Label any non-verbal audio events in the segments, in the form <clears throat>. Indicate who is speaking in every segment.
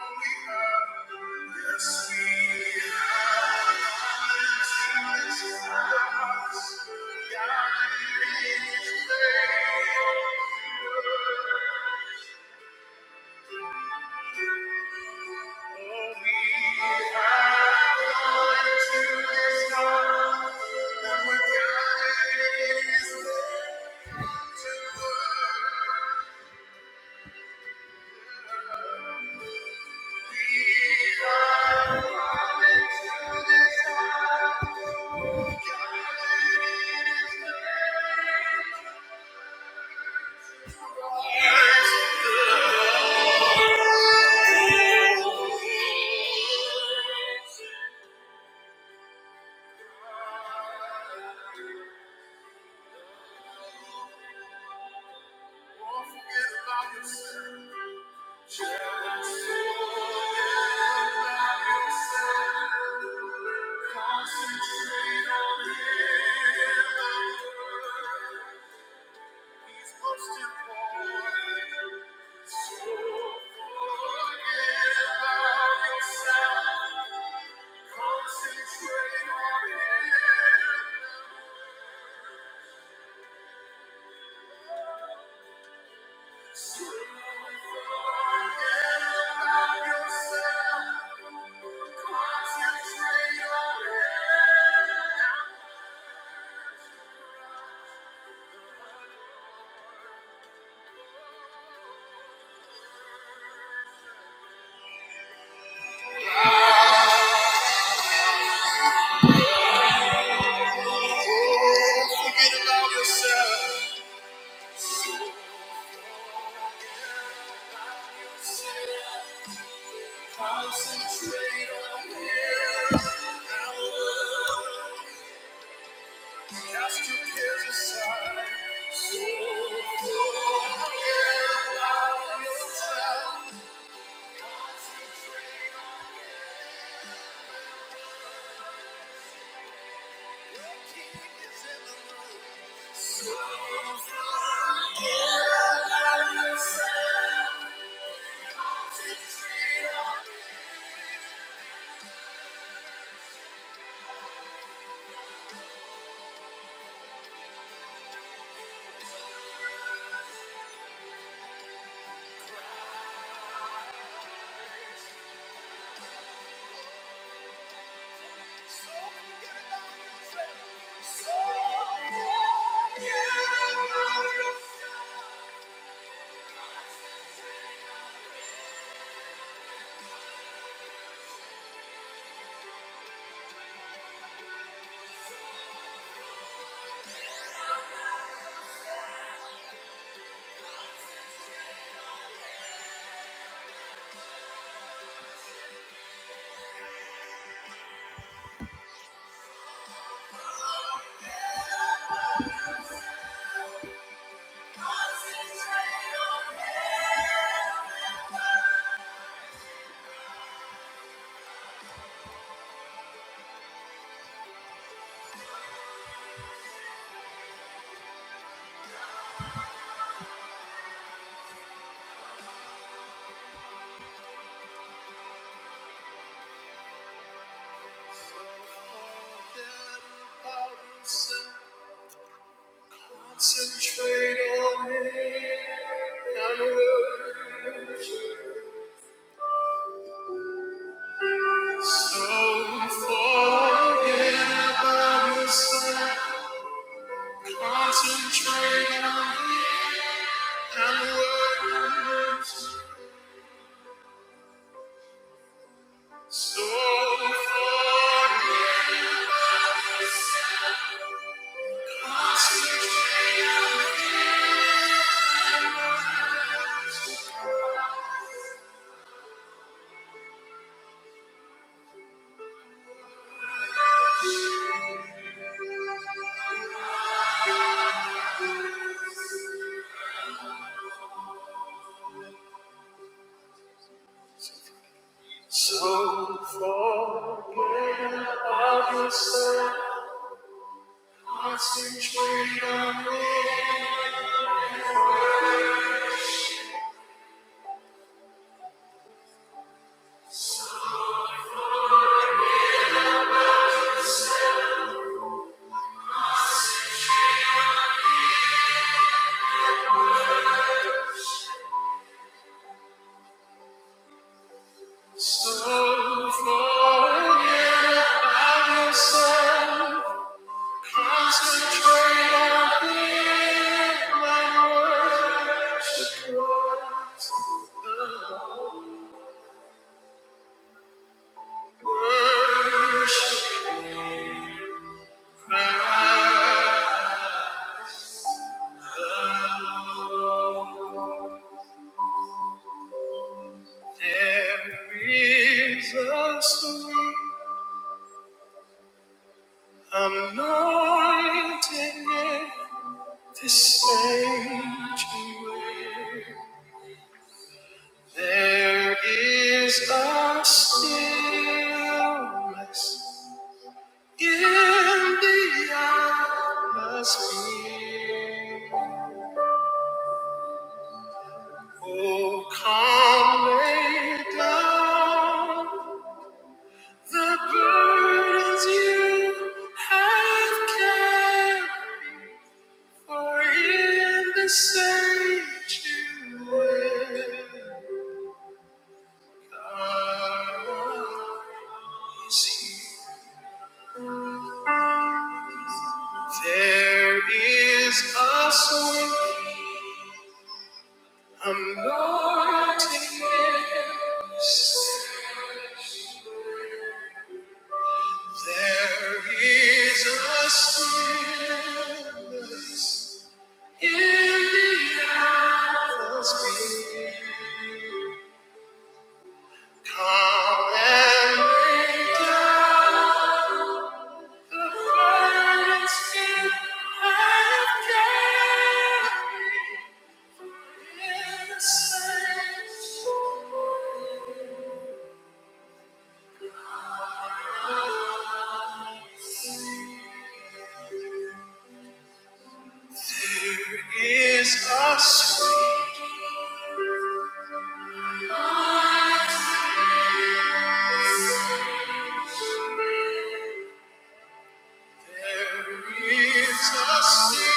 Speaker 1: Don't forget about yourself. Concentrate on him. Forget about yourself. Concentrate on here. and Now, cast your cares aside. So forget about yourself. King is in the room. So concentrate on- so forget about yourself. So forget about yourself. Concentrate on Him and worship. So forget about yourself. Concentrate on Him and worship. So forget. So forget about yourself. Concentrate on Him. So forget about yourself. Concentrate on Him and worship Him. Worship Him. There is a sweet anointing in this sanctuary. There is a stillness in the atmosphere. Oh, calm lay down the burdens you have carried. For in the sanctuary, God is here. There is a song anointing yes. There is a stillness in the atmosphere. Come and make the birds in heaven sing. is a sweet, there is a stillness.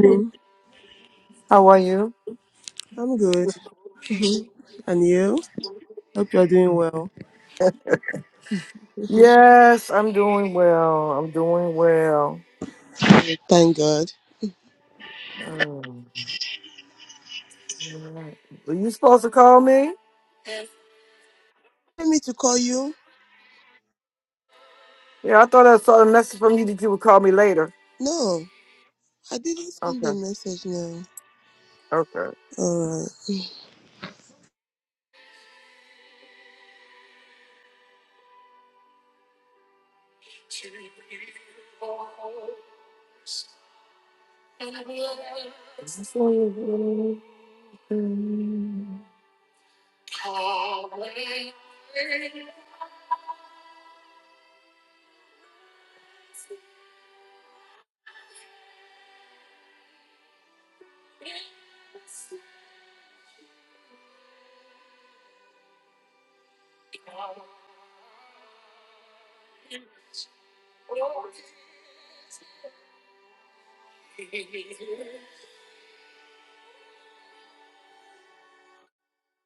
Speaker 2: morning.
Speaker 1: How are you?
Speaker 2: I'm good. And you? Hope you're doing well.
Speaker 1: Yes, I'm doing well. I'm doing well.
Speaker 2: Thank God.
Speaker 1: Um, were you supposed to call me?
Speaker 2: Want me to call you?
Speaker 1: Yeah, I thought I saw a message from you that you would call me later.
Speaker 2: No, I didn't send the
Speaker 1: Okay,
Speaker 2: message now.
Speaker 1: okay.
Speaker 2: All right.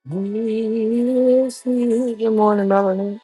Speaker 1: Good morning, Melanie.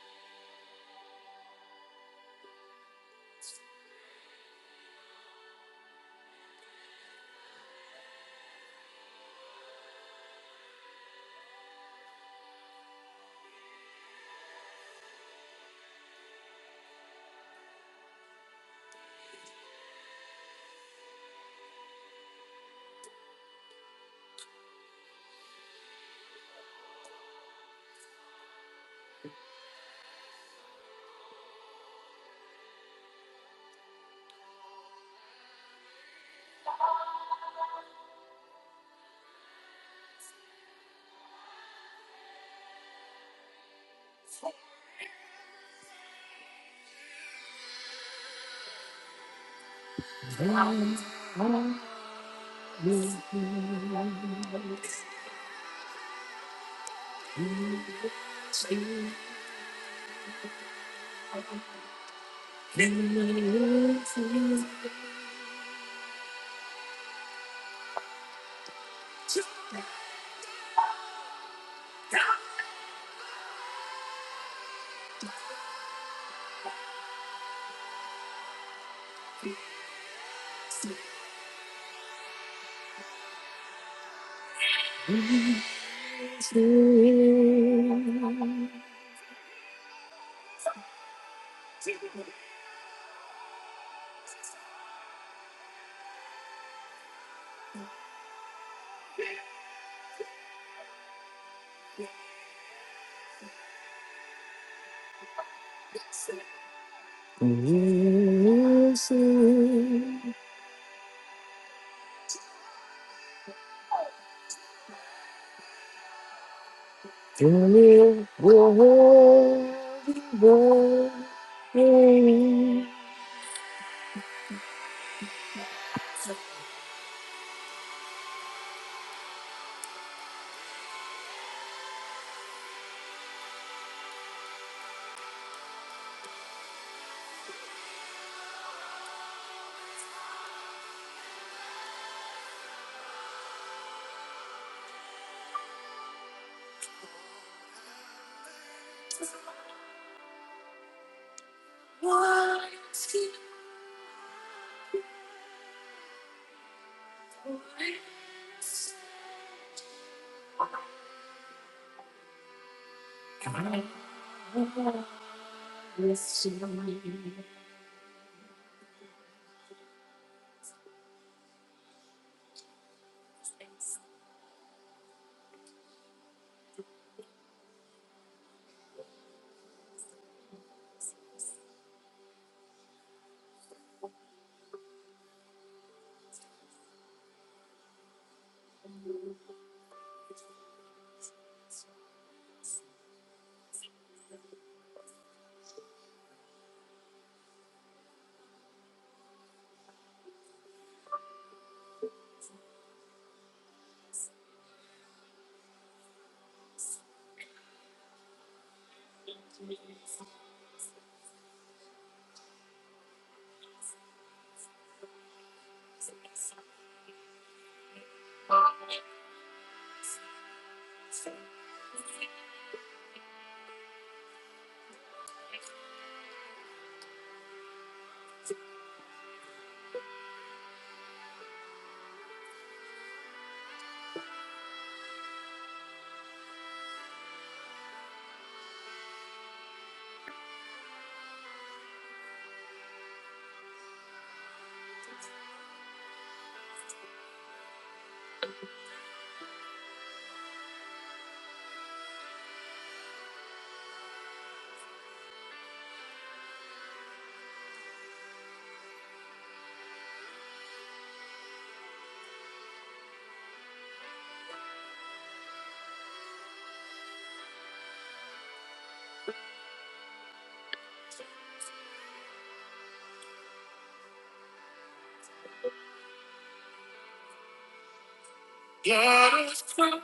Speaker 1: God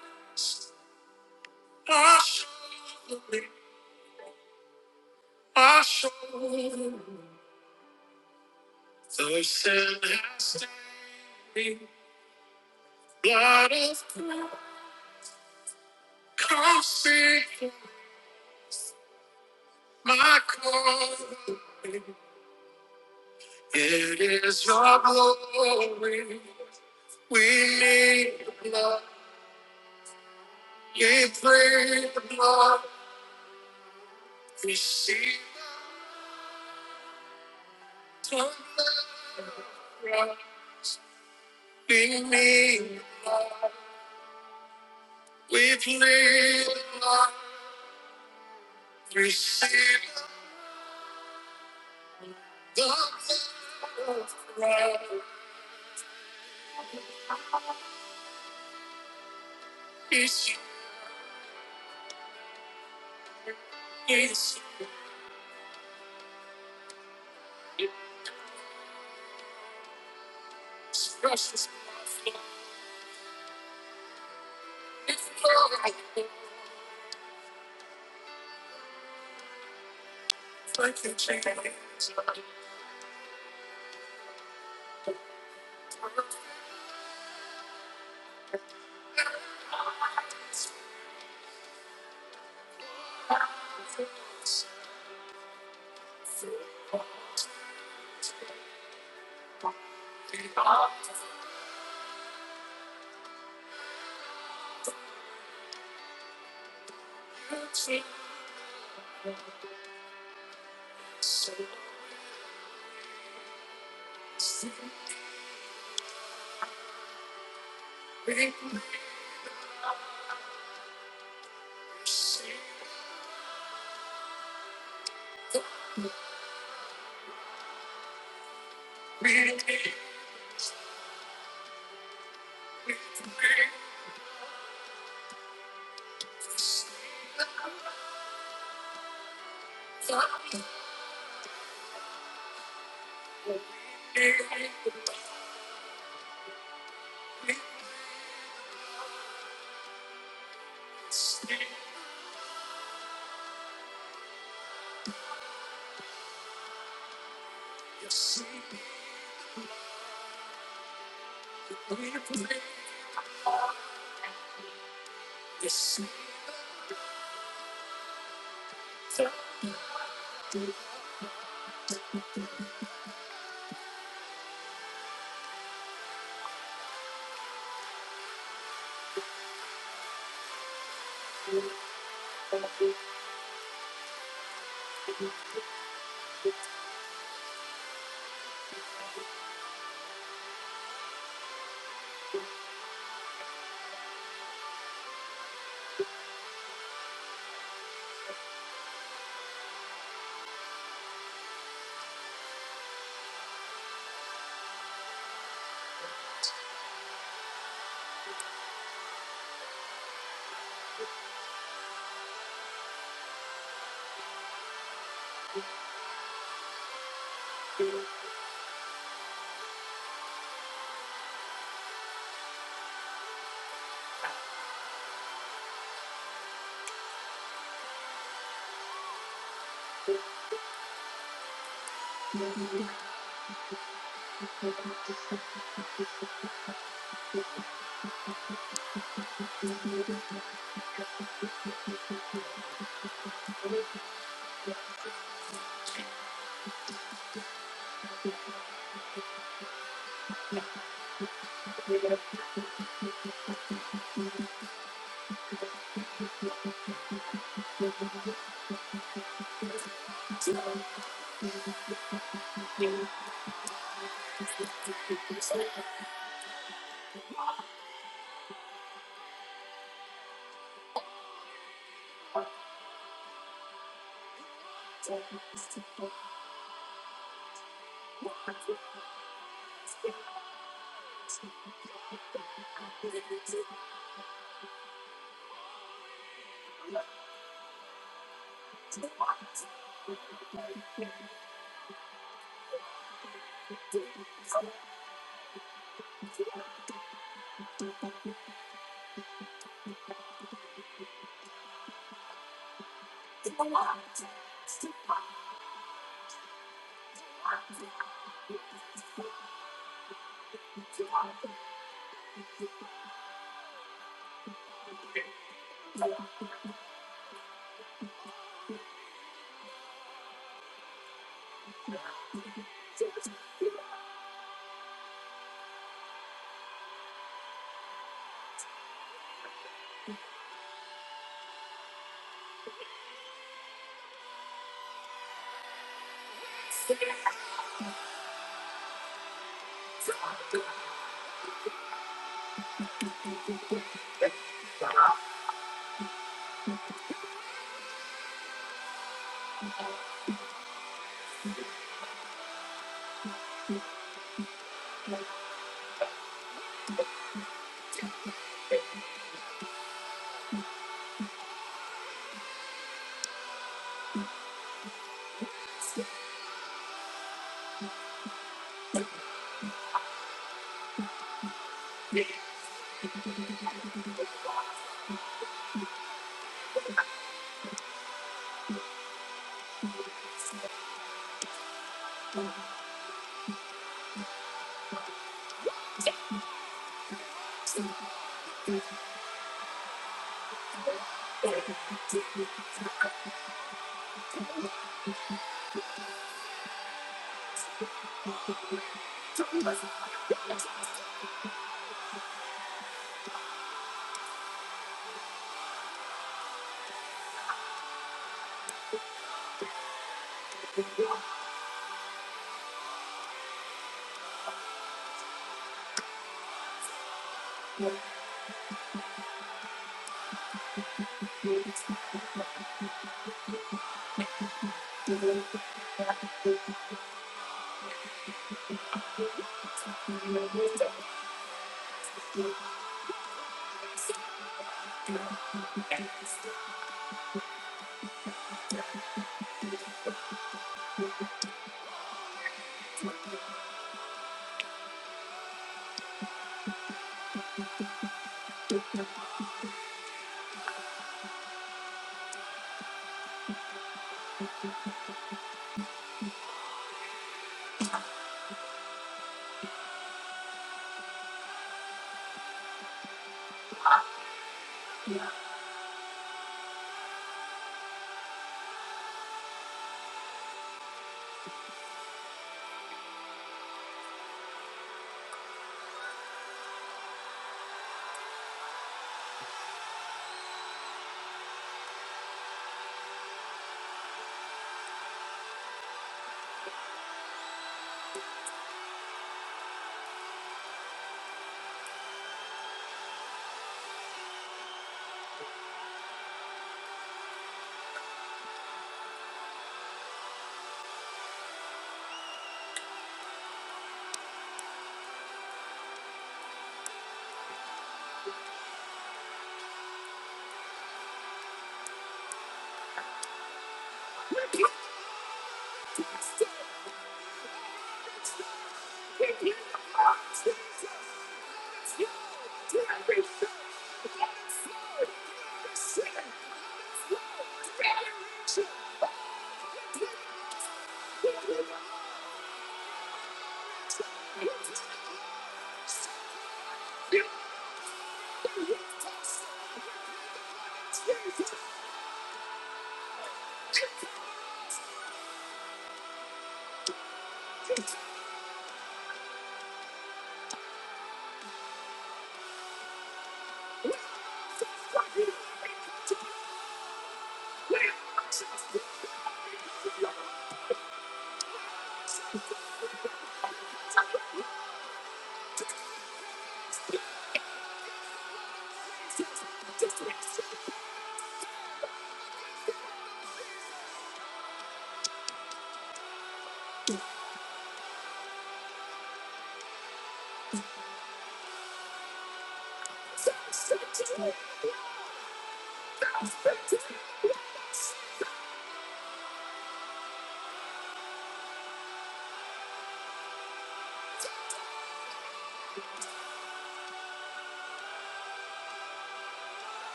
Speaker 1: of Christ, I show thee, I show the sin has taken. Blood of Christ, my call. It is your glory. We need the blood. We pray the blood. We see the blood. We need, we plead, receive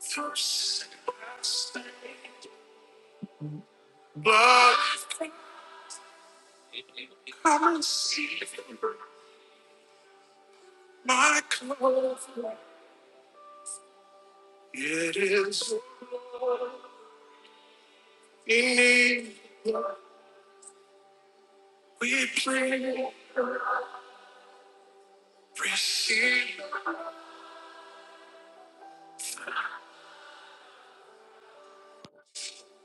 Speaker 1: first blood. Come and see my c- It is we need, we plead, receive,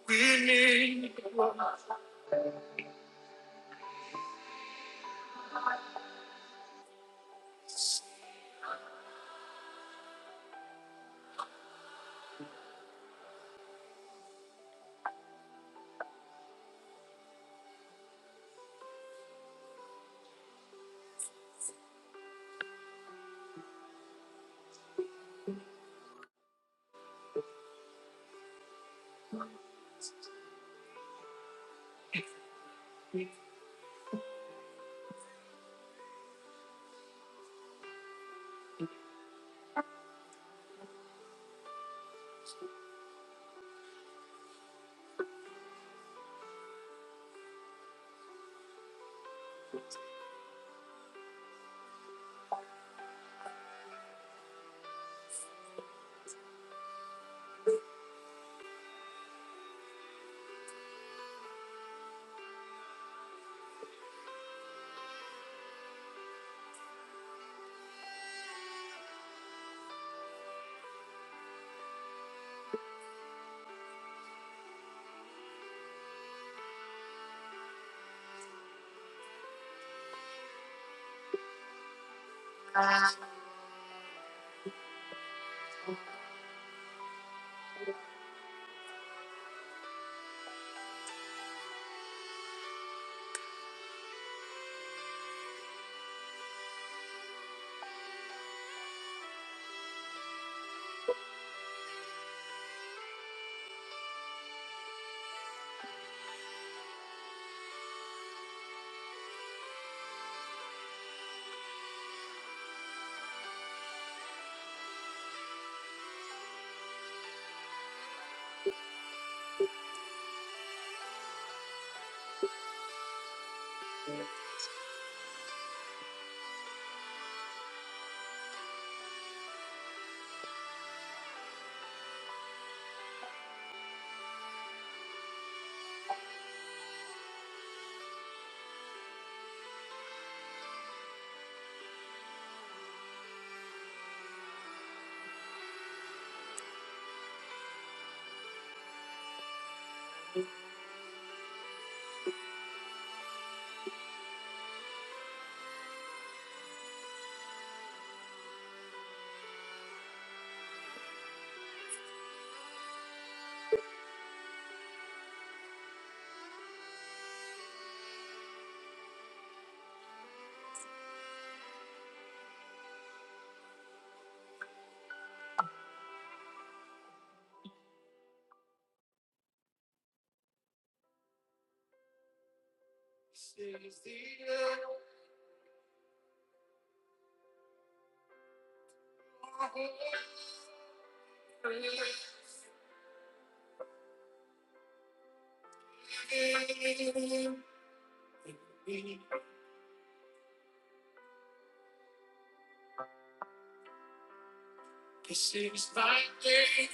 Speaker 1: we need. This is the end. This is my name. This is the end. This is my name.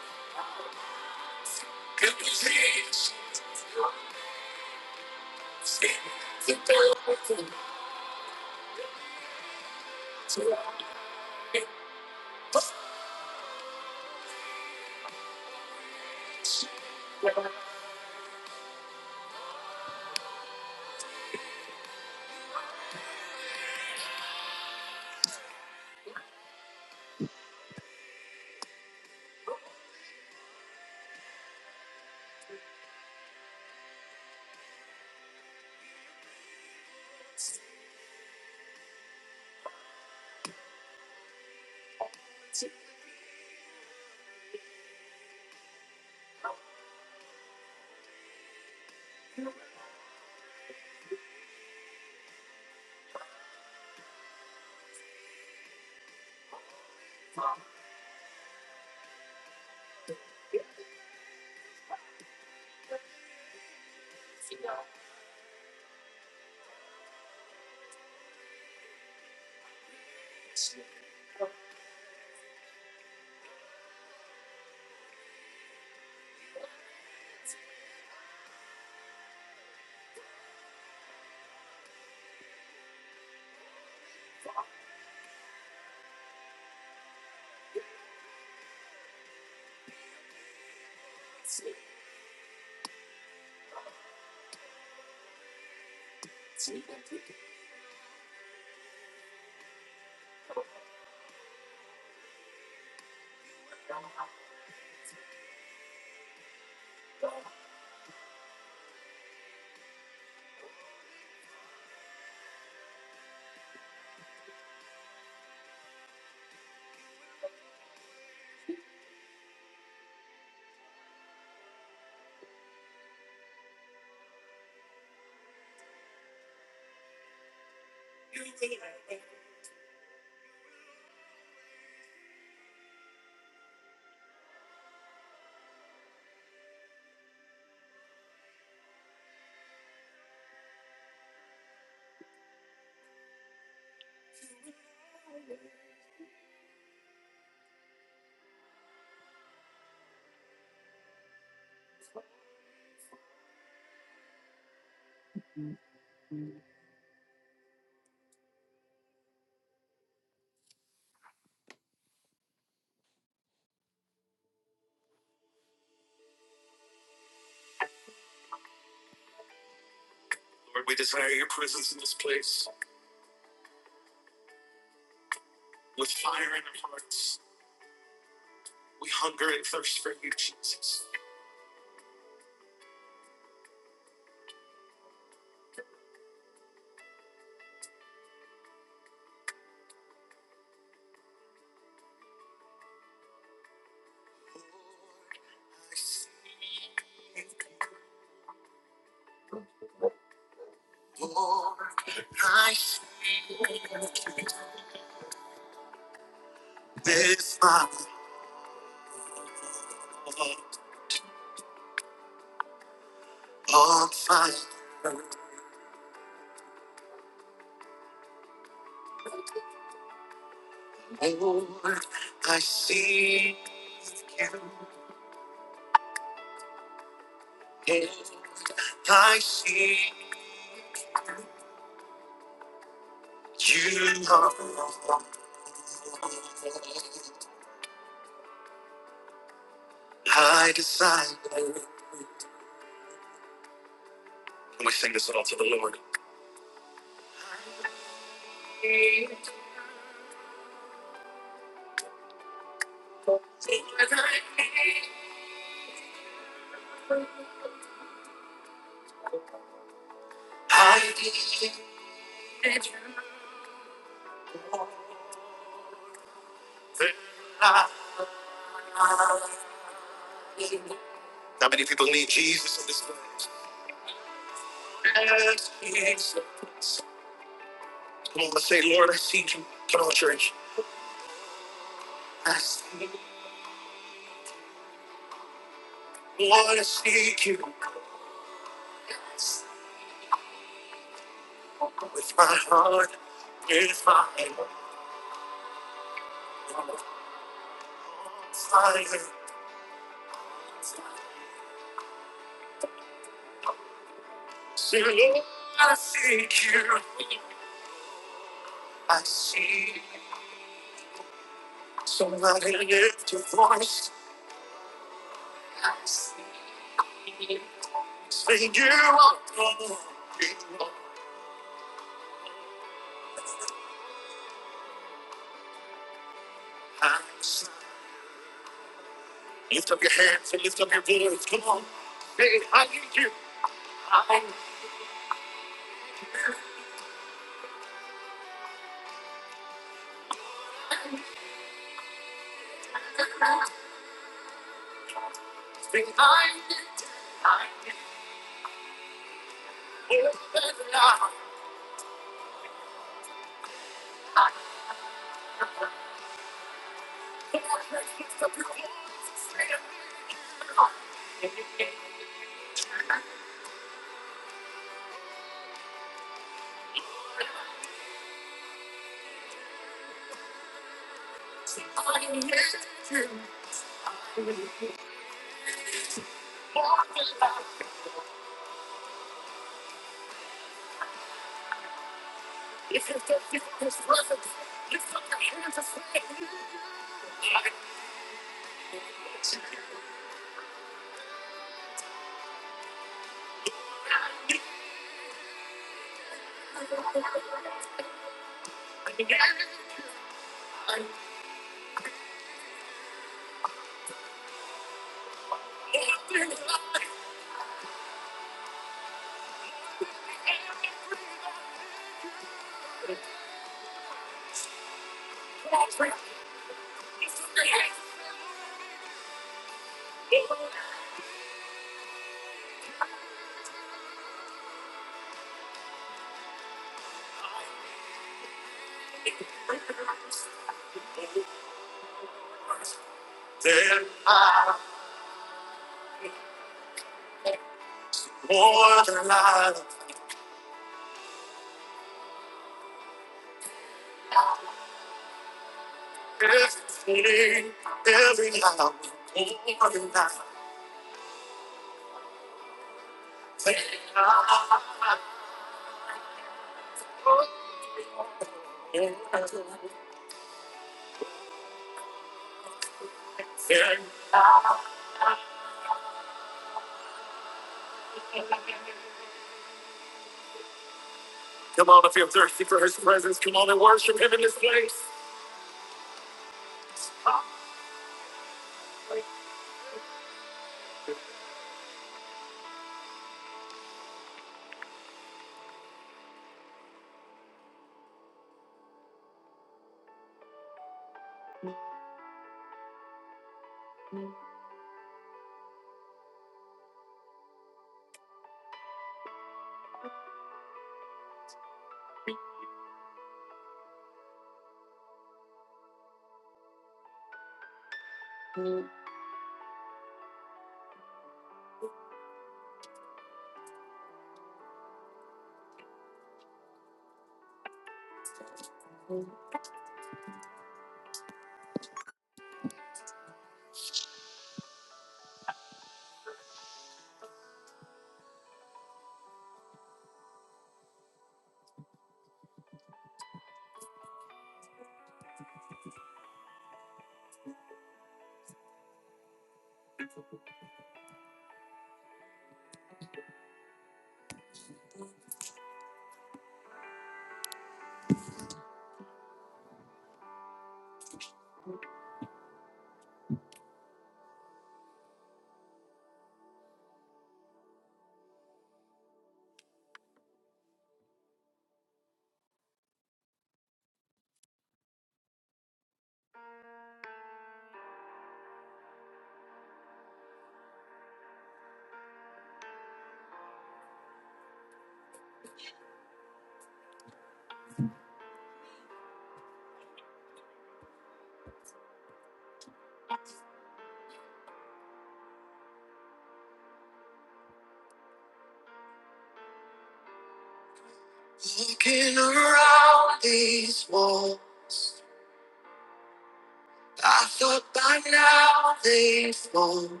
Speaker 1: By now they've gone,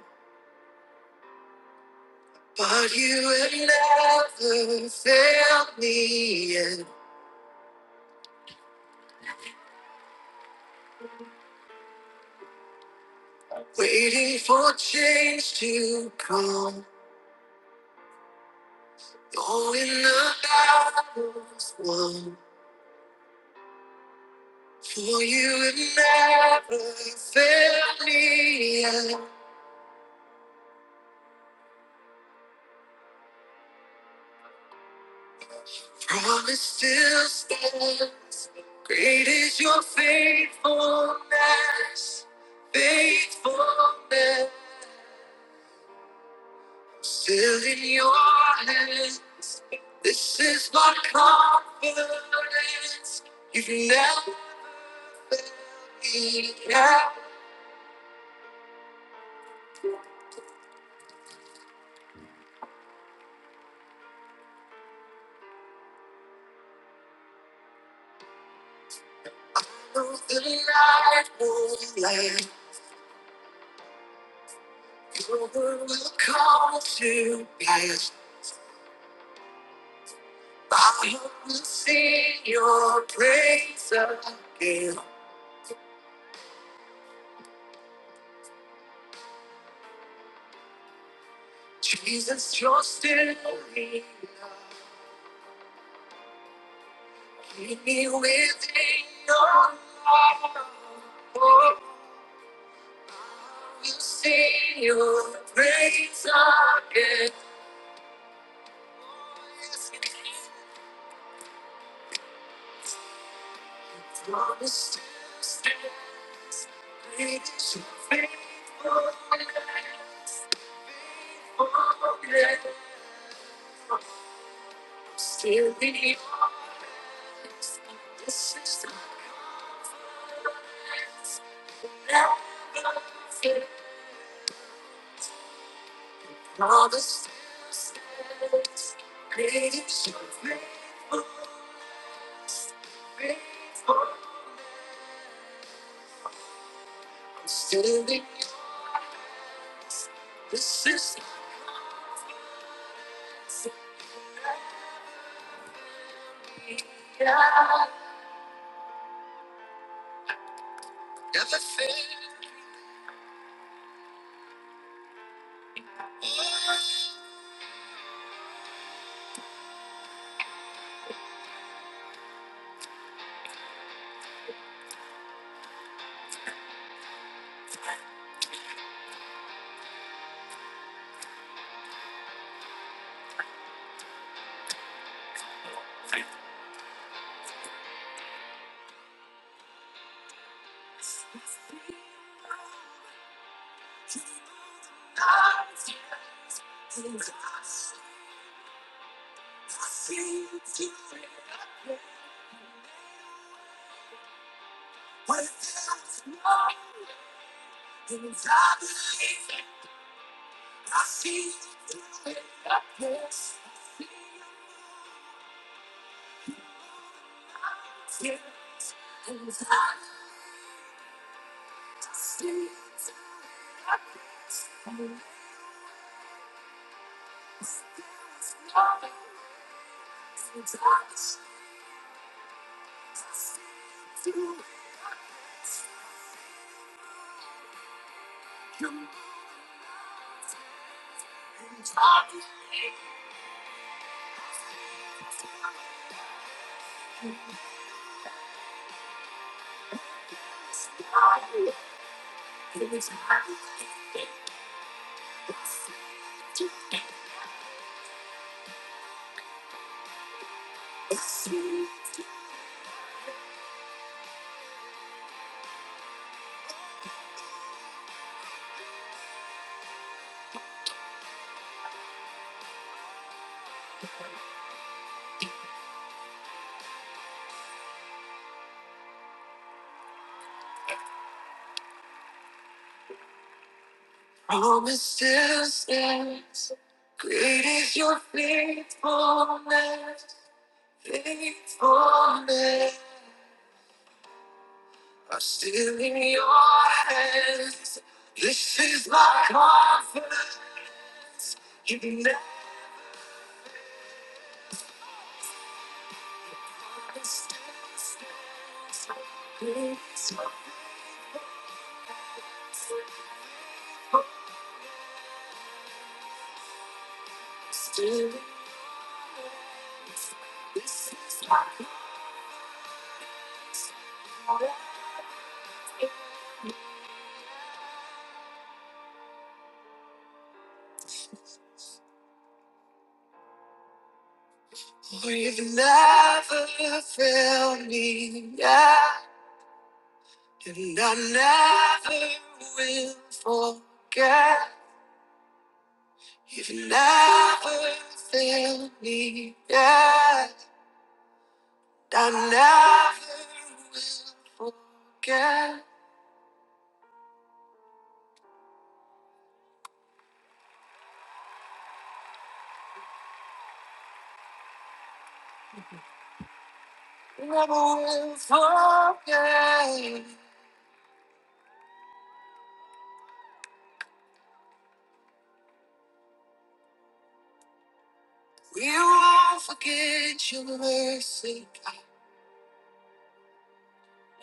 Speaker 1: but you have never failed me in waiting for change to come. Oh, in the battles, won, great your faithfulness, faithfulness, still in your hands. This is my confidence. You've never been out through the night, oh, land. Your word will come to pass. My heart will sing your praise again. Jesus, you're still here. Be within your heart. Oh, you sing your praise again. From the steps that lead to faithfulness. Oh, yeah. Still be honest. This is the best that I've seen. From the steps that lead to faithfulness. Still be This is promises. yes. Great is your faithfulness. Faithfulness. I'm still in your hands. This is my confidence. You've never, you've never failed me yet. And I never will forget. You've never failed me yet. I never will forget, never will forget. We won't forget your mercy.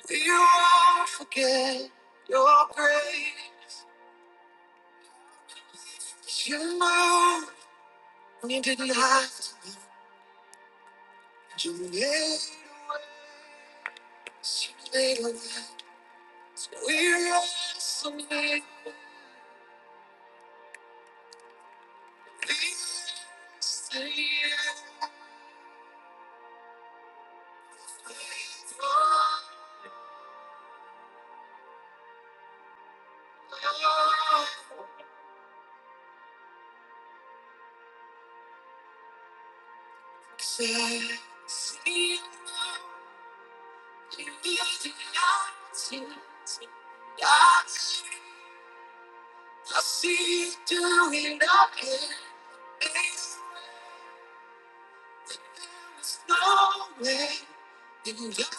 Speaker 1: We won't forget your grace. You moved when you didn't have to. You made, you made a way. So we wrestle with the sin. See you. I see you doing it again. When there was no way. And I believe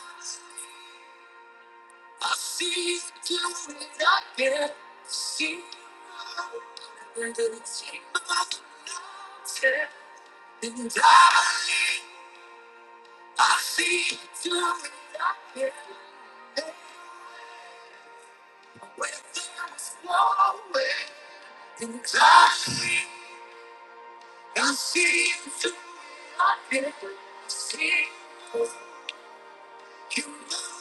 Speaker 1: I see you doing it again. Seeing you move under the table tonight. And I believe I see you doing it again. When there was no way. And I see you move.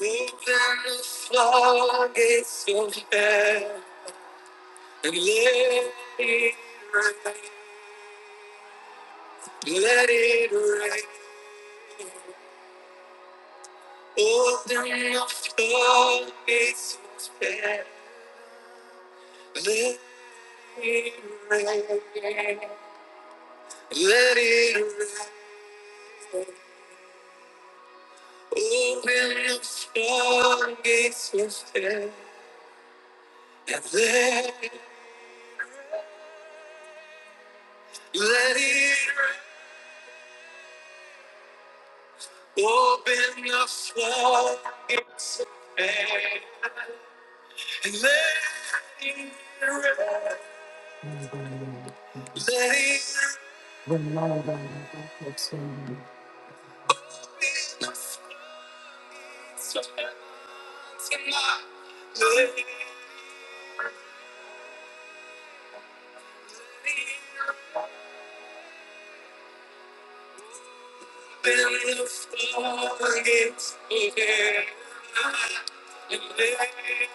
Speaker 1: Open the floodgates of heaven and let it rain. Let it rain. Open the floodgates of heaven. Let it rain. Let it rain. Tonight, let it open the floodgates of heaven and let it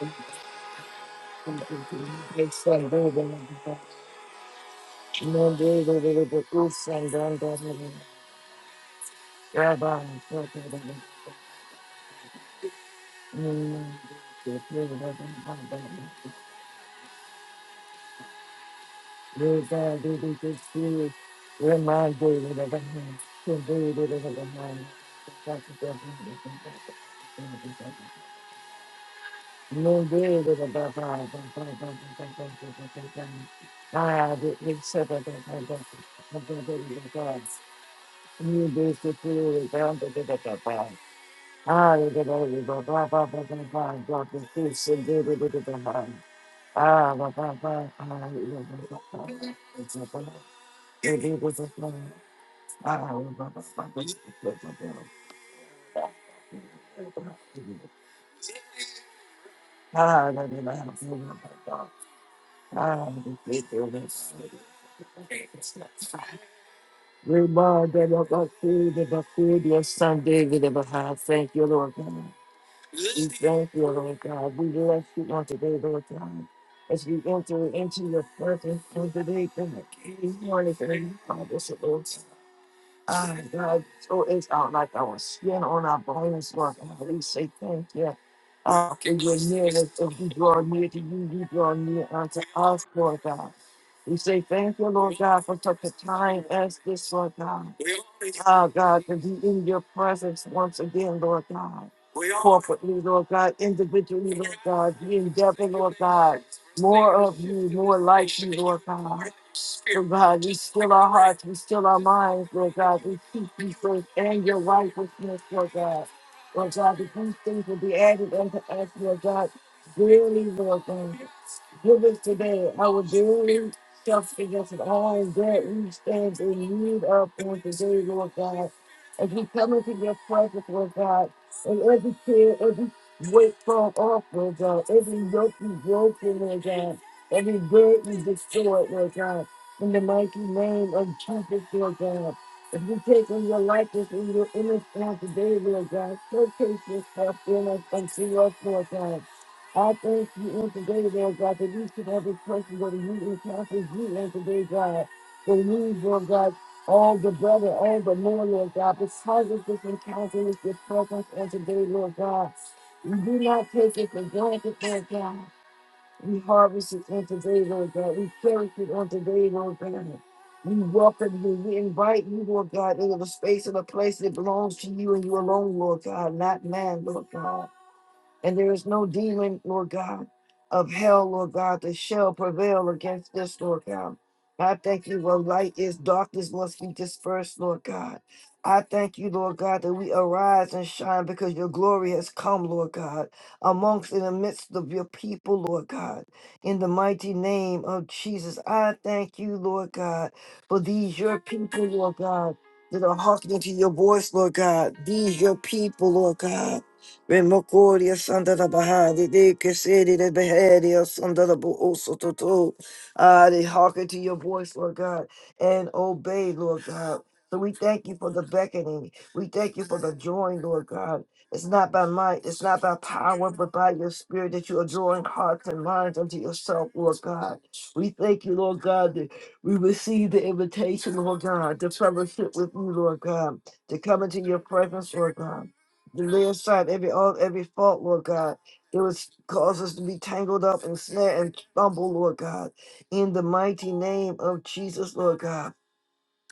Speaker 1: rain. Reminded You basically found the bit of the pie. Ah, you get all the blah blah blah blah blah blah, got the fish and did it with the pie. Ah, blah blah blah, ah, you know, blah blah blah. It's a blah. It is a blah. Ah, blah blah blah blah blah blah blah. Ah, blah blah blah blah blah. Ah, the fish and this. It's not fun. Remind them of our food and our food, your son David, and our heart. Thank you, Lord God. We thank you, Lord God. We bless you on today, Lord God. As we enter into your presence on today, God, this morning, God, you called us, Lord. Ah, God, so it's out like our skin on our bones, Lord God. We say thank you. Ah, for your nearness, as we draw near to you, you draw near unto us, Lord God. We say thank you, Lord God, for such a time as this, Lord God. Ah, God, to be in your presence once again, Lord God. Comfort me, Lord God, individually Lord God. We endeavor, Lord God, more of you, more like you, Lord God. Lord God, we still our hearts, we still our minds, Lord God. We keep you first and your righteousness, Lord God. Lord God, that these things will be added unto us, Lord God. Dearly, Lord God. Give us today our daily self against all that we stand in need of on today, Lord God. As we come into your presence, Lord God, and every care, every weight fall off, Lord God, every yoke is broken, Lord God, every burden is destroyed, Lord God in the mighty name of Jesus, Lord God. If you take on your likeness and your image on today, Lord God, showcase yourself in us and through us, Lord God. I thank you on today, Lord God, that each and every person that you encounter you on today, God, the need, Lord God, all the better, all the more, Lord God, because of this encounter with your presence on today, Lord God. We do not take it for granted, Lord God. We harvested on today, Lord God. We planted on today, Lord God. We welcome you. We invite you, Lord God, into the space and the place that belongs to you and you alone, Lord God, not man, Lord God. And there is no demon, Lord God, of hell, Lord God, that shall prevail against this, Lord God. I thank you where light is, darkness must be dispersed, Lord God. I thank you, Lord God, that we arise and shine because your glory has come, Lord God, amongst and amidst of your people, Lord God. In the mighty name of Jesus, I thank you, Lord God, for these your people, Lord God, that are hearkening to your voice, Lord God. These your people, Lord God Remocoria Santa da Bahari, de que city de Beheria Santa da Booso Toto. Ah, they hearken to your voice, Lord God, and obey, Lord God. So we thank you for the beckoning. We thank you for the drawing, Lord God. It's not by might, it's not by power, but by your spirit that you are drawing hearts and minds unto yourself, Lord God. We thank you, Lord God, that we receive the invitation, Lord God, to fellowship with you, Lord God, to come into your presence, Lord God the lay aside every all every fault, Lord God. It would cause us to be tangled up and snare and fumble, Lord God. In the mighty name of Jesus, Lord God.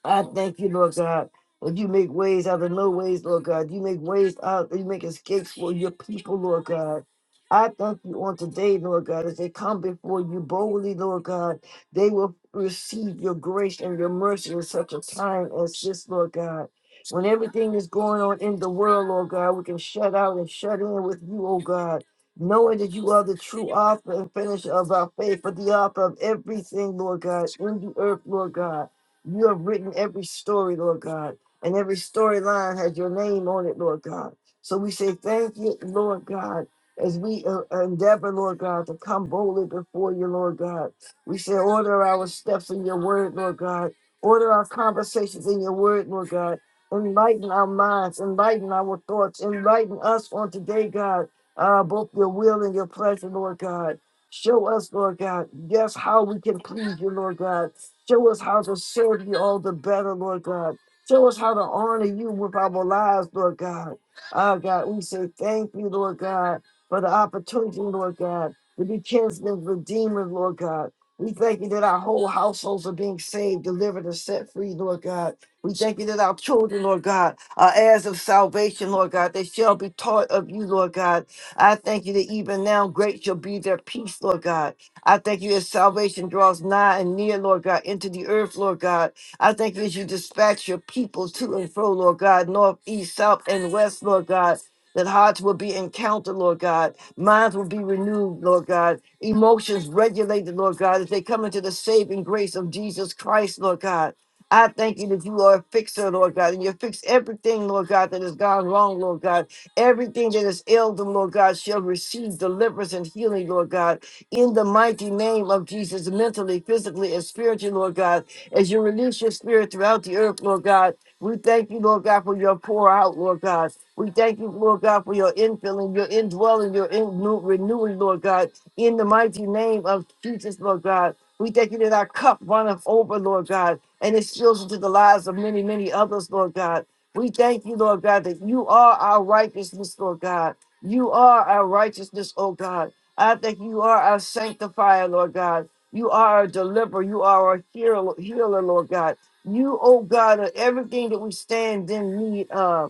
Speaker 1: I thank you, Lord God. Lord, you make ways out of no ways, Lord God. You make ways out, you make escapes for your people, Lord God. I thank you on today, Lord God, as they come before you boldly, Lord God, they will receive your grace and your mercy in such a time as this, Lord God. When everything is going on in the world, Lord God, we can shut out and shut in with you, oh God, knowing that you are the true author and finisher of our faith, but the author of everything, Lord God, in the earth, Lord God. You have written every story, Lord God, and every storyline has your name on it, Lord God. So we say thank you, Lord God, as we uh, endeavor, Lord God, to come boldly before you, Lord God. We say, order our steps in your word, Lord God. Order our conversations in your word, Lord God. Enlighten our minds, enlighten our thoughts, enlighten us on today, God, uh, both your will and your pleasure, Lord God. Show us, Lord God, yes, how we can please you, Lord God Show us how to serve you all the better, Lord God. Show us how to honor you with our lives, Lord God. Oh God, we say thank you, Lord God, for the opportunity, Lord God, to be kinsmen, redeemers, Lord God. We thank you that our whole households are being saved, delivered, and set free, Lord God. We thank you that our children, Lord God, are heirs of salvation, Lord God. They shall be taught of you, Lord God. I thank you that even now great shall be their peace, Lord God. I thank you as salvation draws nigh and near, Lord God, into the earth, Lord God. I thank you as you dispatch your people to and fro, Lord God, north, east, south, and west, Lord God. That hearts will be encountered, Lord God. Minds will be renewed, Lord God. Emotions regulated, Lord God, as they come into the saving grace of Jesus Christ, Lord God. I thank you that you are a fixer, Lord God, and you fix everything, Lord God, that has gone wrong, Lord God. Everything that is ill, them, Lord God, shall receive deliverance and healing, Lord God in the mighty name of Jesus, mentally, physically, and spiritually, Lord God, as you release your spirit throughout the earth, Lord God. We thank you, Lord God, for your pour out, Lord God. We thank you, Lord God, for your infilling, your indwelling, your in- renewing, Lord God, in the mighty name of Jesus, Lord God. We thank you that our cup runneth over, Lord God, and it spills into the lives of many, many others, Lord God. We thank you, Lord God, that you are our righteousness, Lord God. You are our righteousness, oh God. I think you are a sanctifier, Lord God. You are a deliverer. You are a healer, healer, Lord God. You, oh God, are everything that we stand in need of.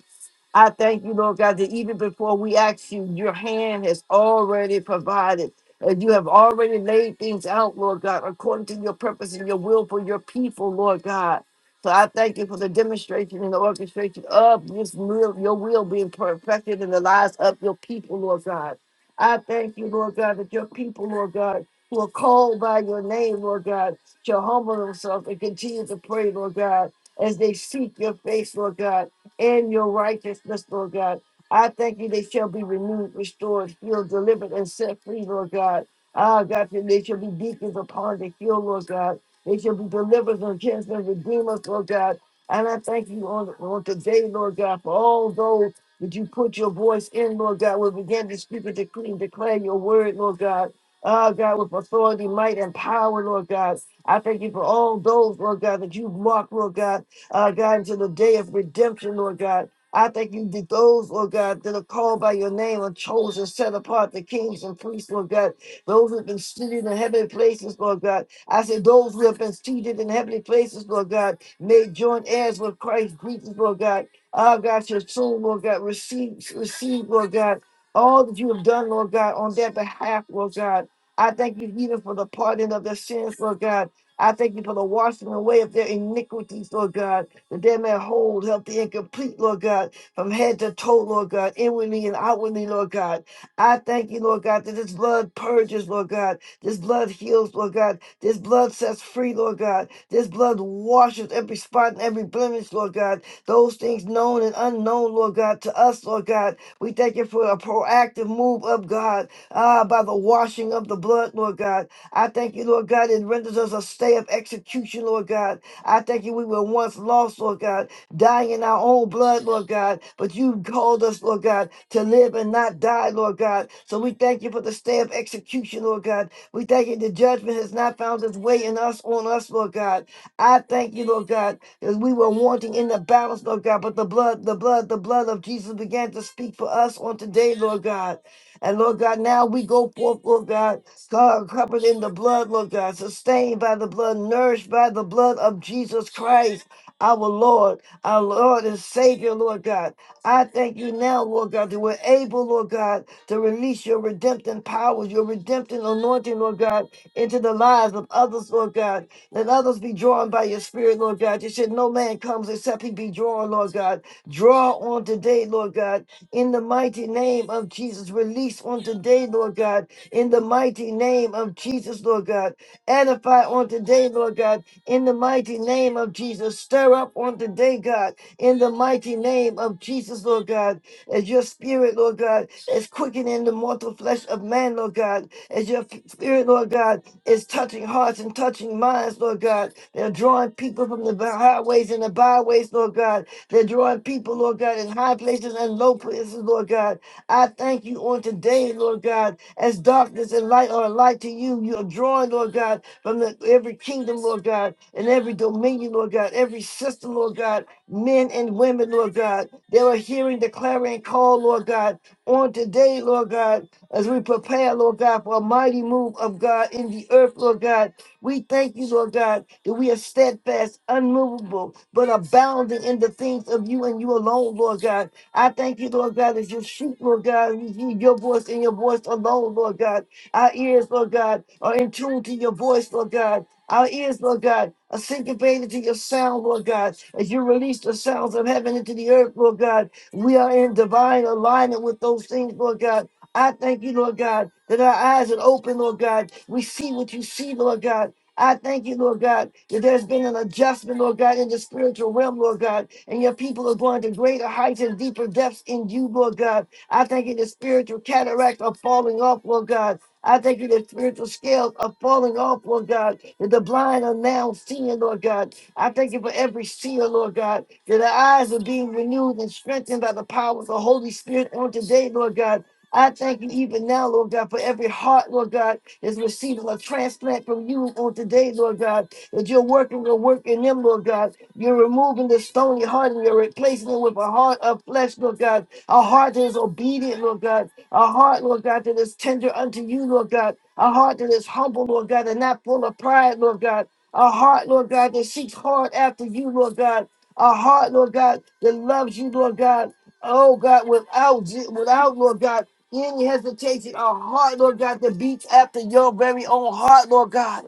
Speaker 1: I thank you, Lord God, that even before we ask you, your hand has already provided. And you have already laid things out, Lord God, according to your purpose and your will for your people, Lord God. So I thank you for the demonstration and the orchestration of this will, your will being perfected in the lives of your people, Lord God. I thank you, Lord God, that your people, Lord God, who are called by your name, Lord God, shall humble themselves and continue to pray, Lord God, as they seek your face, Lord God and your righteousness, Lord God. I thank you, they shall be renewed, restored, healed, delivered, and set free, Lord God. Ah, God, that they shall be deacons upon the hill, Lord God. They shall be deliverers and kinsmen and redeemers, Lord God. And I thank you on, on today, Lord God, for all those that you put your voice in, Lord God, will begin to speak and decree and declare your word, Lord God. Ah, God, with authority, might, and power, Lord God. I thank you for all those, Lord God, that you mark, Lord God uh, God, into the day of redemption, Lord God. I thank you that those, Lord God, that are called by your name are chosen, set apart, the kings and priests, Lord God. Those who have been seated in heavenly places, Lord God. I say those who have been seated in heavenly places, Lord God, may join heirs with Christ. Greetings, Lord God. Our God, your soul, Lord God, receive, receive, Lord God, all that you have done, Lord God, on their behalf, Lord God. I thank you even for the pardon of their sins, Lord God. I thank you for the washing away of their iniquities, Lord God, that they may hold, healthy, and complete, Lord God, from head to toe, Lord God, inwardly and outwardly, Lord God. I thank you, Lord God, that this blood purges, Lord God. This blood heals, Lord God. This blood sets free, Lord God. This blood washes every spot and every blemish, Lord God. Those things known and unknown, Lord God, to us, Lord God. We thank you for a proactive move of God, ah, by the washing of the blood, Lord God. I thank you, Lord God, it renders us a stay of execution, Lord God. I thank you, we were once lost, Lord God, dying in our own blood, Lord God, but you called us, Lord God, to live and not die, Lord God. So we thank you for the stay of execution, Lord God. We thank you the judgment has not found its way in us, on us, Lord God. I thank you, Lord God, as we were wanting in the balance, Lord God, but the blood, the blood, the blood of Jesus began to speak for us on today, Lord God. And Lord God, now we go forth, Lord God, God, covered in the blood, Lord God, sustained by the blood, nourished by the blood of Jesus Christ, our Lord, our Lord and Savior, Lord God. I thank you now, Lord God, that we're able, Lord God, to release your redemptive powers, your redemptive anointing, Lord God, into the lives of others, Lord God. Let others be drawn by your spirit, Lord God. You said no man comes except he be drawn, Lord God. Draw on today, Lord God in the mighty name of Jesus. Release on today, Lord God, in the mighty name of Jesus, Lord God. Edify on today, Lord God, in the mighty name of Jesus. Stir up on today, God, in the mighty name of Jesus, Lord God as your spirit, Lord God, is quickening the mortal flesh of man, Lord God, as your f- spirit, Lord God, is touching hearts and touching minds, Lord God. They're drawing people from the highways and the byways, Lord God. They're drawing people, Lord God, in high places and low places, Lord God. I thank you on today, Lord God, as darkness and light are alike to you. You are drawing, Lord God, from the, every kingdom, Lord God, and every dominion, Lord God, every system, Lord God, men and women, Lord God. They were hearing the clarion call, Lord God, on today, Lord God, as we prepare, Lord God, for a mighty move of God in the earth, Lord God. We thank you, Lord God, that we are steadfast, unmovable, but abounding in the things of you and you alone, Lord God. I thank you, Lord God, as your sheep, Lord God, we hear your voice and your voice alone, Lord God. Our ears, Lord God, are in tune to your voice, Lord God. Our ears, Lord God, are syncopated to your sound, Lord God. As you release the sounds of heaven into the earth, Lord God, we are in divine alignment with those things, Lord God. I thank you, Lord God, that our eyes are open, Lord God. We see what you see, Lord God. I thank you, Lord God, that there's been an adjustment, Lord God, in the spiritual realm, Lord God, and your people are going to greater heights and deeper depths in you, Lord God. I thank you, the spiritual cataracts are falling off, Lord God. I thank you that spiritual scales are falling off, Lord God, that the blind are now seeing, Lord God. I thank you for every seer, Lord God, that our eyes are being renewed and strengthened by the power of the Holy Spirit on today, Lord God. I thank you even now, Lord God, for every heart, Lord God, is receiving a transplant from you on today, Lord God, that you're working your work in them, Lord God. You're removing the stony heart and you're replacing it with a heart of flesh, Lord God, a heart that is obedient, Lord God, a heart, Lord God, that is tender unto you, Lord God, a heart that is humble, Lord God, and not full of pride, Lord God, a heart, Lord God, that seeks hard after you, Lord God, a heart, Lord God, that loves you, Lord God, oh God, without, without, Lord God, any hesitation, a heart, Lord God, that beats after your very own heart, Lord God.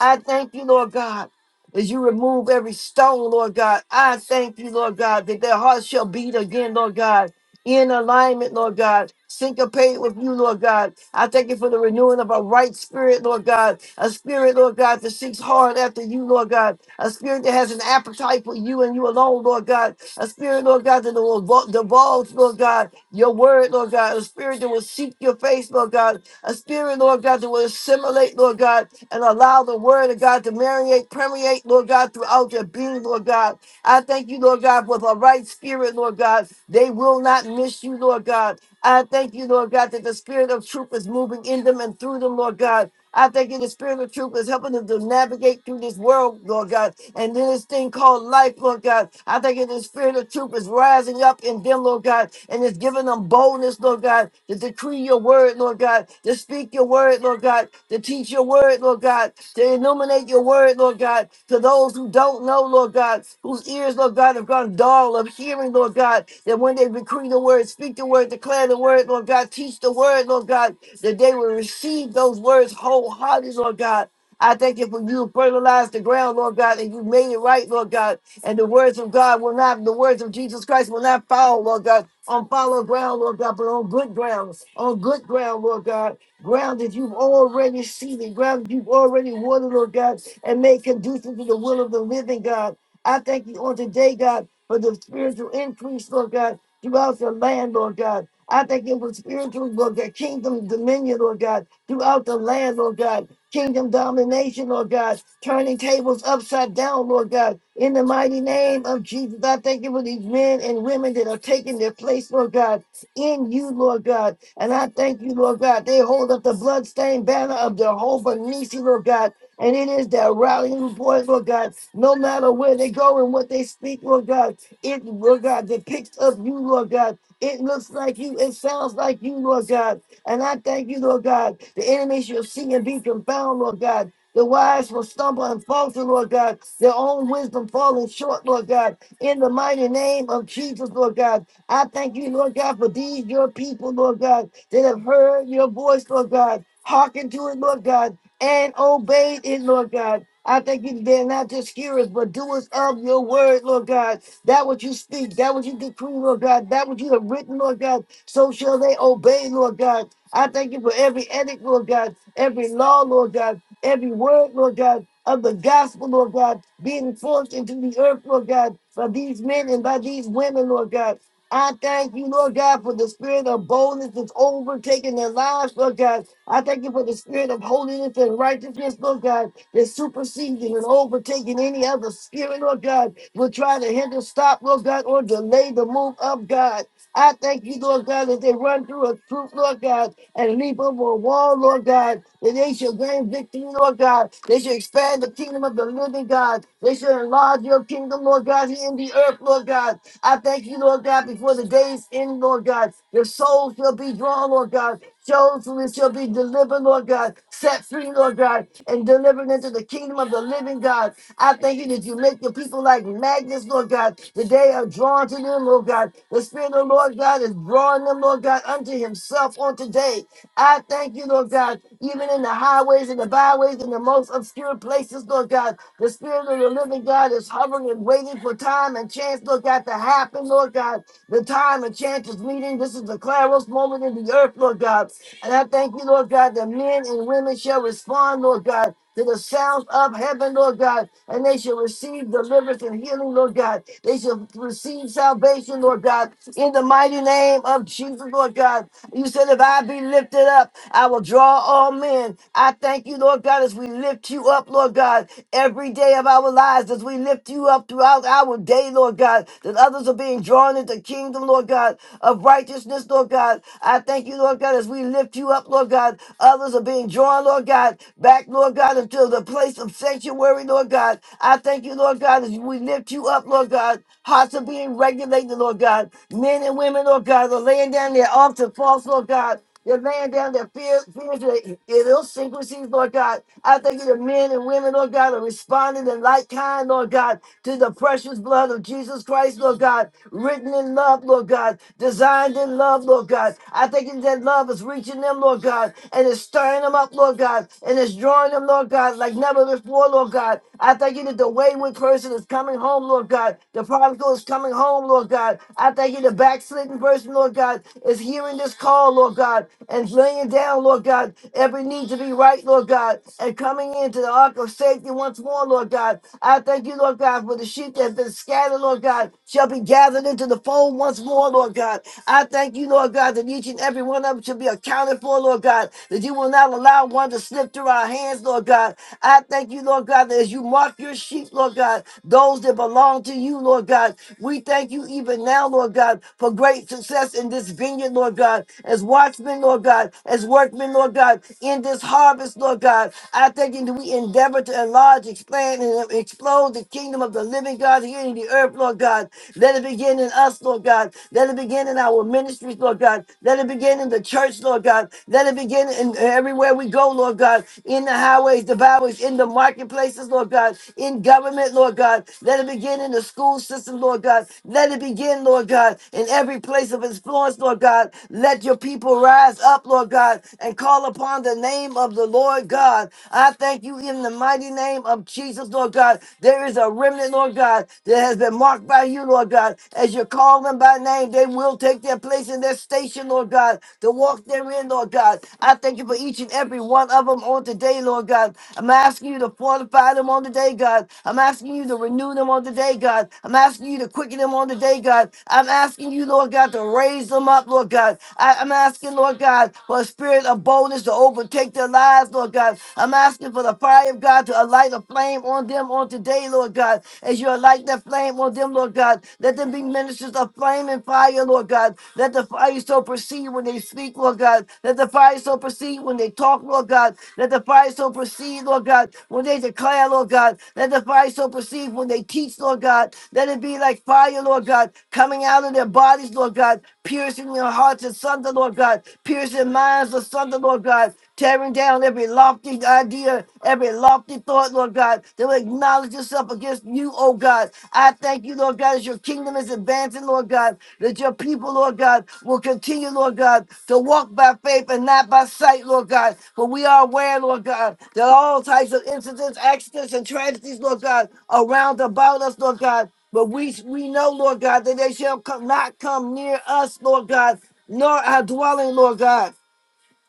Speaker 1: I thank you, Lord God, as you remove every stone, Lord God. I thank you, Lord God, that their hearts shall beat again, Lord God, in alignment, Lord God, syncopate with you, Lord God. I thank you for the renewing of a right spirit, Lord God, a spirit, Lord God, that seeks hard after you, Lord God, a spirit that has an appetite for you and you alone, Lord God, a spirit, Lord God, that will devolve, Lord God, your word, Lord God, a spirit that will seek your face, Lord God, a spirit, Lord God, that will assimilate, Lord God, and allow the word of God to marinate, permeate, Lord God, throughout their being, Lord God. I thank you, Lord God, with a right spirit, Lord God. They will not miss you, Lord God. I thank you, Lord God, that the spirit of truth is moving in them and through them, Lord God. I thank you, the spirit of truth is helping them to navigate through this world, Lord God, and then this thing called life, Lord God. I thank you, the spirit of truth is rising up in them, Lord God, and it's giving them boldness, Lord God, to decree your word, Lord God, to speak your word, Lord God, to teach your word word, Lord God, to illuminate your word, Lord God, to those who don't know, Lord God, whose ears, Lord God, have gone dull of hearing, Lord God, that when they decree the word, speak the word, declare the word, Lord God, teach the word, Lord God, that they will receive those words wholeheartedly, Lord God. I thank you for you fertilized the ground, Lord God, and you made it right, Lord God. And the words of God will not, the words of Jesus Christ will not fall, Lord God, on fallow ground, Lord God, but on good ground, on good ground, Lord God. Ground that you've already seeded, ground that you've already watered, Lord God, and made conducive to the will of the living God. I thank you on today, God, for the spiritual increase, Lord God, throughout the land, Lord God. I thank you for spiritual, Lord God, kingdom dominion, Lord God, throughout the land, Lord God, kingdom domination, Lord God, turning tables upside down, Lord God, in the mighty name of Jesus. I thank you for these men and women that are taking their place, Lord God, in you, Lord God. And I thank you, Lord God. They hold up the bloodstained banner of Jehovah Nisi, Lord God. And it is their rallying point, Lord God. No matter where they go and what they speak, Lord God, it, Lord God, depicts of you, Lord God. It looks like you. It sounds like you, Lord God. And I thank you, Lord God. The enemies shall see and be confounded, Lord God. The wise will stumble and falter, Lord God. Their own wisdom falling short, Lord God. In the mighty name of Jesus, Lord God. I thank you, Lord God, for these your people, Lord God, that have heard your voice, Lord God, hearken to it, Lord God, and obeyed it, Lord God. I thank you that they're not just hearers, but doers of your word, Lord God. That what you speak, that what you decree, Lord God, that what you have written, Lord God, so shall they obey, Lord God. I thank you for every edict, Lord God, every law, Lord God, every word, Lord God, of the gospel, Lord God, being forced into the earth, Lord God, by these men and by these women, Lord God. I thank you, Lord God, for the spirit of boldness that's overtaking their lives, Lord God. I thank you for the spirit of holiness and righteousness, Lord God, that's superseding and overtaking any other spirit, Lord God, will try to hinder, stop, Lord God, or delay the move of God. I thank you, Lord God, that they run through a troop, Lord God, and leap over a wall, Lord God, that they shall gain victory, Lord God. They shall expand the kingdom of the living God. They shall enlarge your kingdom, Lord God, here in the earth, Lord God. I thank you, Lord God, before the days end, Lord God. Your souls shall be drawn, Lord God, Josephus shall be delivered, Lord God, set free, Lord God, and delivered into the kingdom of the living God. I thank you that you make your people like magnets, Lord God, that they are drawn to them, Lord God. The Spirit of the Lord God is drawing them, Lord God, unto Himself on today. I thank you, Lord God, even in the highways and the byways and the most obscure places, Lord God. The Spirit of the living God is hovering and waiting for time and chance, Lord God, to happen, Lord God. The time and chance is meeting. This is the Claros moment in the earth, Lord God. And I thank you, Lord God, that men and women shall respond, Lord God, to the sounds of heaven, Lord God, and they shall receive deliverance deliverance and healing, Lord God. They shall receive salvation, Lord God, in the mighty name of Jesus, Lord God. You said, if I be lifted up, I will draw all men. I thank you, Lord God, as we lift you up, Lord God, every day of our lives, as we lift you up throughout our day, Lord God, that others are being drawn into the kingdom, Lord God, of righteousness, Lord God. I thank you, Lord God, as we lift you up, Lord God. Others are being drawn, Lord God, back, Lord God, into the place of sanctuary, Lord God. I thank you, Lord God, as we lift you up, Lord God. Hearts are being regulated, Lord God. Men and women, Lord God, are laying down their arms and faults, Lord God. They're laying down their fears, fears their idiosyncrasies, Lord God. I thank you that men and women, Lord God, are responding in like kind, Lord God to the precious blood of Jesus Christ, Lord God, written in love, Lord God, designed in love, Lord God. I thank You that love is reaching them, Lord God, and it's stirring them up, Lord God, and it's drawing them, Lord God, like never before, Lord God. I thank you that the wayward person is coming home, Lord God. The prodigal is coming home, Lord God. I thank you the backslidden person, Lord God, is hearing this call, Lord God, and laying down, Lord God, every need to be right, Lord God, and coming into the ark of safety once more, Lord God. God. I thank you, Lord God, for the sheep that's been scattered, Lord God, shall be gathered into the fold once more, Lord God. I thank you, Lord God, that each and every one of them shall be accounted for, Lord God, that you will not allow one to slip through our hands, Lord God. I thank you, Lord God, that as you mark your sheep, Lord God, those that belong to you, Lord God, we thank you even now, Lord God, for great success in this vineyard, Lord God, as watchmen, Lord God, as workmen, Lord God, in this harvest, Lord God. I thank you that we endeavor to enlarge, expand, and explode the kingdom of the living God here in the earth, Lord God. Let it begin in us, Lord God. Let it begin in our ministries, Lord God. Let it begin in the church, Lord God. Let it begin in everywhere we go, Lord God. In the highways, the byways, in the marketplaces, Lord God. In government, Lord God. Let it begin in the school system, Lord God. Let it begin, Lord God, in every place of influence, Lord God. Let your people rise up, Lord God, and call upon the name of the Lord God. I. I thank you in the mighty name of Jesus, Lord God. There is a remnant, Lord God, that has been marked by you, Lord God. As you call them by name, they will take their place in their station, Lord God, to walk therein, Lord God. I thank you for each and every one of them on today, Lord God. I'm asking you to fortify them on today, God. I'm asking you to renew them on today, God. I'm asking you to quicken them on today, God. I'm asking you, Lord God, to raise them up, Lord God. I- I'm asking, Lord God, for a spirit of boldness to overtake their lives lives, Lord God. I'm asking for the fire of God to alight a flame on them on today, Lord God. As you alight that flame on them, Lord God, let them be ministers of flame and fire, Lord God. Let the fire so proceed when they speak, Lord God. Let the fire so proceed when they talk, Lord God. Let the fire so proceed, Lord God, when they declare, Lord God. Let the fire so proceed when they teach, Lord God. Let it be like fire, Lord God, coming out of their bodies, Lord God, piercing their hearts asunder, Lord God, piercing minds asunder, Lord God, tearing down every lofty idea, every lofty thought, Lord God, that will acknowledge yourself against you, oh God. I thank you, Lord God, as your kingdom is advancing, Lord God, that your people, Lord God, will continue, Lord God, to walk by faith and not by sight, Lord God. For we are aware, Lord God, that all types of incidents, accidents, and tragedies, Lord God, are round about us, Lord God. But we we know, Lord God, that they shall come, not come near us, Lord God, nor our dwelling, Lord God.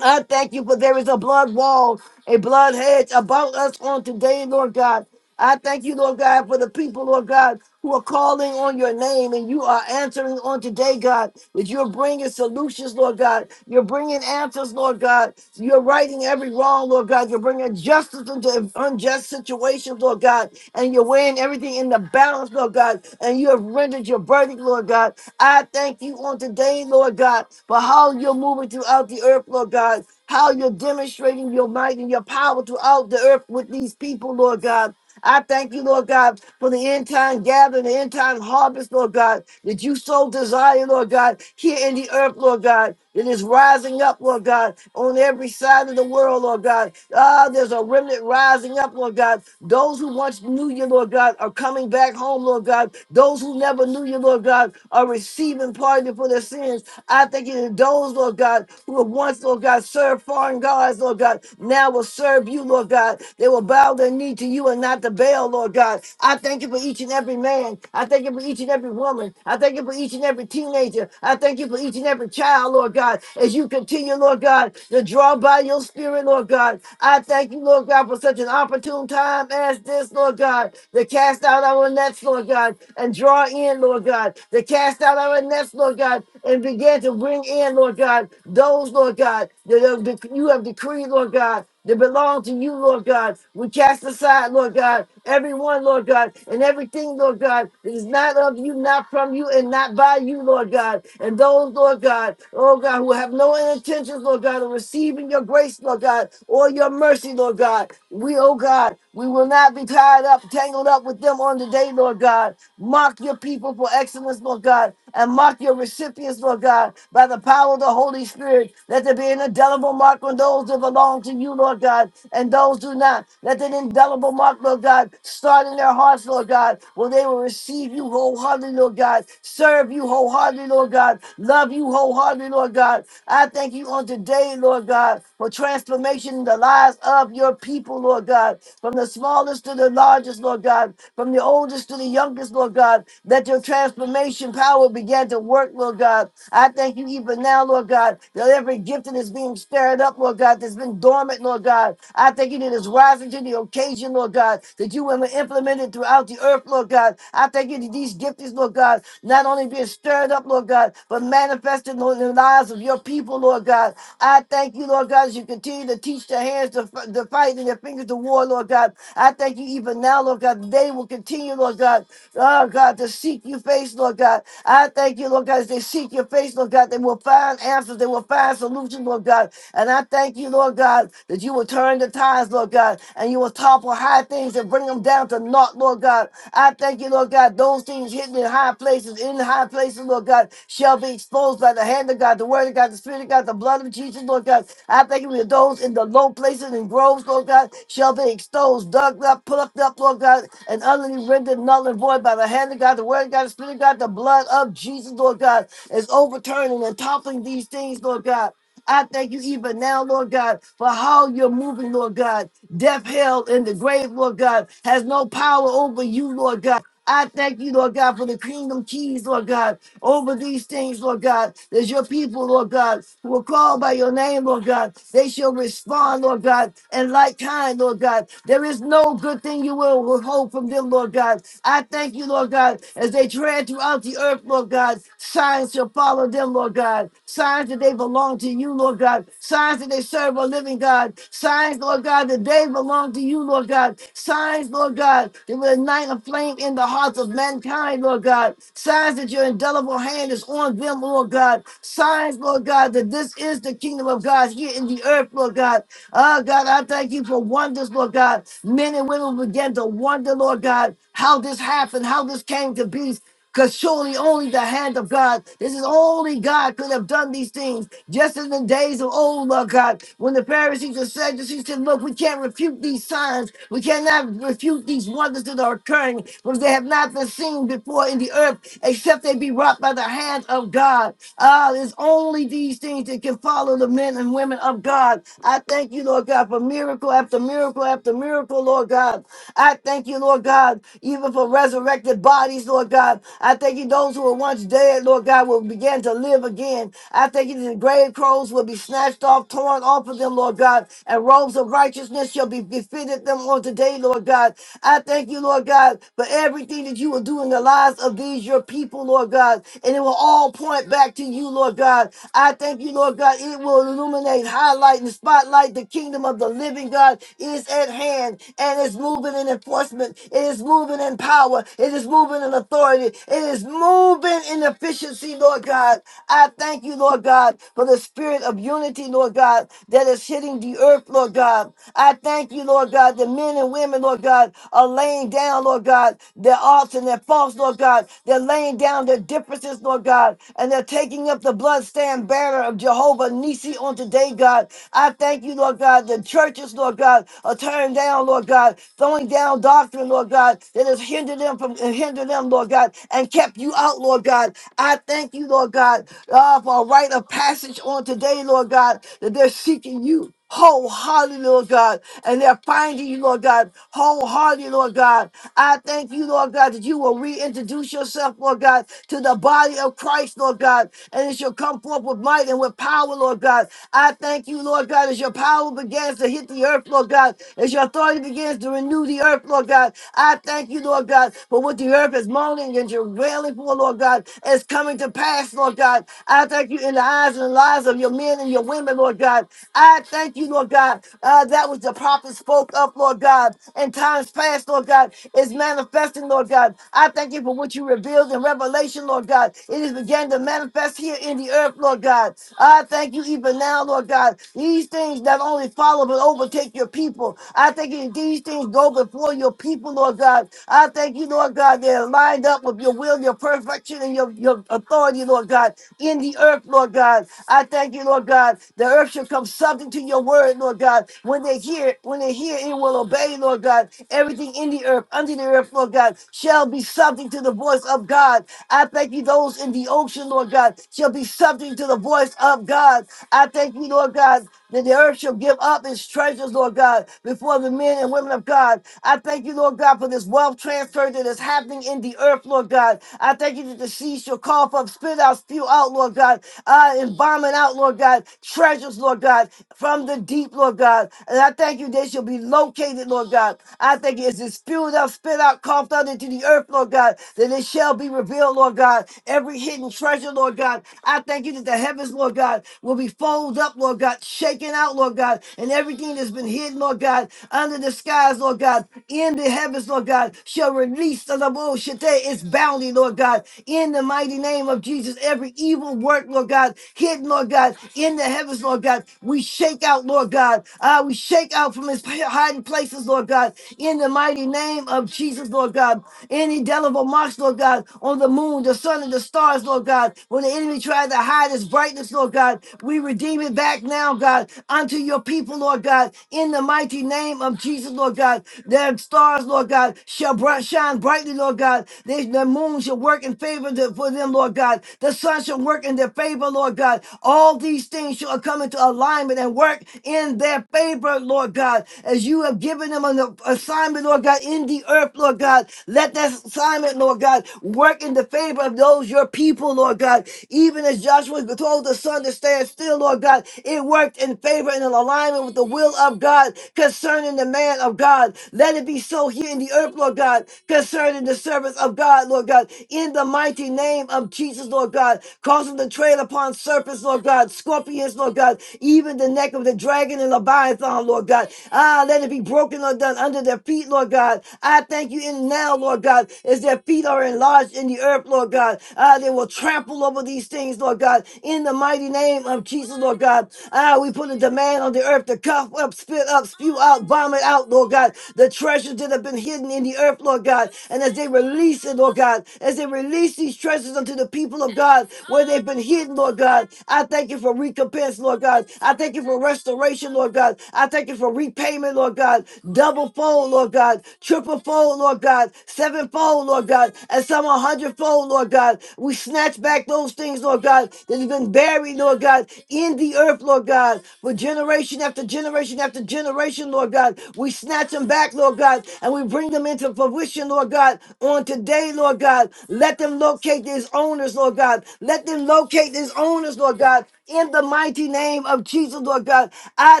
Speaker 1: I thank you for there is a blood wall, a blood hedge about us on today, Lord God. I thank you, Lord God, for the people, Lord God, who are calling on your name and you are answering on today, God, that you're bringing solutions, Lord God. You're bringing answers, Lord God. You're righting every wrong, Lord God. You're bringing justice into unjust situations, Lord God. And you're weighing everything in the balance, Lord God. And you have rendered your verdict, Lord God. I thank you on today, Lord God, for how you're moving throughout the earth, Lord God. How you're demonstrating your might and your power throughout the earth with these people, Lord God. I thank you, Lord God, for the end time gathering, the end time harvest, Lord God, that you so desire, Lord God, here in the earth, Lord God, that is rising up, Lord God, on every side of the world, Lord God. Ah, there's a remnant rising up, Lord God. Those who once knew you, Lord God, are coming back home, Lord God. Those who never knew you, Lord God, are receiving pardon for their sins. I thank you that those, Lord God, who have once, Lord God, served foreign gods, Lord God, now will serve you, Lord God. They will bow their their knee to you and not to Baal, Lord God. I thank you for each and every man. I thank you for each and every woman. I thank you for each and every teenager. I thank you for each and every child, Lord God, as you continue, Lord God, to draw by your spirit, Lord God. I thank you, Lord God, for such an opportune time as this, Lord God, to cast out our nets, Lord God, and draw in, Lord God, to cast out our nets, Lord God, and begin to bring in, Lord God, those, Lord God, that have dec- you have decreed, Lord God, that belong to you, Lord God. We cast aside, Lord God, everyone, Lord God, and everything, Lord God, that is not of you, not from you, and not by you, Lord God. And those, Lord God, oh God, who have no intentions, Lord God, of receiving your grace, Lord God, or your mercy, Lord God. We, oh God, we will not be tied up, tangled up with them on the day, Lord God. Mark your people for excellence, Lord God and mark your recipients, Lord God, by the power of the Holy Spirit. Let there be an indelible mark on those that belong to you, Lord God, and those do not. Let that indelible mark, Lord God, start in their hearts, Lord God, where they will receive you wholeheartedly, Lord God, serve you wholeheartedly, Lord God, love you wholeheartedly, Lord God. I thank you on today, Lord God, for transformation in the lives of your people, Lord God. God, from the smallest to the largest, Lord God, from the oldest to the youngest, Lord God. Let your transformation power begin to work, Lord God. I thank you even now, Lord God, that every gift that is being stirred up, Lord God, that's been dormant, Lord God. I thank you that it's rising to the occasion, Lord God, that you will implement it throughout the earth, Lord God. I thank you that these giftings, Lord God, not only being stirred up, Lord God, but manifested manifested on the lives of your people, Lord God. I thank you, Lord God, as you continue to teach their hands to, f- to fight and their fingers to war, Lord God. I thank you even now, Lord God. that They will continue, Lord God, oh God, to seek your face, Lord God. I thank you, Lord God, as they seek your face, Lord God, they will find answers, they will find solutions, Lord God. And I thank you, Lord God, that you will turn the tides, Lord God, and you will topple high things and bring them down down to naught, Lord God. I thank you, Lord God. Those things hidden in high places, in high places, Lord God, shall be exposed by the hand of God, the word of God, the spirit of God, the blood of Jesus, Lord God. I thank you that those in the low places and groves, Lord God, shall be exposed, dug up, plucked up, Lord God, and utterly rendered null and void by the hand of God, the word of God, the spirit of God, the blood of Jesus, Lord God, is overturning and toppling these things, Lord God. I thank you even now, Lord God, for how you're moving, Lord God. Death, hell, and the grave, Lord God, has no power over you, Lord God. I thank you, Lord God, for the kingdom keys, Lord God, over these things, Lord God. There's your people, Lord God, who are called by your name, Lord God. They shall respond, Lord God, and like kind, Lord God. There is no good thing you will withhold from them, Lord God. I thank you, Lord God, as they tread throughout the earth, Lord God. Signs shall follow them, Lord God. Signs that they belong to you, Lord God. Signs that they serve a living God. Signs, Lord God, that they belong to you, Lord God. Signs, Lord God. God. You will ignite a flame in the hearts of mankind, Lord God. Signs that your indelible hand is on them, Lord God. Signs, Lord God, that this is the kingdom of God here in the earth, Lord God. Oh, God, I thank you for wonders, Lord God. Men and women began to wonder, Lord God, how this happened, how this came to be. Because surely only the hand of God, this is only God could have done these things. Just in the days of old, Lord God, when the Pharisees and Sadducees said, Look, we can't refute these signs. We cannot refute these wonders that are occurring because they have not been seen before in the earth except they be wrought by the hand of God. Ah, it's only these things that can follow the men and women of God. I thank you, Lord God, for miracle after miracle after miracle, Lord God. I thank you, Lord God, even for resurrected dead bodies, Lord God. I thank you, those who were once dead, Lord God, will begin to live again. I thank you, that the grave clothes will be snatched off, torn off of them, Lord God, and robes of righteousness shall be befitted them on today, Lord God. I thank you, Lord God, for everything that you will do in the lives of these your people, Lord God, and it will all point back to you, Lord God. I thank you, Lord God, it will illuminate, highlight, and spotlight the kingdom of the living God is at hand and it's moving in enforcement, it is moving moving in power. It is moving in authority. It is moving in efficiency, Lord God. I thank you, Lord God, for the spirit of unity, Lord God, that is hitting the earth, Lord God. I thank you, Lord God, that men and women, Lord God, are laying down, Lord God, their arts and their faults, Lord God. They're laying down their differences, Lord God, and they're taking up the bloodstained banner of Jehovah Nisi on today, God. I thank you, Lord God. The churches, Lord God, are tearing down, Lord God, throwing down darkness doctrine, Lord God, that has hindered them from uh, hindered them, Lord God, and kept you out, Lord God. I thank you, Lord God, uh, for a rite of passage on today, Lord God, that they're seeking you. Wholeheartedly, Lord God, and they're finding you, Lord God, wholeheartedly, Lord God. I thank you, Lord God, that you will reintroduce yourself, Lord God, to the body of Christ, Lord God, and it shall come forth with might and with power, Lord God. I thank you, Lord God, as your power begins to hit the earth, Lord God, as your authority begins to to renew the earth, Lord God. I thank you, Lord God, for what the earth is moaning and travailing for, Lord God, is coming to pass, Lord God. I thank you in the eyes and the lives of your men and your women, Lord God. I thank you, Lord God, uh, that which the prophet spoke up, Lord God, in times past, Lord God, is manifesting, Lord God. I thank you for what you revealed in Revelation, Lord God. It is began to manifest here in the earth, Lord God. I thank you even now, Lord God. These things not only follow but overtake your people. I thank you that these things go before your people, Lord God. I thank you, Lord God, they're lined up with your will, your perfection, and your, your authority, Lord God, in the earth, Lord God. I thank you, Lord God. The earth shall come subject to your word, Lord God. When they hear it, when they hear it, it will obey, Lord God. Everything in the earth, under the earth, Lord God, shall be subject to the voice of God. I thank you, those in the ocean, Lord God, shall be subject to the voice of God. I thank you, Lord God, that the earth shall give up its treasure treasures, Lord God, before the men and women of God. I thank you, Lord God, for this wealth transfer that is happening in the earth, Lord God. I thank you that the sea shall call up, spit out, spew out, Lord God, uh, and bombing out, Lord God, treasures, Lord God, from the deep, Lord God. And I thank you they shall be located, Lord God. I thank you as it's spewed out, spit out, coughed out into the earth, Lord God, that it shall be revealed, Lord God. Every hidden treasure, Lord God. I thank you that the heavens, Lord God, will be folded up, Lord God, shaken out, Lord Lord God, and everything that's been hidden, Lord God, under the skies, Lord God, in the heavens, Lord God, shall release the Lord Shate its bounty, Lord God, in the mighty name of Jesus. Every evil work, Lord God, hidden, Lord God, in the heavens, Lord God, we shake out, Lord God. Uh, we shake out from his hiding places, Lord God, in the mighty name of Jesus, Lord God. Any indelible marks, Lord God, on the moon, the sun, and the stars, Lord God. When the enemy tried to hide his brightness, Lord God, we redeem it back now right now, God, unto your people, Lord God, in the mighty name of Jesus, Lord God. Their stars, Lord God, shall bright, shine brightly, Lord God. They, the moon shall work in favor to- for them, Lord God. The sun shall work in their favor, Lord God. All these things shall come into alignment and work in their favor, Lord God. As you have given them an assignment, Lord God, in the earth, Lord God. Let that assignment, Lord God, work in the favor of those your people, Lord God. Even as Joshua told the sun to stand but still, Lord God, it worked in favor and in alignment with the will of God concerning the man of God. Let it be so here in the earth, Lord God, concerning the service of God, Lord God, in the mighty name of Jesus, Lord God, causing to tread upon serpents, Lord God, scorpions, Lord God, even the neck of the dragon and leviathan, Lord God. Ah, let it be broken or done under their feet, Lord God. I thank you in now, Lord God, as their feet are enlarged in the earth, Lord God. Ah, they will trample over these things, Lord God, in in the mighty name of Jesus, Lord God. Ah, we put a demand on the earth to cough up, spit up, spew out, vomit out, Lord God, the treasures that have been hidden in the earth, Lord God. And as they release it, Lord God, as they release these treasures unto the people of God where they've been hidden, Lord God, I thank you for recompense, Lord God. I thank you for restoration, Lord God. I thank you for repayment, Lord God. Double fold, Lord God. Triple fold, Lord God. Sevenfold, Lord God. And some a hundredfold, Lord God. We snatch back those things things, Lord God, that has been buried, Lord God, in the earth, Lord God, for generation after generation after generation, Lord God. We snatch them back, Lord God, and we bring them into fruition, Lord God, on today, Lord God. Let them locate these owners, Lord God. Let them locate these owners, Lord God, in the mighty name of Jesus, Lord God. I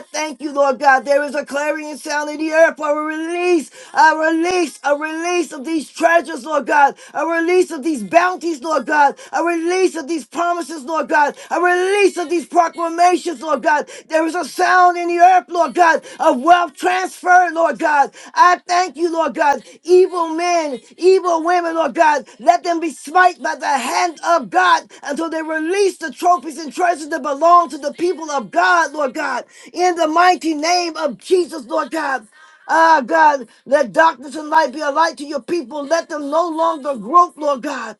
Speaker 1: thank you, Lord God. There is a clarion sound in the earth for a release, a release, a release of these treasures, Lord God, a release of these bounties, Lord God, a release of these promises, Lord God, a release of these proclamations, Lord God. There is a sound in the earth, Lord God, of wealth transfer, Lord God. I thank you, Lord God. Evil men, evil women, Lord God, let them be smite by the hand of God until they release the trophies and treasures that belong to the people of God, Lord God. In the mighty name of Jesus, Lord God. Ah, God, let darkness and light be a light to your people. Let them no longer grope, Lord God.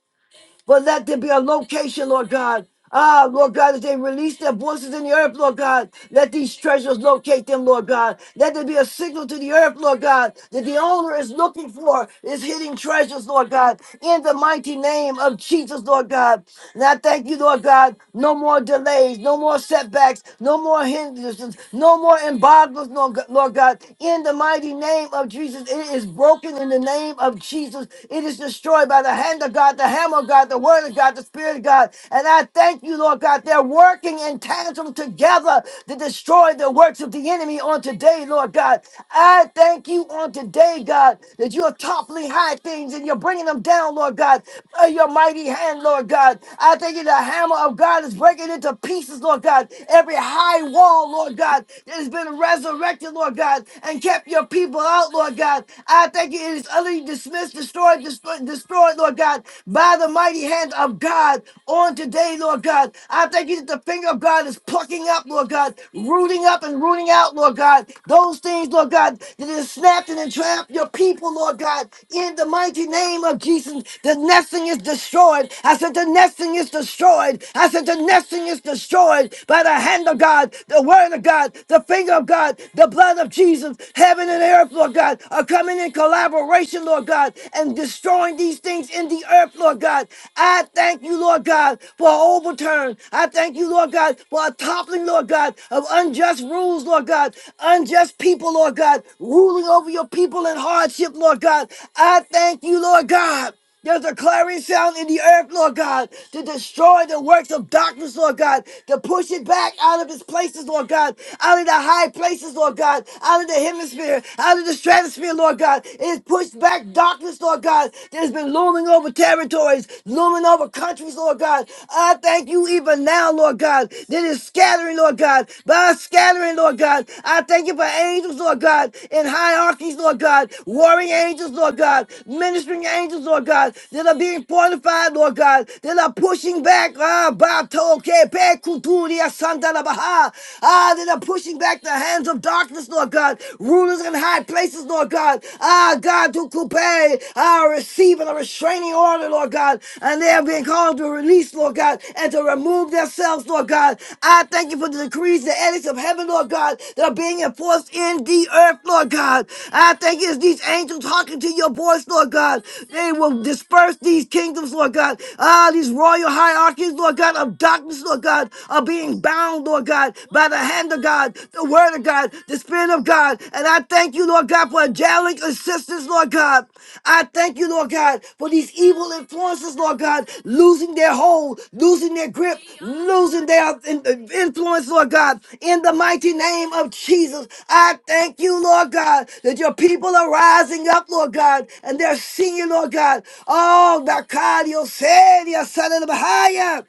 Speaker 1: But let there be a location, Lord God. Ah, Lord God, as they release their voices in the earth, Lord God, let these treasures locate them, Lord God. Let there be a signal to the earth, Lord God, that the owner is looking for is hidden treasures, Lord God, in the mighty name of Jesus, Lord God. And I thank you, Lord God, no more delays, no more setbacks, no more hindrances, no more embargoes, Lord God, Lord God, in the mighty name of Jesus. It is broken in the name of Jesus. It is destroyed destroyed by the hand of God, the hammer of God, the word of God, the spirit of God. And I thank you, Lord God, they're working in tandem together to destroy the works of the enemy on today, Lord God. I thank you on today, God, that you are toppling high things and you're bringing them down, Lord God, by your mighty hand, Lord God. I thank you, the hammer of God is breaking into pieces, Lord God, every high wall, Lord God, that has been resurrected, Lord God, and kept your people out, Lord God. I thank you, it is utterly dismissed, destroyed, destroyed, destroyed, Lord God, by the mighty hand of God on today, Lord God. I thank you that the finger of God is plucking up, Lord God, rooting up and rooting out, Lord God, those things, Lord God, that is snapped and entrapped your people, Lord God, in the mighty name of Jesus. The nesting is destroyed. I said, the nesting is destroyed. I said, the nesting is destroyed by the hand of God, the word of God, the finger of God, the blood of Jesus, heaven and earth, Lord. Lord God, are coming in collaboration, Lord God, and destroying these things in the earth, Lord God. I thank you, Lord God, for an overturn. I thank you, Lord God, for a toppling, Lord God, of unjust rules, Lord God, unjust people, Lord God, ruling over your people in hardship, Lord God. I thank you, Lord God. There's a clarion sound in the earth, Lord God, to destroy the works of darkness, Lord God, to push it back out of its places, Lord God, out of the high places, Lord God, out of the hemisphere, out of the stratosphere, Lord God. It has pushed back darkness, Lord God, that has been looming over territories, looming over countries, Lord God. I thank you even now, Lord God, that is scattering, Lord God, by scattering, Lord God. God. I thank you for angels, Lord God, in hierarchies, Lord God, warring angels, Lord God, ministering angels, Lord God, that are being fortified, Lord God, that are pushing back. Ah, Bato, Kepe, Kuturia, Santa La Baha. Ah, that are pushing back the hands of darkness, Lord God, rulers in high places, Lord God. Ah, God, to Kupe, ah, receiving a restraining order, Lord God, and they have have been called to release, Lord God, and to remove themselves, Lord God. I thank you for the decrees, the edicts of heaven, Lord God, that are being enforced in the earth, Lord God. I thank you as these angels talking to your voice, Lord God. They will disperse these kingdoms, Lord God. Ah, these royal hierarchies, Lord God, of darkness, Lord God, are being bound, Lord God, by the hand of God, the word of God, the spirit of God. And I and I thank you, Lord God, for angelic assistance, Lord God. I thank you, Lord God, for these evil influences, Lord God, losing their hold, losing their grip, losing their in- uh, influence, Lord God. In the mighty name of Jesus, I thank you, Lord God, that your people are rising up, Lord God, and they're singing, Lord God. Oh, Bakadio said, Son of the Bahia.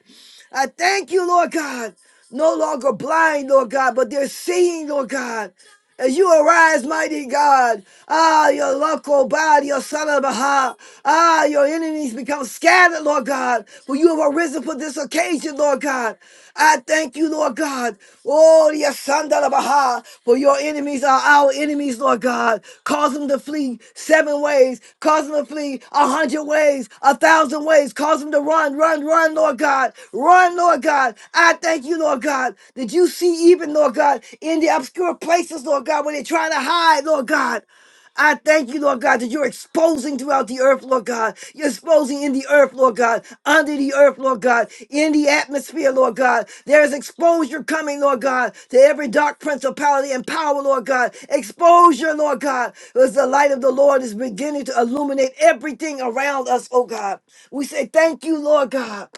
Speaker 1: I thank you, Lord God. No longer blind, Lord God, but they're seeing, Lord God. As you arise, mighty God, ah, your local body, your son of Baha, ah, your enemies become scattered, Lord God, for you have arisen for this occasion, Lord God. I thank you, Lord God. Oh, yes, Sandala Baha, for your enemies are our enemies, Lord God. Cause them to flee seven ways. Cause them to flee a hundred ways, a thousand ways. Cause them to run, run, run, Lord God. Run, Lord God. I thank you, Lord God. Did you see even, Lord God, in the obscure places, Lord God, where they're trying to hide, Lord God? I thank you, Lord God, that you're exposing throughout the earth, Lord God. You're exposing in the earth, Lord God, under the earth, Lord God, in the atmosphere, Lord God. There is exposure coming, Lord God, to every dark principality and power, Lord God. Exposure, Lord God, as the light of the Lord is beginning to illuminate everything around us, oh God. We say thank you, Lord God.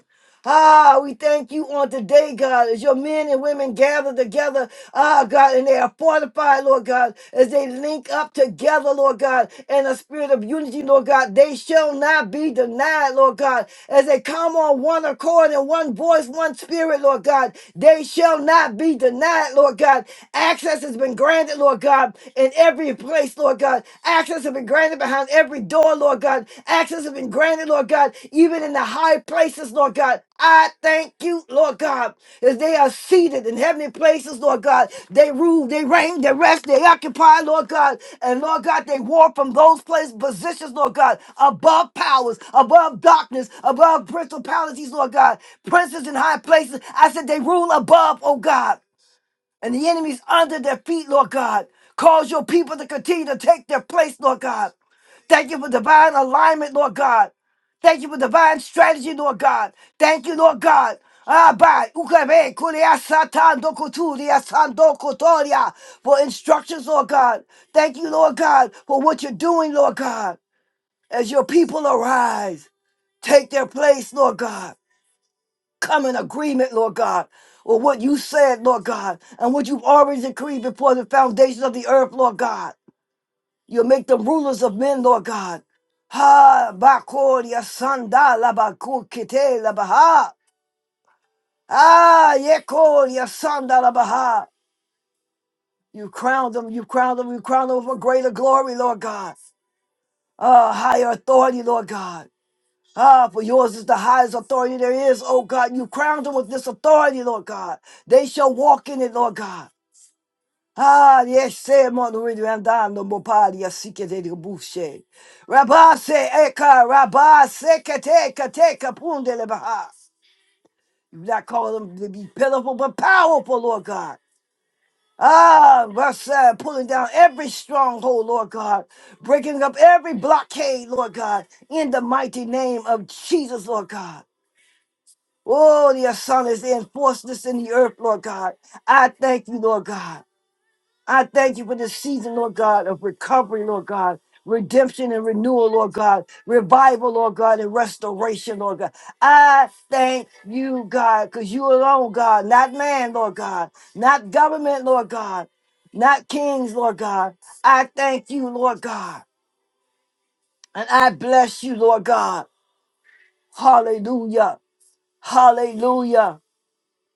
Speaker 1: Ah, we thank you on today, God, as your men and women gather together, ah, God, and they are fortified, Lord God, as they link up together, Lord God, in a spirit of unity, Lord God. They shall not be denied, Lord God, as they come on one accord and one voice, one spirit, Lord God. They shall not be denied, Lord God. Access has been granted, Lord God, in every place, Lord God. Access has been been granted behind every door, Lord God. Access has been granted, Lord God, even in the high places, Lord God. I thank you, Lord God, as they are seated in heavenly places, Lord God. They rule, they reign, they rest, they occupy, Lord God. And Lord God, they war from those places, positions, Lord God, above powers, above darkness, above principalities, Lord God. Princes in high places, I said they rule above, oh God and the enemies under their feet, Lord God. Cause your people to continue to take their place, Lord God. Thank you for divine alignment, Lord God. Thank you for divine strategy, Lord God. Thank you, Lord God. Abba, ukebe, kurea, satan, dokuturia, sandokotoria, For instructions, Lord God. Thank you, Lord God, for what you're doing, Lord God. As your people arise, take their place, Lord God come in agreement, Lord God, with what you said, Lord God, and what you've already decreed before the foundations of the earth, Lord God. You'll make them rulers of men, Lord God. Ha bakoria sanda la bakukite la baha. Ah yekoria sanda la baha. You crowned them, you crowned them, you crowned them with a greater glory, Lord God. Uh, higher authority, Lord God. Ah, for yours is the highest authority there is, oh God. You crowned them with this authority, Lord God. They shall walk in it, Lord God. Ah, yes, say Monorid Randando Mopadia Sikete Bushe. Rabba se eka, rabba se kete kete kapunde lebaha. You not call them to be pitiful, but powerful, Lord God. Ah, Rasa, pulling down every stronghold, Lord God, breaking up every blockade, Lord God, in the mighty name of Jesus, Lord God. Oh, your son is the this in the earth, Lord God. I thank you, Lord God. I thank you for this season, Lord God, of recovery, Lord God. Redemption and renewal, Lord God. Revival, Lord God, and restoration, Lord God. I thank you, God, because you alone, God, not man, Lord God, not government, Lord God, not kings, Lord God. I thank you, Lord God, and I bless you, Lord God. Hallelujah. Hallelujah.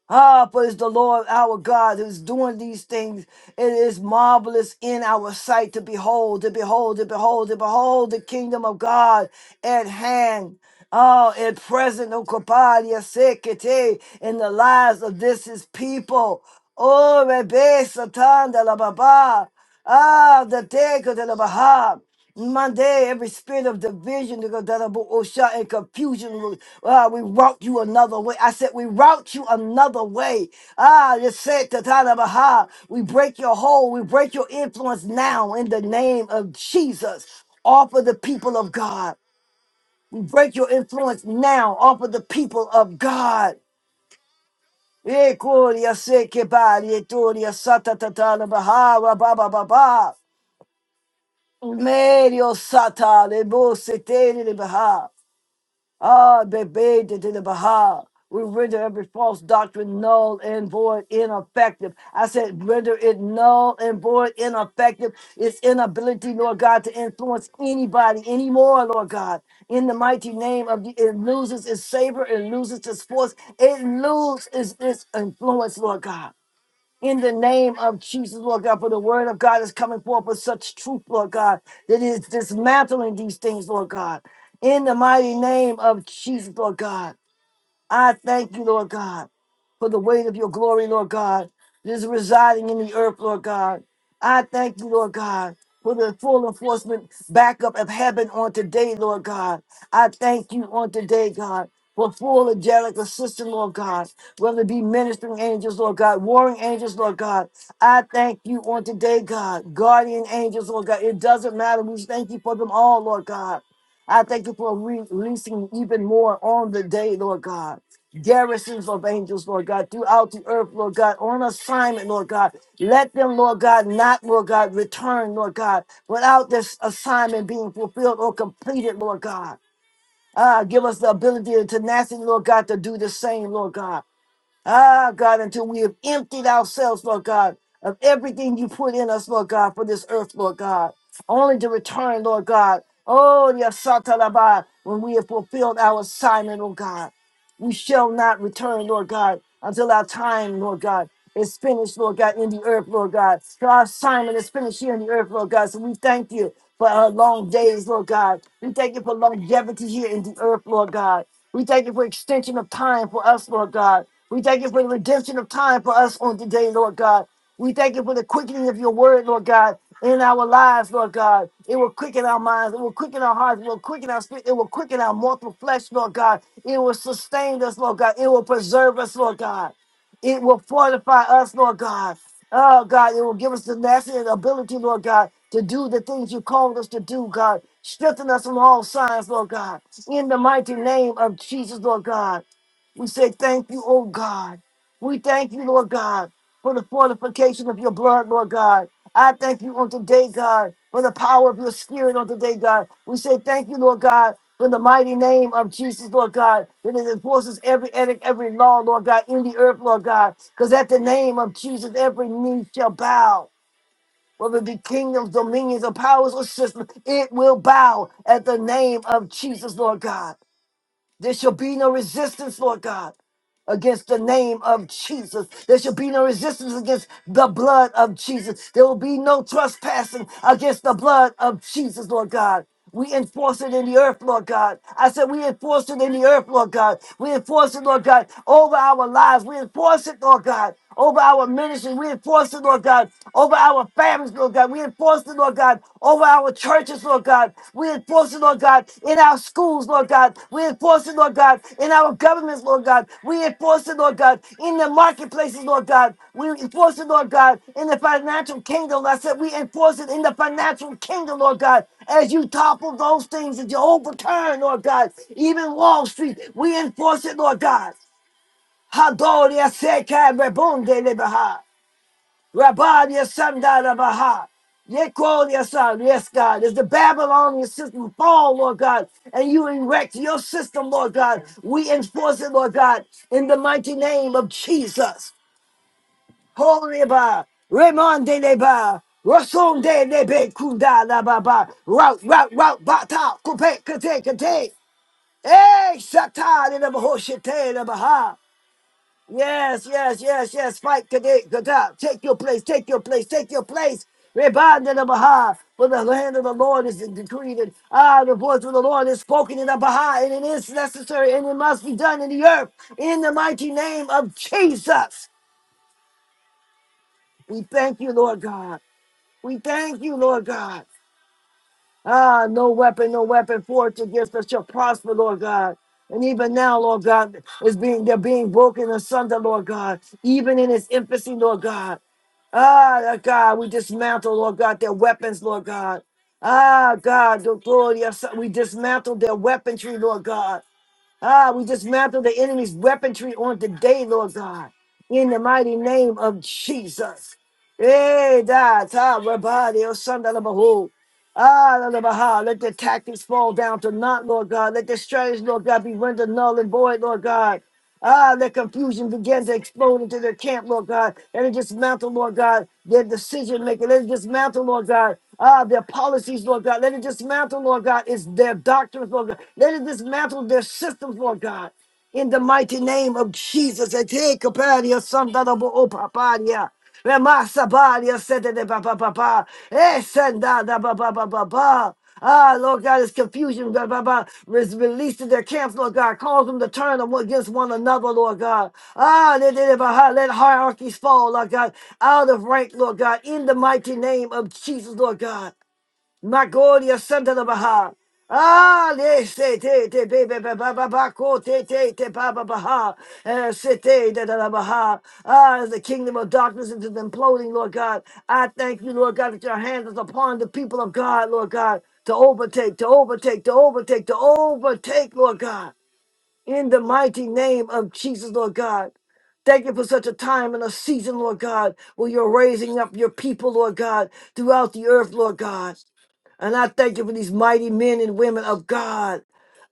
Speaker 1: Ah, but it's the Lord our God who's doing these things. It is marvelous in our sight to behold, to behold, to behold, to behold the kingdom of God at hand. Oh, at present, oh, kapadia sekete, in the lives of this his people. Oh, Rebe Satan de la Baba. Ah, the Teka de la Baha. Monday, every spirit of division, nigga, that are Osha and confusion, we ah, we route you another way. I said, we route you another way. Ah, just said to Tata Baha, we break your hold, we break your influence now in the name of Jesus. Offer the people of God. We break your influence now. Offer the people of God. Eh, Gloria, se que ba, Gloria, Sata Tata Baha, Ba Ba Medio Sata, Lebo Setele Baha. Ah, bebe de de de baha. We render every false doctrine null and void, ineffective. I said, render it null and void, ineffective. Its inability, Lord God, to influence anybody anymore, Lord God. In the mighty name of the, it loses its savor, it loses its force, it loses its, its influence, Lord God in the name of Jesus, Lord God, for the word of God is coming forth with such truth, Lord God, that it is dismantling these things, Lord God. In the mighty name of Jesus, Lord God. I thank you, Lord God, for the weight of your glory, Lord God, that is residing in the earth, Lord God. I thank you, Lord God, for the full enforcement backup of heaven on today, Lord God. I thank you on today, God. For full angelic assistance, Lord God, whether it be ministering angels, Lord God, warring angels, Lord God. I thank you on today, God, guardian angels, Lord God. It doesn't matter. We thank you for them all, Lord God. I thank you for re- releasing even more on the day, Lord God. Garrisons of angels, Lord God, throughout the earth, Lord God, on assignment, Lord God. Let them, Lord God, not, Lord God, return, Lord God, without this assignment being fulfilled or completed, Lord God. Ah, give us the ability and tenacity, Lord God, to do the same, Lord God. Ah, God, until we have emptied ourselves, Lord God, of everything you put in us, Lord God, for this earth, Lord God, only to return, Lord God. Oh, yes, Satalaba, when we have fulfilled our assignment, Lord God. We shall not return, Lord God, until our time, Lord God, is finished, Lord God, in the earth, Lord God. So our assignment is finished here in the earth, Lord God. So we thank you for our long days, Lord God. We thank you for longevity here in the earth, Lord God. We thank you for extension of time for us, Lord God. We thank you for the redemption of time for us on today, Lord God. We thank you for the quickening of your word, Lord God, in our lives, Lord God. It will quicken our minds, it will quicken our hearts, it will quicken our spirit, it will quicken our mortal flesh, Lord God. It will sustain us, Lord God. It will preserve us, Lord God. It will fortify us, Lord God. Oh, God, it will give us the tenacity and ability, Lord God, to do the things you called us to do, God. Strengthen us from all sides, Lord God. In the mighty name of Jesus, Lord God, we say thank you, oh God. We thank you, Lord God, for the fortification of your blood, Lord God. I thank you on today, God, for the power of your spirit on today, God. We say thank you, Lord God, for the mighty name of Jesus, Lord God, that it enforces every edict, every law, Lord God, in the earth, Lord God. Because at the name of Jesus, every knee shall bow. Whether it be kingdoms, dominions, or powers or systems, it will bow at the name of Jesus, Lord God. There shall be no resistance, Lord God, against the name of Jesus. There shall be no resistance against the blood of Jesus. There will be no trespassing against the blood of Jesus, Lord God. We enforce it in the earth, Lord God. I said, we enforce it in the earth, Lord God. We enforce it, Lord God, over our lives. We enforce it, Lord God over our ministry. We enforce it, Lord God, over our families, Lord God. We enforce it, Lord God, over our churches, Lord God. We enforce it, Lord God, in our schools, Lord God. We enforce it, Lord God, in our governments, Lord God. We enforce it, Lord God, in the marketplaces, Lord God. We enforce it, Lord God, in the financial kingdom. I said, we enforce it in the financial kingdom, Lord God, as you topple those things that you overturn, Lord God, even Wall Street. We enforce it, Lord God. Hadoria seka rebonde lebaha. Rabadia sanda lebaha. Yekolia son, yes, God, as the Babylonian system fall, Lord God, and you erect your system, Lord God, we enforce it, Lord God, in the mighty name of Jesus. Holy Ba, Raymond de Leba, Rason de Lebe, Kunda la Baba, Rout, Rout, Rout, Bata, Kupe, Kate, Kate, Eh, Satan in the Bahoshite, la baha. Yes, yes, yes, yes. Fight Kadet Gadab. Take your place, take your place, take your place. Rebound in the Baha. For the hand of the Lord is decreed. And ah, the voice of the Lord is spoken in the Baha. And it is necessary and it must be done in the earth. In the mighty name of Jesus. We thank you, Lord God. We thank you, Lord God. Ah, no weapon, no weapon forged against us shall prosper, Lord God. And even now, Lord God, is being they're being broken asunder, Lord God. Even in its infancy, Lord God. Ah, Lord God, we dismantle, Lord God, their weapons, Lord God. Ah, God, the glory, of- so- we dismantle their weaponry, Lord God. Ah, we dismantle the enemy's weaponry on today, Lord God. In the mighty name of Jesus. Eh, da Hey, that's how, Rabbi, Ah, la, la, baha. let their tactics fall down to naught, Lord God. Let their strategies, Lord God, be rendered null and void, Lord God. Ah, let confusion begin to explode into their camp, Lord God. Let it dismantle, Lord God, their decision making. Let it dismantle, Lord God, ah, their policies, Lord God. Let it dismantle, Lord God, it's their doctrines, Lord God. Let it dismantle their systems, Lord God in the mighty name of Jesus. I take a party of son that of all paparia. Remasa paria said the papa papa. yeah. Eh, send that papa papa papa. Ah, Lord God, it's confusion. Blah, blah, blah. Is released to their camps, Lord God. Cause them to turn them against one another, Lord God. Ah, let, let let let hierarchies fall, Lord God. Out of rank, Lord God. In the mighty name of Jesus, Lord God. Magoria Santa de Baha. Ah, le se te te be be be ba ba ba ko te te te ba ba ba ha Eh, se te da da da ba ha ah as the kingdom of darkness is imploding Lord God I thank you Lord God that your hand is upon the people of God Lord God to overtake to overtake to overtake to overtake Lord God in the mighty name of Jesus Lord God Thank you for such a time and a season, Lord God, where you're raising up your people, Lord God, throughout the earth, Lord God. And I thank you for these mighty men and women of God.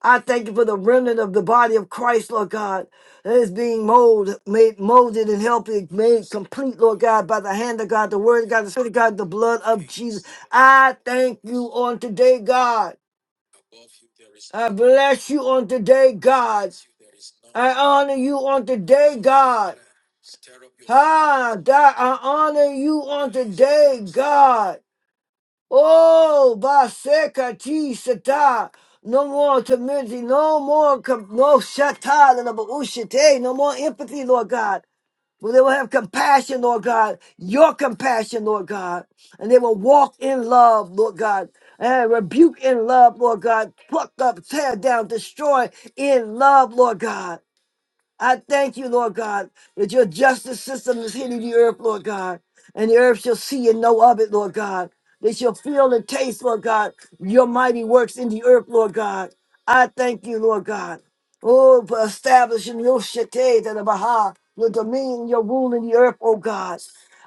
Speaker 1: I thank you for the remnant of the body of Christ, Lord God, that is being molded, made molded and helped, and made complete, Lord God, by the hand of God, the word of God, the spirit of God, the blood of Jesus. I thank you on today, God. I bless you on today, God. I honor you on today, God. Ah, God, I honor you on today, God. Oh, Basekati Sata. No more timidity, no more, com- no shata, no more ushite, no more empathy, Lord God. But they will have compassion, Lord God, your compassion, Lord God. And they will walk in love, Lord God. And rebuke in love, Lord God. Pluck up, tear down, destroy in love, Lord God. I thank you, Lord God, that your justice system is hitting the earth, Lord God, and the earth shall see and know of it, Lord God. They shall feel and taste, Lord God, your mighty works in the earth, Lord God. I thank you, Lord God. Oh, for establishing your shete, the Baha, your dominion, your rule in the earth, oh God.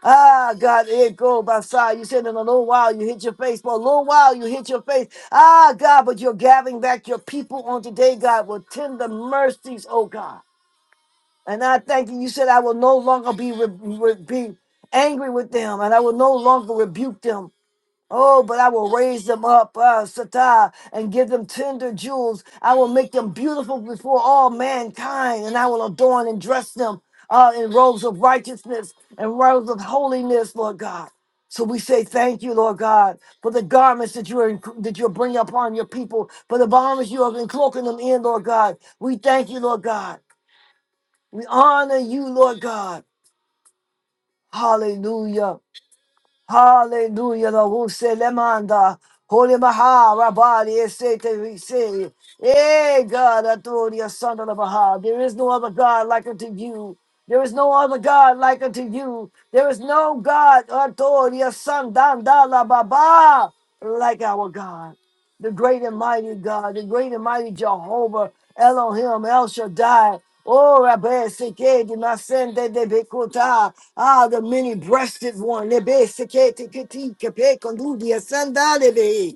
Speaker 1: Ah, God, it go by side. You said in a little while you hit your face. For a little while you hit your face. Ah, God, but you're gathering back your people on today, God, with tender mercies, oh God. And I thank you. You said, I will no longer be, re- re- be angry with them and I will no longer rebuke them. Oh, but I will raise them up, uh, Satah, and give them tender jewels. I will make them beautiful before all mankind, and I will adorn and dress them uh, in robes of righteousness and robes of holiness, Lord God. So we say thank you, Lord God, for the garments that you are that you're bringing upon your people, for the garments you are encloaking them in, Lord God. We thank you, Lord God. We honor you, Lord God. Hallelujah. Hallelujah. The who said Lemanda. Holy Maha Rabadi Esete we say. Hey God, authority of Son of the Maha. There is no other God like unto you. There is no other God like unto you. There is no God authority of Son Dandala Baba like our God the great and mighty God, the great and mighty Jehovah, Elohim, El Shaddai. Oh, Rabbi Seke, the Masende de Bekota, ah, the many breasted one, the Beseke, Tikiti, Kepe, Kondudia, Sandalebe.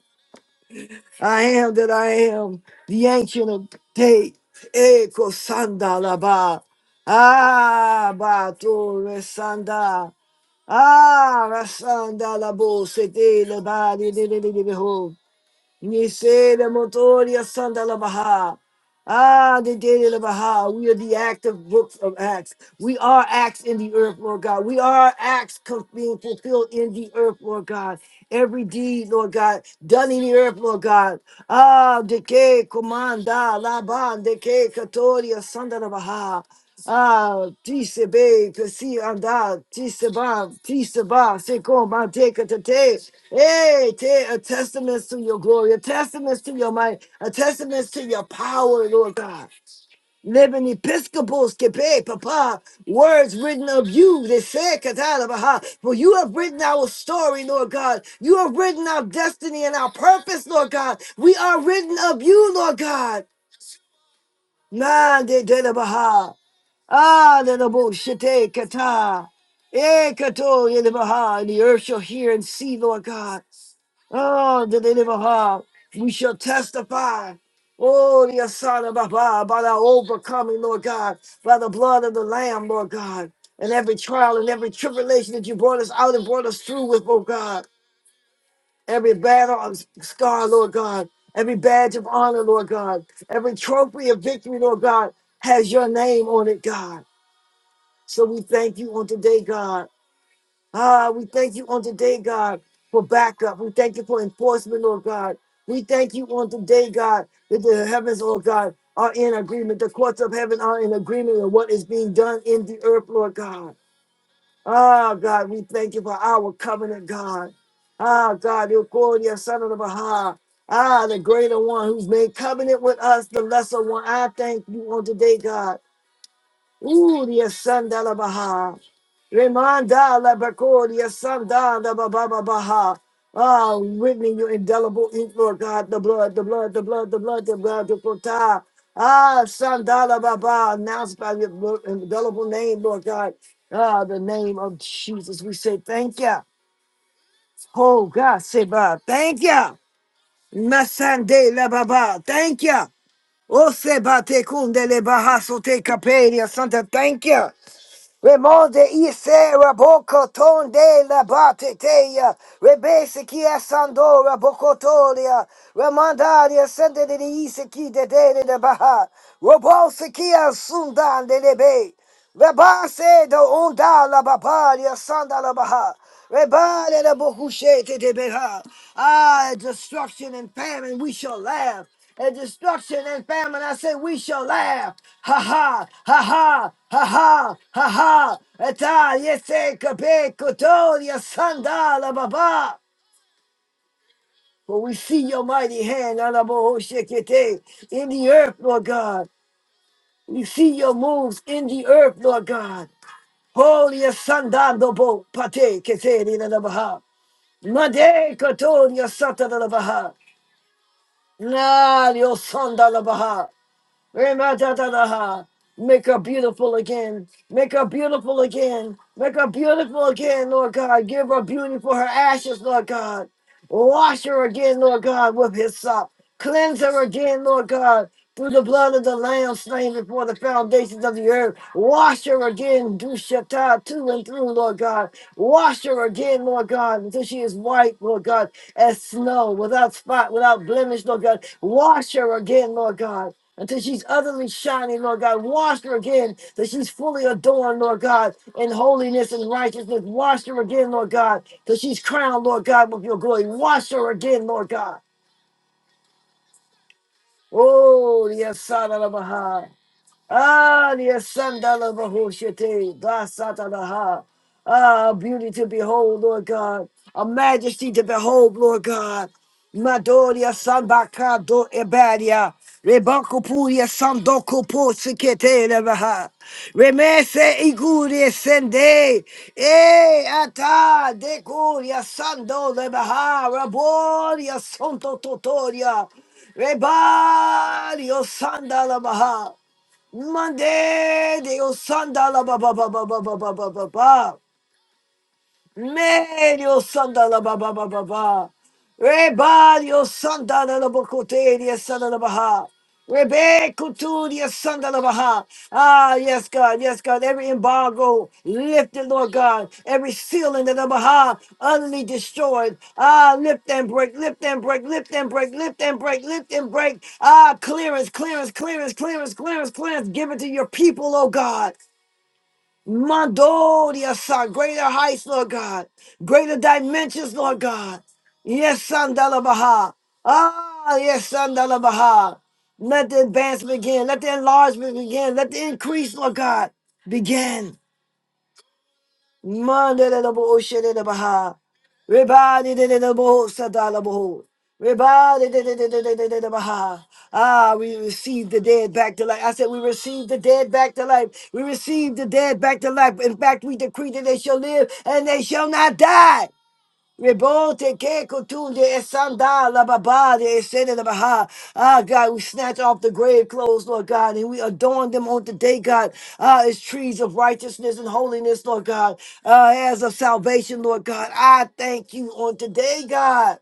Speaker 1: I am that I am, the ancient of day, Eko Sandalaba, ah, Batore Sanda, ah, Rasandalabo, Sete, Lebadi, Ni se le motoria sanda la baha. Ah, the day of the Baha. We are the active books of Acts. We are acts in the earth, Lord God. We are acts co- being fulfilled in the earth, Lord God. Every deed, Lord God, done in the earth, Lord God. Ah, de que comanda la ban de que catoria sanda baha. Ah, tisebe, kasi anda, tiseba, tiseba, seko manteka tate. Hey, te, a testament to your glory, a testament to your might, a testament to your power, Lord God. Living Episcopals, kepe, papa, words written of you, they say, katalabaha. For you have written our story, Lord God. You have written our destiny and our purpose, Lord God. We are written of you, Lord God. Mande Ah, the Naboshete Kata. Ekato Yelibaha. And the earth shall hear and see, Lord God. Oh, the Yelibaha. We shall testify. Oh, the Asana Baba, by the overcoming, Lord God, by the blood of the Lamb, Lord God, and every trial and every tribulation that you brought us out and brought us through with, oh God, every battle of scar, Lord God, every badge of honor, Lord God, every trophy of victory, Lord God, has your name on it, God. So we thank you on today, God. Ah, we thank you on today, God, for backup. We thank you for enforcement, Lord God. We thank you on today, God, that the heavens, Lord God, are in agreement. The courts of heaven are in agreement with what is being done in the earth, Lord God. Ah, God, we thank you for our covenant, God. Ah, God, your glorious son of the Baha. Ah, the greater one who's made covenant with us, the lesser one. I thank you on today, God. Ooh, the son of the Baha. Remanda la Bacoria, Sanda la ba ba ba ba ha. Ah, written your indelible ink, Lord God, the blood, the blood, the blood, the blood, the blood, the prota. Ah, Sandala Baba, announced by your blo- indelible name, Lord God. Ah, the name of Jesus, we say thank you. Oh, God, Seba, thank you. Masande la Baba, thank you. Oh, Seba, te kunde le bahaso te caperia, Santa, thank you. Remonde ise rabokoton de la bateteia, rebese ki asando rabokotolia, remandaria sende de ise ki de de de baha, robose ki asundan de lebe, rebase do onda la babaria sanda la baha, rebale la bokushe de beha, ah, destruction and famine, we shall laugh and destruction and famine. I say, we shall laugh. Ha ha, ha ha, ha ha, ha ha. Italia se cape cotoria sandala baba. For we see your mighty hand, Alabo Shekete, in the earth, Lord God. We see your moves in the earth, Lord God. Holy Sandando Bo Pate Keseri Nadabaha. Made Katoria Satanabaha. Nadio Sandalabaha. Remadadadaha. Make her beautiful again. Make her beautiful again. Make her beautiful again, Lord God. Give her beauty for her ashes, Lord God. Wash her again, Lord God, with his sop. Cleanse her again, Lord God, through the blood of the Lamb slain before the foundations of the earth. Wash her again, do shatta to and through, Lord God. Wash her again, Lord God, until she is white, Lord God, as snow, without spot, without blemish, Lord God. Wash her again, Lord God until she's utterly shining, Lord God. Wash her again, that she's fully adorned, Lord God, in holiness and righteousness. Wash her again, Lord God, till she's crowned, Lord God, with your glory. Wash her again, Lord God. Oh, yes, Son of a Baha. Ah, the Sandala Bahushate, Basatalaha. Ah, beauty to behold, Lord God. A majesty to behold, Lord God. Madoria Sambaka do Ebadia. Rebanco Puria Sandoko Po Sikete Levaha. Remese Iguria Sende. E Ata Decuria Sando Levaha. Raboria Santo Totoria. Rebadio Sandala Baha. Monday, Dios Santa la ba ba ba ba ba ba ba ba ba. Medio sandala ba ba ba ba ba. Rebadio sandala la bocote di sandala baha. Rebecca to the sandala baha. Ah, yes, God, yes, God. Every embargo lifted, Lord God. Every ceiling of the baha utterly destroyed. Ah, lift and break, lift and break, lift and break, lift and break, lift and break. Ah, clearance, clearance, clearance, clearance, clearance, clearance. Give it to your people, oh God. Mando, yes, son, greater heights, Lord God, greater dimensions, Lord God. Yes, son, Baha. Ah, yes, son, Baha. Let the advance begin. Let the enlargement begin. Let the increase, Lord God, begin. Mandelebo Shelebaha. Rebadi de de bo sadala Rebadi de de baha. Ah, we received the dead back to life. I said we received the dead back to life. We received the dead back to life. In fact, we decree that they shall live and they shall not die. Rebote ke kutunde esanda la babade esede la baha. Ah, God, we snatch off the grave clothes, Lord God, and we adorn them on today, God. Ah, as trees of righteousness and holiness, Lord God. Ah, as of salvation, Lord God. I thank you on today, God.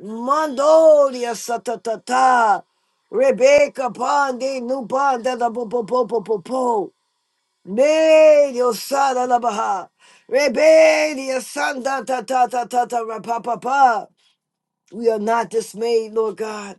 Speaker 1: Mando dia satatata. Rebecca pande nubanda la bo bo bo bo. bo. May your son alabaha. Rebel your son da ta ta ta ta ta ra pa pa pa. We are not dismayed, Lord God.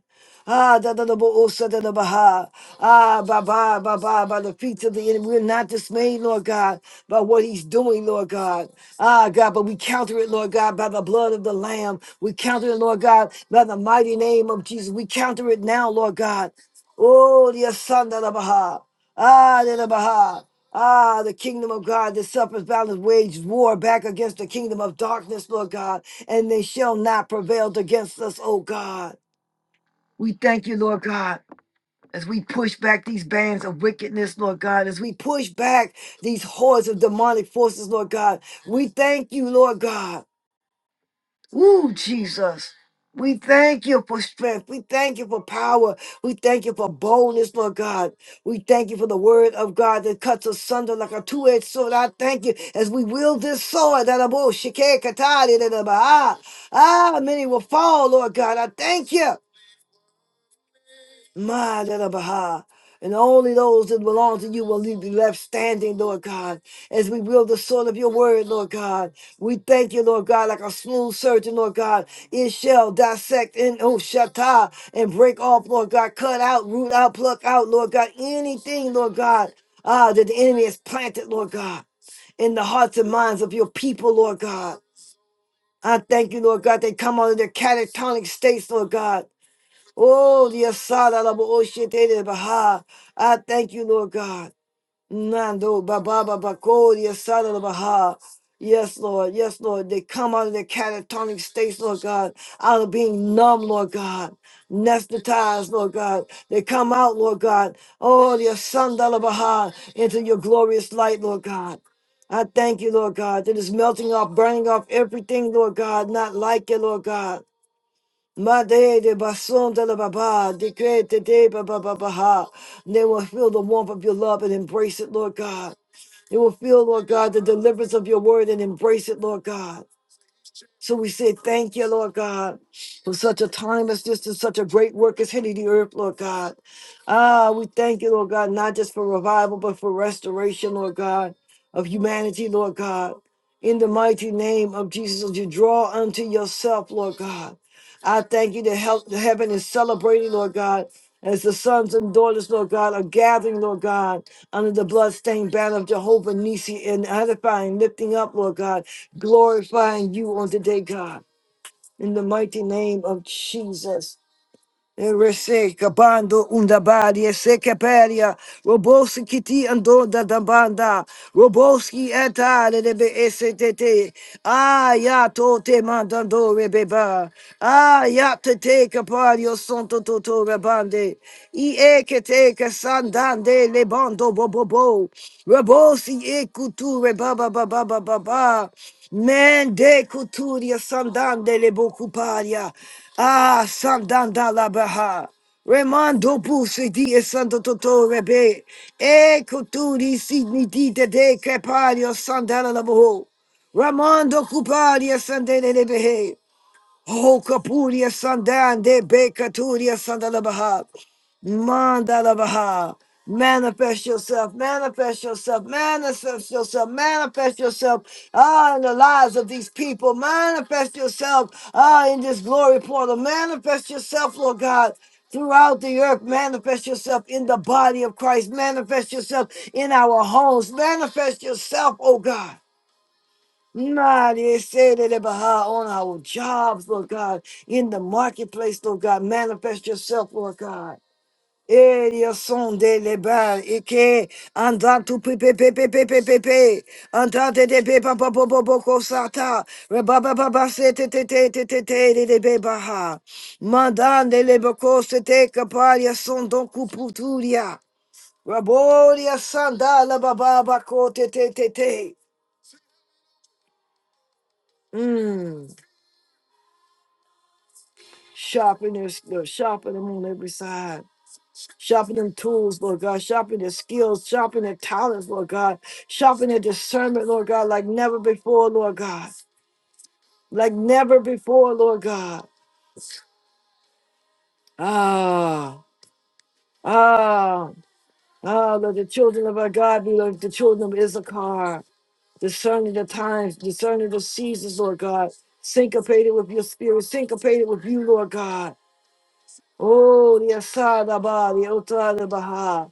Speaker 1: Ah, da da da bo o sa da da baha. Ah, ba ba ba ba by the feet of the enemy. We're not dismayed, Lord God, by what he's doing, Lord God. Ah, God, but we counter it, Lord God, by the blood of the Lamb. We counter it, Lord God, by the mighty name of Jesus. We counter it now, Lord God. Oh, dear son da da baha. Ah, da da baha. Ah, the kingdom of God that suffers violence wage war back against the kingdom of darkness, Lord God, and they shall not prevail against us, oh God. We thank you, Lord God, as we push back these bands of wickedness, Lord God, as we push back these hordes of demonic forces, Lord God. We thank you, Lord God. Ooh, Jesus. We thank you for strength. We thank you for power. We thank you for boldness, Lord God. We thank you for the word of God that cuts asunder like a two-edged sword. I thank you as we wield this sword. that I'm all shike katari, that I'm Ah, ah, many will fall, Lord God. I thank you. My da, da, ba, And only those that belong to you will be left standing, Lord God, as we wield the sword of your word, Lord God. We thank you, Lord God, like a smooth surgeon, Lord God. It shall dissect and oh shatta and break off, Lord God, cut out, root out, pluck out, Lord God, anything, Lord God, ah, that the enemy has planted, Lord God, in the hearts and minds of your people, Lord God. I thank you, Lord God. They come out of their catatonic states, Lord God. Oh, the Asada la bo oshete Baha. I thank you, Lord God. Nando Baba baba ko, the Asada la Baha. Yes, Lord. Yes, Lord. They come out of their catatonic states, Lord God, out of being numb, Lord God, anesthetized, Lord God. They come out, Lord God. Oh, the Asanda la Baha, into your glorious light, Lord God. I thank you, Lord God, that is melting off, burning off everything, Lord God, not like you, Lord God. Made de bason de la baba, decrete de baba baha. They will feel the warmth of your love and embrace it, Lord God. They will feel, Lord God, the deliverance of your word and embrace it, Lord God. So we say thank you, Lord God, for such a time as this and such a great work as hitting the earth, Lord God. Ah, we thank you, Lord God, not just for revival, but for restoration, Lord God, of humanity, Lord God. In the mighty name of Jesus, as you draw unto yourself, Lord God. I thank you that help, that heaven is celebrating, Lord God, as the sons and daughters, Lord God, are gathering, Lord God, under the bloodstained banner of Jehovah Nisi and edifying, lifting up, Lord God, glorifying you on today, God, in the mighty name of Jesus. Reseka bando undabari eseke peria robosi kiti ando da dambanda roboski etale lebe esetete aya to te mandando rebeba aya te te capario santo toto rebande i eke te ke sandande le bando bobobo robosi ekutu rebaba baba baba baba Mende kuturia sandande le bokuparia. Ah, sandanda la baha. Remando puse di e santo toto rebe. E kuturi signi di de de crepario sandala la boho. Ramando cuparia sandele le behe. Oh, Kapuria Sandan de Bekaturia Sandalabaha. Mandalabaha. Manifest yourself, manifest yourself, manifest yourself, manifest yourself ah, in the lives of these people. Manifest yourself ah, in this glory portal. Manifest yourself, Lord God throughout the earth. Manifest yourself in the body of Christ. Manifest yourself in our homes. Manifest yourself, oh God. Mighty say that Baha on our jobs, Lord God, in the marketplace, Lord God, manifest yourself, Lord God. Eh, Dios son de lebar, ike, anda tu pe pe pe pe pe pe pe pe, anda te te pe pa pa po po po ko sata, reba ba ba ba se te te te te te te de de be baha, mandande le boko se te kaparia son don kuputuria, raboria sandala ba ba ba ko te te te te. Mm. Sharpen their Lord, sharpen them on every side. Sharpen them tools, Lord God. Sharpen their skills. Sharpen their talents, Lord God. Sharpen their discernment, Lord God, like never before, Lord God. Like never before, Lord God. Ah, ah, ah, let the children of our God be like the children of Issachar, discerning the times, discerning the seasons, Lord God. Syncopated with your spirit, syncopated with you, Lord God. Oh, the Asada Ba, the Otada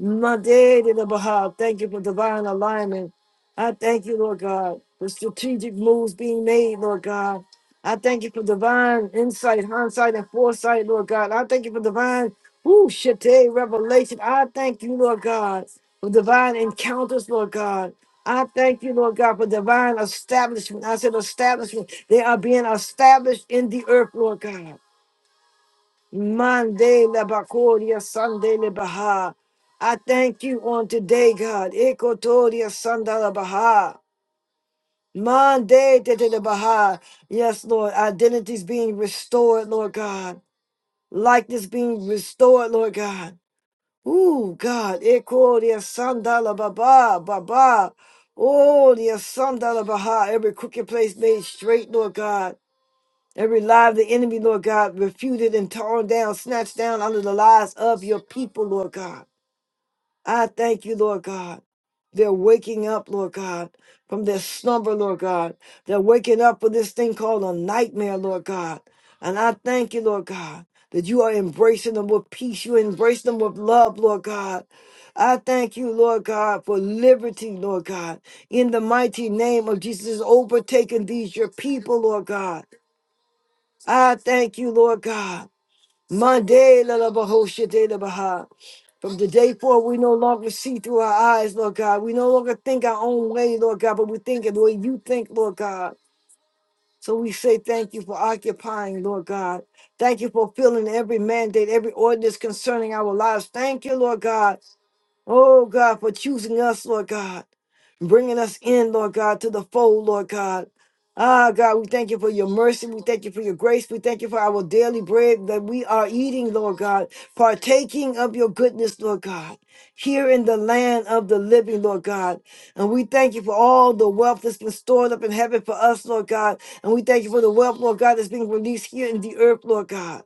Speaker 1: My day to the Baha. Thank you for divine alignment. I thank you, Lord God, for strategic moves being made, Lord God. I thank you for divine insight, hindsight, and foresight, Lord God. I thank you for divine, ooh shite, revelation. I thank you, Lord God, for divine encounters, Lord God. I thank you, Lord God, for divine establishment. I said establishment. They are being established in the earth, Lord God. Monday Labakoria Sunday Lebaha. I thank you on today, God. Ekotoria Sandala Baha. Monday Tete Baha. Yes, Lord. identity's being restored, Lord God. Likeness being restored, Lord God. Ooh, God. Ekoria Sandala Baba Baba. Oh, the Sandala Baha. Every crooked place made straight, Lord God. Every lie of the enemy, Lord God, refuted and torn down, snatched down under the lies of your people, Lord God. I thank you, Lord God. They're waking up, Lord God, from their slumber, Lord God. They're waking up for this thing called a nightmare, Lord God. And I thank you, Lord God, that you are embracing them with peace. You embrace them with love, Lord God. I thank you, Lord God, for liberty, Lord God. In the mighty name of Jesus, overtaking these, your people, Lord God. I thank you, Lord God. Monday, la la ba ho she de la ba ha. From today forward, we no longer see through our eyes, Lord God. We no longer think our own way, Lord God, but we think it the way you think, Lord God. So we say thank you for occupying, Lord God. Thank you for fulfilling every mandate, every ordinance concerning our lives. Thank you, Lord God, Oh God, for choosing us, Lord God, bringing us in, Lord God, to the fold, Lord God. Ah, God, we thank you for your mercy. We thank you for your grace. We thank you for our daily bread that we are eating, Lord God, partaking of your goodness, Lord God, here in the land of the living, Lord God. And we thank you for all the wealth that's been stored up in heaven for us, Lord God. And we thank you for the wealth, Lord God, that's being released here in the earth, Lord God.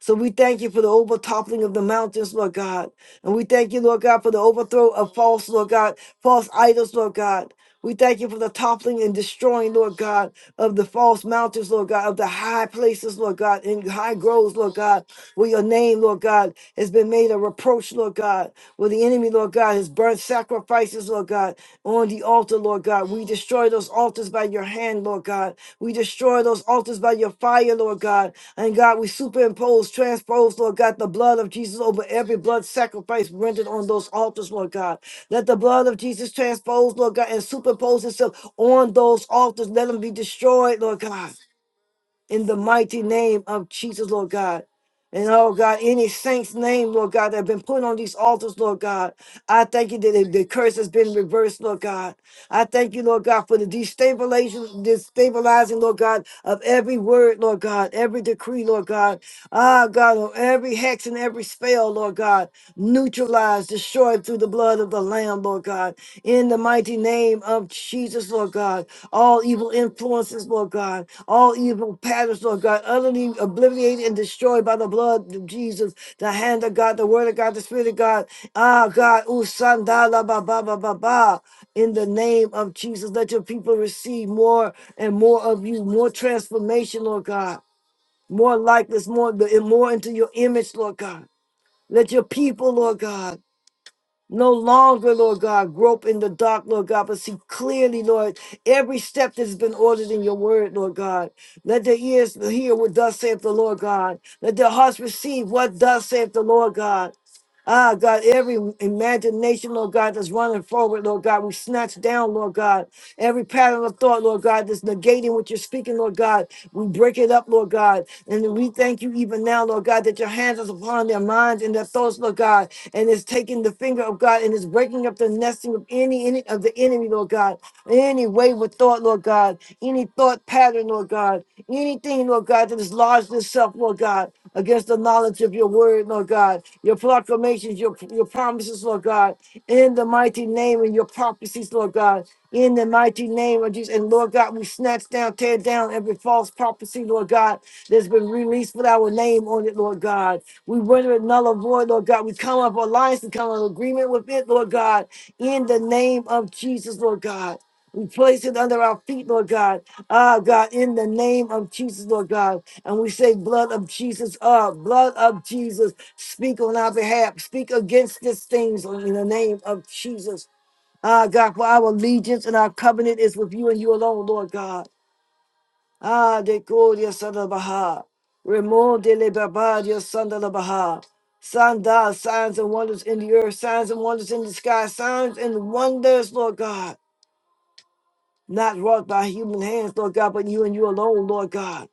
Speaker 1: So we thank you for the overtoppling of the mountains, Lord God. And we thank you, Lord God, for the overthrow of false, Lord God, false idols, Lord God. We thank you for the toppling and destroying, Lord God, of the false mountains, Lord God, of the high places, Lord God, and high groves, Lord God, where your name, Lord God, has been made a reproach, Lord God, where the enemy, Lord God, has burnt sacrifices, Lord God, on the altar, Lord God. We destroy those altars by your hand, Lord God. We. We destroy those altars by your fire, Lord God. And God, we superimpose, transpose, Lord God, the blood of Jesus over every blood sacrifice rendered on those altars, Lord God. Let the blood of Jesus transpose, Lord God, and superimpose itself on those altars. Let them be destroyed, Lord God in the mighty name of Jesus, Lord God. And oh God, any saint's name, Lord God, that have been put on these altars, Lord God. I thank you that the the curse has been reversed, Lord God. I thank you, Lord God, for the destabilization, destabilizing, Lord God, of every word, Lord God, every decree, Lord God. Ah, God, on every hex and every spell, Lord God, neutralized, destroyed through the blood of the Lamb, Lord God In in the mighty name of Jesus, Lord God, all evil influences, Lord God, all evil patterns, Lord God, utterly obliterated and destroyed by the blood of Jesus, the hand of God, the word of God, the spirit of God. Ah, God, usandala ba ba ba ba ba. In the name of Jesus, let your people receive more and more of you, more transformation, Lord God, more likeness, more, more into your image, Lord God. Let your people, Lord God no longer, Lord God, grope in the dark, Lord God, but see clearly, Lord, every step that's been ordered in your word, Lord God. Let their ears hear what thus saith the Lord God. Let their hearts receive what thus saith the Lord God. Ah, God, every imagination, Lord God, that's running forward, Lord God, we snatch down, Lord God, every pattern of thought, Lord God, that's negating what you're speaking, Lord God. We break it up, Lord God. And we thank you even now, Lord God, that your hands is upon their minds and their thoughts, Lord God. And it's taking the finger of God and it's breaking up the nesting of any, any of the enemy, Lord God. Any wayward thought, Lord God. Any thought pattern, Lord God. Anything, Lord God, that is lodged itself, Lord God, against the knowledge of your word, Lord God. Your proclamations, your, your promises, Lord God in the mighty name of your prophecies, Lord God, in the mighty name of Jesus. And Lord God, we snatch down, tear down every false prophecy, Lord God, that's been released with our name on it, Lord God. We render it null and void, Lord God. We come up alliance, we come in agreement with it, Lord God, in the name of Jesus, Lord God. We place it under our feet, Lord God. Ah, God, in the name of Jesus, Lord God. And we say, blood of Jesus up, blood of Jesus Speak on our behalf. Speak against these things in the name of Jesus. Ah, God, for our allegiance and our covenant is with you and you alone, Lord God. Ah, de Gloria Santa Baha. Remon de le Barbadia Santa La Baha. Sanda, signs and wonders in the earth, signs and wonders in the sky, signs and wonders, Lord God. Not wrought by human hands, Lord God, but you and you alone, Lord God.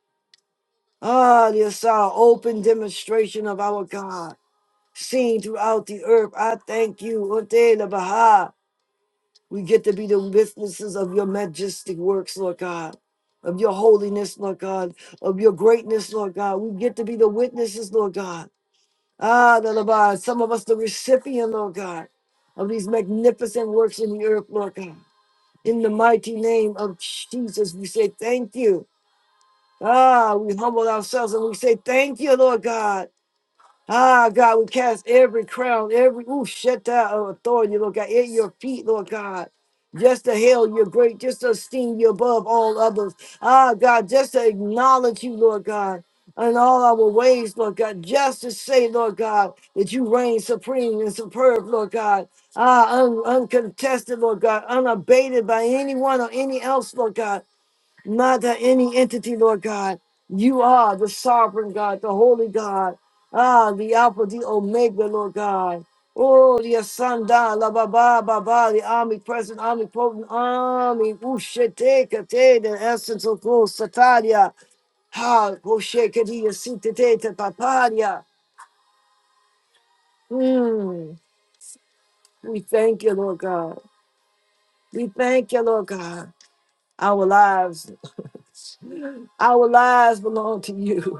Speaker 1: Ah, yes, our open demonstration of our God. seen throughout the earth. I thank you, Otela Baha. We get to be the witnesses of your majestic works, Lord God, of your holiness, Lord God, of your greatness, Lord God. We get to be the witnesses, Lord God. Ah, the Lord, some of us the recipient, Lord God, of these magnificent works in the earth, Lord God. In the mighty name of Jesus, we say thank you. Ah, we humble ourselves and we say thank you, Lord God. Ah, God, we cast every crown, every ooh, shut down of authority, Lord God, at your feet, Lord God. Just to hail you great, just to esteem you above all others. Ah, God, just to acknowledge you, Lord God, in all our ways, Lord God. Just to say, Lord God, that you reign supreme and superb, Lord God. Ah, un- uncontested, Lord God, unabated by anyone or any else, Lord God. Not any entity, Lord God. You are the sovereign God, the holy God. Ah, the Alpha, the Omega, Lord God. Oh, the Asanda, La Baba, Baba, the omnipresent, omnipotent, omni, Ushete, Kate, the essence of Ghost, Sataria, Ha, Oshekadia, Sitete, Paparia. Hmm. We thank you, Lord God. We thank you, Lord God. Our lives, our lives belong to you. <laughs>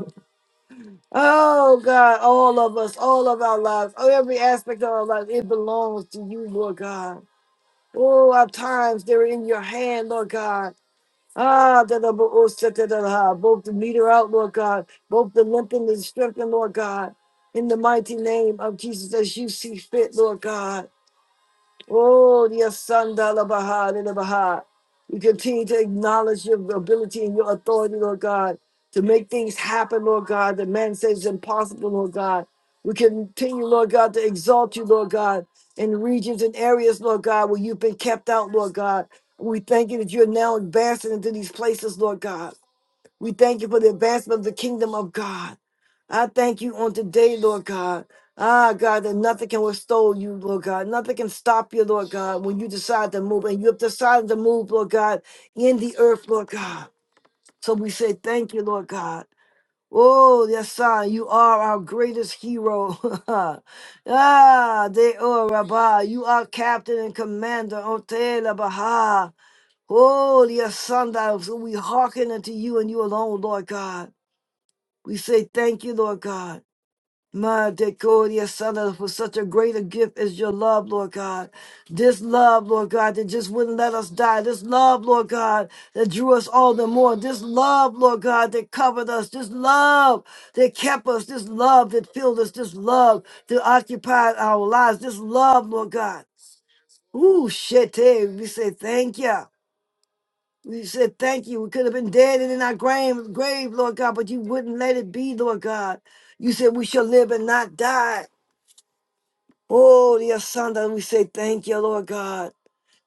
Speaker 1: Oh God, all of us, all of our lives, oh, every aspect of our lives, it belongs to you, Lord God. Oh, our times, they're in your hand, Lord God. Ah, da da bo- oh, sa- da da da. both the meter out, Lord God, both the limp and the strength, Lord God. In the mighty name of Jesus, as you see fit, Lord God. Oh, dear son, Dala Baha, Dala Baha. We continue to acknowledge your ability and your authority, Lord God, to make things happen, Lord God, that man says is impossible, Lord God. We continue, Lord God, to exalt you, Lord God, in regions and areas, Lord God, where you've been kept out, Lord God. We thank you that you're now advancing into these places, Lord God. We thank you for the advancement of the kingdom of God. I thank you on today, Lord God. Ah, God, that nothing can withstand you, Lord God. Nothing can stop you, Lord God, when you decide to move. And you have decided to move, Lord God, in the earth, Lord God. So we say thank you, Lord God. Oh, yes, son, you are our greatest hero. <laughs> ah, they oh, Rabbi. You are captain and commander. Otela Baha. Oh, yes, son, that we hearken unto you and you alone, Lord God. We say thank you, Lord God. Ma decoria sana for such a greater gift as your love, Lord God. This love, Lord God, that just wouldn't let us die. This love, Lord God, that drew us all the more. This love, Lord God, that covered us. This love that kept us. This love that filled us. This love that occupied our lives. This love, Lord God. Ooh, shit, hey, we say thank you. We said thank you. We could have been dead and in our grave, grave, Lord God, but you wouldn't let it be, Lord God. You said we shall live and not die. Oh, dear son, we say thank you, Lord God.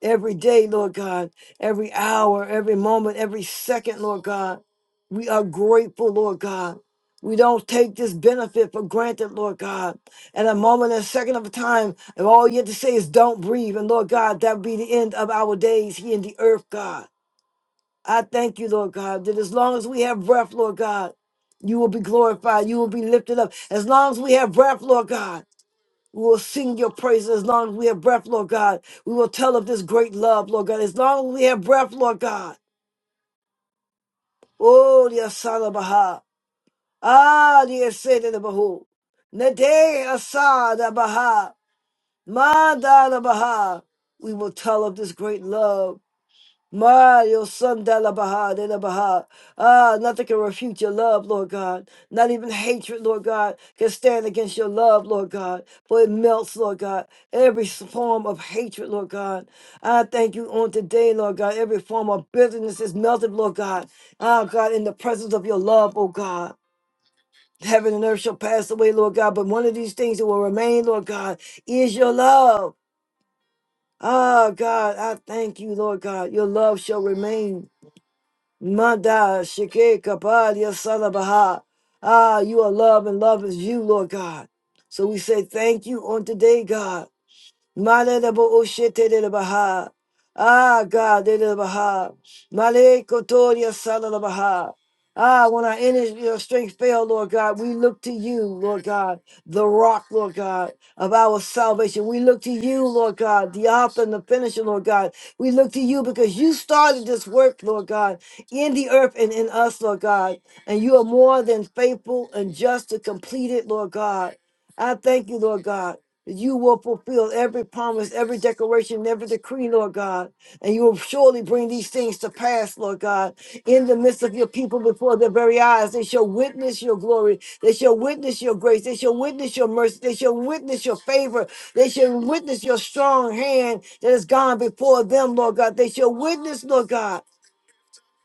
Speaker 1: Every day, Lord God, every hour, every moment, every second, Lord God. We are grateful, Lord God. We don't take this benefit for granted, Lord God. At a moment a second of a time, and all you have to say is don't breathe. And Lord God, that would be the end of our days here in the earth, God. I thank you, Lord God, that as long as we have breath, Lord God, you will be glorified. You will be lifted up. As long as we have breath, Lord God, we will sing your praises. As long as we have breath, Lord God, we will tell of this great love, Lord God. As long as we have breath, Lord God. Oh, the Asada Baha. Ah, the Asada Bahu. Nade Asada Baha. Madada Baha. We will tell of this great love. Mario Sandala Baha de la Baha. Ah, nothing can refute your love, Lord God. Not even hatred, Lord God, can stand against your love, Lord God. For it melts, Lord God, every form of hatred, Lord God. I thank you on today, Lord God. Every form of bitterness is melted, Lord God. Ah, God, in the presence of your love, oh God. Heaven and earth shall pass away, Lord God, but one of these things that will remain, Lord God, is your love. Ah, God, I thank you, Lord God. Your love shall remain. Manda Shike Kapadia Salabaha. Ah, you are love and love is you, Lord God. So we say thank you on today, God. Malelebo ushete de Baha. Ah, God, de Baha. Male Kotoria sala la Baha. Ah, when our energy, your strength fail, Lord God, we look to you, Lord God, the rock, Lord God, of our salvation. We look to you, Lord God, the author and the finisher, Lord God. We look to you because you started this work, Lord God, in the earth and in us, Lord God. And you are more than faithful and just to complete it, Lord God. I thank you, Lord God. You will fulfill every promise, every declaration, every decree, Lord God. And you will surely bring these things to pass, Lord God, in the midst of your people before their very eyes. They shall witness your glory. They shall witness your grace. They shall witness your mercy. They shall witness your favor. They shall witness your strong hand that has gone before them, Lord God. They shall witness, Lord God.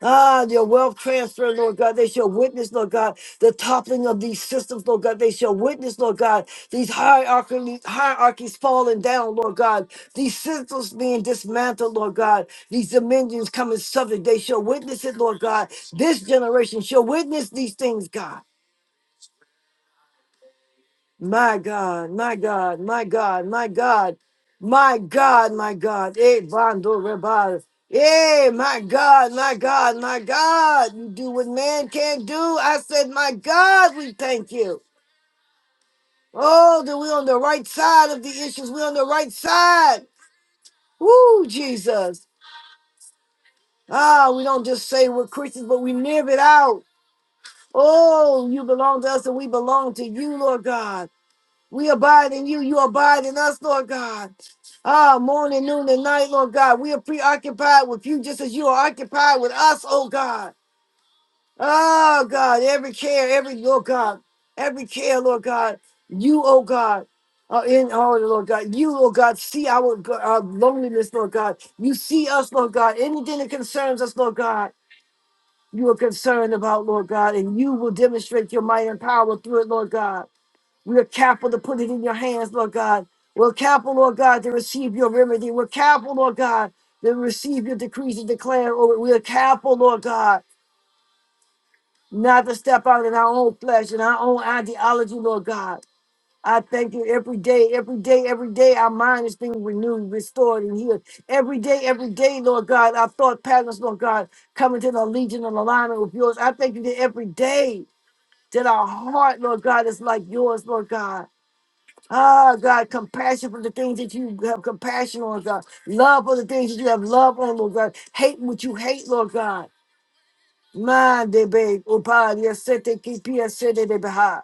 Speaker 1: Ah, your wealth transfer, Lord God. They shall witness, Lord God, the toppling of these systems, Lord God. They shall witness, Lord God, these hierarchies, hierarchies falling down, Lord God. These systems being dismantled, Lord God. These dominions coming subject. They shall witness it, Lord God. This generation shall witness these things, God. My God, my God, my God, my God, my God, my God. Eh, Bando Rebal. Eh, my God, my God, my God. You do what man can't do. I said, my God, we thank you. Oh, that we're on the right side of the issues. We're on the right side. Woo, Jesus. Ah, we don't just say we're Christians, but we live it out. Oh, you belong to us and we belong to you, Lord God. We abide in you. You abide in us, Lord God. Ah, morning, noon, and night, Lord God. We are preoccupied with you just as you are occupied with us, oh God. Oh God, every care, every, Lord God, every care, Lord God. You, oh God. Uh, in all, Lord God, you, Lord God, see our, our loneliness, Lord God. You see us, Lord God. Anything that concerns us, Lord God, you are concerned about, Lord God, and you will demonstrate your might and power through it, Lord God. We're careful to put it in your hands, Lord God. We're careful, Lord God, to receive your remedy. We're careful, Lord God, to receive your decrees and declare over. it. We're careful, Lord God, not to step out in our own flesh and our own ideology, Lord God. I thank you every day, every day, every day. Our mind is being renewed, restored, and healed. Every day, every day, Lord God, our thought patterns, Lord God, coming to the legion and alignment with yours. I thank you that every day that our heart, Lord God, is like yours, Lord God. Ah, God, compassion for the things that you have compassion on, God. Love for the things that you have love on, Lord God. Hate what you hate, Lord God. Mind, baby. Oh, God, yes, set they keep here, set they behind.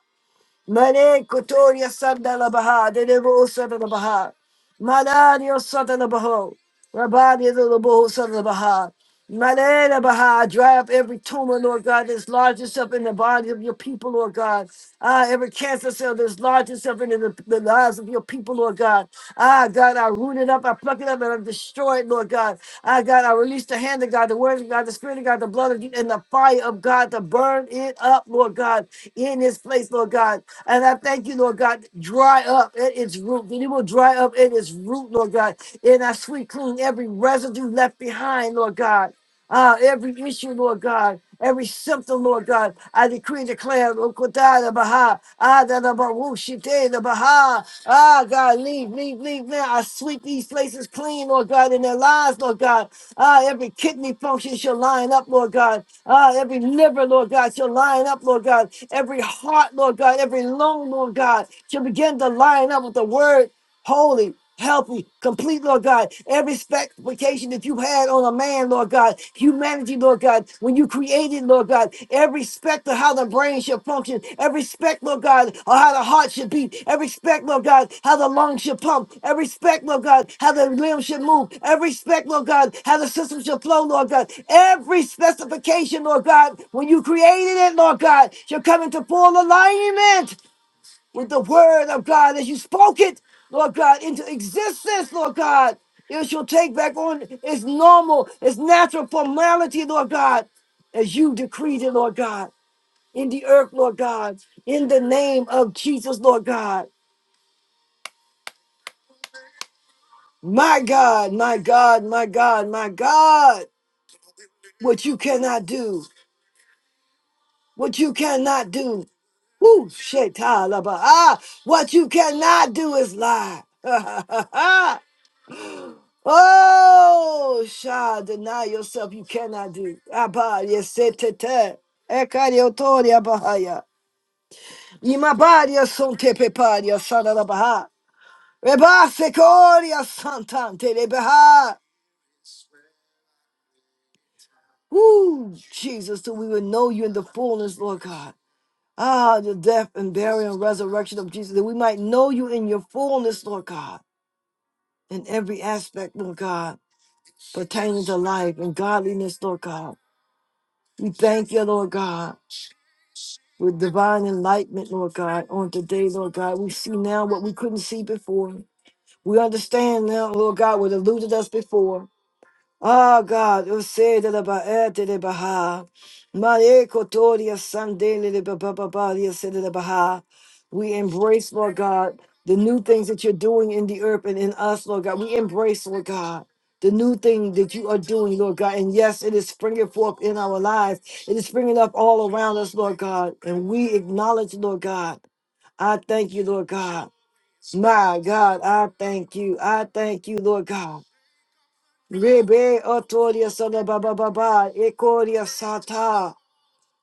Speaker 1: Mane Kotoria Sandala Baha, the Devo Sandala Baha, Manadio Sandala Baho, Rabani the Labo Sandala Baha, Manana Baha, dry up every tumor, Lord God, that's lodged itself in the body of your people, Lord God. Ah, every cancer cell that's lodged itself in the, the lives of your people, Lord God. Ah, God, I root it up, I pluck it up, and I destroy it, Lord God. Ah, God, I release the hand of God, the word of God, the spirit of God, the blood of you, and the fire of God to burn it up, Lord God in this place, Lord God. And I thank you, Lord God, dry up at its root, that it will dry up at its root, Lord God. And I sweep clean every residue left behind, Lord God. Uh, every issue, Lord God, every symptom, Lord God, I decree and declare, Lord God, da baha, ah, that da ba woo, shi te, baha, ah, God, leave, leave, leave now. I sweep these places clean, Lord God, in their lives, Lord God. Ah, every kidney function shall line up, Lord God. Ah, every liver, Lord God, shall line up, Lord God. Every heart, Lord God, every lung, Lord God, shall begin to line up with the word holy, healthy, complete, Lord God. Every expectation that you had on a man, Lord God, humanity, Lord God, when you created, Lord God, every respect of how the brain should function, every respect, Lord God, of how the heart should beat, every respect, Lord God, how the lungs should pump, every respect, Lord God, how the limbs should move, every respect, Lord God, how the system should flow, Lord God, every specification, Lord God, when you created it, Lord God, should come into full alignment with the word of God as you spoke it, Lord God, into existence, Lord God. It shall take back on its normal, its natural formality, Lord God, as you decreed it, Lord God, in the earth, Lord God, in the name of Jesus, Lord God. My God, my God, my God, my God, what you cannot do, what you cannot do. Woo, Shetalaba. Ah, what you cannot do is lie. <laughs> Oh, shall deny yourself. You cannot do. Abba, yesetete. Ekariotoria bahaya. Imabaria son tepeparia sanarabaha. Rebasekoria santante rebaha. Ooh, Jesus, that we would know you in the fullness, Lord God. Ah, the death and burial and resurrection of Jesus, that we might know you in your fullness, Lord God, in every aspect, Lord God, pertaining to life and godliness, Lord God. We thank you, Lord God. with divine enlightenment, Lord God, on today, Lord God. We see now what we couldn't see before. We understand now, Lord God, what eluded us before. Ah, God, you sei de la baete de Baha. Mare kotoria sandele the bababaria se de Baha. We embrace, Lord God, the new things that you're doing in the earth and in us, Lord God. We embrace, Lord God. The new thing that you are doing, Lord God. And yes, it is springing forth in our lives. It is springing up all around us, Lord God. And we acknowledge, Lord God. I thank you, Lord God. My God, I thank you. I thank you, Lord God. Rebe otoria sada baba baba ekoria sata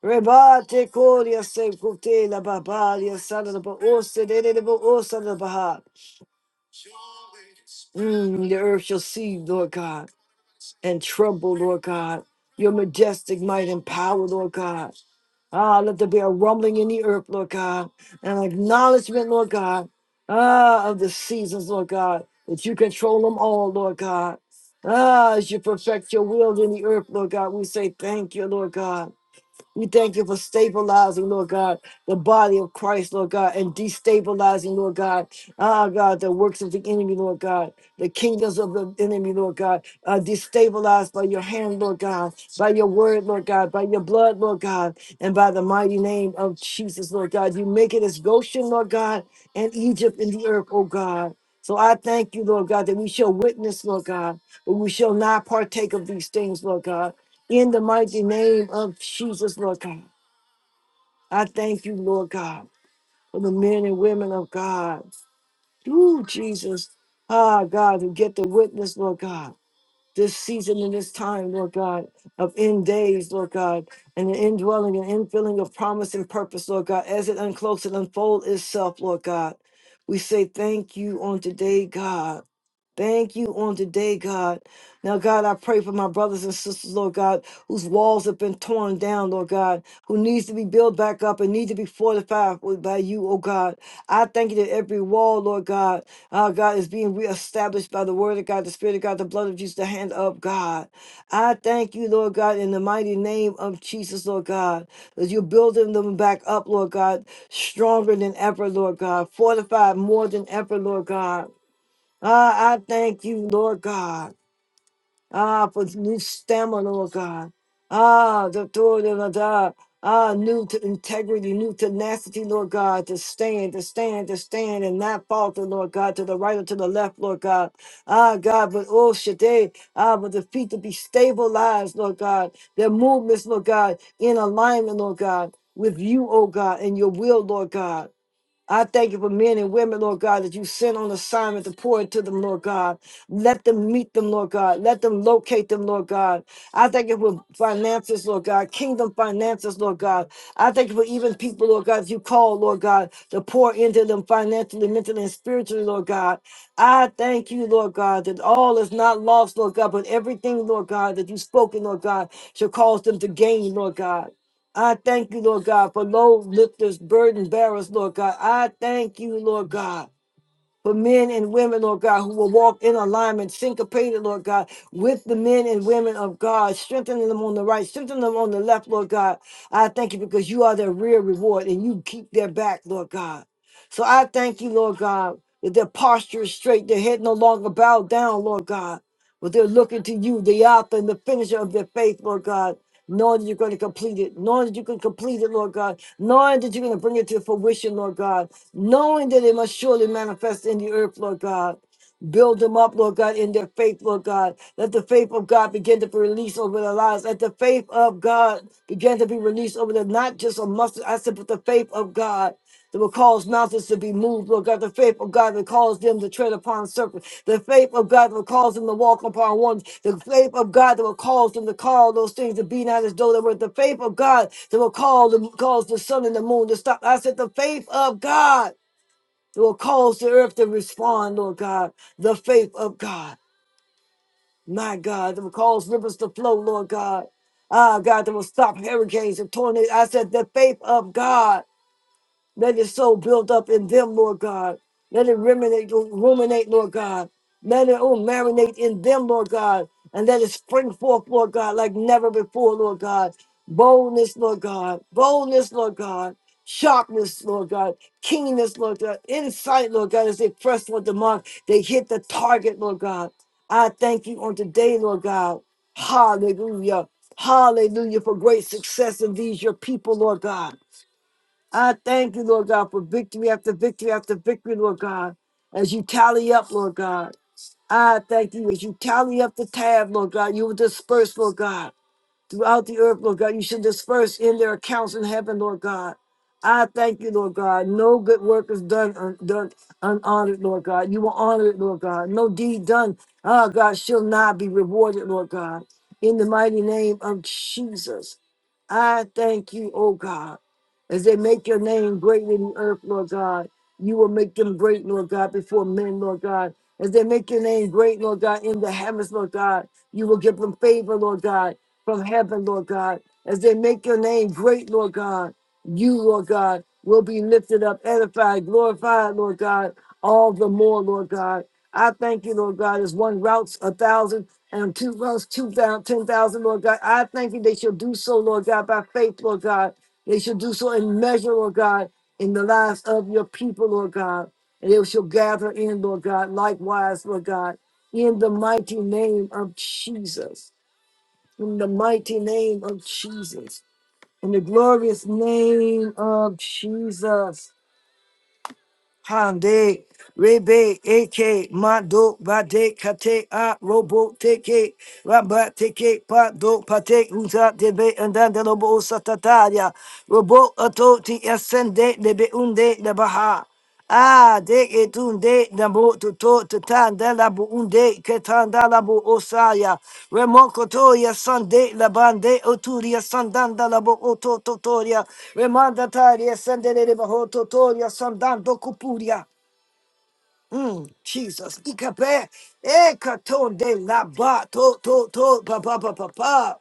Speaker 1: rebate koria se kute la baba ya sada ba osa de de de ba osa la baha. Mm, the earth shall see, Lord God, and tremble, Lord God. Your majestic might and power, Lord God. Ah, let there be a rumbling in the earth, Lord God, and an acknowledgement, Lord God, ah, of the seasons, Lord God, that you control them all, Lord God. Ah, as you perfect your will in the earth, Lord God, we say thank you, Lord God. We thank you for stabilizing, Lord God, the body of Christ, Lord God, and destabilizing, Lord God, ah, God, the works of the enemy, Lord God, the kingdoms of the enemy, Lord God, are destabilized by your hand, Lord God, by your word, Lord God, by your blood, Lord God, and by the mighty name of Jesus, Lord God. You make it as Goshen, Lord God, and Egypt in the earth, oh God. So I thank you, Lord God, that we shall witness, Lord God, but we shall not partake of these things, Lord God. In the mighty name of Jesus, Lord God, I thank you, Lord God, for the men and women of God. Ooh, Jesus, ah, God, who get the witness, Lord God this season and this time, Lord God, of end days, Lord God, and the indwelling and infilling of promise and purpose, Lord God, as it uncloaks and unfolds itself, Lord God. We say thank you on today, God. Thank you on today, God. Now, God, I pray for my brothers and sisters, Lord God, whose walls have been torn down, Lord God, who needs to be built back up and need to be fortified with- by you, oh God. I thank you that every wall, Lord God, our God is being reestablished by the word of God, the spirit of God, the blood of Jesus, the hand of God. I thank you, Lord God, in the mighty name of Jesus, Lord God, that you're building them back up, Lord God, stronger than ever, Lord God, fortified more than ever, Lord God. Ah, I thank you, Lord God. Ah, for new stamina, Lord God. Ah, the authority of God. Ah, new t- integrity, new tenacity, Lord God, to stand, to stand, to stand, and not falter, Lord God, to the right or to the left, Lord God. Ah, God, but oh, Shaddai, ah, but the feet to be stabilized, Lord God, their movements, Lord God, in alignment, Lord God, with you, oh God, and your will, Lord God. I thank you for men and women, Lord God, that you sent on assignment to pour into them, Lord God. Let them meet them, Lord God. Let them locate them, Lord God. I thank you for finances, Lord God, kingdom finances, Lord God. I thank you for even people, Lord God, that you call, Lord God, to pour into them financially, mentally, and spiritually, Lord God. I thank you, Lord God, that all is not lost, Lord God, but everything, Lord God, that you spoken, Lord God, shall cause them to gain, Lord God. I thank you, Lord God, for load lifters, burden bearers, Lord God. I thank you, Lord God, for men and women, Lord God, who will walk in alignment, syncopated, Lord God, with the men and women of God, strengthening them on the right, strengthening them on the left, Lord God. I thank you because you are their real reward and you keep their back, Lord God. So I thank you, Lord God, that their posture is straight, their head no longer bowed down, Lord God. But they're looking to you, the author and the finisher of their faith, Lord God knowing that you're going to complete it, knowing that you can complete it, Lord God, knowing that you're going to bring it to fruition, Lord God, knowing that it must surely manifest in the earth, Lord God. Build them up, Lord God, in their faith, Lord God. Let the faith of God begin to be released over their lives. Let the faith of God begin to be released over them, not just a mustard, I said, but the faith of God that will cause mountains to be moved, Lord God. The faith of God that caused them to tread upon serpents. The faith of God that will cause them to walk upon one. The faith of God that will cause them to call those things to be not as though they were. The faith of God that will call them, cause the sun and the moon to stop. I said, the faith of God that will cause the earth to respond, Lord God. The faith of God, my God, that will cause rivers to flow, Lord God. Ah, God, that will stop hurricanes and tornadoes. I said, the faith of God let it so build up in them, Lord God. Let it ruminate, ruminate, Lord God. Let it oh marinate in them, Lord God. And let it spring forth, Lord God, like never before, Lord God. Boldness, Lord God. Boldness, Lord God. Sharpness, Lord God. Keenness, Lord God. Insight, Lord God, as they press toward the mark. They hit the target, Lord God. I thank you on today, Lord God. Hallelujah. Hallelujah for great success in these, your people, Lord God. I thank you, Lord God, for victory after victory after victory, Lord God, as you tally up, Lord God. I thank you as you tally up the tab, Lord God. You will disperse, Lord God, throughout the earth, Lord God. You should disperse in their accounts in heaven, Lord God. I thank you, Lord God. No good work is done, un- done unhonored, Lord God. You will honor it, Lord God. No deed done, oh God, shall not be rewarded, Lord God. In the mighty name of Jesus. I thank you, oh God, as they make your name great in the earth, Lord God. You will make them great, Lord God, before men, Lord God. As they make your name great, Lord God, in the heavens, Lord God, you will give them favor, Lord God, from heaven, Lord God. As they make your name great, Lord God, you, Lord God, will be lifted up, edified, glorified, Lord God, all the more, Lord God. I thank you, Lord God, as one routs a thousand and two those two thousand, ten thousand, Lord God. I thank you they shall do so, Lord God, by faith, Lord God. They shall do so in measure, Lord God, in the lives of your people, Lord God. And they shall gather in, Lord God, likewise, Lord God, in the mighty name of Jesus. In the mighty name of Jesus. In the glorious name of Jesus. Hande, Rebe, Eke, mado, Bade, Kate, A, Robo, Teke, Ramba, Teke, Pado, Pate, Uta, Debe, and Dandelobo, Satataria, Robo, Ato, Ti, Ascende, Debe, Unde, Nebaha. Ah, Ah, de etunde nabo to to de la bu ketan da la bu osaya remoko sande la bande oturia sandan da la bu oto totoria sendere de baho sandan do kupuria Mm, Jesus, ikape, ekaton de la ba to to to pa pa pa pa pa.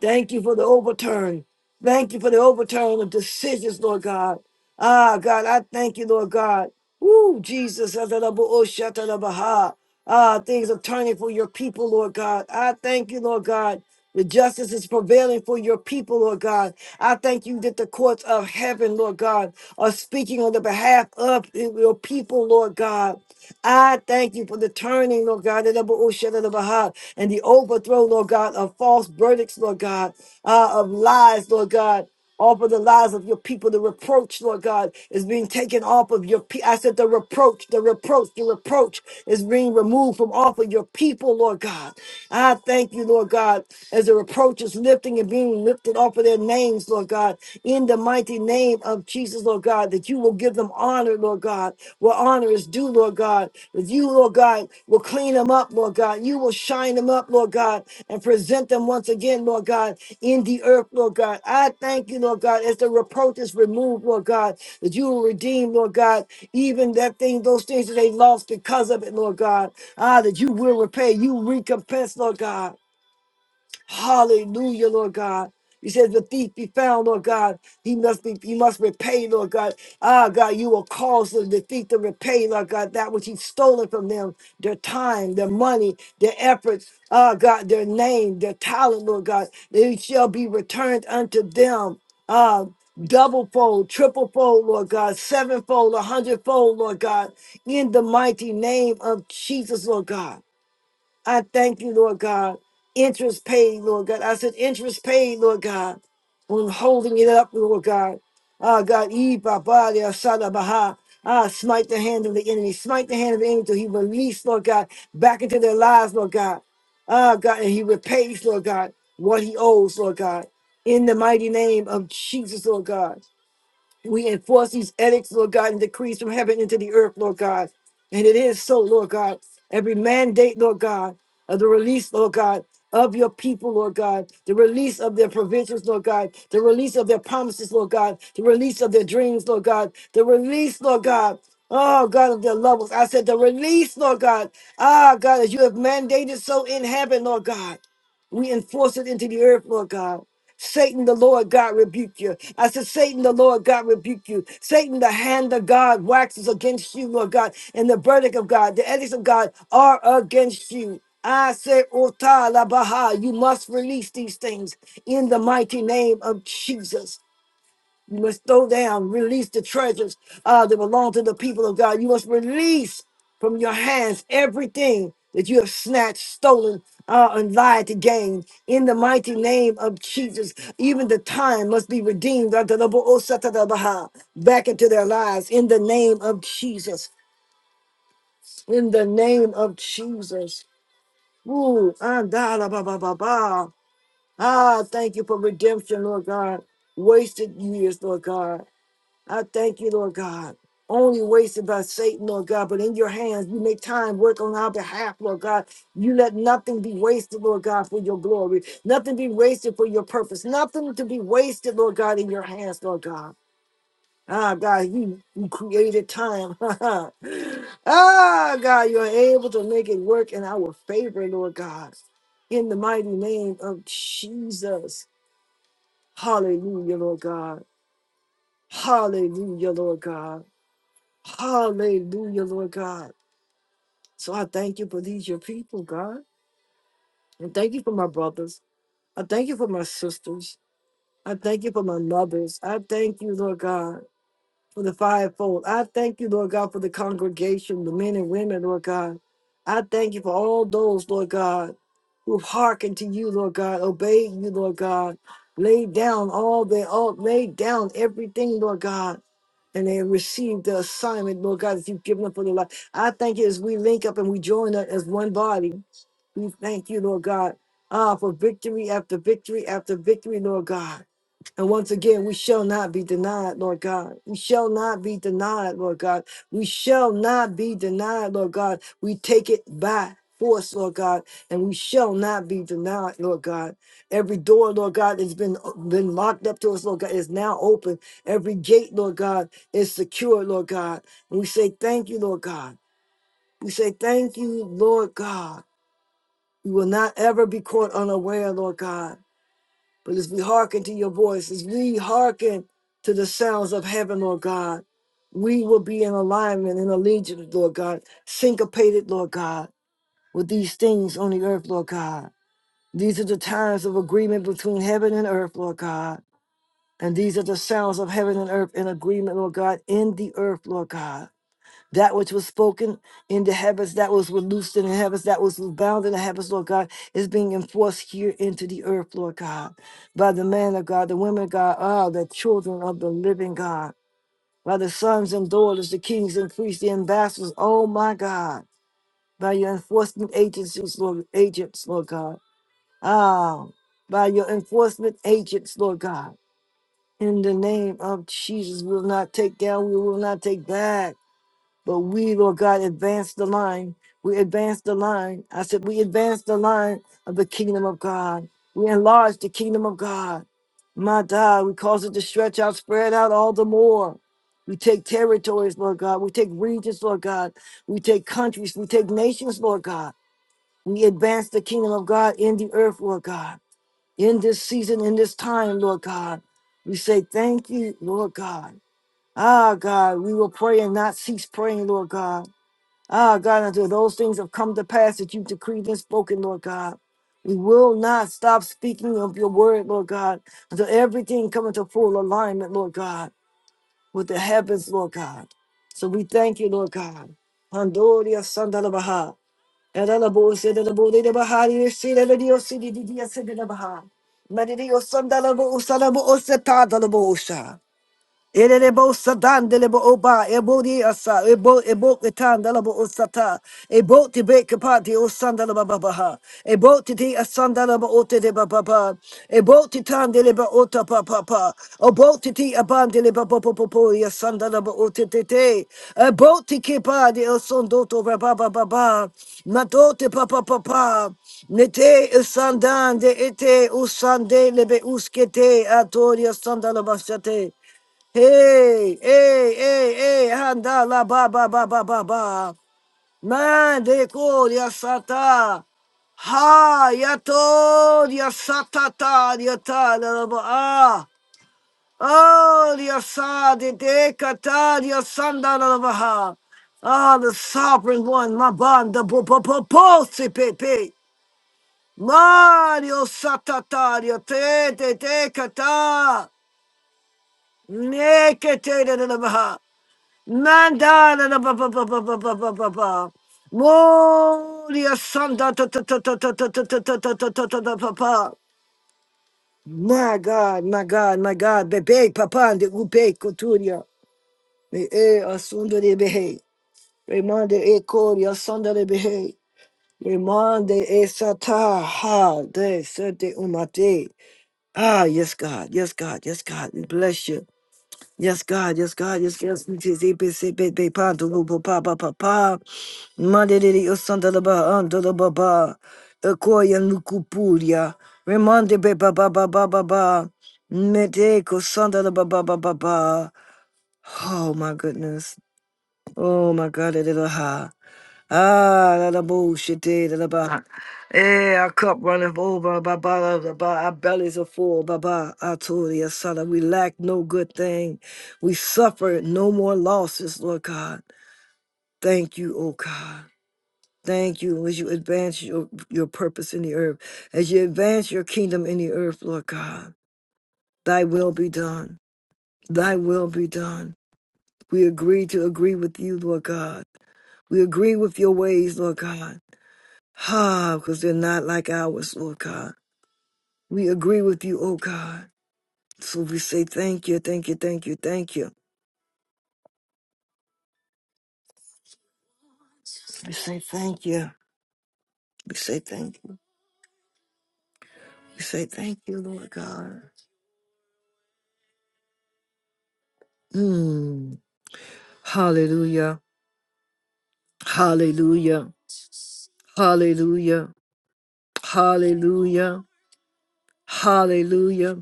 Speaker 1: Thank you for the overturn. Thank you for the overturn of decisions, Lord God. Ah, God, I thank you, Lord God. Woo, Jesus. Adonai-bo-osh-atanabaha. Ah, things are turning for your people, Lord God. I thank you, Lord God. The justice is prevailing for your people, Lord God. I thank you that the courts of heaven, Lord God, are speaking on the behalf of your people, Lord God. I thank thank you for the turning, Lord God, the Ba'usha, of the Baha, and the overthrow, Lord God, of false verdicts, Lord God, uh, of lies, Lord God. Off of the lives of your people, the reproach, Lord God, is being taken off of your people. I said the reproach, the reproach, the reproach is being removed from off of your people, Lord God. I thank you, Lord God, as the reproach is lifting and being lifted off of their names, Lord God, in the mighty name name of Jesus, Lord God, that you will give them honor, Lord God, where honor is due, Lord God, that you, Lord God, will clean them up, Lord God. You will shine them up, Lord God, and present them once again, Lord God, in the earth, Lord God. I thank you, Lord God, as the reproach is removed, Lord God, that you will redeem, Lord God, even that thing, those things that they lost because of it, Lord God. Ah, that you will repay, you recompense, Lord God. Hallelujah, Lord God. You said the thief be found, Lord God. He must be, he must repay, Lord God. Ah, God, you will cause the the thief to repay, Lord God, that which he's stolen from them, their time, their money, their efforts, ah, God, their name, their talent, Lord God. They shall be returned unto them. Ah, double fold, triple fold, Lord God, sevenfold, a hundredfold, Lord God, in the mighty name of Jesus, Lord God. I thank you, Lord God. Interest paid, Lord God. I said interest paid, Lord God. When holding it up, Lord God. Ah, God, Eve, body, Asada Baha. Ah, smite the hand of the enemy. Smite the hand of the enemy till he release, Lord God, back into their lives, Lord God. Ah, God, and he repays, Lord God, what he owes, Lord God. In the mighty name of Jesus, Lord God. We enforce these edicts, Lord God, and decrees from heaven into the earth, Lord God. And it is so, Lord God. Every mandate, Lord God, of the release, Lord God, of your people, Lord God, the release of their provisions, Lord God, the release of their promises, Lord God, the release of their dreams, Lord God, the release, Lord God. Oh God of their loved ones. I said the release, Lord God. Ah God, as you have mandated so in heaven, Lord God. We enforce it into the earth, Lord God. Satan, the Lord God rebuke you. I said, Satan, the Lord God rebuke you. Satan, the hand of God waxes against you, Lord God, and the verdict of God, the edicts of God are against you. I said, Ota la Baha, you must release these things in the mighty name of Jesus. You must throw down, release the treasures uh, that belong to the people of God. You must release from your hands everything that you have snatched, stolen, uh, and lied to gain. In the mighty name of Jesus, even the time must be redeemed unto the Bo'osatadabaha, back into their lives. In the name of Jesus. In the name of Jesus. Ooh, andalabababa. Ah, thank you for redemption, Lord God. Wasted years, Lord God. I thank you, Lord God. Only wasted by Satan, Lord God, but in your hands, you make time work on our behalf, Lord God. You let nothing be wasted, Lord God, for your glory. Nothing be wasted for your purpose. Nothing to be wasted, Lord God, in your hands, Lord God. Ah, God, you, you created time. <laughs> ah, God, you're able to make it work in our favor, Lord God. In the mighty name of Jesus. Hallelujah, Lord God. Hallelujah, Lord God. Hallelujah, Lord God. So I thank you for these, your people, God. And thank you for my brothers. I thank you for my sisters. I thank you for my mothers. I thank you, Lord God for the fivefold. I thank you, Lord God, for the congregation, the men and women, Lord God. I thank you for all those, Lord God, who hearkened to you, Lord God, obeyed you, Lord God, laid down all they all laid down everything, Lord God. And they received the assignment, Lord God, that you've given them for their life. I thank you as we link up and we join up as one body. We thank you, Lord God, ah, for victory after victory after victory, Lord God. And once again, we shall not be denied, Lord God. We shall not be denied, Lord God. We shall not be denied, Lord God. We take it by force, Lord God, and we shall not be denied, Lord God. Every door, Lord God, that has been been locked up to us, Lord God, is now open. Every gate, Lord God, is secure, Lord God. And we say thank you, Lord God. We say thank you, Lord God. We will not ever be caught unaware, Lord God. But as we hearken to your voice, as we hearken to the sounds of heaven, Lord God, we will be in alignment and allegiance, Lord God, syncopated, Lord God, with these things on the earth, Lord God. These are the times of agreement between heaven and earth, Lord God. And these are the sounds of heaven and earth in agreement, Lord God, in the earth, Lord God. That which was spoken in the heavens, that was was loosed in the heavens, that was was bound in the heavens, Lord God, is being enforced here into the earth, Lord God, by the man of God, the women of God, ah, the children of the living God, by the sons and daughters, the kings and priests, the ambassadors, oh my God, by your enforcement agencies, Lord, agents, Lord God, ah, by your enforcement agents, Lord God, in the name of Jesus, we will not take down, we will not take back. But we, Lord God, advance the line. We advance the line. I said, we advance the line of the kingdom of God. We enlarge the kingdom of God. My God, we cause it to stretch out, spread out all the more. We take territories, Lord God. We take regions, Lord God. We take countries. We take nations, Lord God. We advance the kingdom of God in the earth, Lord God. In this season, in this time, Lord God. We say, thank you, Lord God. Ah, God, we will pray and not cease praying, Lord God. Ah, God, until those things have come to pass that you've decreed and spoken, Lord God. We will not stop speaking of your word, Lord God, until everything come into full alignment, Lord God, with the heavens, Lord God. So we thank you, Lord God. Pandoria Sandalabaha. Erelabo sedelabo dedebaha, yesirelio sidididia sedelabaha. Madidio sandalabo usalabo osetadalabo osha. Elelebo sadan delebo oba ebodi asa ebo ebo ketan delebo osata ebo tibe kapati osanda leba babaha ebo titi asanda leba ote de bababa ebo titan deleba ota papapa ebo titi aban deleba popopopo yasanda leba ote tete ebo tiki pa de osondo to baba baba matote papa papa nete sandan de ete usande lebe uskete atoria sanda leba shate Hey, hey, hey, hey, Handala ba ba ba ba ba ba. Man de coria sata. Ha yato ya satata ya ta la la ba ah. Oh ya de de kata ya sanda ba ha. Ah, the sovereign one, my banda bo bo bo bo si pe pe. Mario satata ya te te te kata. Nekete de la la ba ha. Manda da da ba ba ba ba ba ba ba ba ba. Moria sanda ta ta ta ta ta ta ta ta ta ta ta ta ta ta papa. My God, my God, my God. Bebe papa de upe koturia. Me e asunda de behe. Remande e coria sanda de behe. Remande e sata ha de sete umate. Ah, yes, God, yes, God, yes, God. We bless you. Yes, God, yes, God, yes, yes, yes, yes, yes, Pantulubu Papa Papa, Mandiri Sandalaba Andalababa, Akoya Nukupuria, Remande Beba Baba Baba Baba, Medeko Sandalaba Baba Baba. Oh my goodness. Oh my God, da, da, da, ha. Ah, that a bullshit day, that about. Eh, our cup runneth over, ba ba ba ba. Our bellies are full, ba ba. I told you, son, we lack no good thing. We suffer no more losses, Lord God. Thank you, oh God. Thank you as you advance your, your purpose in the earth, as you advance your kingdom in the earth, Lord God. Thy will be done. Thy will be done. We agree to agree with you, Lord God. We agree with your ways, Lord God. Ha, because they're not like ours, Lord God. We agree with you, oh God. So we say thank you, thank you, thank you, thank you. We say thank you. We say thank you. We say thank you, Lord God. Mm. Hallelujah. Hallelujah. Hallelujah. Hallelujah. Hallelujah.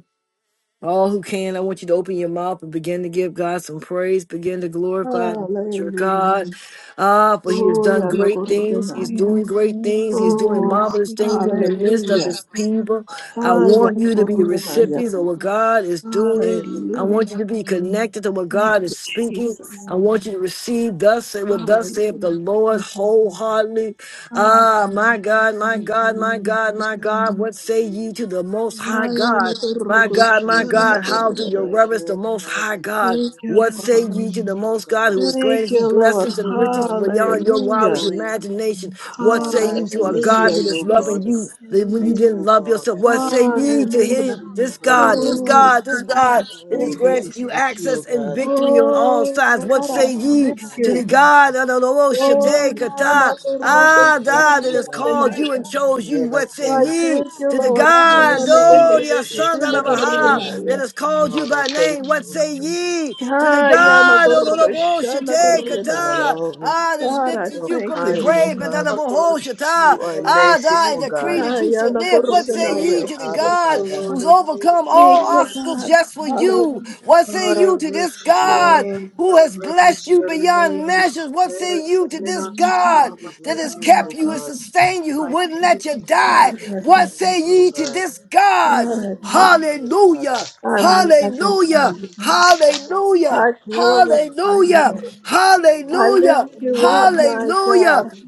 Speaker 1: All who can, I want you to open your mouth and begin to give God some praise, begin to glorify and exalt your
Speaker 3: Hallelujah.
Speaker 1: God. Ah, for He has done
Speaker 3: Gloria no
Speaker 1: great things. He's
Speaker 3: corbenaya.
Speaker 1: doing
Speaker 4: Hallelujah,
Speaker 1: great
Speaker 4: glory to
Speaker 1: things.
Speaker 4: your
Speaker 1: He's doing
Speaker 4: name.
Speaker 3: Oh,
Speaker 1: marvelous
Speaker 4: We give
Speaker 1: things
Speaker 4: you
Speaker 1: in
Speaker 4: all
Speaker 1: the
Speaker 4: the
Speaker 1: midst
Speaker 4: praise
Speaker 1: of
Speaker 3: hallelujah.
Speaker 4: and
Speaker 1: His
Speaker 4: glory.
Speaker 1: people.
Speaker 4: We
Speaker 1: I
Speaker 3: Haya
Speaker 1: want
Speaker 3: no
Speaker 4: magnify
Speaker 1: you to be the
Speaker 4: you, we
Speaker 3: corbenaya.
Speaker 1: recipients
Speaker 4: worship
Speaker 1: of what
Speaker 4: you.
Speaker 1: God is doing. I
Speaker 4: We
Speaker 1: want
Speaker 3: Hallelujah.
Speaker 1: you to
Speaker 4: exalt
Speaker 1: be
Speaker 4: your name.
Speaker 1: connected to what
Speaker 3: Thank
Speaker 1: God
Speaker 3: you,
Speaker 1: is
Speaker 4: Thank
Speaker 1: speaking.
Speaker 4: you,
Speaker 3: Jesus.
Speaker 1: I
Speaker 4: Lord
Speaker 1: want
Speaker 4: God.
Speaker 1: you to receive thus say what thus saith the
Speaker 3: Hallelujah.
Speaker 1: Lord
Speaker 4: You, Jesus, that
Speaker 1: wholeheartedly. Ah, my
Speaker 4: we
Speaker 1: God, my
Speaker 4: praise you,
Speaker 1: God,
Speaker 4: we
Speaker 1: my God, my
Speaker 4: magnify
Speaker 3: Hallelujah.
Speaker 1: God,
Speaker 4: you.
Speaker 1: what say ye to the
Speaker 4: To
Speaker 1: most
Speaker 4: you,
Speaker 1: high
Speaker 4: Jesus,
Speaker 3: Haya
Speaker 1: God?
Speaker 3: no
Speaker 4: we give you
Speaker 2: Thank
Speaker 1: My
Speaker 4: praise,
Speaker 2: you,
Speaker 1: God,
Speaker 4: glory,
Speaker 1: my
Speaker 4: and
Speaker 2: Jesus.
Speaker 1: God, how
Speaker 2: Lord, we
Speaker 1: do you
Speaker 2: thank
Speaker 1: reverence the
Speaker 2: you.
Speaker 1: most
Speaker 4: honor.
Speaker 2: Lord,
Speaker 1: high
Speaker 2: we thank
Speaker 1: God?
Speaker 2: you.
Speaker 3: Thank you,
Speaker 1: What say
Speaker 2: We
Speaker 3: Father.
Speaker 1: ye to
Speaker 2: worship
Speaker 1: the
Speaker 4: Hallelujah,
Speaker 2: you,
Speaker 1: most God
Speaker 2: God.
Speaker 1: who has
Speaker 3: Thank
Speaker 1: granted you
Speaker 3: you, Lord.
Speaker 1: blessings
Speaker 2: Thank
Speaker 1: and
Speaker 2: you,
Speaker 1: riches
Speaker 4: hallelujah.
Speaker 2: Lord, for
Speaker 4: Thank
Speaker 2: that
Speaker 1: beyond
Speaker 4: you,
Speaker 1: your
Speaker 2: which you're
Speaker 4: Jesus.
Speaker 3: Hallelujah.
Speaker 1: wildest
Speaker 2: doing
Speaker 1: imagination?
Speaker 4: Hallelujah,
Speaker 2: in
Speaker 1: What
Speaker 2: our
Speaker 1: say you
Speaker 2: lives
Speaker 1: to
Speaker 2: in
Speaker 1: a
Speaker 2: this
Speaker 4: hallelujah,
Speaker 1: God
Speaker 3: Hallelujah,
Speaker 1: that
Speaker 2: season,
Speaker 1: is
Speaker 2: oh
Speaker 4: hallelujah.
Speaker 2: God.
Speaker 1: loving
Speaker 3: Jesus.
Speaker 1: you that when you
Speaker 4: Glory
Speaker 1: didn't
Speaker 2: Faithful
Speaker 1: love
Speaker 2: God,
Speaker 1: yourself?
Speaker 2: I
Speaker 1: What
Speaker 2: thank
Speaker 1: say
Speaker 2: you.
Speaker 4: to
Speaker 1: ye
Speaker 2: I
Speaker 1: to
Speaker 4: your
Speaker 1: him,
Speaker 3: Hallelujah.
Speaker 4: name,
Speaker 2: worship your
Speaker 4: Lord
Speaker 1: this
Speaker 2: holy
Speaker 4: God.
Speaker 1: God, this
Speaker 2: name.
Speaker 3: Oh,
Speaker 1: God,
Speaker 4: Hallelujah.
Speaker 1: this
Speaker 3: God,
Speaker 1: God
Speaker 3: I
Speaker 1: that
Speaker 4: Thank
Speaker 1: has
Speaker 2: Oh,
Speaker 3: thank
Speaker 4: you,
Speaker 2: who
Speaker 3: you.
Speaker 1: granted
Speaker 2: is
Speaker 1: you
Speaker 2: like
Speaker 4: Jesus.
Speaker 2: you, oh
Speaker 1: access and
Speaker 2: God?
Speaker 1: victory on
Speaker 4: Hallelujah.
Speaker 1: all
Speaker 3: Oh,
Speaker 1: sides? What
Speaker 2: Thank
Speaker 3: God,
Speaker 2: you,
Speaker 3: I
Speaker 1: say
Speaker 4: Thank
Speaker 2: Abba
Speaker 1: ye
Speaker 3: thank
Speaker 4: you,
Speaker 1: to
Speaker 4: Jesus.
Speaker 2: Father.
Speaker 1: the
Speaker 3: you.
Speaker 1: God of the Lord,
Speaker 4: Thank
Speaker 3: Oh,
Speaker 1: Shaddai,
Speaker 4: you,
Speaker 3: yeah,
Speaker 4: Jesus.
Speaker 1: Kata,
Speaker 3: not the rock
Speaker 2: You are
Speaker 4: Hallelujah.
Speaker 2: a
Speaker 3: of
Speaker 1: Ah,
Speaker 3: Shammah,
Speaker 1: God that
Speaker 2: faithful
Speaker 3: God,
Speaker 1: has
Speaker 3: I
Speaker 2: God.
Speaker 1: called
Speaker 3: deny
Speaker 1: you and
Speaker 3: you.
Speaker 2: You
Speaker 1: chose you?
Speaker 2: never
Speaker 1: What say
Speaker 3: I
Speaker 2: change.
Speaker 1: ye
Speaker 3: thank you,
Speaker 1: to the
Speaker 3: Lord. I
Speaker 2: You're the
Speaker 1: God,
Speaker 3: am
Speaker 4: Hallelujah.
Speaker 3: a
Speaker 2: same
Speaker 3: good
Speaker 1: oh, the
Speaker 4: Thank
Speaker 2: yesterday,
Speaker 1: Son of
Speaker 2: today,
Speaker 3: Shana
Speaker 4: you,
Speaker 2: and
Speaker 1: Baha,
Speaker 2: forever.
Speaker 1: that
Speaker 3: Gorgonaya.
Speaker 4: Jesus.
Speaker 1: has called
Speaker 4: Hallelujah.
Speaker 1: you
Speaker 2: Lord, I
Speaker 1: by name?
Speaker 2: thank you,
Speaker 1: What
Speaker 2: oh
Speaker 1: say
Speaker 2: God.
Speaker 4: Hallelujah.
Speaker 5: Just
Speaker 1: ye to the
Speaker 3: I
Speaker 2: Thank
Speaker 5: Lord,
Speaker 3: am
Speaker 2: you,
Speaker 3: a
Speaker 1: God of
Speaker 2: Abba
Speaker 4: Hallelujah.
Speaker 5: thank
Speaker 1: the
Speaker 3: good
Speaker 5: you,
Speaker 2: Father.
Speaker 1: Lord,
Speaker 5: Lord.
Speaker 3: Shana
Speaker 5: We
Speaker 1: Shaddai,
Speaker 2: Thank you for
Speaker 5: magnify
Speaker 2: your
Speaker 5: you
Speaker 3: Gorgonaya.
Speaker 1: Kata?
Speaker 5: and
Speaker 2: loving,
Speaker 1: Ah, this
Speaker 5: glorify your
Speaker 3: God, I
Speaker 5: name,
Speaker 1: lifted
Speaker 2: your
Speaker 1: you
Speaker 3: thank
Speaker 1: from the
Speaker 5: Lord.
Speaker 2: kind,
Speaker 3: you.
Speaker 2: oh
Speaker 1: grave, and
Speaker 2: God.
Speaker 1: that of
Speaker 5: I
Speaker 1: Jehovah
Speaker 5: worship you,
Speaker 2: You are a
Speaker 5: Lord. I
Speaker 1: Ah, I
Speaker 5: thank you
Speaker 2: merciful
Speaker 5: thank you for
Speaker 1: decree
Speaker 2: God.
Speaker 5: your
Speaker 1: that
Speaker 3: I
Speaker 1: you
Speaker 4: Hallelujah.
Speaker 5: grace
Speaker 3: am
Speaker 1: should
Speaker 3: a
Speaker 5: and
Speaker 1: live.
Speaker 3: good
Speaker 1: What
Speaker 5: mercy,
Speaker 1: say
Speaker 2: Thank
Speaker 5: Lord.
Speaker 1: ye
Speaker 2: you,
Speaker 3: Gorgonaya.
Speaker 5: I
Speaker 1: to the
Speaker 2: Abba
Speaker 5: thank
Speaker 1: God
Speaker 5: you,
Speaker 2: Father.
Speaker 5: Lord.
Speaker 1: who's
Speaker 5: I
Speaker 4: Hallelujah.
Speaker 5: thank
Speaker 1: overcome
Speaker 5: you,
Speaker 1: all
Speaker 3: Thank you,
Speaker 5: Lord.
Speaker 1: obstacles
Speaker 3: God.
Speaker 1: just for you?
Speaker 3: Hallelujah.
Speaker 1: What say
Speaker 5: Lord, I
Speaker 1: you to
Speaker 2: Thank
Speaker 1: this
Speaker 5: worship
Speaker 2: you,
Speaker 5: your
Speaker 2: Lord.
Speaker 1: God
Speaker 5: name.
Speaker 4: Hallelujah.
Speaker 1: who
Speaker 5: Lord, I
Speaker 1: has blessed
Speaker 5: reverence
Speaker 1: you
Speaker 5: your
Speaker 1: beyond
Speaker 5: name.
Speaker 1: measures? What
Speaker 5: Lord,
Speaker 1: say
Speaker 5: I
Speaker 1: you to
Speaker 5: submit
Speaker 1: this
Speaker 5: unto
Speaker 4: Hallelujah.
Speaker 5: you,
Speaker 1: God
Speaker 2: Who
Speaker 4: Thank
Speaker 5: Abba
Speaker 2: is
Speaker 1: that
Speaker 2: like
Speaker 3: God,
Speaker 1: has
Speaker 2: you,
Speaker 3: I
Speaker 1: kept
Speaker 2: O
Speaker 5: Father.
Speaker 1: you and
Speaker 3: thank
Speaker 2: God?
Speaker 3: you.
Speaker 1: sustained you, who
Speaker 5: I
Speaker 4: you, Jesus. Thank
Speaker 1: wouldn't
Speaker 4: you,
Speaker 1: let
Speaker 5: thank
Speaker 1: you
Speaker 5: you,
Speaker 4: Jesus.
Speaker 3: God,
Speaker 5: Lord.
Speaker 1: die?
Speaker 2: I
Speaker 5: I
Speaker 3: I
Speaker 5: thank
Speaker 1: What
Speaker 3: thank
Speaker 2: worship
Speaker 5: you,
Speaker 1: say
Speaker 3: you.
Speaker 2: you, O
Speaker 1: ye
Speaker 5: Lord. I
Speaker 1: to
Speaker 5: thank
Speaker 2: God.
Speaker 1: this
Speaker 4: Thank
Speaker 5: you,
Speaker 1: God?
Speaker 3: God,
Speaker 4: you,
Speaker 3: I thank
Speaker 5: Lord.
Speaker 4: Jesus.
Speaker 3: you.
Speaker 2: Thank
Speaker 5: Thank
Speaker 2: you,
Speaker 5: you,
Speaker 2: Father.
Speaker 1: Hallelujah!
Speaker 3: I
Speaker 5: Jesus.
Speaker 2: Thank you,
Speaker 5: Thank
Speaker 3: magnify
Speaker 4: Thank
Speaker 5: you,
Speaker 4: you,
Speaker 1: Hallelujah!
Speaker 2: Jesus.
Speaker 3: you,
Speaker 4: Jesus.
Speaker 3: God.
Speaker 5: Jesus.
Speaker 1: Hallelujah!
Speaker 2: Thank
Speaker 3: I
Speaker 2: you, Lord.
Speaker 5: Hallelujah.
Speaker 3: glorify
Speaker 4: Hallelujah.
Speaker 3: you,
Speaker 1: Hallelujah.
Speaker 3: Lord.
Speaker 4: Hallelujah.
Speaker 5: Hallelujah.
Speaker 3: I lift
Speaker 1: Hallelujah.
Speaker 2: Thank
Speaker 3: you
Speaker 2: you,
Speaker 3: up, my
Speaker 5: Hallelujah.
Speaker 2: Jesus.
Speaker 1: Hallelujah.
Speaker 3: God.
Speaker 5: Jesus.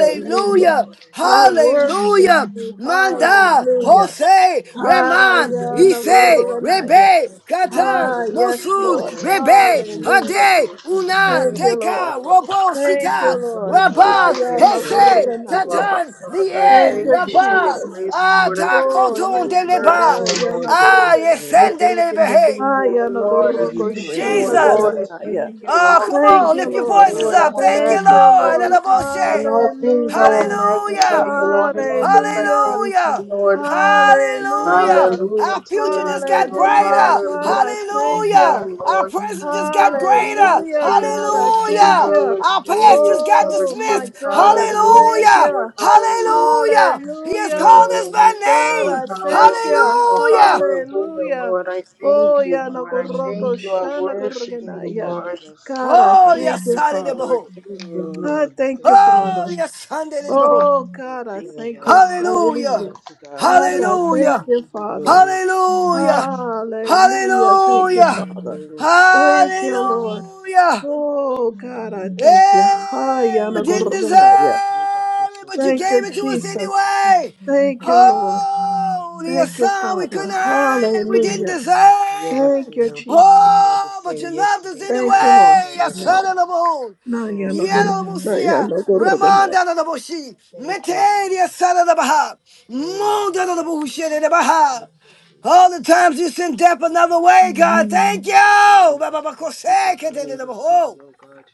Speaker 5: We
Speaker 4: Hallelujah.
Speaker 5: magnify
Speaker 2: Thank
Speaker 5: you,
Speaker 3: I
Speaker 2: you, Lord.
Speaker 5: Jesus.
Speaker 3: worship
Speaker 1: Hallelujah.
Speaker 4: Hallelujah.
Speaker 3: you.
Speaker 5: We're
Speaker 1: Manda,
Speaker 5: grateful
Speaker 3: Hallelujah.
Speaker 5: for you,
Speaker 1: Jose,
Speaker 4: Hallelujah. Hallelujah. Glory to
Speaker 5: Lord.
Speaker 4: your
Speaker 5: I
Speaker 1: Reman,
Speaker 3: Haya
Speaker 5: thank
Speaker 4: name.
Speaker 3: na
Speaker 5: you,
Speaker 1: Ife,
Speaker 5: Lord, for your
Speaker 3: gorgonaya.
Speaker 4: Hallelujah.
Speaker 1: Rebe,
Speaker 5: grace, for your
Speaker 4: Thank
Speaker 1: Katan,
Speaker 3: Ah,
Speaker 4: you, Jesus.
Speaker 3: yes,
Speaker 5: mercy,
Speaker 1: Mosud,
Speaker 3: Lord.
Speaker 5: Lord.
Speaker 4: Thank
Speaker 5: I
Speaker 2: Thank you,
Speaker 4: you,
Speaker 1: Rebe,
Speaker 4: Jesus.
Speaker 5: worship you,
Speaker 3: Hallelujah.
Speaker 2: Jesus.
Speaker 1: Hade,
Speaker 5: Lord. I
Speaker 1: Una,
Speaker 3: Thank
Speaker 5: thank
Speaker 4: Hallelujah.
Speaker 3: you,
Speaker 5: you,
Speaker 3: Lord.
Speaker 1: Teka,
Speaker 5: Lord.
Speaker 1: Robo,
Speaker 3: Thank
Speaker 4: Praise
Speaker 3: you,
Speaker 5: I
Speaker 1: Sita,
Speaker 4: Him,
Speaker 3: Lord.
Speaker 2: Oh, Lord,
Speaker 5: worship
Speaker 4: magnify
Speaker 2: we
Speaker 1: Rabba,
Speaker 5: you,
Speaker 3: Haya
Speaker 4: you,
Speaker 2: thank
Speaker 5: Lord.
Speaker 3: na
Speaker 5: I
Speaker 2: you.
Speaker 4: thank
Speaker 1: Hese,
Speaker 4: you,
Speaker 5: thank you,
Speaker 4: Jesus.
Speaker 5: Abba
Speaker 1: Tatan,
Speaker 5: Father. I
Speaker 4: Thank
Speaker 3: Thank
Speaker 2: Father,
Speaker 1: Lie,
Speaker 4: you,
Speaker 2: we
Speaker 5: thank
Speaker 3: you,
Speaker 5: you
Speaker 2: thank
Speaker 5: for
Speaker 4: Jesus.
Speaker 2: you.
Speaker 5: your
Speaker 1: Rabba,
Speaker 3: Jesus.
Speaker 5: grace, Lord.
Speaker 4: Hallelujah.
Speaker 5: I thank
Speaker 3: Oh,
Speaker 5: you for
Speaker 1: Atakoton
Speaker 3: yes,
Speaker 1: de
Speaker 5: your
Speaker 3: Lord.
Speaker 5: mercy,
Speaker 1: Leba,
Speaker 2: Oh,
Speaker 3: Haya
Speaker 4: Hallelujah.
Speaker 2: Lord,
Speaker 3: na
Speaker 5: Lord.
Speaker 2: we
Speaker 1: Ah,
Speaker 2: thank you.
Speaker 5: I
Speaker 1: Yesende
Speaker 5: thank you for
Speaker 1: Lebehe,
Speaker 5: being
Speaker 3: Haya
Speaker 5: our
Speaker 3: na
Speaker 2: We
Speaker 4: Hallelujah.
Speaker 5: Lord. I
Speaker 3: gorro
Speaker 2: give you
Speaker 5: thank
Speaker 4: Hallelujah.
Speaker 5: you,
Speaker 2: praise,
Speaker 5: O
Speaker 3: goshana
Speaker 2: oh
Speaker 1: Jesus.
Speaker 5: Lord.
Speaker 2: God.
Speaker 5: I
Speaker 4: Praise you,
Speaker 3: gorganaya.
Speaker 5: thank
Speaker 4: Jesus.
Speaker 5: you in
Speaker 1: Oh,
Speaker 5: all
Speaker 1: come
Speaker 3: Thank
Speaker 1: on,
Speaker 5: things,
Speaker 4: Praise
Speaker 3: you,
Speaker 1: lift
Speaker 2: Thank
Speaker 5: O
Speaker 1: your
Speaker 4: you,
Speaker 2: you,
Speaker 3: Lord.
Speaker 1: voices
Speaker 5: Lord.
Speaker 2: Lord.
Speaker 4: Jesus.
Speaker 5: I
Speaker 1: up.
Speaker 5: will
Speaker 1: Thank you,
Speaker 3: Thank you,
Speaker 4: Hallelujah.
Speaker 5: magnify
Speaker 1: Lord.
Speaker 3: Lord.
Speaker 5: you.
Speaker 4: Praise you,
Speaker 5: In
Speaker 1: Elaboshe.
Speaker 5: all
Speaker 4: Jesus.
Speaker 5: things, I will
Speaker 3: Hallelujah.
Speaker 4: Hallelujah.
Speaker 2: Lord, I
Speaker 5: magnify
Speaker 1: Hallelujah.
Speaker 5: you,
Speaker 2: thank
Speaker 5: Lord. In
Speaker 2: you.
Speaker 5: all things,
Speaker 4: Hallelujah.
Speaker 5: I
Speaker 3: Hallelujah.
Speaker 5: thank you,
Speaker 1: Hallelujah.
Speaker 5: Lord.
Speaker 4: Hallelujah.
Speaker 2: Lord, I thank
Speaker 4: He
Speaker 2: you.
Speaker 1: Hallelujah.
Speaker 3: Hallelujah.
Speaker 4: worthy to
Speaker 5: Hallelujah
Speaker 4: be
Speaker 1: Our
Speaker 5: to your
Speaker 1: future
Speaker 4: praised.
Speaker 1: just
Speaker 5: name,
Speaker 1: got
Speaker 4: He
Speaker 5: Lord.
Speaker 4: worthy
Speaker 3: Hallelujah.
Speaker 4: to
Speaker 1: brighter.
Speaker 4: be
Speaker 3: God, I
Speaker 5: Hallelujah to your
Speaker 3: thank
Speaker 4: honored.
Speaker 1: Hallelujah.
Speaker 3: you.
Speaker 5: name,
Speaker 1: Our
Speaker 5: Lord.
Speaker 4: We
Speaker 1: present just
Speaker 4: magnify
Speaker 2: Lord, I
Speaker 1: got
Speaker 4: you.
Speaker 2: thank you.
Speaker 1: greater.
Speaker 5: Hallelujah to
Speaker 3: Hallelujah,
Speaker 5: your
Speaker 3: God, I
Speaker 5: name, Lord.
Speaker 3: thank
Speaker 4: Hallelujah.
Speaker 1: Hallelujah.
Speaker 3: you.
Speaker 2: Lord, I
Speaker 1: Our
Speaker 4: Thank you,
Speaker 2: thank
Speaker 1: past
Speaker 2: you.
Speaker 5: Hallelujah,
Speaker 1: just got
Speaker 4: Jesus.
Speaker 3: Oh,
Speaker 5: sovereign
Speaker 3: my
Speaker 5: King.
Speaker 1: dismissed.
Speaker 3: God, I
Speaker 4: Hallelujah.
Speaker 5: Hallelujah,
Speaker 3: thank
Speaker 4: Thank
Speaker 1: Hallelujah.
Speaker 5: Lord.
Speaker 3: you.
Speaker 5: Hallelujah.
Speaker 4: you,
Speaker 1: Hallelujah.
Speaker 4: Jesus.
Speaker 1: He has
Speaker 3: Hallelujah.
Speaker 1: called us
Speaker 5: Hallelujah,
Speaker 1: by
Speaker 3: God,
Speaker 5: Lord.
Speaker 1: name.
Speaker 3: I
Speaker 4: Hallelujah.
Speaker 3: thank you.
Speaker 5: Hallelujah,
Speaker 1: Hallelujah.
Speaker 5: hallelujah,
Speaker 3: Hallelujah.
Speaker 5: Lord. I thank
Speaker 2: Thank
Speaker 3: Oh,
Speaker 4: Here's
Speaker 2: you,
Speaker 5: you,
Speaker 3: ya
Speaker 4: all the
Speaker 3: no
Speaker 5: Lord.
Speaker 2: Abba
Speaker 5: I
Speaker 4: praise
Speaker 2: Father.
Speaker 4: and
Speaker 3: goroko
Speaker 5: thank you. I
Speaker 3: shana
Speaker 5: worship
Speaker 4: glory,
Speaker 2: Thank
Speaker 5: you,
Speaker 2: you,
Speaker 3: gorogenaya.
Speaker 4: hallelujah.
Speaker 5: Lord.
Speaker 2: Jesus.
Speaker 3: God, I
Speaker 4: Praise
Speaker 1: Oh,
Speaker 5: Thank
Speaker 3: thank
Speaker 1: yes,
Speaker 4: him,
Speaker 5: you,
Speaker 3: you, Father.
Speaker 5: Lord.
Speaker 1: hallelujah.
Speaker 5: Thank you,
Speaker 2: Oh,
Speaker 5: Lord.
Speaker 3: I
Speaker 2: Lord, we
Speaker 3: thank you,
Speaker 2: thank you.
Speaker 1: Oh,
Speaker 4: Lord
Speaker 3: Father.
Speaker 1: yes,
Speaker 5: Jesus.
Speaker 1: Sunday.
Speaker 3: Oh,
Speaker 2: Thank
Speaker 3: God, I
Speaker 5: Thank
Speaker 2: you,
Speaker 3: thank
Speaker 5: you,
Speaker 3: you.
Speaker 2: Lord.
Speaker 5: Lord.
Speaker 1: Hallelujah.
Speaker 3: Hallelujah.
Speaker 2: Mighty God,
Speaker 3: God, I thank
Speaker 1: Hallelujah.
Speaker 2: we
Speaker 3: you,
Speaker 2: give you
Speaker 3: Father.
Speaker 2: glory.
Speaker 1: Hallelujah.
Speaker 2: Thank you, Lord,
Speaker 3: Hallelujah.
Speaker 2: for that
Speaker 3: Thank you,
Speaker 2: which
Speaker 1: Hallelujah.
Speaker 2: you're
Speaker 3: Father.
Speaker 2: doing in our lives,
Speaker 3: Thank
Speaker 2: oh
Speaker 3: you,
Speaker 2: God.
Speaker 3: Lord.
Speaker 1: Hallelujah.
Speaker 2: Thank you
Speaker 3: Oh,
Speaker 2: for the
Speaker 3: God, I
Speaker 2: healing.
Speaker 3: thank you.
Speaker 2: Thank you, Lord.
Speaker 1: Hey,
Speaker 3: Hiya
Speaker 1: we
Speaker 3: na
Speaker 1: didn't deserve
Speaker 3: gorobenaya.
Speaker 1: it, but you
Speaker 3: Thank
Speaker 1: gave
Speaker 3: you,
Speaker 2: Lebakosotoyaba.
Speaker 1: it to us
Speaker 3: Jesus.
Speaker 1: anyway.
Speaker 3: Thank
Speaker 2: Thank
Speaker 3: you, Lord.
Speaker 2: you, Jesus.
Speaker 1: Holy your
Speaker 3: Thank you,
Speaker 1: son, we
Speaker 3: Father.
Speaker 1: couldn't earn
Speaker 2: Thank
Speaker 1: it.
Speaker 2: you,
Speaker 1: We didn't
Speaker 3: Hallelujah.
Speaker 2: Father. You
Speaker 1: deserve
Speaker 2: never
Speaker 1: it.
Speaker 3: Thank you,
Speaker 2: fail.
Speaker 3: Jesus.
Speaker 2: You are the
Speaker 1: Oh, but
Speaker 2: same
Speaker 1: you loved us
Speaker 2: yesterday,
Speaker 3: Thank you,
Speaker 2: today, and
Speaker 3: Lord.
Speaker 1: anyway. Your
Speaker 2: forever.
Speaker 3: No.
Speaker 1: son of the moon.
Speaker 4: God,
Speaker 3: Naya
Speaker 2: Oh,
Speaker 3: na gor-
Speaker 1: Yellow
Speaker 4: hallelujah.
Speaker 2: Rabadaba
Speaker 3: naya
Speaker 1: Musia,
Speaker 3: na
Speaker 2: Shikatanaba.
Speaker 3: gorobenaya.
Speaker 1: Ramanda of the Bushi,
Speaker 2: Thank you,
Speaker 1: Metania
Speaker 2: Baba.
Speaker 1: Son of the Baha,
Speaker 2: Oh, Lord,
Speaker 1: Munda
Speaker 2: we
Speaker 1: of the
Speaker 2: love
Speaker 1: Bushi
Speaker 2: you.
Speaker 1: and the Baha.
Speaker 2: Thank you,
Speaker 1: All the
Speaker 2: Jesus.
Speaker 1: times you sent death
Speaker 2: Father,
Speaker 1: another
Speaker 2: we
Speaker 1: way, God, thank
Speaker 2: count you
Speaker 1: you.
Speaker 2: in that which you're doing in this
Speaker 1: Ba-ba-ba-kose,
Speaker 2: season, oh God.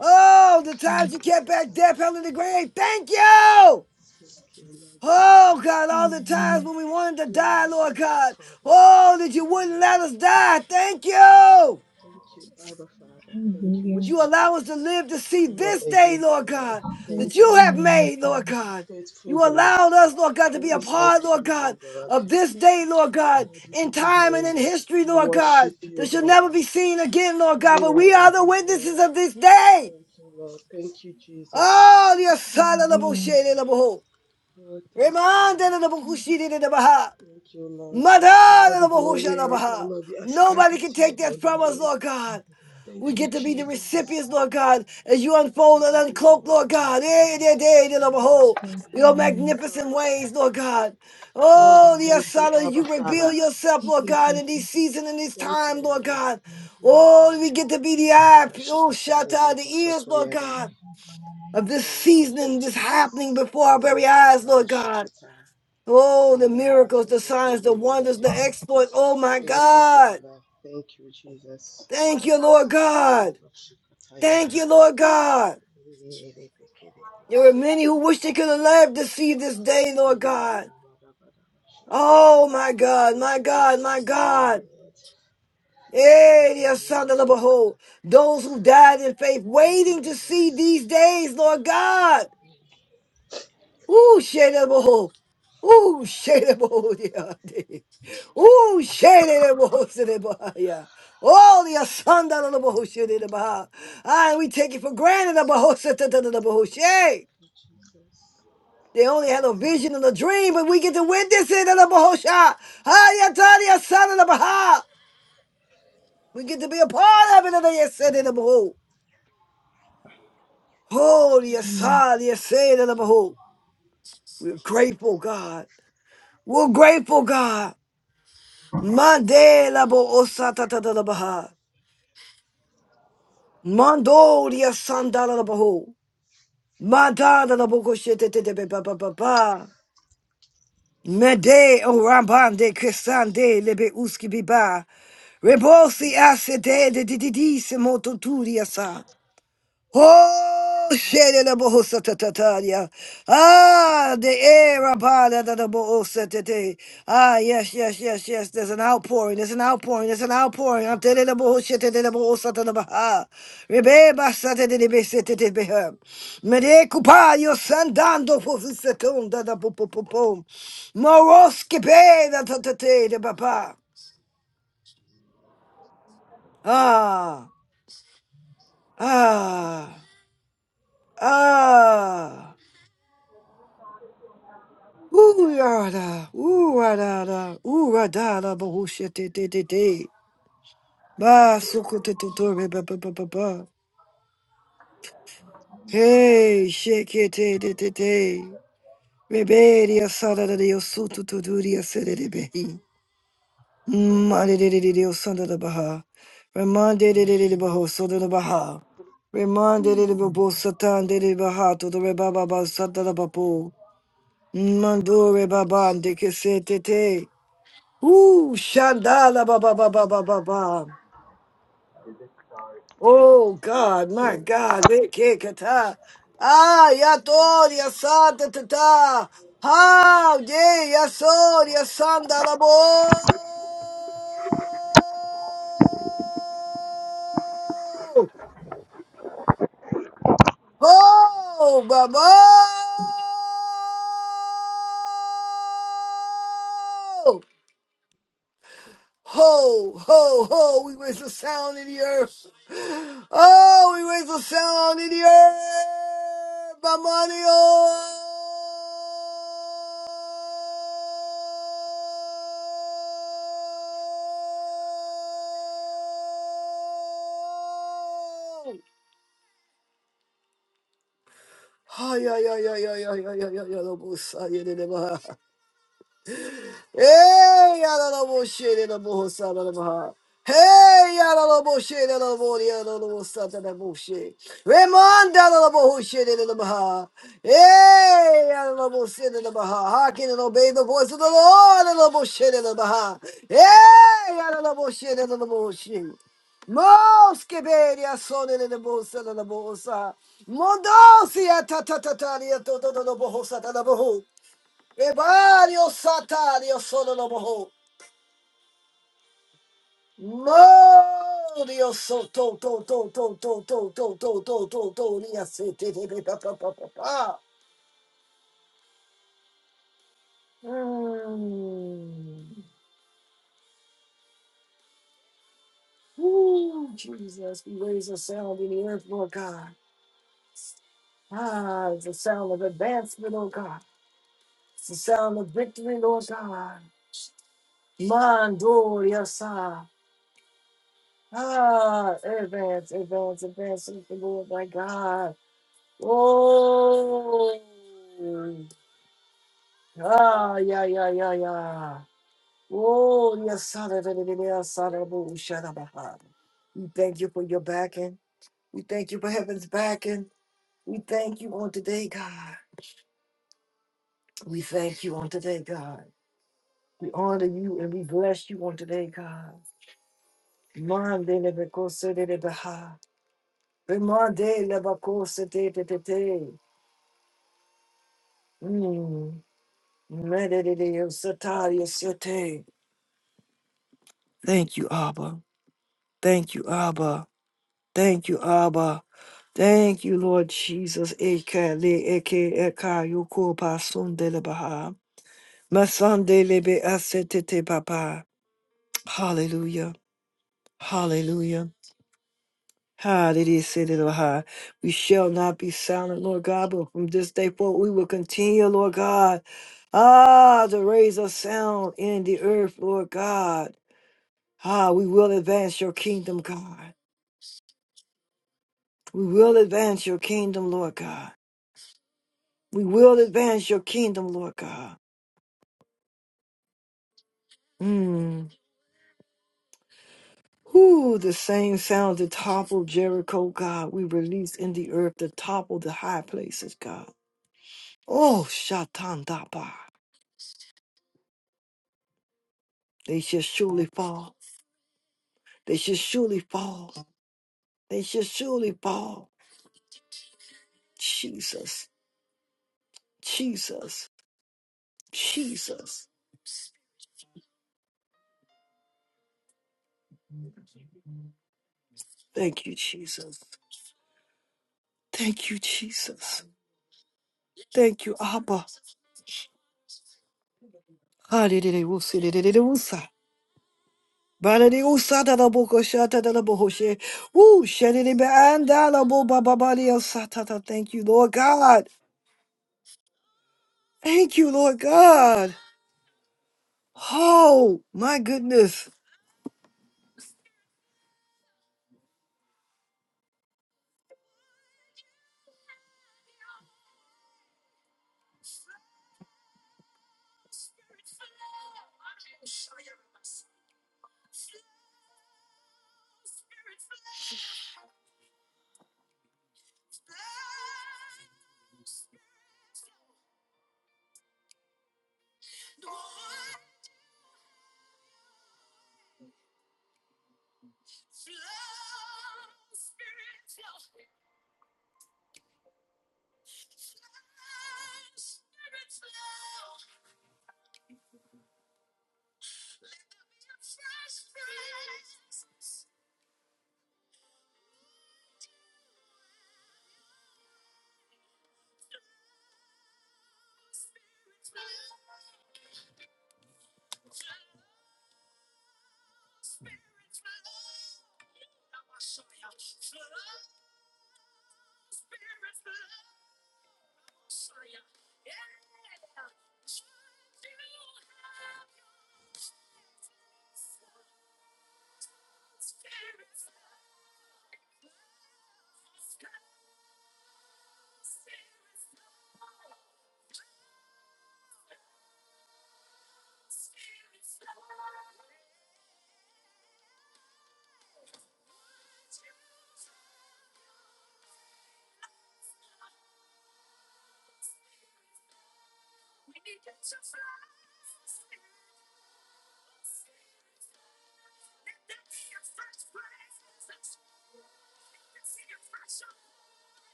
Speaker 1: Oh, the times you kept back death, hell, and the grave. Thank you.
Speaker 2: Thank you, Lord
Speaker 1: Oh,
Speaker 2: Jesus.
Speaker 1: God, all the times
Speaker 4: Hallelujah,
Speaker 1: when we wanted to
Speaker 2: Thank
Speaker 1: die,
Speaker 2: you,
Speaker 1: Lord
Speaker 2: Abba
Speaker 1: God.
Speaker 2: Father.
Speaker 1: Oh, that
Speaker 2: Thank
Speaker 1: you
Speaker 2: you,
Speaker 1: wouldn't
Speaker 2: Lord.
Speaker 1: let us die. Thank you.
Speaker 2: Thank you, Abba
Speaker 4: hallelujah,
Speaker 2: Father. Thank you,
Speaker 4: hallelujah, hallelujah.
Speaker 1: Would you allow us
Speaker 2: Jesus.
Speaker 1: to live to see
Speaker 2: You are
Speaker 1: this
Speaker 2: a
Speaker 1: day,
Speaker 2: good
Speaker 1: Lord
Speaker 2: God.
Speaker 1: God,
Speaker 4: Glory
Speaker 1: that
Speaker 2: Thank
Speaker 4: to
Speaker 1: you
Speaker 2: you,
Speaker 4: your
Speaker 1: have
Speaker 4: name,
Speaker 2: Lord.
Speaker 4: Lord
Speaker 1: made,
Speaker 4: God.
Speaker 1: Lord God?
Speaker 2: Faithful
Speaker 1: You
Speaker 2: God,
Speaker 1: allowed us, Lord God, to be
Speaker 2: who
Speaker 1: a
Speaker 2: is like
Speaker 1: part, Lord
Speaker 2: you, O
Speaker 1: God,
Speaker 2: God.
Speaker 1: of this day, Lord God,
Speaker 2: Lord, we
Speaker 1: in
Speaker 2: give you
Speaker 1: time and in
Speaker 2: glory.
Speaker 1: history,
Speaker 2: We
Speaker 1: Lord God,
Speaker 2: worship
Speaker 1: that
Speaker 2: you, O
Speaker 1: shall
Speaker 2: God.
Speaker 1: never be seen again, Lord God.
Speaker 2: You
Speaker 1: But
Speaker 2: are
Speaker 1: we
Speaker 2: a
Speaker 1: are the
Speaker 2: good
Speaker 1: witnesses
Speaker 2: God.
Speaker 1: of this day.
Speaker 2: Thank you, Lord. Thank you, Jesus.
Speaker 1: Oh, the asala la
Speaker 2: Thank you,
Speaker 4: Hallelujah.
Speaker 1: boshele la
Speaker 2: Lord.
Speaker 1: boho.
Speaker 2: Oh, thank you,
Speaker 1: Remanda
Speaker 2: Lord.
Speaker 1: la
Speaker 4: Oh,
Speaker 1: bokushide de baha.
Speaker 2: Thank you, Lord. Let all
Speaker 1: Madara la
Speaker 2: the
Speaker 1: bohosha
Speaker 2: glory
Speaker 1: la
Speaker 2: and
Speaker 1: baha.
Speaker 2: honor be ascribed
Speaker 1: Nobody can
Speaker 2: unto your
Speaker 1: take that
Speaker 2: holy
Speaker 1: from us,
Speaker 2: name.
Speaker 1: Lord God. We
Speaker 2: Thank you,
Speaker 1: get to be the
Speaker 2: Jesus.
Speaker 1: recipients, Lord God, as you unfold
Speaker 2: Lord, I give
Speaker 1: and
Speaker 2: you
Speaker 1: uncloak, Lord
Speaker 2: glory.
Speaker 1: God. Eh, de, de, de, la boho.
Speaker 4: God,
Speaker 1: Your
Speaker 4: hallelujah.
Speaker 2: Yes, Lord.
Speaker 1: magnificent ways, Lord God.
Speaker 2: Oh,
Speaker 1: Oh, the
Speaker 2: thank you,
Speaker 1: asala,
Speaker 2: Abba
Speaker 1: you reveal
Speaker 2: Father.
Speaker 1: yourself,
Speaker 4: Thank
Speaker 1: Lord
Speaker 4: you,
Speaker 1: God,
Speaker 4: Jesus.
Speaker 1: in this season in this
Speaker 2: Thank you,
Speaker 1: time, Lord
Speaker 2: Daddy.
Speaker 1: God. Oh, we get to be the
Speaker 2: Oh,
Speaker 1: eye,
Speaker 2: Reba
Speaker 1: oh,
Speaker 2: Shikata
Speaker 1: shut out
Speaker 2: Lebo
Speaker 1: the
Speaker 2: to
Speaker 1: ears,
Speaker 2: Soto
Speaker 1: Lord
Speaker 2: Yada.
Speaker 1: God of this
Speaker 2: Thank you,
Speaker 1: season just
Speaker 2: Jesus.
Speaker 1: happening before our very
Speaker 2: Igara
Speaker 1: eyes, Lord
Speaker 2: Bagaba
Speaker 1: God.
Speaker 2: Shikata.
Speaker 1: Oh, the
Speaker 2: Ribraga
Speaker 1: miracles, the
Speaker 2: Zokoto
Speaker 1: signs, the wonders,
Speaker 2: Lebande.
Speaker 1: the exploits. Oh, my
Speaker 2: Thank you,
Speaker 1: God.
Speaker 2: Father. Thank you, Jesus.
Speaker 1: Thank
Speaker 2: Reba
Speaker 1: you, Lord
Speaker 2: Kosokoto
Speaker 1: God.
Speaker 2: Leba Shikata Yada.
Speaker 1: Thank you, Lord God.
Speaker 2: Yere Bekere
Speaker 1: There were
Speaker 2: Bekere
Speaker 1: many who wished
Speaker 2: Bekere.
Speaker 1: they could have lived to see this day, Lord
Speaker 2: Iyara
Speaker 1: God.
Speaker 2: Da Ba Da Shikata.
Speaker 1: Oh, my God, my God, my
Speaker 2: Thank you,
Speaker 1: God.
Speaker 2: Lord.
Speaker 1: Hey,
Speaker 2: Praise and
Speaker 1: dear son of
Speaker 2: glory,
Speaker 1: the
Speaker 2: O
Speaker 1: behold,
Speaker 2: God.
Speaker 1: those who died in faith,
Speaker 2: Thank you,
Speaker 1: waiting to see
Speaker 2: Jesus.
Speaker 1: these days, Lord God. Ooh, shedabo. Ooh, shedabo, diante. <laughs> Ooh, shedabo, sedebaya. Oh, the asanda, la the shedebaha. Ah, and we take it for granted, the boho, the boho,
Speaker 2: Thank
Speaker 1: she.
Speaker 2: you, Jesus. Thank
Speaker 1: They
Speaker 2: you,
Speaker 1: only had a
Speaker 2: Jesus.
Speaker 1: vision and a dream, but we get to witness it, the boho, sha. Ah, yatari, asanda, the baha. We get to be a part of it, the yased, the boho. Oh, the
Speaker 4: Hallelujah.
Speaker 1: asanda, the yased, the boho. We're grateful, God. We're grateful, God. Mandela bo osata da da la baha. Mandoria sandala la boho. Mandala la boko shete te te be ba ba ba ba. Mede o rambande cresande lebe uski biba. Rebosi asse de de di di di se moto turia sa. Oh, shedele bohosa tatataria. Ah, the air abada da da bohosa tete. Ah, yes, yes, yes, yes. There's an outpouring. There's an outpouring. There's an outpouring. Ah, tele le bohosa tete le bohosa tata baha. Rebe basa tete le bese tete beha. Mere cupaio sandando fosse tonda da po po po po. Morosche pe da tatate de papa. Ah, ah, ah. Ooh yada, ooh da ooh da da, te te te te, ba suku te te te, ba ba ba ba ba. Hey, shake it te te te te, rebellia sada da yo sutu tu duria sede de behi. Ma de de de de dio sanda da baha, remande de de de de baho soda da baha, remande de de babo satan de de baha to the rebaba ba sata da bapo, mandore baban de ke se te te. Ooh, shandala ba ba ba ba ba ba ba. Oh God, my God, we can't get out. Ah, ya tor ya santa tata. How yeah, ya sor ya sandala bo. Oh, baba. Ho, ho, ho! We raise the sound in the earth. Oh, we raise the sound in the earth, Bamadiyo. Aye, aye, aye, aye, aye, aye, aye, aye, aye, aye! Don't push, aye, aye, aye, aye. Hey, Yalabo Shedabo Sadamaha. Hey, Yalabo Shedabo Yalabo Satanabo She. Raymond Dalabo Shedamaha. Hey, Yalabo Sidamaha. Hearken and obey the voice of the Lord, the Alabo Shedamaha. Hey, Yalabo Shedabo She. Moskeberia sole le bosa la bosa. Mondosia ta ta ta ta to to to bohosa la boho. Rebario sata, Dios solo lo mojó. No, so- to, to, to, to, to, to, to, to, to, to, to, Dios se Mm. Ooh, Jesus, we raise a sound in the earth, Lord God. Ah, it's the sound of advancement, Lord God. It's the sound of victory, Lord God. Mando, yes, ah. Ah, advance, advance, advance, with the Lord, my God. Oh, ah, yeah, yeah, yeah, yeah. Oh, yes, hallelujah, hallelujah, shalabaha. we thank you for your backing. We thank you for heaven's backing. We thank you on today, God. We thank you on today, God. We honor you and we bless you on today, God. Mande lebekose de lebeha. Remande lebakose de de de de. Mm. Mede de de yosatari yosete. Thank you, Abba. Thank you, Abba. Thank you, Abba. Thank you, Lord Jesus. Ekele eke eka yoko pasundele baha. Masandele be asetete papa. Hallelujah. Hallelujah. Hallelujah. Sede baha. We shall not be silent, Lord God, but from this day forward we will continue, Lord God. Ah, to raise a sound in the earth, Lord God. Ah, we will advance your kingdom, God. We will advance your kingdom, Lord God. We will advance your kingdom, Lord God. Mm. Who the same sound that toppled Jericho, God, we release in the earth to topple the high places, God. Oh, Shatan Daba. They shall surely fall. They shall surely fall. They shall surely fall. Jesus, Jesus, Jesus. Thank you, Jesus. Thank you, Jesus. Thank you, Abba. Hallelujah. Barani usada la boko shata da la boho she. Woo, shedidi be anda bo ba el sata Thank you, Lord God. Thank you, Lord God. Oh, my goodness.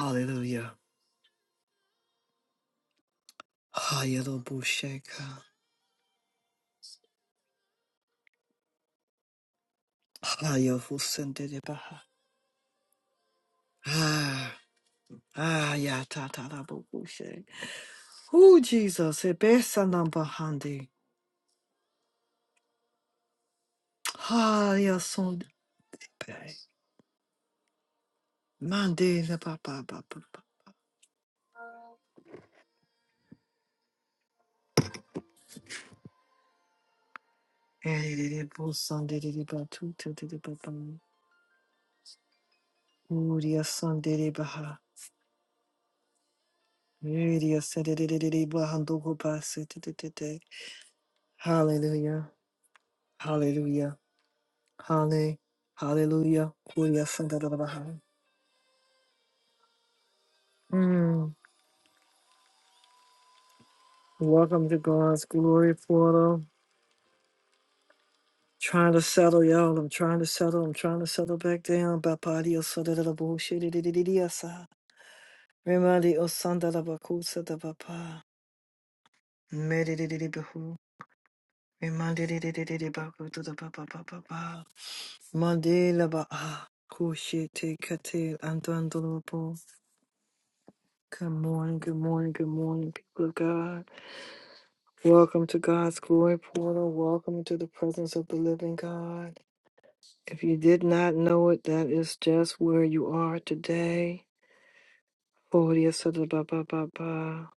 Speaker 1: Hallelujah. Hallelujah. Hallelujah. Ah, yeah, ta ta da bo bo she. Oh, Jesus, e besa namba handi. Ha, ya son de pe. Mande la ba ba ba ba ba. E de de de bo son de de de ba tu tu de de ba ba. Oh, dia son de de ba ha. E dia se de de de de de ba hando go ba se de de de de. Hallelujah, hallelujah, halle, hallelujah. Oh, dia son de de de ba ha. Mm. Welcome to God's glory portal. Trying to settle, y'all. I'm trying to settle. I'm trying to settle back down. Bapadi osada da bullshit. Remandi osanda da bakusa da bapa. Medididi behu. Remandi didididi baku to the papa papa pa. Mandela ba ah. Kushi te kate andandolopo. Good morning, good morning, good morning, people of God. Welcome to God's glory portal. Welcome to the presence of the living God. If you did not know it, that is just where you are today. Kodia Sada Baba Baba.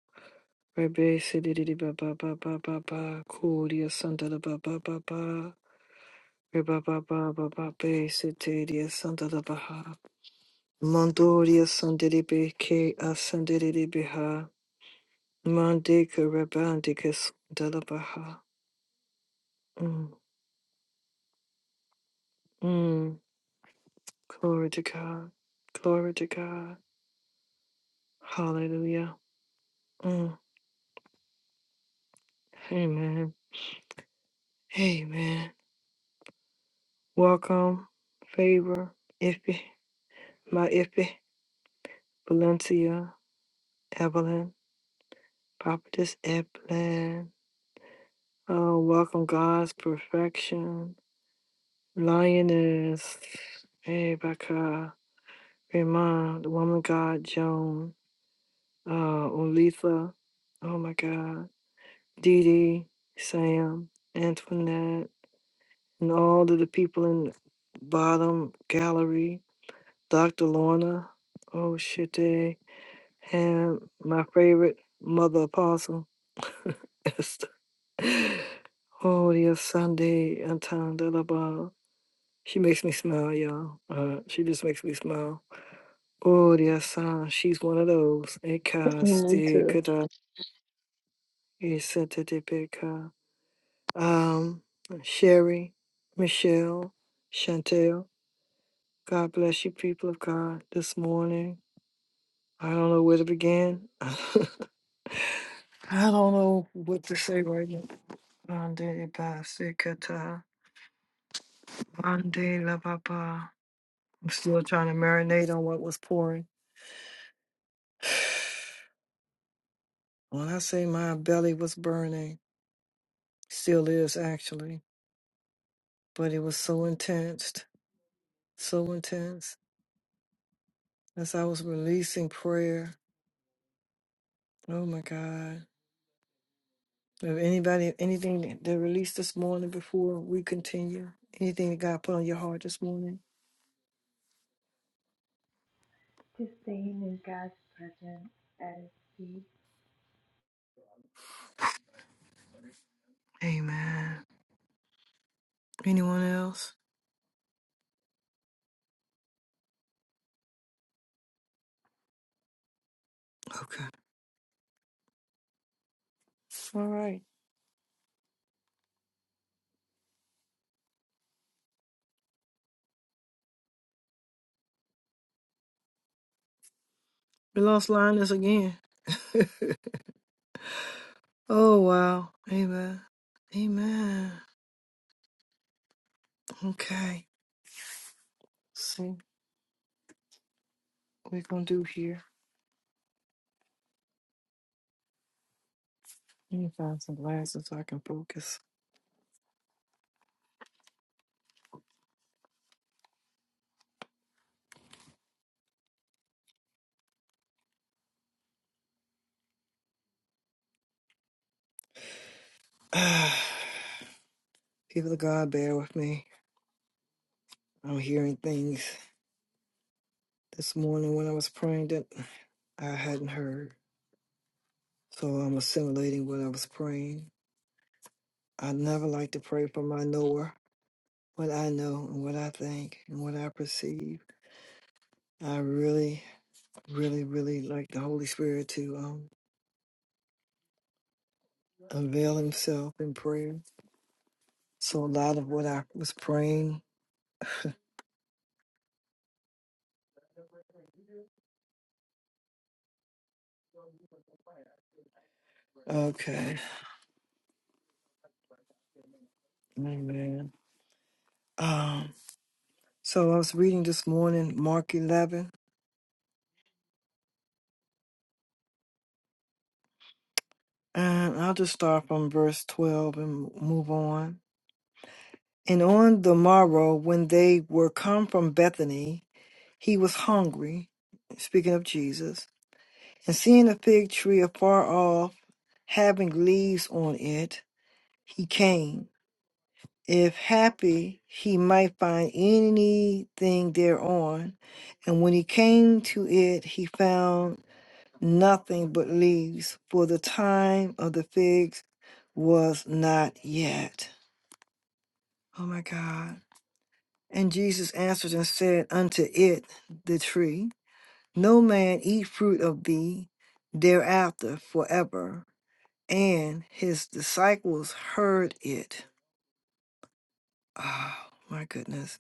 Speaker 1: Rebe Sididi Baba Baba Baba. Kodia Santa Baba Baba. Reba Baba Baba Be Sitadia Santa Baha. Mandoria Sandidi Be Ke Asandidi Beha. Mandika Rebandicus Delabaha. Mm. Mm. Glory to God. Glory to God. Hallelujah. Mm. Amen. Amen. Welcome. Favor. Iffy. My iffy. Valencia, Evelyn, Prophetess Evelyn. Oh, welcome God's perfection. Lioness, Rebecca, Raymond, the woman God, Joan, uh, Olitha, oh my God, Dee Dee, Sam, Antoinette, and all of the people in the bottom gallery, Dr. Lorna, oh shit, they, and my favorite mother apostle. <laughs> Esther. Oh, dear Sunday, Anton Delaba. She makes me smile, y'all. Uh, she just makes me smile. Oh, dear sun. she's one of those. Eka,
Speaker 3: Me
Speaker 1: Steve,
Speaker 3: too.
Speaker 1: Kada, Isetitipika. Um, Sherry, Michelle, Chantel. God bless you, people of God, this morning. I don't know where to begin. <laughs> I don't know what to say right now. Monday, Basikata. Monday, La Baba. I'm still trying to marinate on what was pouring. When I say my belly was burning, still is actually, but it was so intense, so intense. As I was releasing prayer, oh my God. If anybody, anything that they released this morning before we continue, anything that God put on your heart this morning?
Speaker 4: To staying in God's presence at His feet.
Speaker 1: Amen. Anyone else? Okay. All right. We lost Linus again. Oh, wow. Amen. Amen. Okay. See, what we're going to do here. Let me find some glasses so I can focus. <sighs> People of God, bear with me. I'm hearing things this morning when I was praying that I hadn't heard. So I'm assimilating what I was praying. I never like to pray for my knower, what I know and what I think and what I perceive. I really, really, really like the Holy Spirit to um, unveil himself in prayer. So a lot of what I was praying. Okay. Amen. Um, So I was reading this morning, Mark 11, and I'll just start from verse 12 and move on. And on the morrow, when they were come from Bethany, he was hungry, speaking of Jesus, and seeing a fig tree afar off, having leaves on it, he came. If happy, he might find anything thereon. And when he came to it, he found nothing but leaves, for the time of the figs was not yet. Oh my God. And Jesus answered and said unto it, the tree, No man eat fruit of thee thereafter forever. And his disciples heard it. Oh my goodness.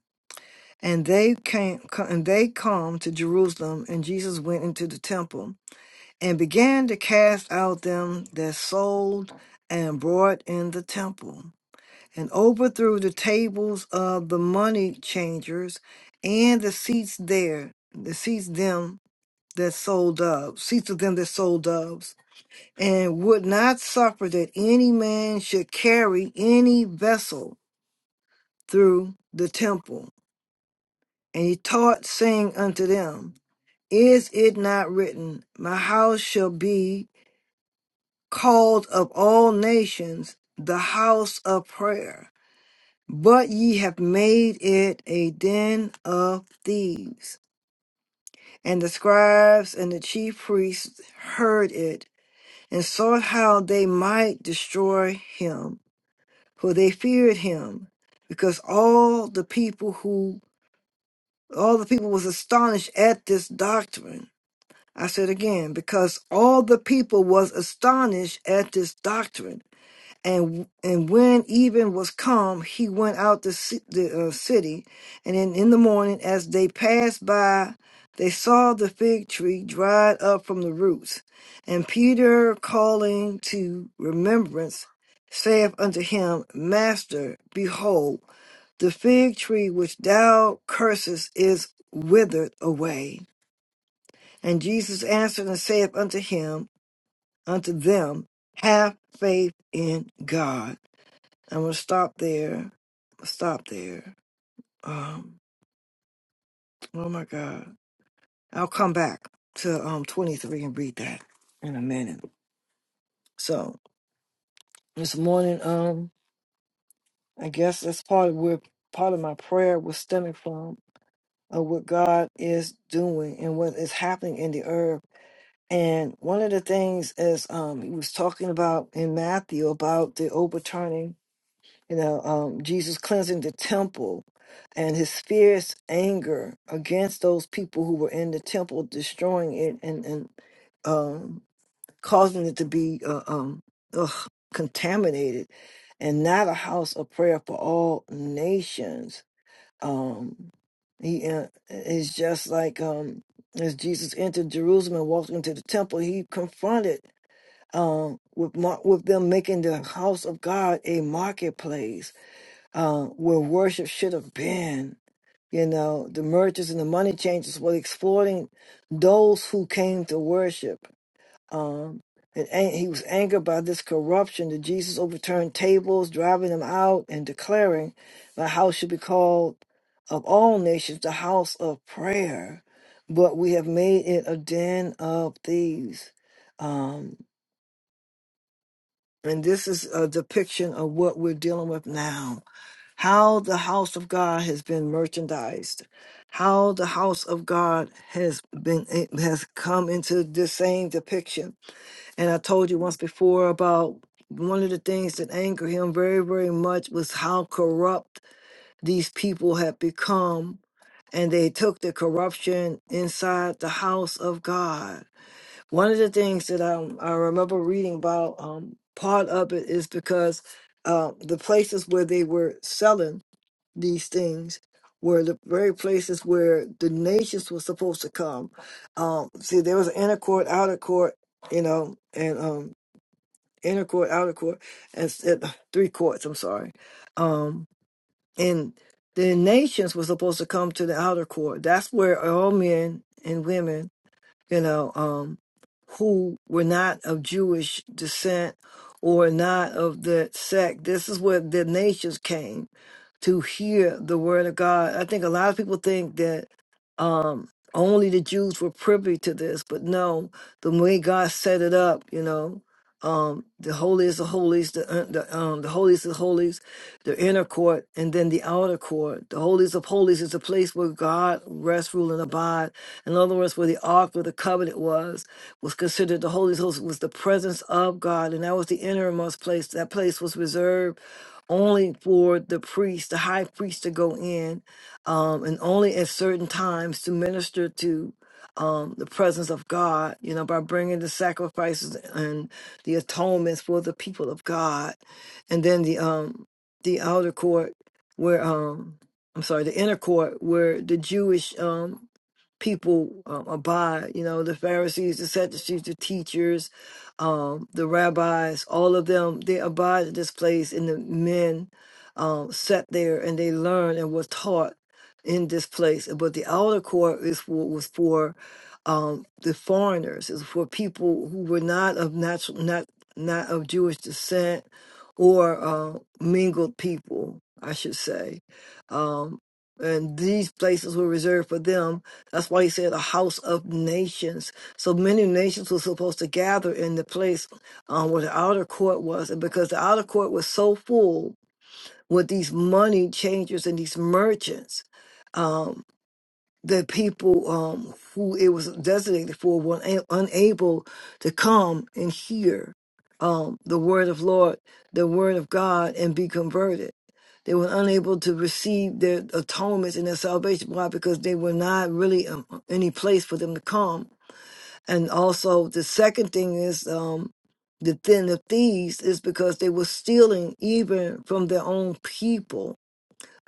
Speaker 1: And they came and they come to Jerusalem, and Jesus went into the temple. and began to cast out them that sold and brought in the temple, and overthrew the tables of the money changers and the seats there, the seats them that sold doves, seats of them that sold doves, and would not suffer that any man should carry any vessel through the temple. And he taught, saying unto them, Is it not written, My house shall be called of all nations the house of prayer. But ye have made it a den of thieves. And the scribes and the chief priests heard it, and sought how they might destroy him, for they feared him, because all the people who all the people was astonished at this doctrine. I said again, because all the people was astonished at this doctrine. and and when even was come, he went out the ci- the uh, city, and in, in the morning, as they passed by, they saw the fig tree dried up from the roots, and Peter calling to remembrance, saith unto him, Master, behold, the fig tree which thou cursest is withered away. And Jesus answered and saith unto him, unto them, Have faith in God. I'm gonna stop there. I'll stop there. Um, oh my God. I'll come back to um 23 and read that in a minute. So this morning, um, I guess that's part of where part of my prayer was stemming from of what God is doing and what is happening in the earth. And one of the things is um he was talking about in Matthew about the overturning you know, um, Jesus cleansing the temple and his fierce anger against those people who were in the temple, destroying it and, and um, causing it to be uh, um, ugh, contaminated and not a house of prayer for all nations. Um, he uh, is just like um, as Jesus entered Jerusalem and walked into the temple, he confronted um, with mar- with them making the house of God a marketplace um, where worship should have been. You know, the mergers and the money changers were exploiting those who came to worship. Um, and an- he was angered by this corruption that Jesus overturned tables, driving them out, and declaring the house should be called of all nations the house of prayer. But we have made it a den of thieves. Um, and this is a depiction of what we're dealing with now. How has been merchandised, how the house of God has been eh, has come into this same depiction. And I told you once before about one of the things that angered him very, very much was how corrupt these people had become. And they took the corruption inside the house of God. One of the things that um, I remember reading about, um, part of it is because uh, the places where they were selling these things were the very places where the nations were supposed to come. Um, see, there was inner court, outer court, you know, and um, inner court, outer court, and s- uh, three courts. I'm sorry, um, and the nations were supposed to come to the outer court. That's where all men and women you know, um, who were not of Jewish descent or not of the sect. This is where the nations came to hear the word of God. I think a lot of people think that um, only the Jews were privy to this, but no, the way God set it up, you know. Um, the holiest of holies, the uh, the um, the holiest of holies, the inner court, and then the outer court. The holiest of holies is a place where God rests, rule, and abide in other words, where the Ark of the Covenant was, was considered the Holy Ghost was the presence of God, and that was the innermost place. That place was reserved only for the priest, the high priest, to go in, um, and only at certain times to minister to um, the presence of God. You know, by bringing the sacrifices and the atonements for the people of God, and then the um, the outer court where um, I'm sorry, the inner court where the Jewish um people um, abide. You know, the Pharisees, the Sadducees, the teachers, um, guys, all of them, they abide in the men um, sat there and they learned and were taught in this place. But the outer court is for, was for um, the foreigners, is for people who were not of natural, not not of Jewish descent or uh, mingled people, I should say and these places were reserved for them. That's why he said a house of nations. So many nations were supposed to gather in the place um, where the outer court was, and because the outer court was so full with these money changers and these merchants, the people um, who it was designated for were una- unable to come and hear um, the word of Lord, the word of God, and be converted. They were unable to receive their atonements and their salvation. Why? Because they were not really um, any place for them to come. And also, the second thing is um, the then of thieves is because they were stealing even from their own people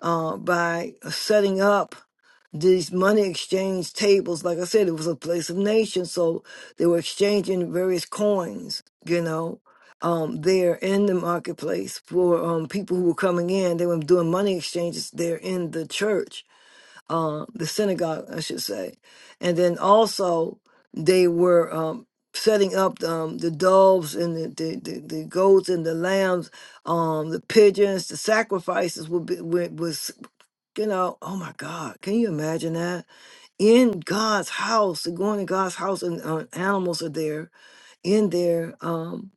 Speaker 1: uh, by setting up these money exchange tables. Like I said, it was a place of nations, so they were exchanging various coins, you know, um, there in the marketplace for um, people who were coming in. They were doing money exchanges there in the church, uh, the synagogue, I should say. And then also, they were um, setting up um, the doves and the, the, the, the goats and the lambs, um, the pigeons, the sacrifices would be, would- was, you know, oh my God, can you imagine that? in God's house, they're going to God's house, and uh, animals are there in there, um,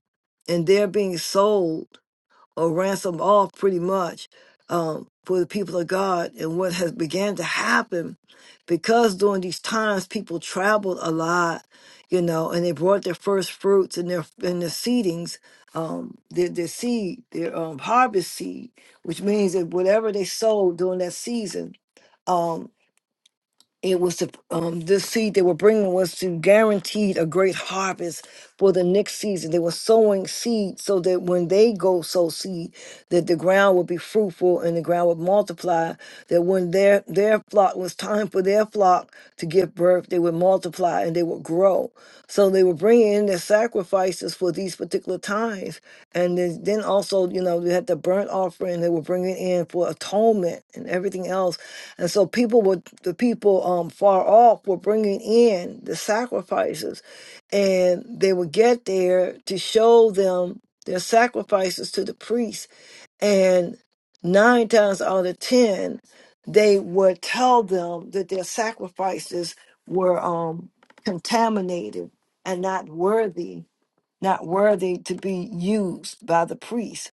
Speaker 1: and they're being sold or ransomed off pretty much um, for the people of God. And what has began to happen because during these times, people traveled a lot, you know, and they brought their first fruits and their and their seedings, um, their their seed, their um, harvest seed, which means that whatever they sold during that season. um, it was the um, the seed they were bringing was to guaranteed a great harvest for the next season. They were sowing seed so that when they go sow seed, that the ground would be fruitful and the ground would multiply. That when their their flock was time for their flock to give birth, they would multiply and they would grow. So they were bringing in their sacrifices for these particular times, and then then also you know they had the burnt offering they were bringing in for atonement and everything else. And so people were the people um far off were bringing in the sacrifices and they would get there to show them their sacrifices to the priest. And nine times out of ten, they would tell them that their sacrifices were um, contaminated and not worthy, not worthy to be used by the priest.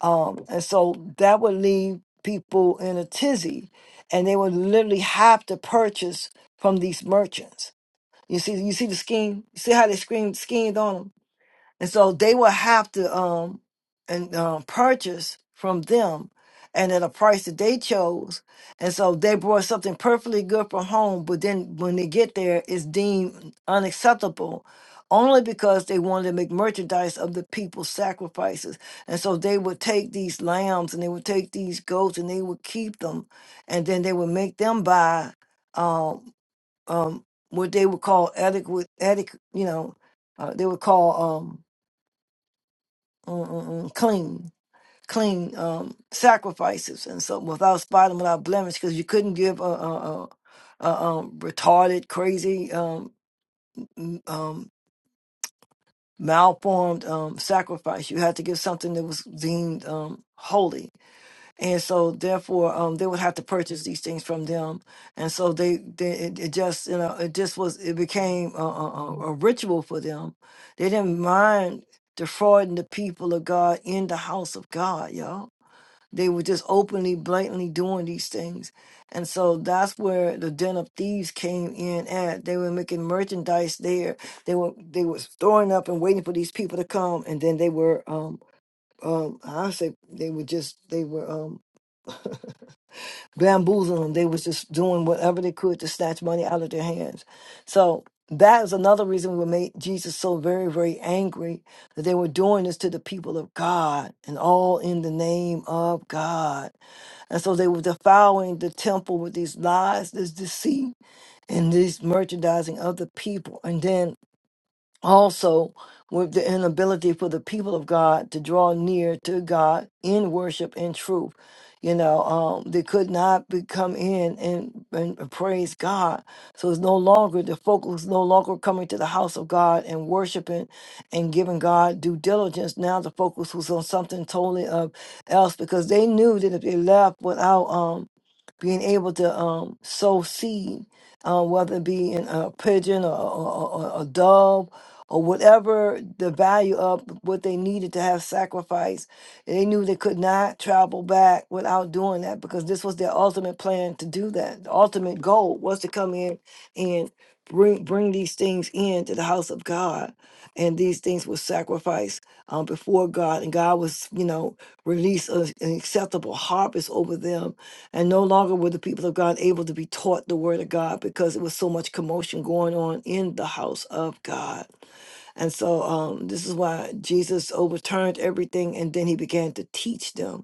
Speaker 1: Um, and so that would leave people in a tizzy, and they would literally have to purchase from these merchants you see, you see the scheme. You see how they schemed, schemed on them, and so they will have to um and um, purchase from them, and at a price that they chose. And so they brought something perfectly good from home, but then when they get there, it's deemed unacceptable, only because they wanted to make merchandise of the people's sacrifices. And so they would take these lambs and they would take these goats and they would keep them, and then they would make them buy. um, um, what they would call adequate, adequate, you know, uh, they would call um, mm, mm, mm, clean, clean um, sacrifices, and so without spot and without blemish, because you couldn't give a, a, a, a um, retarded, crazy, um, m- um, malformed um, sacrifice. You had to give something that was deemed um, holy and so therefore um, they would have to purchase these things from them and so they, they it, it just you know it just was it became a, a, a a ritual for them they didn't mind defrauding the people of god in the house of god y'all they were just openly blatantly doing these things and so that's where the den of thieves came in at they were making merchandise there they were they were storing up and waiting for these people to come and then they were um um i say they were just they were um, bamboozling them. They was just doing whatever they could to snatch money out of their hands. So that is another reason what made Jesus so very, very angry that they were doing this to the people of God and all in the name of God. And so they were defiling the temple with these lies, this deceit, and this merchandising of the people. And then also with the inability for the people of God to draw near to God in worship and truth. You know, um, they could not be, come in and, and praise God. So it's no longer, the focus is no longer coming to the house of God and worshiping and giving God due diligence. Now the focus was on something totally uh, else because they knew that if they left without um, being able to um, sow seed, uh, whether it be in a pigeon or, or, or a dove or whatever the value of what they needed to have sacrificed. They knew they could not travel back without doing that because this was their ultimate plan to do that. The ultimate goal was to come in and bring bring these things into the house of God, and these things were sacrificed um, before God, and God was you know released a- an acceptable harvest over them, and no longer were the people of God able to be taught the word of God because it was so much commotion going on in the house of God, and so um, this is why Jesus overturned everything, and then he began to teach them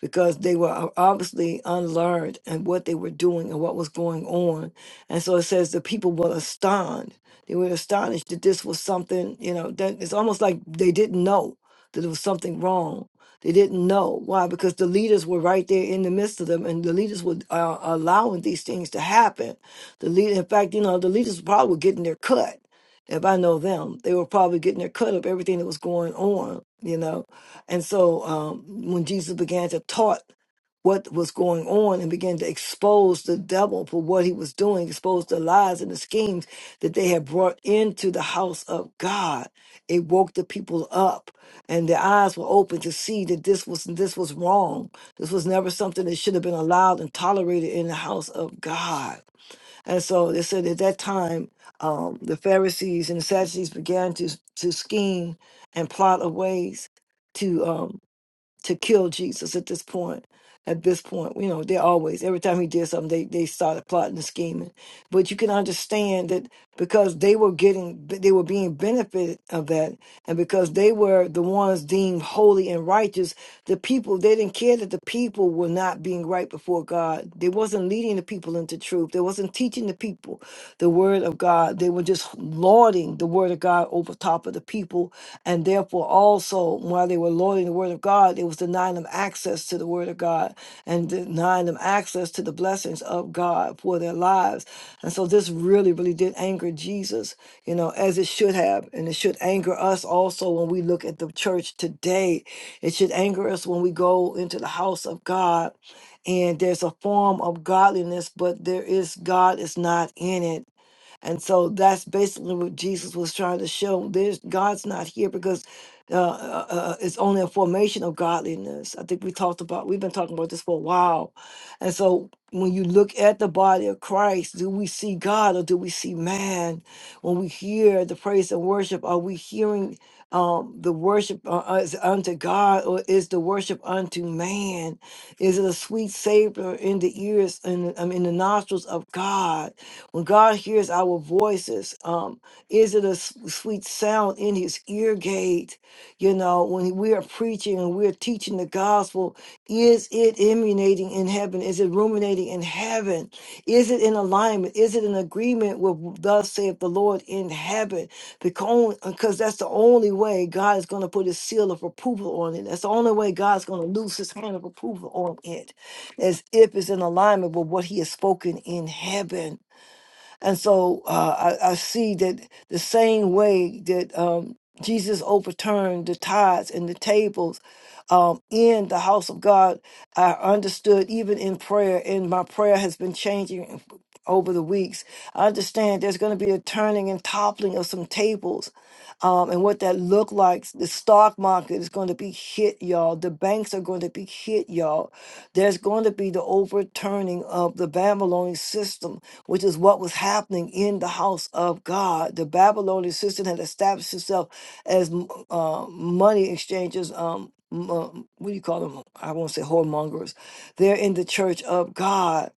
Speaker 1: because they were obviously unlearned and what they were doing and what was going on. And so it says the people were astonished. They were astonished that this was something, you know, that it's almost like they didn't know that it was something wrong. They didn't know why, because the leaders were right there in the midst of them, and the leaders were uh, allowing these things to happen. The lead, in fact, you know, the leaders probably were getting their cut. If I know them, they were probably getting their cut of everything that was going on, you know and so um, when Jesus began to taught what was going on and began to expose the devil for what he was doing, expose the lies and the schemes that they had brought into the house of God. It woke the people up and their eyes were open to see that this was this was wrong. This was never something that should have been allowed and tolerated in the house of God. And so they said at that time, um, the Pharisees and the Sadducees began to, to scheme and plot of ways to um, to kill Jesus at this point. At this point, you know, they always every time he did something, they they started plotting and scheming. But you can understand that because they were getting, they were being benefited of that, and because they were the ones deemed holy and righteous, the people they didn't care that the people were not being right before God. They wasn't leading the people into truth. They wasn't teaching the people the word of God. They were just lauding the word of God over top of the people and therefore, also, while they were loading the Word of God, it was denying them access to the Word of God and denying them access to the blessings of God for their lives. And so, this really, really did anger Jesus, you know, as it should have. And it should anger us also when we look at the church today. It should anger us when we go into the house of God and there's a form of godliness, but there is God is not in it and so that's basically what Jesus was trying to show. There's God's not here because uh, uh, uh, it's only a formation of godliness. I think we talked about, we've been talking about this for a while and so when you look at the body of Christ, do we see God or do we see man? When we hear the praise and worship, are we hearing um, the worship uh, uh, is unto God or is the worship unto man? Is it a sweet savor in the ears and um, in the nostrils of God? When God hears our voices, um, is it a s- sweet sound in his ear gate? You know, when we are preaching and we're teaching the gospel, is it emanating in heaven? Is it ruminating in heaven? Is it in alignment? Is it in agreement with thus saith the Lord in heaven? Because because that's the only way God is going to put his seal of approval on it. That's the only way God's going to loose his hand of approval on it, as if it's in alignment with what he has spoken in heaven. And so uh, I, I see that the same way that um, Jesus overturned the tithes and the tables um, in the house of God. I understood even in prayer, and my prayer has been changing over the weeks. I understand there's going to be a turning and toppling of some tables. Um, and what that look like, the stock market is going to be hit, y'all. The banks are going to be hit, y'all. There's going to be the overturning of the Babylonian system, which is what was happening in the house of God. The Babylonian system had established itself as m- uh, money exchanges, um, m- uh, what do you call them? I won't say whoremongers. They're in the church of God,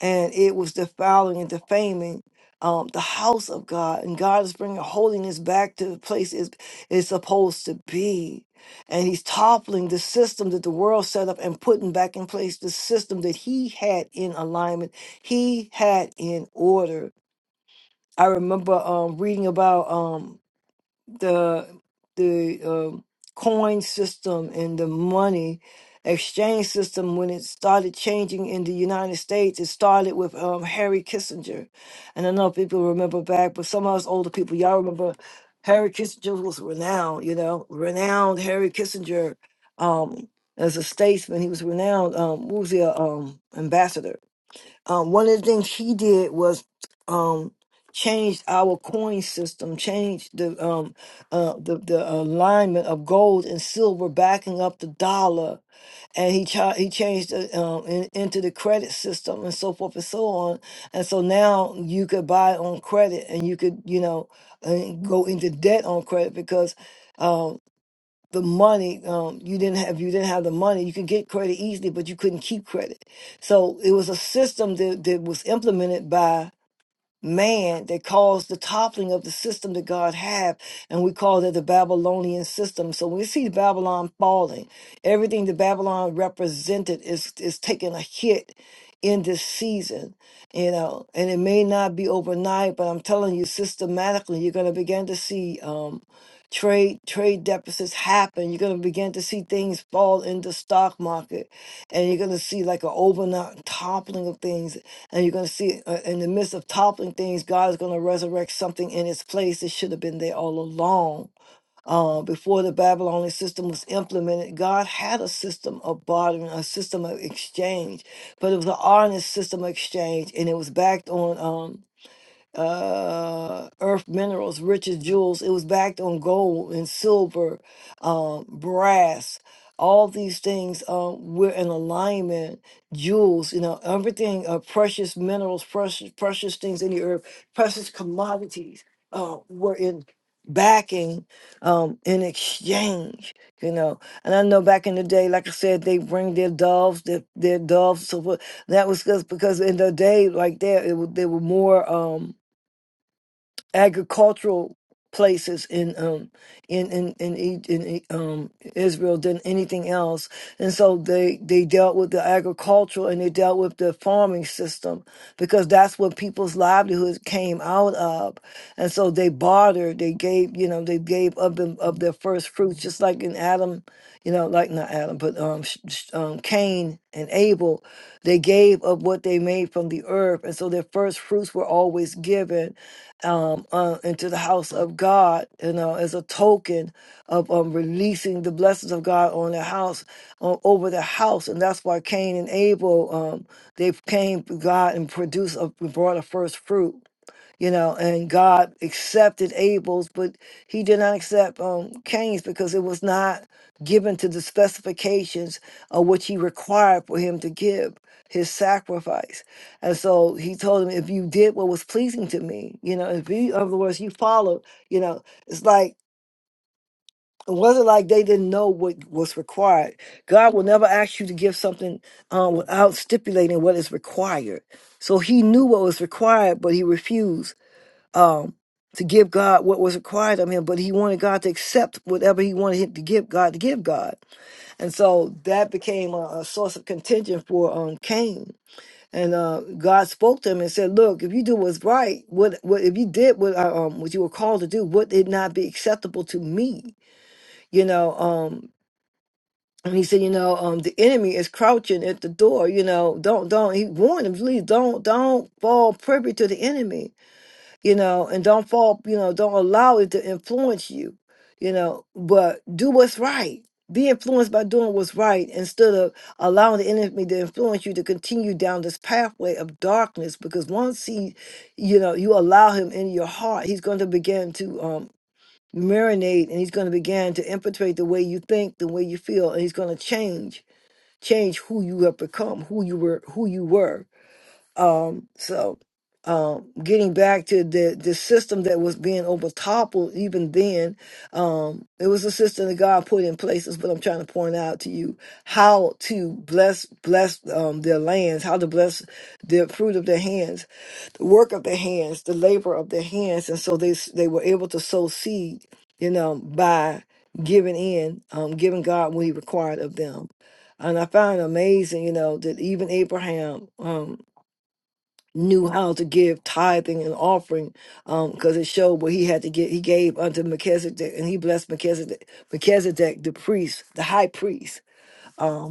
Speaker 1: and it was defiling and defaming um, the house of God. And God is bringing holiness back to the place it's, it's supposed to be. And He's toppling the system that the world set up and putting back in place the system that He had in alignment, He had in order. I remember um, reading about. Um, the the um coin system and the money exchange system when it started changing in the United States. It started with um, Harry Kissinger, and I know people remember back, but some of us older people, y'all remember Harry Kissinger was renowned. You know, renowned Harry Kissinger um, as a statesman. He was renowned. Um, what was he? a, Um, ambassador um, one of the things he did was um, changed our coin system, changed the um, uh, the, the alignment of gold and silver, backing up the dollar, and he chi- he changed the, um, in, into the credit system and so forth and so on. And so now you could buy on credit, and you could you know uh, go into debt on credit because. um, the money um, you didn't have if you didn't have the money you could get credit easily but you couldn't keep credit so it was a system that, that was implemented by man that caused the toppling of the system that god had and we call that the babylonian system so when we see babylon falling everything that babylon represented is is taking a hit in this season you know and it may not be overnight but i'm telling you systematically you're going to begin to see Um, trade trade deficits happen you're going to begin to see things fall in the stock market and you're going to see like an overnight toppling of things and you're going to see uh, in the midst of toppling things god is going to resurrect something in its place that should have been there all along uh, before the babylonian system was implemented god had a system of bartering a system of exchange but it was an honest system of exchange and it was backed on um uh, earth minerals, riches, jewels. It was backed on gold and silver, um, brass. All these things um, were in alignment. Jewels, you know, everything, uh, precious minerals, precious, precious things in the earth, precious commodities uh, were in backing um, in exchange. You know, and I know back in the day, like I said, they bring their doves, their, their doves. So what- that was just because in the day, like there, it, wa- they were more. Um, agricultural places in um in in in, E- in, E- um Israel than anything else and so they they dealt with the agricultural and they dealt with the farming system because that's what people's livelihoods came out of and so they bartered they gave you know they gave up them of their first fruits just like in Adam you know like not Adam but um, Sh- Sh- um Cain and Abel they gave of what they made from the earth and so their first fruits were always given um, uh, into the house of God, you know, as a token of um, releasing the blessings of God on the house, uh, over the house, and that's why Cain and Abel, um, they came to God and produced, a, brought a first fruit you know, and God accepted Abel's, but he did not accept um, Cain's because it was not given to the specifications of which he required for him to give his sacrifice. And so he told him, if you did what was pleasing to me, you know, if you, in other words, you followed, you know, it's like, it wasn't like they didn't know what was required. God will never ask you to give something um, without stipulating what is required. So he knew what was required, but he refused um, to give God what was required of him, but he wanted God to accept whatever he wanted him to give God to give God. And so that became a, a source of contention for um, Cain. And uh, God spoke to him and said, "Look, if you do what's right, what, what if you did what I, um, what you were called to do, would it not be acceptable to me? You know." Um, and he said, "You know, um, the enemy is crouching at the door. You know, don't don't." He warned him, "Please don't don't fall privy to the enemy." you know, and don't fall, you know, don't allow it to influence you, you know, but do what's right. Be influenced by doing what's right instead of allowing the enemy to influence you to continue down this pathway of darkness. Because once he, you know, you allow him in your heart, he's going to begin to um, marinate and he's going to begin to infiltrate the way you think, the way you feel, and he's going to change, change who you have become, who you were, who you were um, so um, getting back to the the system that was being overtoppled even then, um, it was a system that God put in places. But I'm trying to point out to you how to bless bless um, their lands, how to bless the fruit of their hands, the work of their hands, the labor of their hands, and so they s- they were able to sow seed, you know, by giving in, um, giving God what He required of them. And I find it amazing, you know, that even Abraham. Um, knew how to give tithing and offering because it showed what he had to get. He gave unto Melchizedek and he blessed Melchizedek, Melchizedek the priest, the high priest. Um,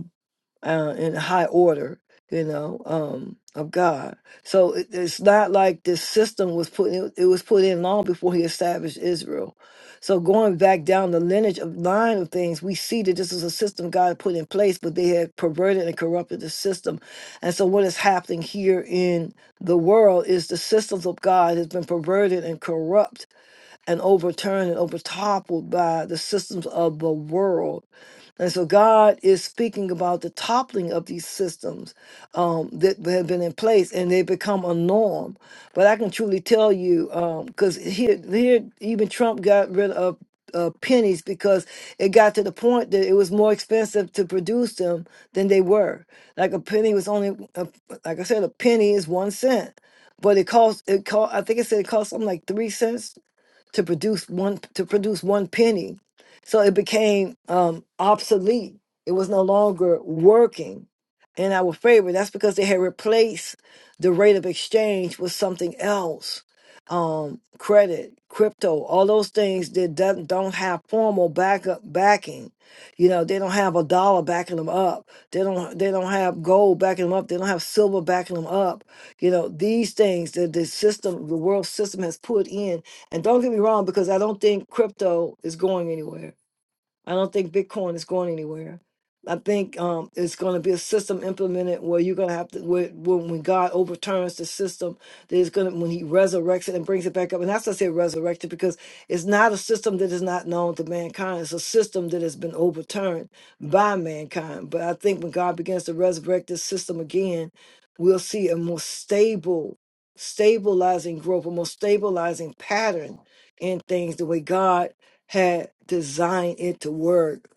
Speaker 1: uh, in high order, you know, um, of God. So it, it's not like this system was put in, it was put in long before he established Israel. So going back down the lineage of line of things, we see that this is a system God put in place, but they had perverted and corrupted the system. And so what is happening here in the world is the systems of God has been perverted and corrupt and overturned and overtoppled by the systems of the world. And so God is speaking about the toppling of these systems um, that have been in place and they become a norm. But I can truly tell you, because here, here, even Trump got rid of uh, pennies because it got to the point that it was more expensive to produce them than they were. Like a penny was only, uh, like I said, a penny is one cent. But it cost, it cost, I think it said it cost something like three cents to produce one to produce one penny. So it became um, obsolete. It was no longer working in our favor. That's because they had replaced the rate of exchange with something else um, credit, crypto, all those things that doesn't don't have formal backup backing. You know, they don't have a dollar backing them up. They don't they don't have gold backing them up. They don't have silver backing them up. You know, these things that the system, the world system has put in. And don't get me wrong, because I don't think crypto is going anywhere. I don't think Bitcoin is going anywhere. I think um, it's going to be a system implemented where you're going to have to where, when, when God overturns the system, there's going to when He resurrects it and brings it back up. And that's why I say resurrected because it's not a system that is not known to mankind. It's a system that has been overturned by mankind. But I think when God begins to resurrect this system again, we'll see a more stable, stabilizing growth, a more stabilizing pattern in things the way God had designed it to work.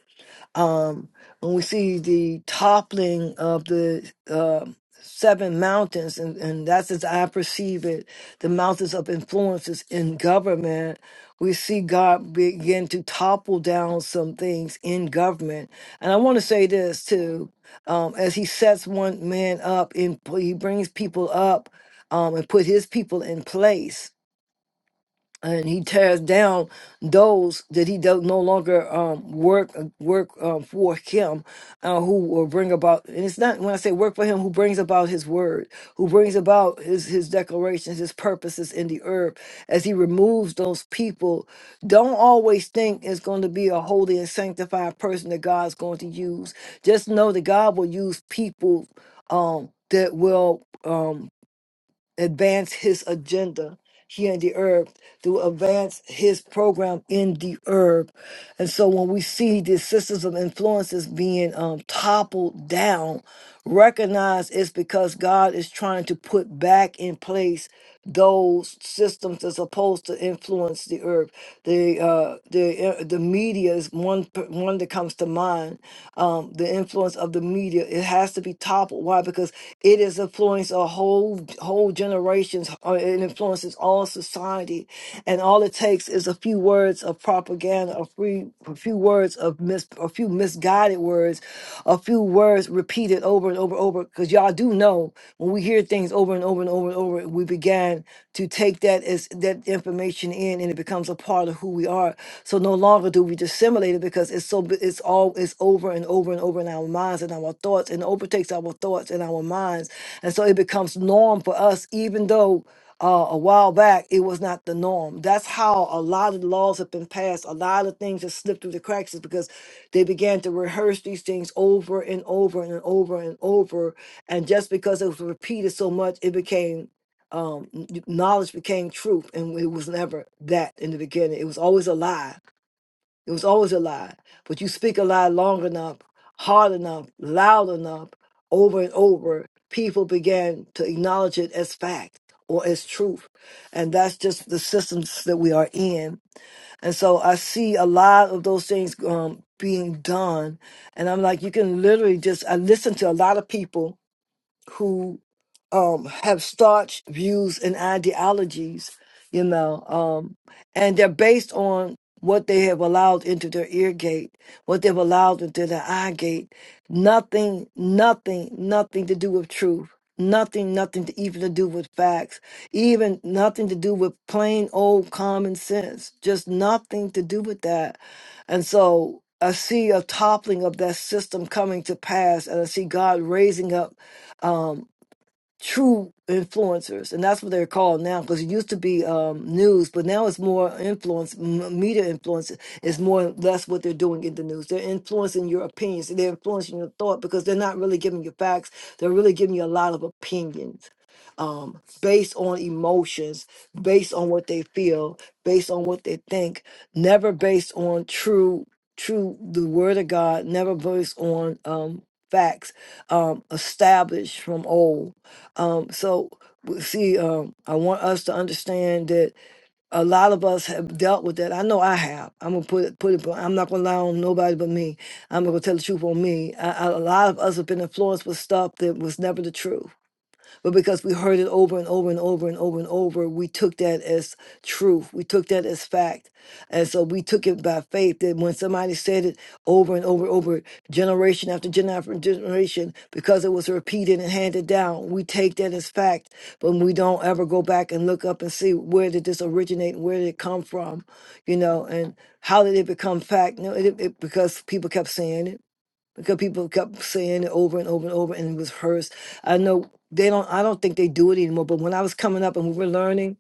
Speaker 1: Um, when we see the toppling of the um seven mountains, and, and that's as I perceive it, the mountains of influences in government, we see God begin to topple down some things in government. And I want to say this too um, as he sets one man up and he brings people up um, and put his people in place and he tears down those that he does no longer um, work uh, work um, for him, uh, who will bring about. And it's not when I say work for him, who brings about his word, who brings about his his declarations, his purposes in the earth. As he removes those people, don't always think it's going to be a holy and sanctified person that God's going to use. Just know that God will use people um, that will. Um, advance his agenda here in the earth, to advance his program in the earth. And so when we see the systems of influences being um, toppled down, recognize it's because God is trying to put back in place those systems that's supposed to influence the earth. The uh, the uh, the media is one p- one that comes to mind. Um, the influence of the of the media. It has to be toppled. Why? Because it is influenced a whole whole generations. uh, It influences all society, and all it takes is a few words of propaganda, a few a few words of mis, a few misguided words, a few words repeated over and over and over. Because y'all do know when we hear things over and over and over and over, we began to take that as that information in in and it becomes a part of who we are. So no longer do we dissimulate it because it's so b- it's all it's over and over and over in our minds and our thoughts and overtakes our thoughts and our minds. And so it becomes norm for us, even though uh, a while back, it was not the norm. That's how a lot of laws have been passed. A lot of things have slipped through the cracks is because they began to rehearse these things over and over and over and over. And just because it was repeated so much, it became um n- y- knowledge became truth and it was never that in the beginning it was always a lie it was always a lie but you speak a lie long enough hard enough loud enough over and over people began to acknowledge it as fact or as truth and that's just the systems that we are in and so i see a lot of those things um being done and i'm like you can literally just i listen to a lot of people who um, have staunch views and ideologies, you know, um, and they're based on what they have allowed into their ear gate, what they've allowed into their eye gate. Nothing, nothing, nothing to do with truth. Nothing, nothing to even to do with facts, even nothing to do with plain old common sense, just nothing to do with that. And so I see a toppling of that system coming to pass, and I see God raising up true influencers, and that's what they're called now. Because it used to be um, news, but now it's more influence, m- media influence is more or less what they're doing in the news. They're influencing your opinions, they're influencing your thought because they're not really giving you facts. They're really giving you a lot of opinions um, based on emotions, based on what they feel, based on what they think, never based on true, true the word of God, never based on um, facts um, established from old. Um, so w- see, um, I want us to understand that a lot of us have dealt with that. I know I have. I'm gonna put it, put it. blunt. I'm not gonna lie on nobody but me. I'm gonna tell the truth on me. I, I, a lot of us have been influenced with stuff that was never the truth but because we heard it over and over and over and over and over, we took that as truth. We took that as fact. And so we took it by faith that when somebody said it over and over and over, generation after generation after generation, because it was repeated and handed down, we take that as fact, but we don't ever go back and look up and see where did this originate and where did it come from, you know, and how did it become fact? No, it, it, because people kept saying it because people kept saying it over and over and over, and it was hers. I know they don't. I don't think they do it anymore. But when I was coming up and we were learning,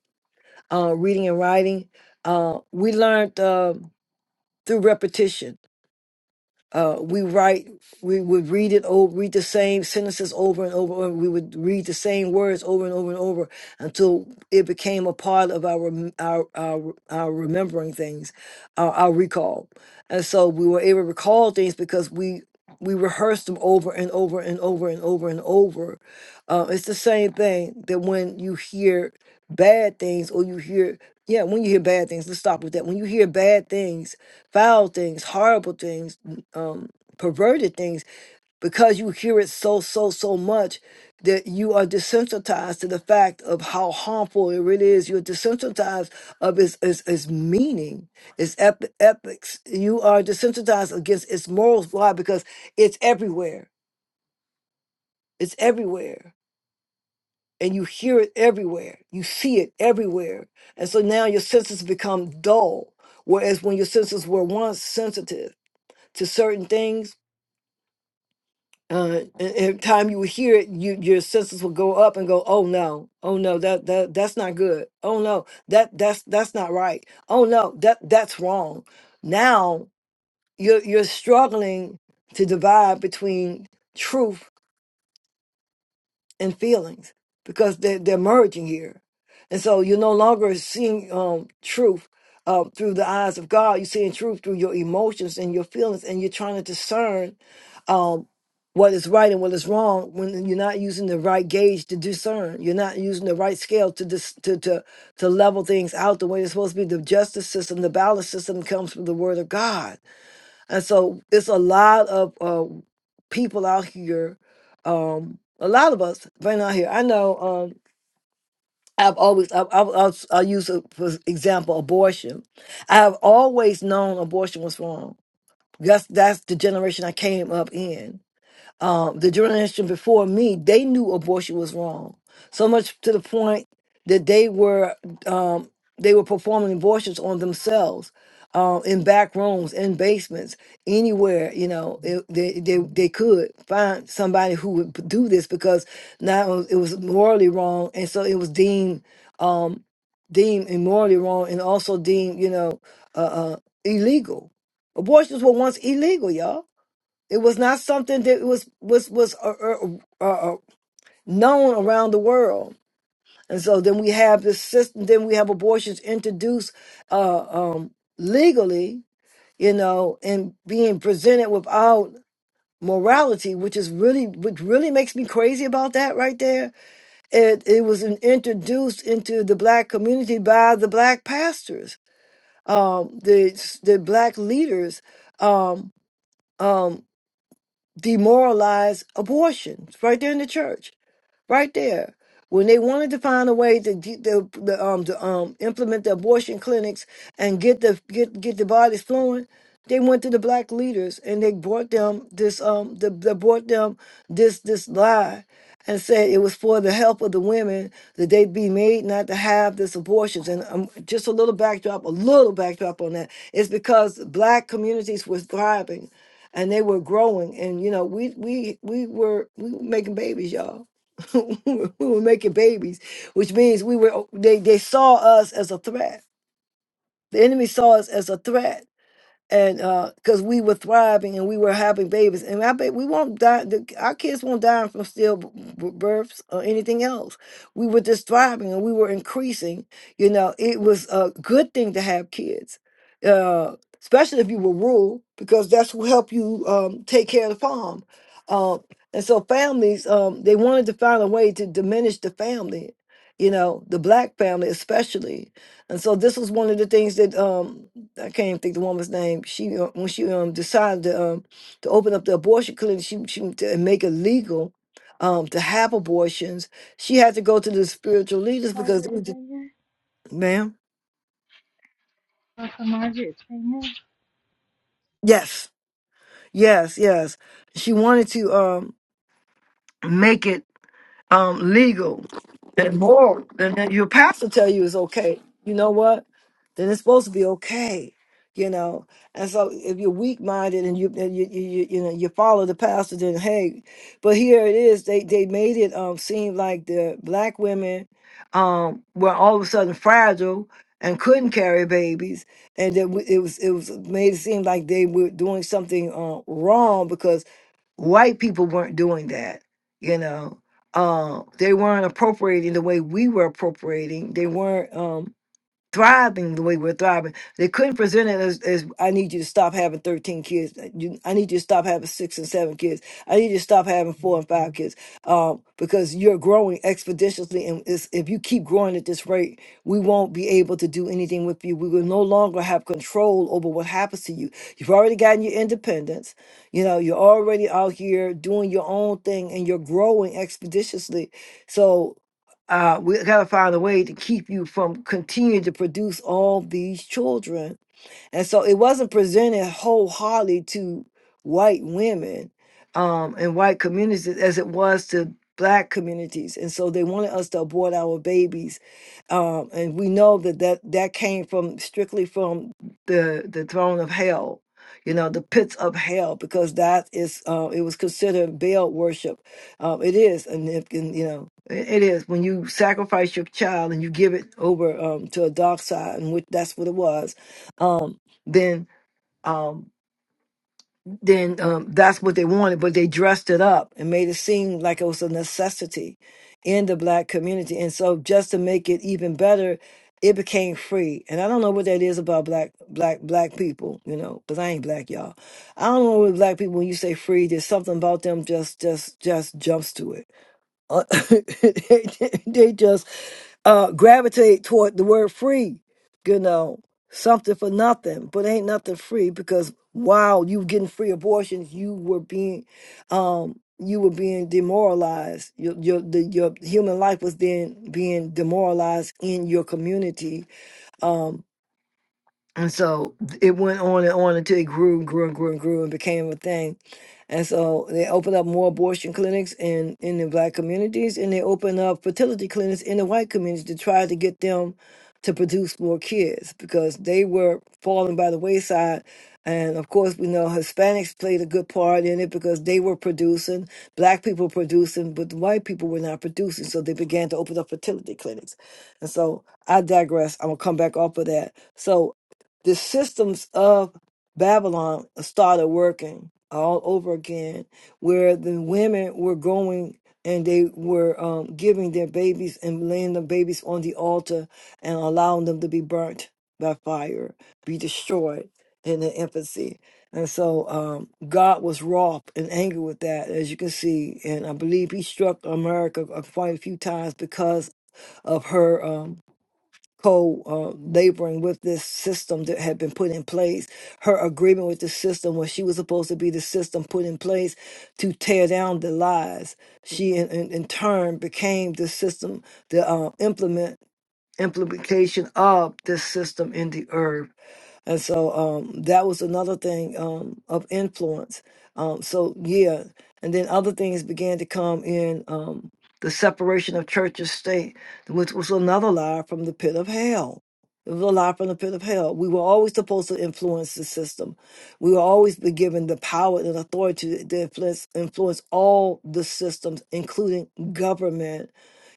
Speaker 1: uh, reading and writing, uh, we learned uh, through repetition. Uh, we write. We would read it over, read the same sentences over and over, and we would read the same words over and over and over until it became a part of our rem- our our, our remembering things, our, our recall. And so we were able to recall things because we we rehearse them over and over and over and over and over. Uh, it's the same thing that when you hear bad things or you hear, yeah, when you hear bad things, let's stop with that. When you hear bad things, foul things, horrible things, n- um, perverted things, because you hear it so, so, so much that you are desensitized to the fact of how harmful it really is. You're desensitized of its, its, its meaning, its ep- epics. You are desensitized against its morals. Why? Because it's everywhere. It's everywhere. And you hear it everywhere. You see it everywhere. And so now your senses become dull. Whereas when your senses were once sensitive to certain things, uh, and every time you would hear it, you, your senses would go up and go, "Oh no, oh no, that that that's not good. Oh no, that that's that's not right. Oh no, that that's wrong." Now you're you're struggling to divide between truth and feelings because they're, they're merging here. And so you're no longer seeing um, truth uh, through the eyes of God. You're seeing truth through your emotions and your feelings, and you're trying to discern um, what is right and what is wrong when you're not using the right gauge to discern. You're not using the right scale to dis- to, to to level things out the way it's supposed to be. The justice system, the balance system comes from the Word of God and so it's a lot of uh, people out here. Um, a lot of us right out here. I know. Um, I've always I, I, I'll, I'll use a, for example abortion. I have always known abortion was wrong. That's that's the generation I came up in um, the generation before me, they knew abortion was wrong. So much to the point that they were um, they were performing abortions on themselves uh, in back rooms, in basements, anywhere. You know, it, they they they could find somebody who would p- do this because now it was morally wrong, and so it was deemed um, deemed immorally wrong, and also deemed you know uh, uh, illegal. Abortions were once illegal, y'all it was not something that was was was uh, uh, uh, uh, known around the world, and so then we have this system. Then we have abortions introduced uh, um, legally, you know, and being presented without morality, which is really which really makes me crazy about that right there. It it was in- introduced into the black community by the black pastors, um, the the black leaders um, um, demoralize abortion right there in the church right there. When they wanted to find a way to get the, the um to um implement the abortion clinics and get the get get the bodies flowing, they went to the black leaders and they brought them this um the, they brought them this this lie and said it was for the help of the women that they'd be made not to have this abortions and um, just a little backdrop a little backdrop on that is because black communities were thriving and they were growing and you know we we we were we were making babies y'all <laughs> we were making babies, which means we were they they saw us as a threat. The enemy saw us as a threat and because we were thriving and we were having babies, and I bet we won't die. The, our kids won't die from stillbirths or anything else. We were just thriving and we were increasing. You know, it was a good thing to have kids, uh, especially if you were rural, because that's who help you um, take care of the farm. Um, and so families, um, they wanted to find a way to diminish the family. You know, the black family especially, and so this was one of the things that. um, I can't think the woman's name. She uh, when she um decided to um to open up the abortion clinic, she she to make it legal um to have abortions. She had to go to the spiritual leaders because
Speaker 4: Margaret
Speaker 1: they did-
Speaker 4: Sanger,
Speaker 1: ma'am.
Speaker 4: Pastor Margaret Sanger.
Speaker 1: Yes, yes, yes. She wanted to um make it um legal and moral, then then your pastor tell you it's okay. You know what? Then it's supposed to be okay. You know, and so if you're weak minded and you, and you you you you know you follow the pastor, then hey, but here it is. They they made it um seem like the black women um were all of a sudden fragile and couldn't carry babies, and that we- it was it was made it seem like they were doing something uh, wrong because White people weren't doing that, you know. Uh, they weren't appropriating the way we were appropriating. They weren't. Um, thriving the way we're thriving. They couldn't present it as, as I need you to stop having 13 kids. You- I need you to stop having six and seven kids. I need you to stop having four and five kids um, because you're growing expeditiously. And it's, if you keep growing at this rate, we won't be able to do anything with you. We will no longer have control over what happens to you. You've already gotten your independence. You know, you're already out here doing your own thing and you're growing expeditiously. So uh, we gotta find a way to keep you from continuing to produce all these children and so it wasn't presented wholeheartedly to white women um, and white communities as it was to black communities. And so they wanted us to abort our babies. Um, and we know that, that that came from strictly from the, the throne of hell. You know the pits of hell because that is uh, it was considered Baal worship. Um, it is, and, if, and you know it it is when you sacrifice your child and you give it over um, to a dark side, and which that's what it was. um then um then um that's what they wanted but they dressed it up and made it seem like it was a necessity in the black community and so just to make it even better it became free and i don't know what that is about black black black people you know because i ain't black y'all i don't know what black people when you say free there's something about them just just just jumps to it uh, <laughs> they, they just uh, gravitate toward the word free, you know, something for nothing, but ain't nothing free because while you getting free abortions, you were being, um, you were being demoralized. Your your the, your human life was then being demoralized in your community. Um, and so th- it went on and on until it grew and grew and grew and grew and became a thing. And so they opened up more abortion clinics in, in the black communities and they opened up fertility clinics in the white communities to try to get them to produce more kids because they were falling by the wayside. And of course, we know Hispanics played a good part in it because they were producing, black people producing, but the white people were not producing. So they began to open up fertility clinics. And so I digress. I'm going to come back off of that. So the systems of Babylon started working all over again, where the women were going and they were um, giving their babies and laying the babies on the altar and allowing them to be burnt by fire, be destroyed in their infancy. And so um, God was wroth and angry with that, as you can see. And I believe he struck America uh, quite a few times because of her. um, co uh, laboring with this system that had been put in place. Her agreement with the system where she was supposed to be the system put in place to tear down the lies. She in, in, in turn became the system to uh, implement implication of this system in the earth. And so um, that was another thing um, of influence. Um, so, yeah. And then other things began to come in um, the separation of church and state, which was another lie from the pit of hell. It was a lie from the pit of hell. We were always supposed to influence the system. We were always be given the power and authority to influence, influence all the systems, including government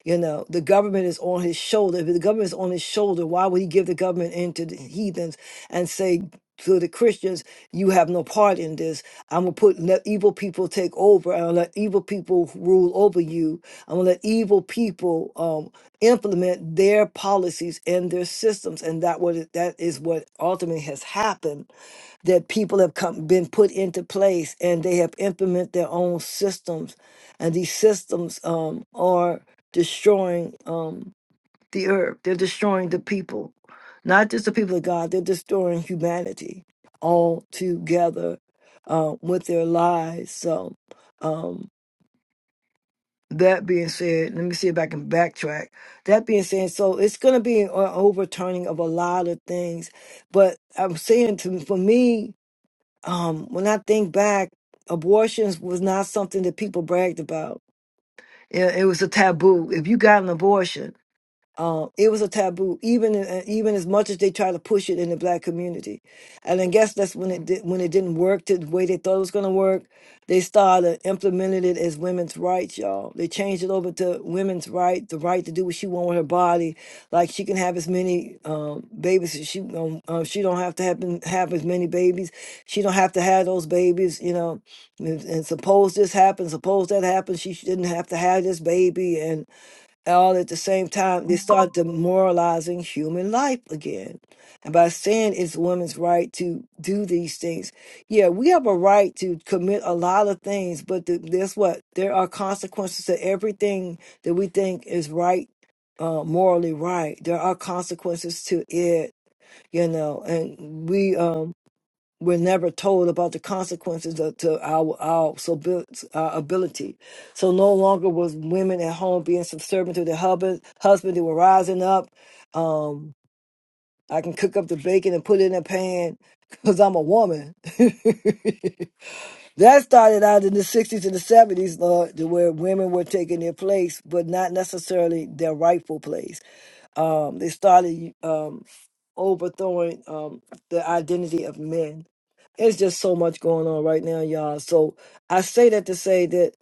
Speaker 1: you know, the government is on his shoulder. If the government is on his shoulder, why would he give the government into the heathens and say to the Christians, you have no part in this. I'm gonna put let evil people take over. I'm gonna let evil people rule over you. I'm gonna let evil people um, implement their policies and their systems. And that what it- that is what ultimately has happened that people have come, been put into place and they have implemented their own systems and these systems um, are destroying um, the earth. They're destroying the people, not just the people of God. They're destroying humanity all together uh, with their lies. So, um, that being said, let me see if I can backtrack. That being said, so it's going to be an overturning of a lot of things. But I'm saying to for me, um, when I think back, abortions was not something that people bragged about. It, it was a taboo. If you got an abortion. Um, it was a taboo, even in- even as much as they try to push it in the black community, and I guess that's when it did, when it didn't work the way they thought it was going to work. They started implementing it as women's rights, y'all. They changed it over to women's right, the right to do what she want with her body, like she can have as many um, babies as she um, uh, she don't have to have have as many babies. She don't have to have those babies, you know. And, and suppose this happens, suppose that happens, she shouldn't have to have this baby, and all at the same time, they start demoralizing human life again. And by saying it's women's right to do these things, yeah, we have a right to commit a lot of things, but the, guess what? There are consequences to everything that we think is right, uh, morally right. There are consequences to it, you know, and we, um, we're never told about the consequences of, to our our, so our ability. So no longer was women at home being subservient to their husband. Husband, they were rising up. Um, I can cook up the bacon and put it in a pan because I'm a woman. <laughs> that started out in the 60s and the 70s, Lord, to where women were taking their place, but not necessarily their rightful place. Um, they started um, overthrowing um, the identity of men. It's just so much going on right now, y'all. So I say that to say that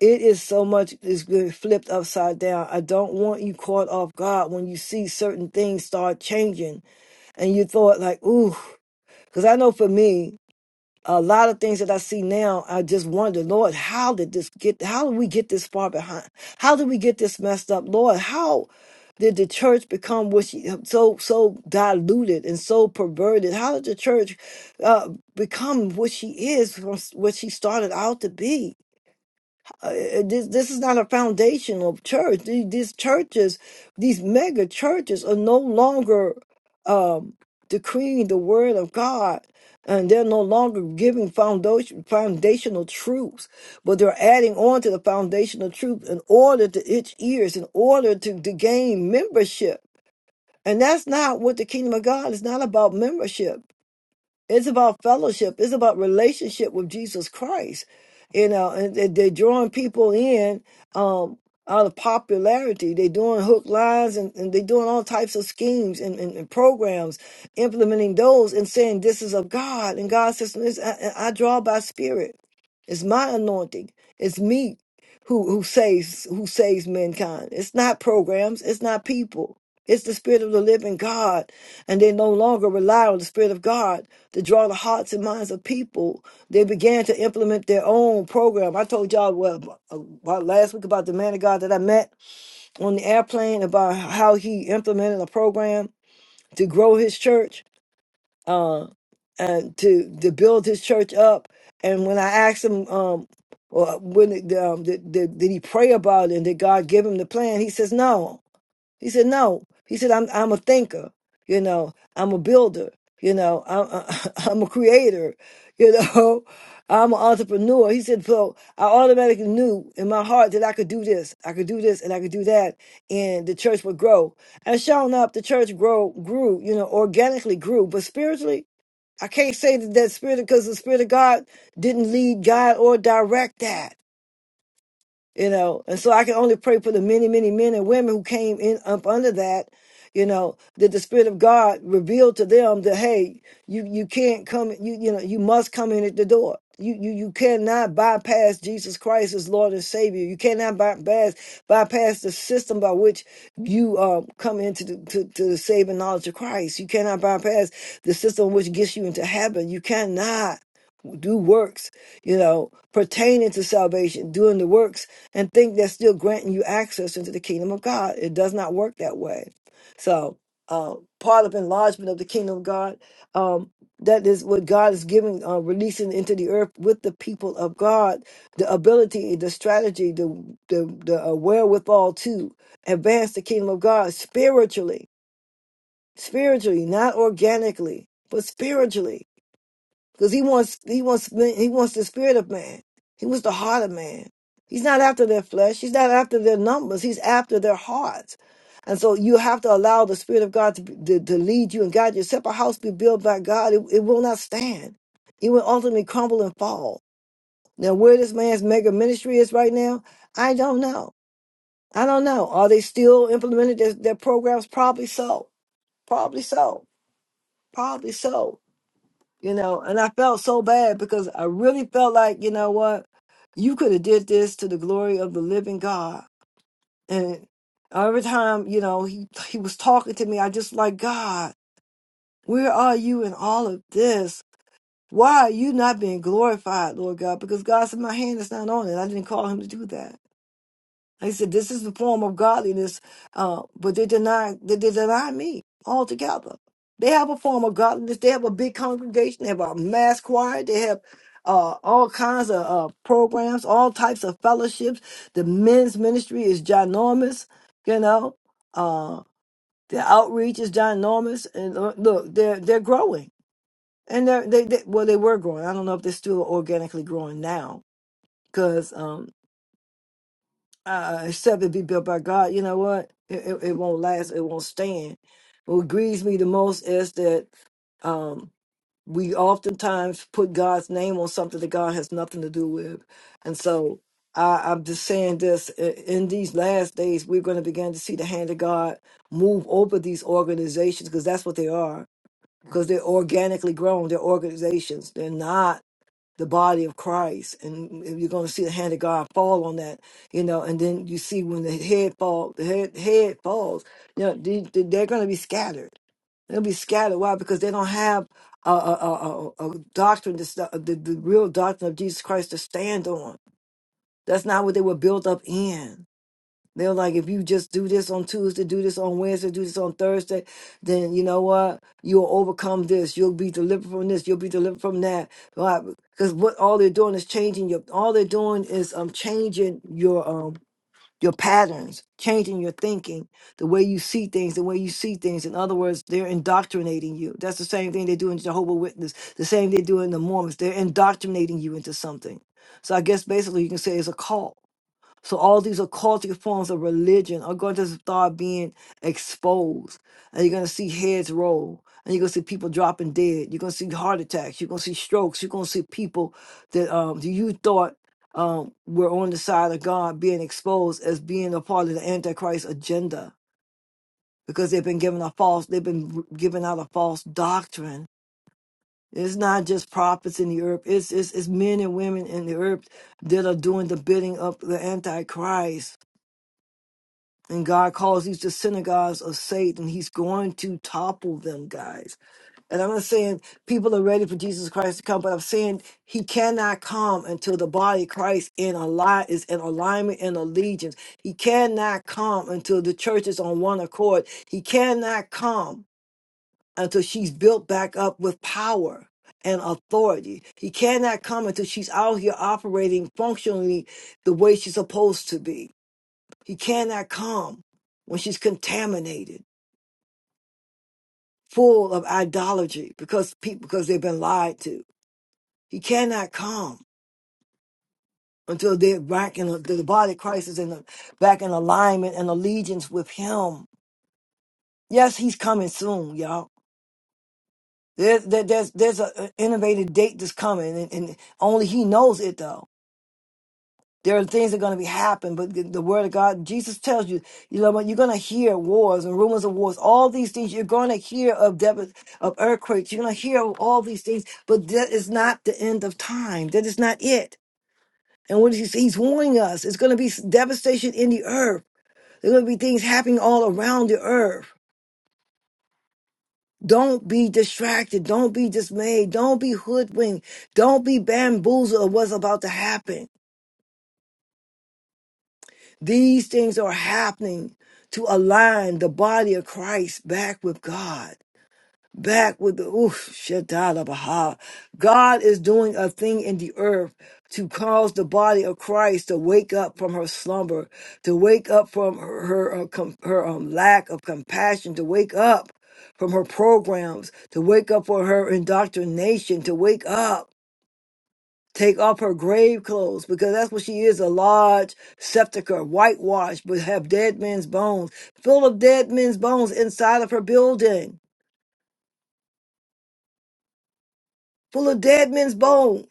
Speaker 1: it is so much is good flipped upside down. I don't want you caught off guard when you see certain things start changing and you thought like, ooh, because I know for me a lot of things that I see now, I just wonder, Lord, how did this get? How did we get this far behind? How did we get this messed up, Lord? How did the church become what she, so so diluted and so perverted? How did the church uh, become what she is from s- what she started out to be? Uh, uh, this this is not a foundational church. The- These churches, these mega churches, are no longer um, decreeing the word of God, and they're no longer giving foundation, foundational truths, but they're adding on to the foundational truth in order to itch ears, in order to, to gain membership. And that's not what the kingdom of God is not about membership. It's about fellowship. It's about relationship with Jesus Christ. You know, and they- they're drawing people in um, out of popularity. They're doing hook lines and, and they're doing all types of schemes and, and, and programs, implementing those and saying this is of God. And God says, "This- I, I I draw by spirit. It's my anointing. It's me who who saves who saves mankind. It's not programs. It's not people. It's the spirit of the living God. And they no longer rely on the spirit of God to draw the hearts and minds of people. They began to implement their own program. I told y'all well about last week about the man of God that I met on the airplane about how he implemented a program to grow his church. Uh, and to to build his church up. And when I asked him, um, or when it, um, did, did, did he pray about it and did God give him the plan? He says no. He said no. He said I'm I'm a thinker. You know, I'm a builder. You know, I'm <laughs> I'm a creator. You know, <laughs> I'm an entrepreneur. He said so. I automatically knew in my heart that I could do this. I could do this and I could do that, and the church would grow. And sure enough, the church grow grew. You know, organically grew, but spiritually I can't say that that spirit because the spirit of God didn't lead God or direct that you know and so i can only pray for the many many men and women who came in up under that you know that the spirit of god revealed to them that hey you you can't come you you know you must come in at the door you you you cannot bypass jesus christ as lord and savior you cannot bypass bypass the system by which you um come into the, to, to the saving knowledge of christ you cannot bypass the system which gets you into heaven you cannot do works, you know, pertaining to salvation, doing the works, and think that's still granting you access into the kingdom of God. It does not work that way. So, uh, part of enlargement of the kingdom of God, um, that is what God is giving, uh, releasing into the earth with the people of God, the ability, the strategy, the the, the uh, wherewithal to advance the kingdom of God spiritually, spiritually, not organically, but spiritually because he wants he wants he wants the spirit of man. He wants the heart of man. He's not after their flesh. He's not after their numbers. He's after their hearts. And so you have to allow the spirit of God to to, to lead you and guide you. Except a house be built by God, it, it will not stand. It will ultimately crumble and fall. Now, where this man's mega ministry is right now, I don't know. I don't know. Are they still implementing their, their programs? Probably so. Probably so. Probably so you know and i felt so bad because i really felt like you know what you could have did this to the glory of the living god and every time you know he he was talking to me i just like god where are you in all of this why are you not being glorified lord god because god said my hand is not on it i didn't call him to do that he said, "This is the form of godliness," uh, but they deny they, they deny me altogether. They have a form of godliness. They have a big congregation. They have a mass choir. They have uh, all kinds of uh, programs, all types of fellowships. The men's ministry is ginormous. You know, uh, the outreach is ginormous. And uh, look, they're they're growing, and they're they, they well they were growing. I don't know if they're still organically growing now because uh, except it be built by God, you know what? It, it, it won't last. It won't stand. What grieves me the most is that um, we oftentimes put God's name on something that God has nothing to do with, and so I, I'm just saying this: i- in these last days, we're going to begin to see the hand of God move over these organizations because that's what they are. Because they're organically grown, they're organizations. They're not the body of Christ, and you're going to see the hand of God fall on that, you know. And then you see when the head fall, the head, head falls, you know, they, they- they're going to be scattered. They'll be scattered. Why? Because they don't have a, a, a, a a doctrine, that's the, the, the real doctrine of Jesus Christ to stand on. That's not what they were built up in. They were like, if you just do this on Tuesday, do this on Wednesday, do this on Thursday, then you know what? You'll overcome this. You'll be delivered from this. You'll be delivered from that. Because what all they're doing is changing your. All they're doing is um changing your um your patterns, changing your thinking, the way you see things, the way you see things. In other words, they're indoctrinating you. That's the same thing they do in Jehovah Witness. The same they do in the Mormons. They're indoctrinating you into something. So I guess basically you can say it's a cult so all these occultic forms of religion are going to start being exposed. And you're going to see heads roll. And you're going to see people dropping dead. You're going to see heart attacks. You're going to see strokes. You're going to see people that um, that you thought um, were on the side of God being exposed as being a part of the Antichrist agenda because they've been given a false, they've been r- given out a false doctrine. It's not just prophets in the earth. It's, it's, it's men and women in the earth that are doing the bidding of the Antichrist and God calls these the synagogues of Satan. He's going to topple them, guys. And I'm not saying people are ready for Jesus Christ to come, but I'm saying he cannot come until the body of Christ in a is in alignment and allegiance. He cannot come until the church is on one accord. He cannot come until she's built back up with power and authority. He cannot come until she's out here operating functionally the way she's supposed to be. He cannot come when she's contaminated, full of idolatry, because people because they've been lied to. He cannot come until they're back in the, the body of Christ is in the, back in alignment and allegiance with Him. Yes, He's coming soon, y'all. There's there, there's there's a a innovative date that's coming, and, and only He knows it though. there are things that are going to be happen but the, the word of god jesus tells you you know what you're going to hear wars and rumors of wars all these things you're going to hear of dev- of earthquakes you're going to hear of all these things but that is not the end of time that is not it and what he's, he's warning us it's going to be s- devastation in the earth there's going to be things happening all around the earth don't be distracted. Don't be dismayed. Don't be hoodwinked. Don't be bamboozled of what's about to happen These things are happening to align the body of Christ back with God, back with the oof, Shaddai Baha. God is doing a thing in the earth to cause the body of Christ to wake up from her slumber, to wake up from her her, uh, com- her um, lack of compassion, to wake up from her programs, to wake up for her indoctrination, to wake up take off her grave clothes because that's what she is a large sepulchre whitewashed but have dead men's bones full of dead men's bones inside of her building full of dead men's bones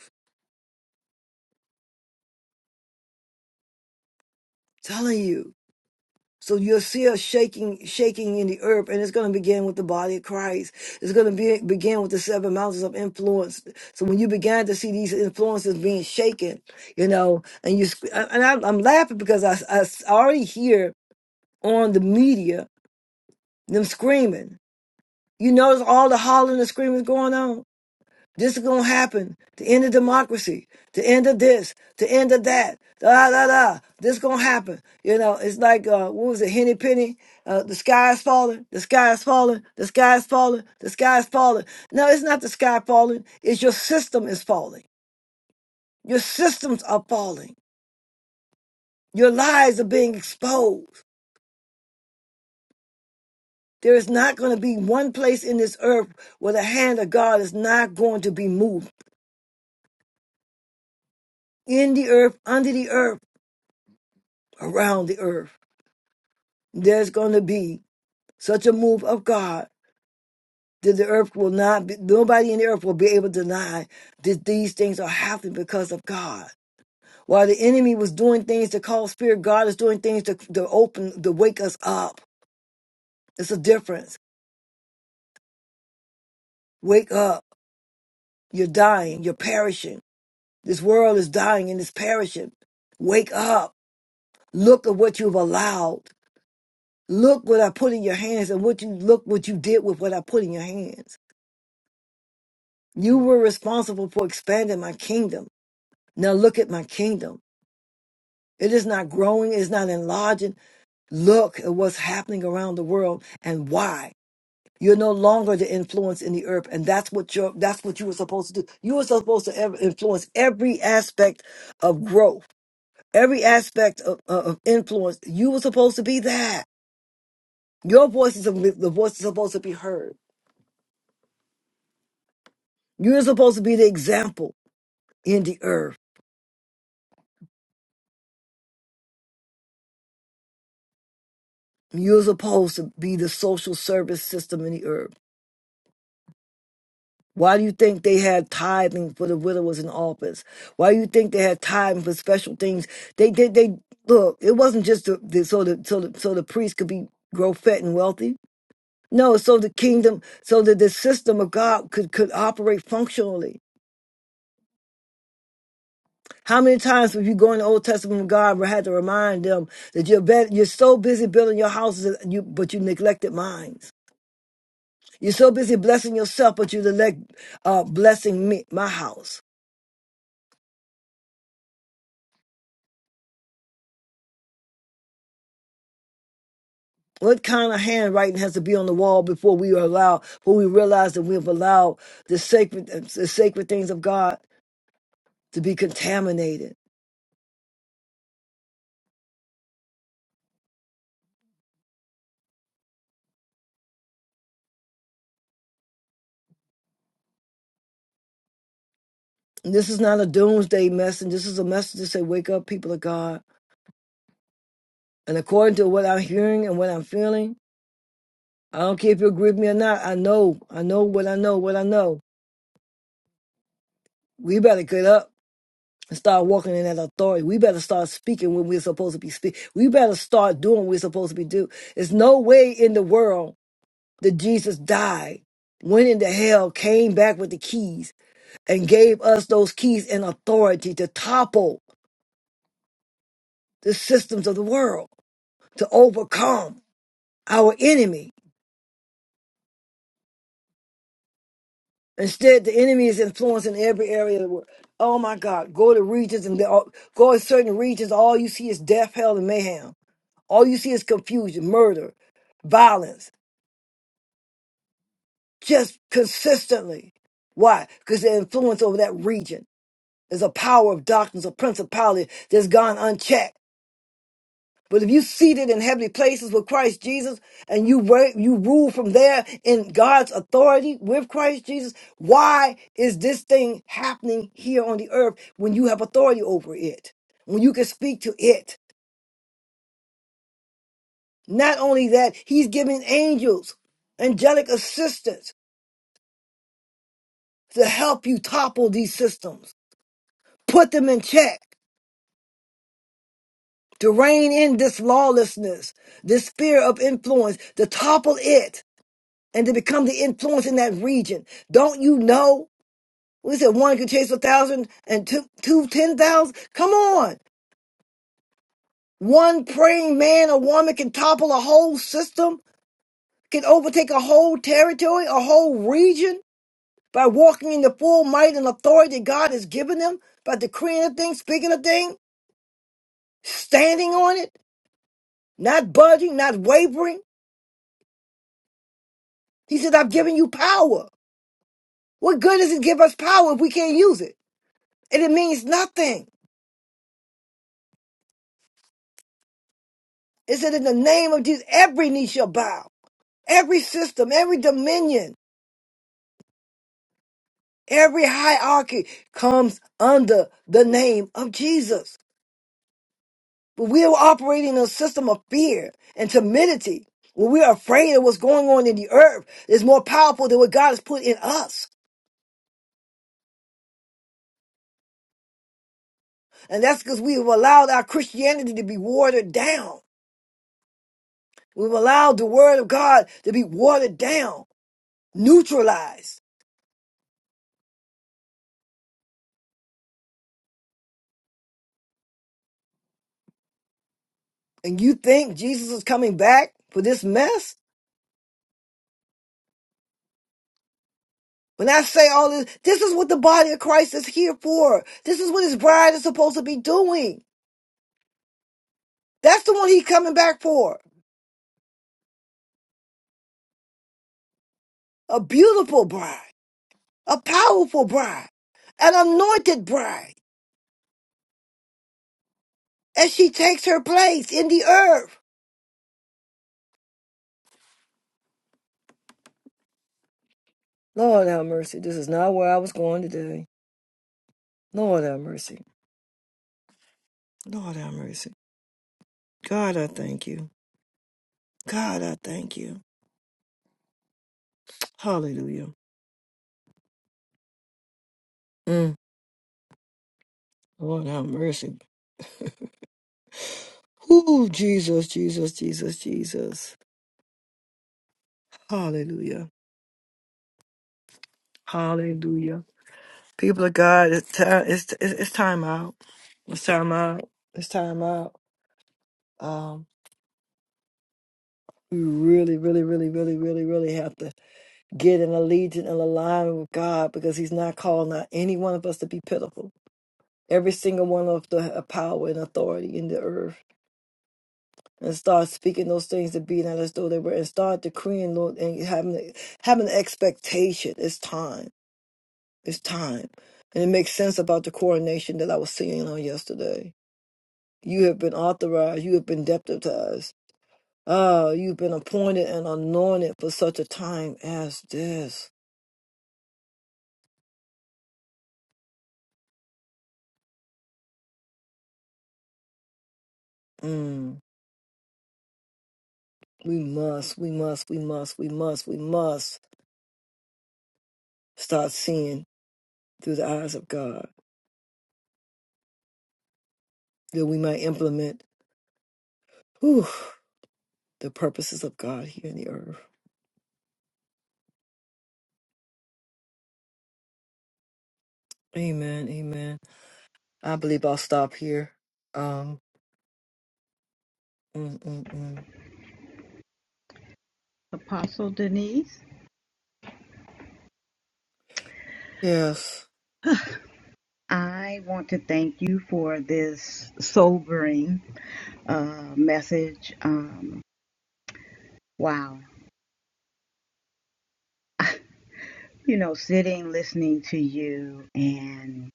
Speaker 1: telling you so you'll see her shaking shaking in the earth and it's going to begin with the body of christ it's going to be, begin with the seven mountains of influence so when you began to see these influences being shaken you know and you sc- and I, i'm laughing because I, I already hear on the media them screaming You notice all the hollering and screaming going on. This is gonna happen. The end of democracy. The end of this. The end of that. Da da da. This gonna happen. You know, it's like uh, what was it, Henny Penny? Uh, the sky is falling. The sky is falling. The sky is falling. The sky is falling. No, it's not the sky falling. It's your system is falling. Your systems are falling. Your lies are being exposed. There is not going to be one place in this earth where the hand of God is not going to be moved in the earth, under the earth, around the earth. There's going to be such a move of God that the earth will not be, nobody in the earth will be able to deny that these things are happening because of God. While the enemy was doing things to cause fear, God is doing things to, to open, to wake us up. It's a difference. Wake up. You're dying. You're perishing. This world is dying and it's perishing. Wake up. Look at what you've allowed. Look what I put in your hands and what you look what you did with what I put in your hands. You were responsible for expanding my kingdom. Now look at my kingdom. It is not growing, it's not enlarging. Look at what's happening around the world and why. You're no longer the influence in the earth, and that's what you're that's what you were supposed to do. You were supposed to ever influence every aspect of growth, every aspect of of influence. You were supposed to be that. Your voice is the voice is supposed to be heard. You're supposed to be the example in the earth. You're supposed to be the social service system in the earth. Why do you think they had tithing for the widowers in office? Why do you think they had tithing for special things? They they, they look. It wasn't just the, the, so the so the so the priests could be grow fat and wealthy. No, so the kingdom, so that the system of God could could operate functionally. How many times have you go in the Old Testament? God had to remind them that you're bet, you're so busy building your houses, that you but you neglected mine. You're so busy blessing yourself, but you neglect uh, blessing me, my house. What kind of handwriting has to be on the wall before we are allowed, before we realize that we've allowed the sacred, the sacred things of God to be contaminated? And this is not a doomsday message. This is a message to say, wake up, people of God. And according to what I'm hearing and what I'm feeling, I don't care if you agree with me or not. I know, I know what I know, what I know. We better get up. and start walking in that authority. We better start speaking when we're supposed to be speaking. We better start doing what we're supposed to be doing. There's no way in the world that Jesus died, went into hell, came back with the keys, and gave us those keys and authority to topple the systems of the world, to overcome our enemy. Instead, the enemy is influencing every area of the world. Oh my God, go to regions and go to certain regions, all you see is death, hell, and mayhem All you see is confusion, murder, violence, just consistently. Why? Because the influence over that region is a power of darkness, a principality that's gone unchecked. But if you seated in heavenly places with Christ Jesus and you reign, you rule from there in God's authority with Christ Jesus, why is this thing happening here on the earth when you have authority over it? When you can speak to it? Not only that, he's giving angels angelic assistance to help you topple these systems, put them in check, to rein in this lawlessness, this sphere of influence, to topple it and to become the influence in that region. Don't you know? We said one could chase a thousand and two, two ten thousand. Come on. One praying man or woman can topple a whole system, can overtake a whole territory, a whole region by walking in the full might and authority God has given them, by decreeing a thing, speaking a thing, standing on it. not budging, not wavering. He says, I've given you power. What good does it give us power if we can't use it? And it means nothing. It said, in the name of Jesus, every knee shall bow, every system, every dominion, every hierarchy comes under the name of Jesus. But we are operating in a system of fear and timidity. When we are afraid of what's going on in the earth, it's more powerful than what God has put in us. And that's because we have allowed our Christianity to be watered down. We've allowed the word of God to be watered down, neutralized. And you think Jesus is coming back for this mess? When I say all this, this is what the body of Christ is here for. This is what his bride is supposed to be doing. That's the one he's coming back for. A beautiful bride, a powerful bride, an anointed bride as she takes her place in the earth. Lord have mercy. This is not where I was going today. Lord have mercy. Lord have mercy. God, I thank you. God, I thank you. Hallelujah. Mm. Lord, have mercy. Ooh, Jesus, Jesus, Jesus, Jesus. Hallelujah. Hallelujah. People of God, it's time, it's, it's it's time out. It's time out. It's time out. Um, we really, really, really, really, really, really have to get in allegiance and alignment with God because He's not calling out any one of us to be pitiful. Every single one of the uh, power and authority in the earth. and start speaking those things to be not as though they were, and start decreeing, Lord, and having having the expectation. It's time. It's time, and it makes sense about the coronation that I was singing on yesterday. You have been authorized. You have been deputized. Ah, you've been appointed and anointed for such a time as this. Mm. We must, we must, we must, we must, we must start seeing through the eyes of God that we might implement whew, the purposes of God here in the earth. Amen. Amen. I believe I'll stop here. Um. mm, mm, mm.
Speaker 6: Apostle Denise,
Speaker 1: Yes.
Speaker 6: I want to thank you for this sobering uh, message. Um, wow. You know, sitting, listening to you, and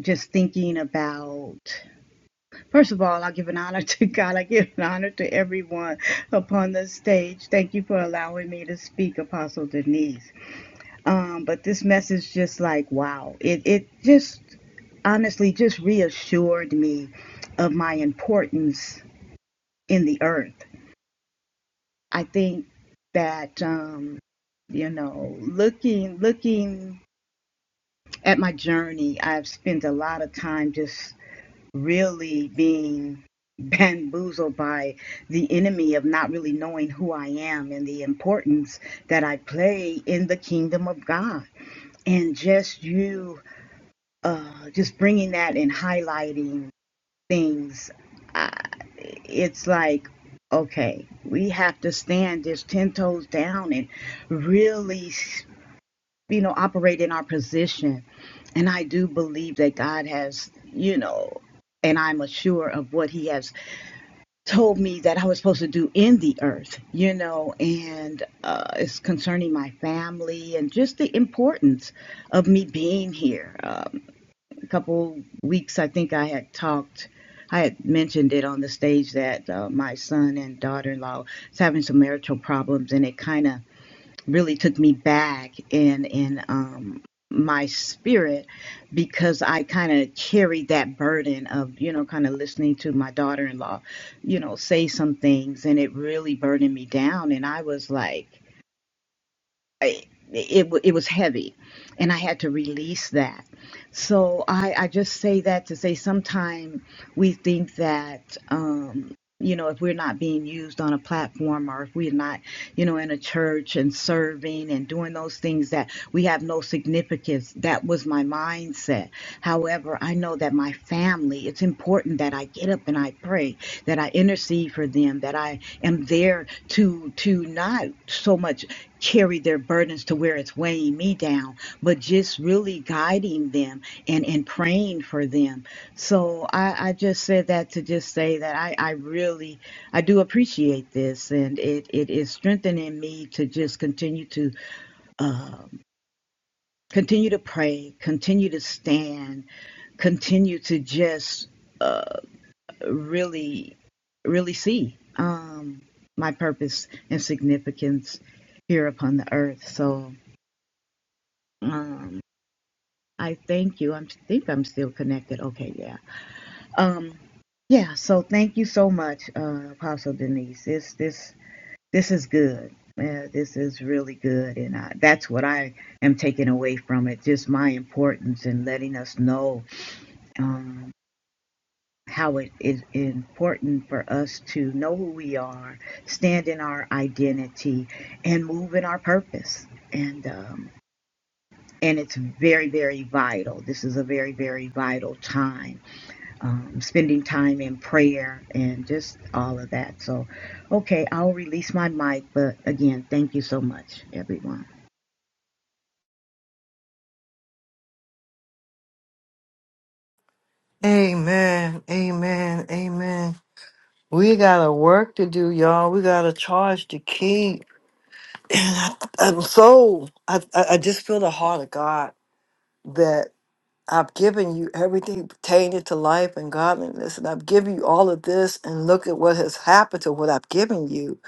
Speaker 6: just thinking about, first of all, I give an honor <laughs> to God. I give an honor to everyone upon the stage. Thank you for allowing me to speak, Apostle Denise. Um, but this message just like, wow, it, it just honestly just reassured me of my importance in the earth. I think that um, you know, looking looking at my journey, I've spent a lot of time just really being bamboozled by the enemy of not really knowing who I am and the importance that I play in the kingdom of God and just you uh, just bringing that and highlighting things, I, it's like, okay, we have to stand just 10 toes down and really, you know, operate in our position. And I do believe that God has, you know, and I'm assured of what He has told me that I was supposed to do in the earth, you know, and uh, it's concerning my family and just the importance of me being here. Uh, a couple weeks, I think I had talked, I had mentioned it on the stage that uh, my son and daughter in law was having some marital problems, and it kind of really took me back in in um, my spirit because I kind of carried that burden of you know kind of listening to my daughter in law, you know, say some things, and it really burdened me down, and I was like. I- it wa- it was heavy and i had to release that so i i just say that to say sometimes we think that um you know if we're not being used on a platform or if we're not you know in a church and serving and doing those things that we have no significance that was my mindset however i know that my family it's important that i get up and i pray that i intercede for them that i am there to to not so much carry their burdens to where it's weighing me down, but just really guiding them and, and praying for them. So I, I just said that to just say that I, I really I do appreciate this and it, it is strengthening me to just continue to uh, continue to pray, continue to stand, continue to just uh, really really see um, my purpose and significance here upon the earth. So Um, I thank you. I think I'm still connected. Okay, yeah. Um, yeah. So thank you so much, uh, Apostle Denise. This this this is good. Yeah, this is really good, and I, that's what I am taking away from it. Just my importance in letting us know um, how it is important for us to know who we are, stand in our identity, and move in our purpose. And um, and it's very very vital this is a very very vital time um, spending time in prayer and just all of that so okay i'll release my mic but again thank you so much everyone
Speaker 1: Amen. Amen. Amen. We got a work to do, y'all. We got to charge the king. I'm so I, I I just feel the heart of God that I've given you everything pertaining to life and godliness, and I've given you all of this. And look at what has happened to what I've given you.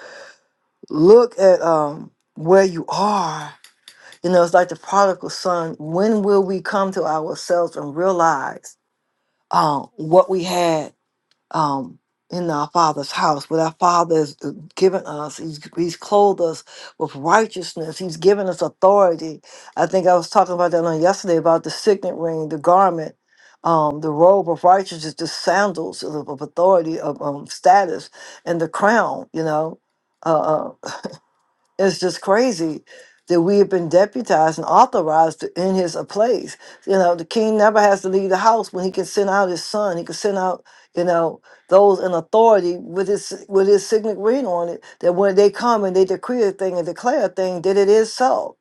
Speaker 1: Look at um where you are. You know, it's like the prodigal son. When will we come to ourselves and realize um, what we had um, in our Father's house? What our Father has uh, given us, he's, he's clothed us with righteousness. He's given us authority. I think I was talking about that on yesterday about the signet ring, the garment, um, the robe of righteousness, the sandals of, of authority, of um, status, and the crown. You know. Uh, uh, it's just crazy that we have been deputized and authorized to, in his uh, place. You know, the king never has to leave the house when he can send out his son. He can send out, you know, those in authority with his with his signet ring on it. That when they come and they decree a thing and declare a thing, that it is so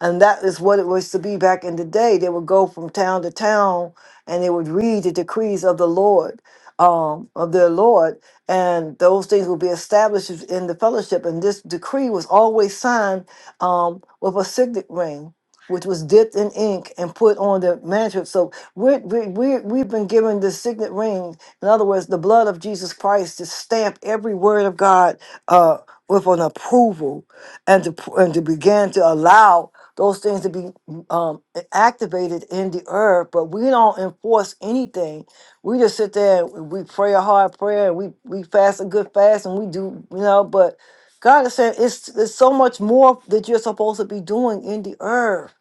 Speaker 1: and that is what it was to be back in the day. They would go from town to town and they would read the decrees of the Lord, um, of their Lord, and those things would be established in the fellowship. And this decree was always signed um, with a signet ring, which was dipped in ink and put on the manuscript. So we're, we we we've been given the signet ring. In other words, the blood of Jesus Christ to stamp every word of God uh, with an approval and to, and to begin to allow those things to be um, activated in the earth, but we don't enforce anything. We just sit there and we pray a hard prayer and we, we fast a good fast and we do, you know, but God is saying it's, it's so much more that you're supposed to be doing in the earth.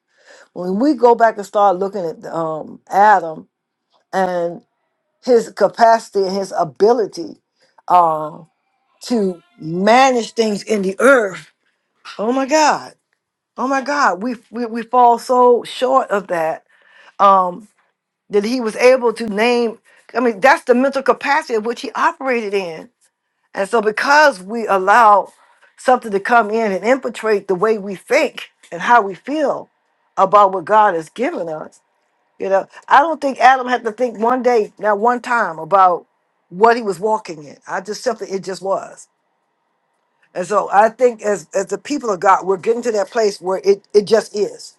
Speaker 1: When we go back and start looking at um, Adam and his capacity and his ability uh, to manage things in the earth, oh my God Oh my God, we we, we fall so short of that um, that he was able to name. I mean, that's the mental capacity of which he operated in, and so because we allow something to come in and infiltrate the way we think and how we feel about what God has given us, you know, I don't think Adam had to think one day, not one time, about what he was walking in. I just simply it just was, and so I think as as the people of God, we're getting to that place where it it just is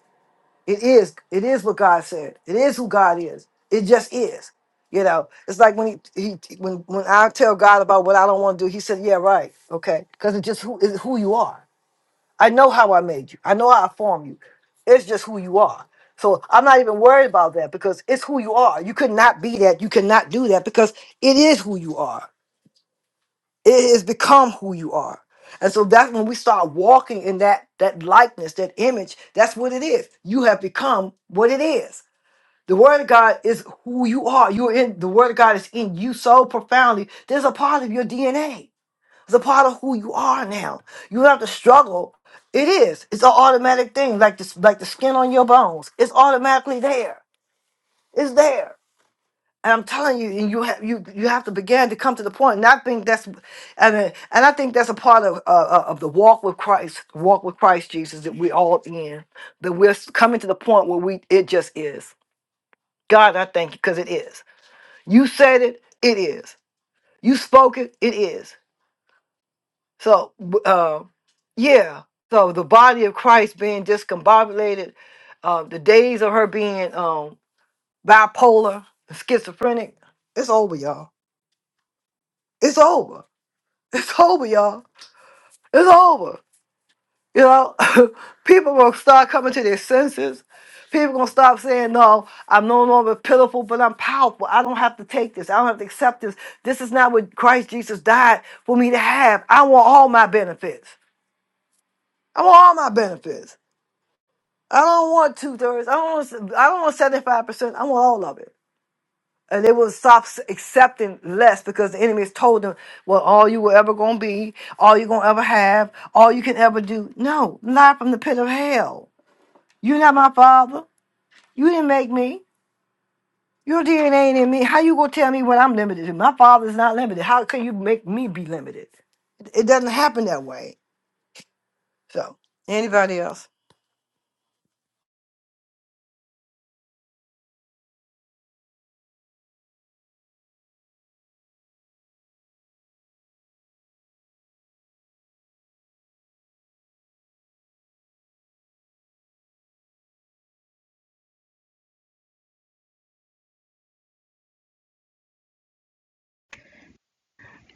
Speaker 1: it is. It is what God said. It is who God is. It just is. You know, it's like when he, he when when I tell God about what I don't want to do, He said, "Yeah, right, okay," because it's just who is who you are. I know how I made you. I know how I formed you. It's just who you are. So I'm not even worried about that because it's who you are. You could not be that. You cannot do that because it is who you are. It has become who you are. And so that's when we start walking in that that likeness, that image. That's what it is. You have become what it is the word of God is who you are. You're in the word of God is in you so profoundly. There's a part of your DNA. It's a part of who you are now. You don't have to struggle. It is. It's an automatic thing, like this, like the skin on your bones. It's automatically there. It's there. And I'm telling you, and you have you you have to begin to come to the point. And I think that's, I mean, and I think that's a part of uh, uh, of the walk with Christ, walk with Christ Jesus that we all in. That we're coming to the point where we it just is. God, I thank you because it is. You said it, it is. You spoke it, it is. So, b- uh, yeah. So the body of Christ being discombobulated, uh, the days of her being um, bipolar, schizophrenic, it's over, y'all. It's over. <laughs> It's over, y'all. It's over. You know, <laughs> people will start coming to their senses. People gonna stop saying, "No, I'm no longer pitiful, but I'm powerful. I don't have to take this. I don't have to accept this. This is not what Christ Jesus died for me to have. I want all my benefits. I want all my benefits. I don't want two thirds. I don't. Want, I don't want seventy five percent. I want all of it." And they will stop s- accepting less because the enemy has told them, "Well, all you were ever gonna be, all you're gonna ever have, all you can ever do." No, not from the pit of hell. You're not my father. You didn't make me. Your DNA ain't in me. How you gonna tell me what I'm limited to? My father's not limited. How can you make me be limited? It doesn't happen that way. So, anybody else?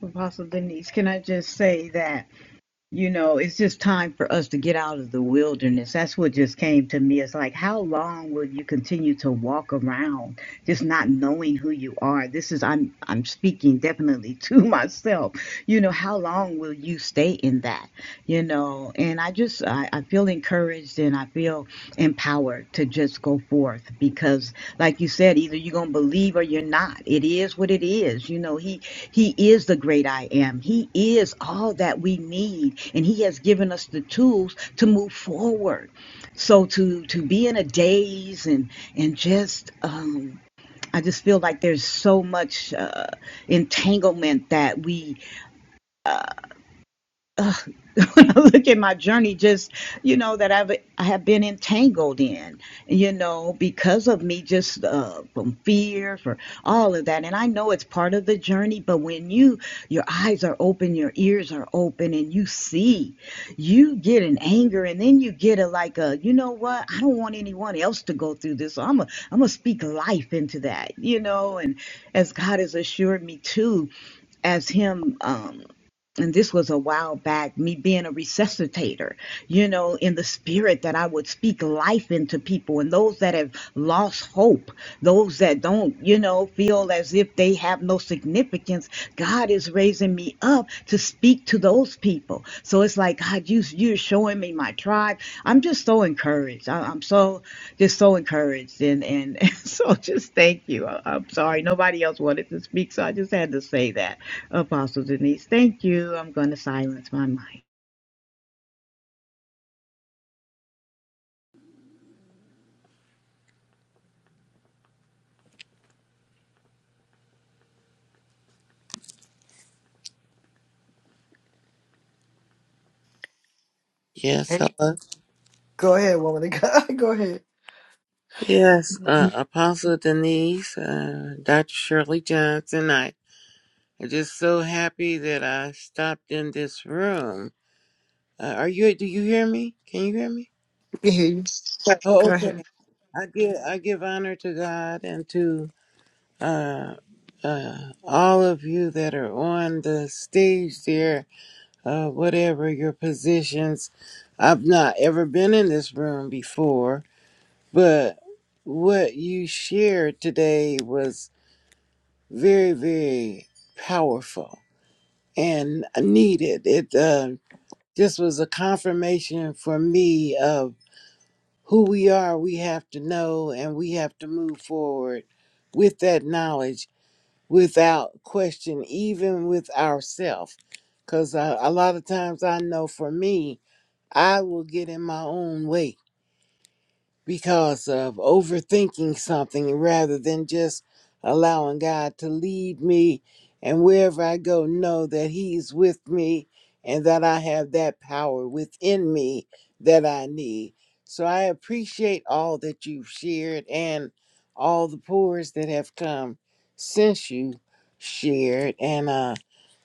Speaker 6: Apostle Denise, can I just say that? You know, it's just time for us to get out of the wilderness. That's what just came to me. It's like, how long will you continue to walk around just not knowing who you are? This is I'm I'm speaking definitely <laughs> to myself. You know, how long will you stay in that? You know, and I just I, I feel encouraged and I feel empowered to just go forth because like you said, either you're gonna believe or you're not. It is what it is. You know, he he is the great I am. He is all that we need. And he has given us the tools to move forward. So to to be in a daze and and just um I just feel like there's so much uh, entanglement that we <laughs> when I look at my journey, just you know that I've I have been entangled in, you know, because of me just uh, from fear for all of that. And I know it's part of the journey, but when you your eyes are open, your ears are open, and you see, you get an anger, and then you get a like a you know what? I don't want anyone else to go through this. So I'm a I'm gonna speak life into that, you know. And as God has assured me too, as Him. Um, and this was a while back, me being a resuscitator, you know, in the spirit that I would speak life into people and those that have lost hope, those that don't, you know, feel as if they have no significance. God is raising me up to speak to those people. So it's like God, you you're showing me my tribe. I'm just so encouraged. I, I'm so just so encouraged, and and, <laughs> and so just thank you. I, I'm sorry nobody else wanted to speak, so I just had to say that. Apostle Denise, thank you. I'm going to silence my mic.
Speaker 7: Yes, hello.
Speaker 1: Go ahead, woman of God. <laughs> Go ahead.
Speaker 7: Yes, uh, Apostle Denise, uh, Dr. Shirley Johnson. I am just so happy that I stopped in this room. Uh, are you? Do you hear me? Can you hear me? Oh, okay. I give I give honor to God and to uh, uh, all of you that are on the stage there, uh, whatever your positions. I've not ever been in this room before, But what you shared today was very, very powerful and needed. It uh, just was a confirmation for me of who we are, we have to know, and we have to move forward with that knowledge without question, even with ourselves. Because a lot of times I know for me, I will get in my own way because of overthinking something rather than just allowing God to lead me and wherever I go, know that He's with me and that I have that power within me that I need. So I appreciate all that you've shared and all the pours that have come since you shared. And uh,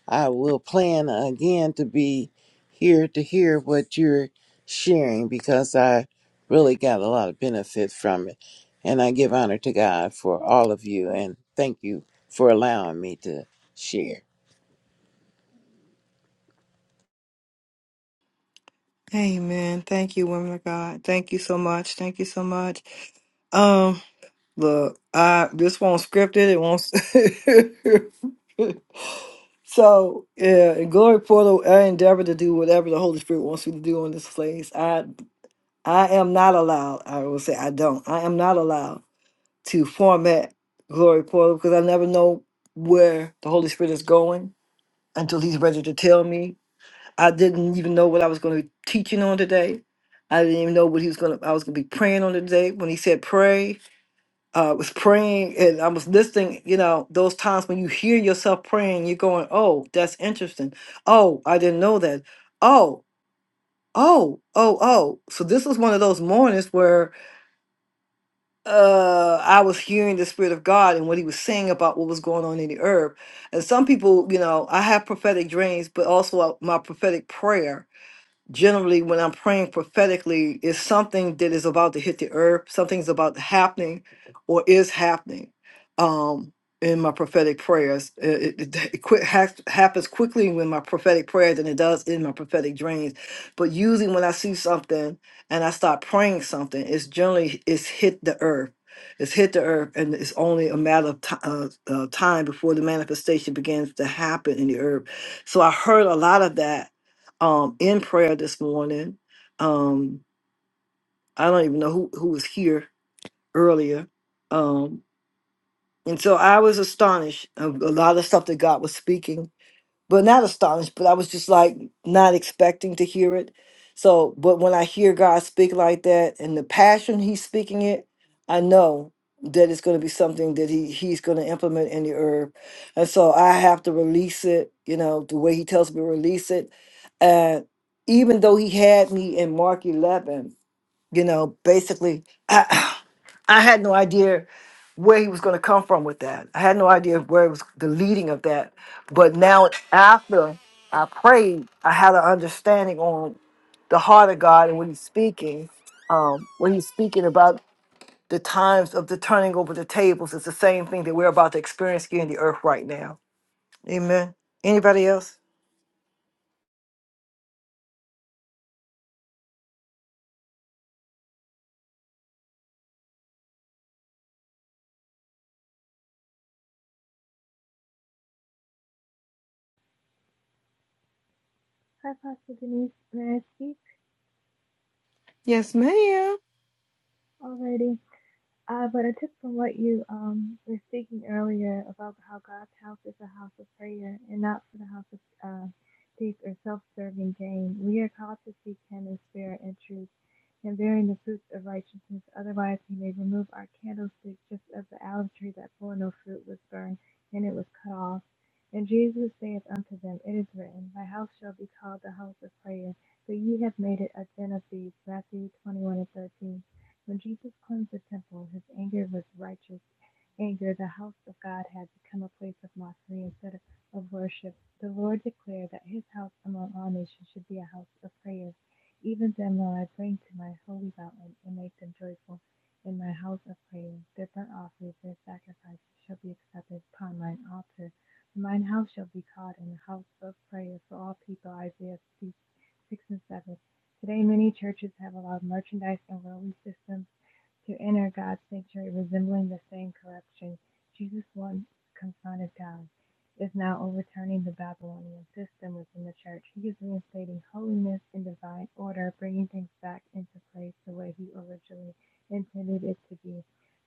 Speaker 7: I will plan again to be here to hear what you're sharing because I really got a lot of benefit from it. And I give honor to God for all of you and thank you for allowing me to share.
Speaker 1: Amen. Thank you, women of God. Thank you so much. Thank you so much. Um, look, I this won't scripted. It won't. <laughs> so yeah, and glory portal. I endeavor to do whatever the Holy Spirit wants me to do on this place. I I am not allowed, I will say I don't, I am not allowed to format Glory Portal because I never know where the Holy Spirit is going until He's ready to tell me. I didn't even know what I was going to be teaching on today. I didn't even know what he was gonna. I was gonna be praying on today. When he said pray, uh, I was praying, and I was listening. You know, those times when you hear yourself praying, you're going, "Oh, that's interesting. Oh, I didn't know that. Oh, oh, oh, oh." So this was one of those mornings where uh I was hearing the spirit of God and what he was saying about what was going on in the herb. And some people, you know, I have prophetic dreams, but also uh, my prophetic prayer generally when I'm praying prophetically, it's something that is about to hit the earth, something's about to happening or is happening um, in my prophetic prayers. Uh, It, it, it quick, ha- happens quickly with my prophetic prayers than it does in my prophetic dreams. But usually when I see something and I start praying something, it's generally, it's hit the earth. It's hit the earth, and it's only a matter of ti uh, uh, time before the manifestation begins to happen in the earth. So I heard a lot of that um, in prayer this morning. Um, I don't even know who, who was here earlier. Um, and so I was astonished of a lot of stuff that God was speaking but not astonished, but I was just like not expecting to hear it. So, but when I hear God speak like that and the passion He's speaking it, I know that it's going to be something that He He's going to implement in the herb, and so I have to release it. You know, the way He tells me to release it, and even though He had me in Mark eleven. You know, basically, <clears throat> I, I had no idea where he was going to come from with that. I had no idea where it was the leading of that. But now, after I prayed, I had an understanding on the heart of God and what He's speaking. Um, when He's speaking about the times of the turning over the tables, it's the same thing that we're about to experience here in the earth right now. Amen. Anybody else?
Speaker 4: Hi, Pastor Denise. May I speak already? Uh, but I took from what you um, were speaking earlier about how God's house is a house of prayer and not for the house of uh, seek or self-serving gain. We are called to seek Him in spirit and truth and bearing the fruits of righteousness. Otherwise, he may remove our candlestick just as the olive tree that bore no fruit was burned, and it was cut off. And Jesus saith unto them, It is written, My house shall be called the house of prayer, but ye have made it a den of thieves. Matthew 21 and 13. When Jesus cleansed the temple, his anger was righteous. Anger, the house of God had become a place of mockery instead of worship. The Lord declared that his house among all nations should be a house of prayer. Even then, Lord, I bring to my holy mountain and make them joyful in my house of prayer. Their burnt offerings, their sacrifices shall be accepted upon mine altar. Mine house shall be called in the house of prayer for all people. Isaiah 6 and 7. Today, many churches have allowed merchandise and worldly systems to enter God's sanctuary, resembling the same corruption Jesus once confronted God is now overturning the Babylonian system within the church. He is reinstating holiness and divine order, bringing things back into place the way he originally intended it to be.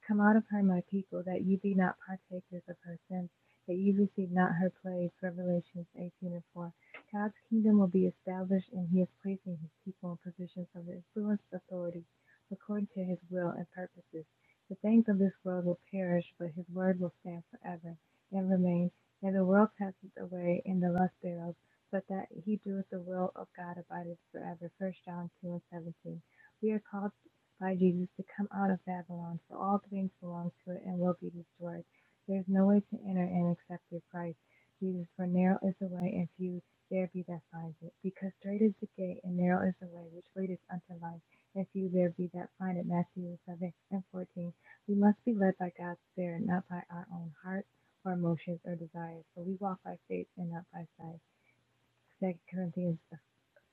Speaker 4: Come out of her, my people, that ye be not partakers of her sins, that ye receive not her plagues. Revelations 18 and 4. God's kingdom will be established, and he is placing his people in positions of influence, authority, according to his will and purposes. The things of this world will perish, but his word will stand forever and remain. And the world passes away and the lust thereof, but that he doeth the will of God abideth forever. First John 2 and 17. We are called by Jesus to come out of Babylon, for all things belong to it and will be destroyed. There is no way to enter in except through Christ Jesus, for narrow is the way and few there be that finds it. Because straight is the gate and narrow is the way which leadeth unto life, and few there be that find it. Matthew 7 and 14. We must be led by God's Spirit, not by our own heart our emotions or desires, but we walk by faith and not by sight. Second Corinthians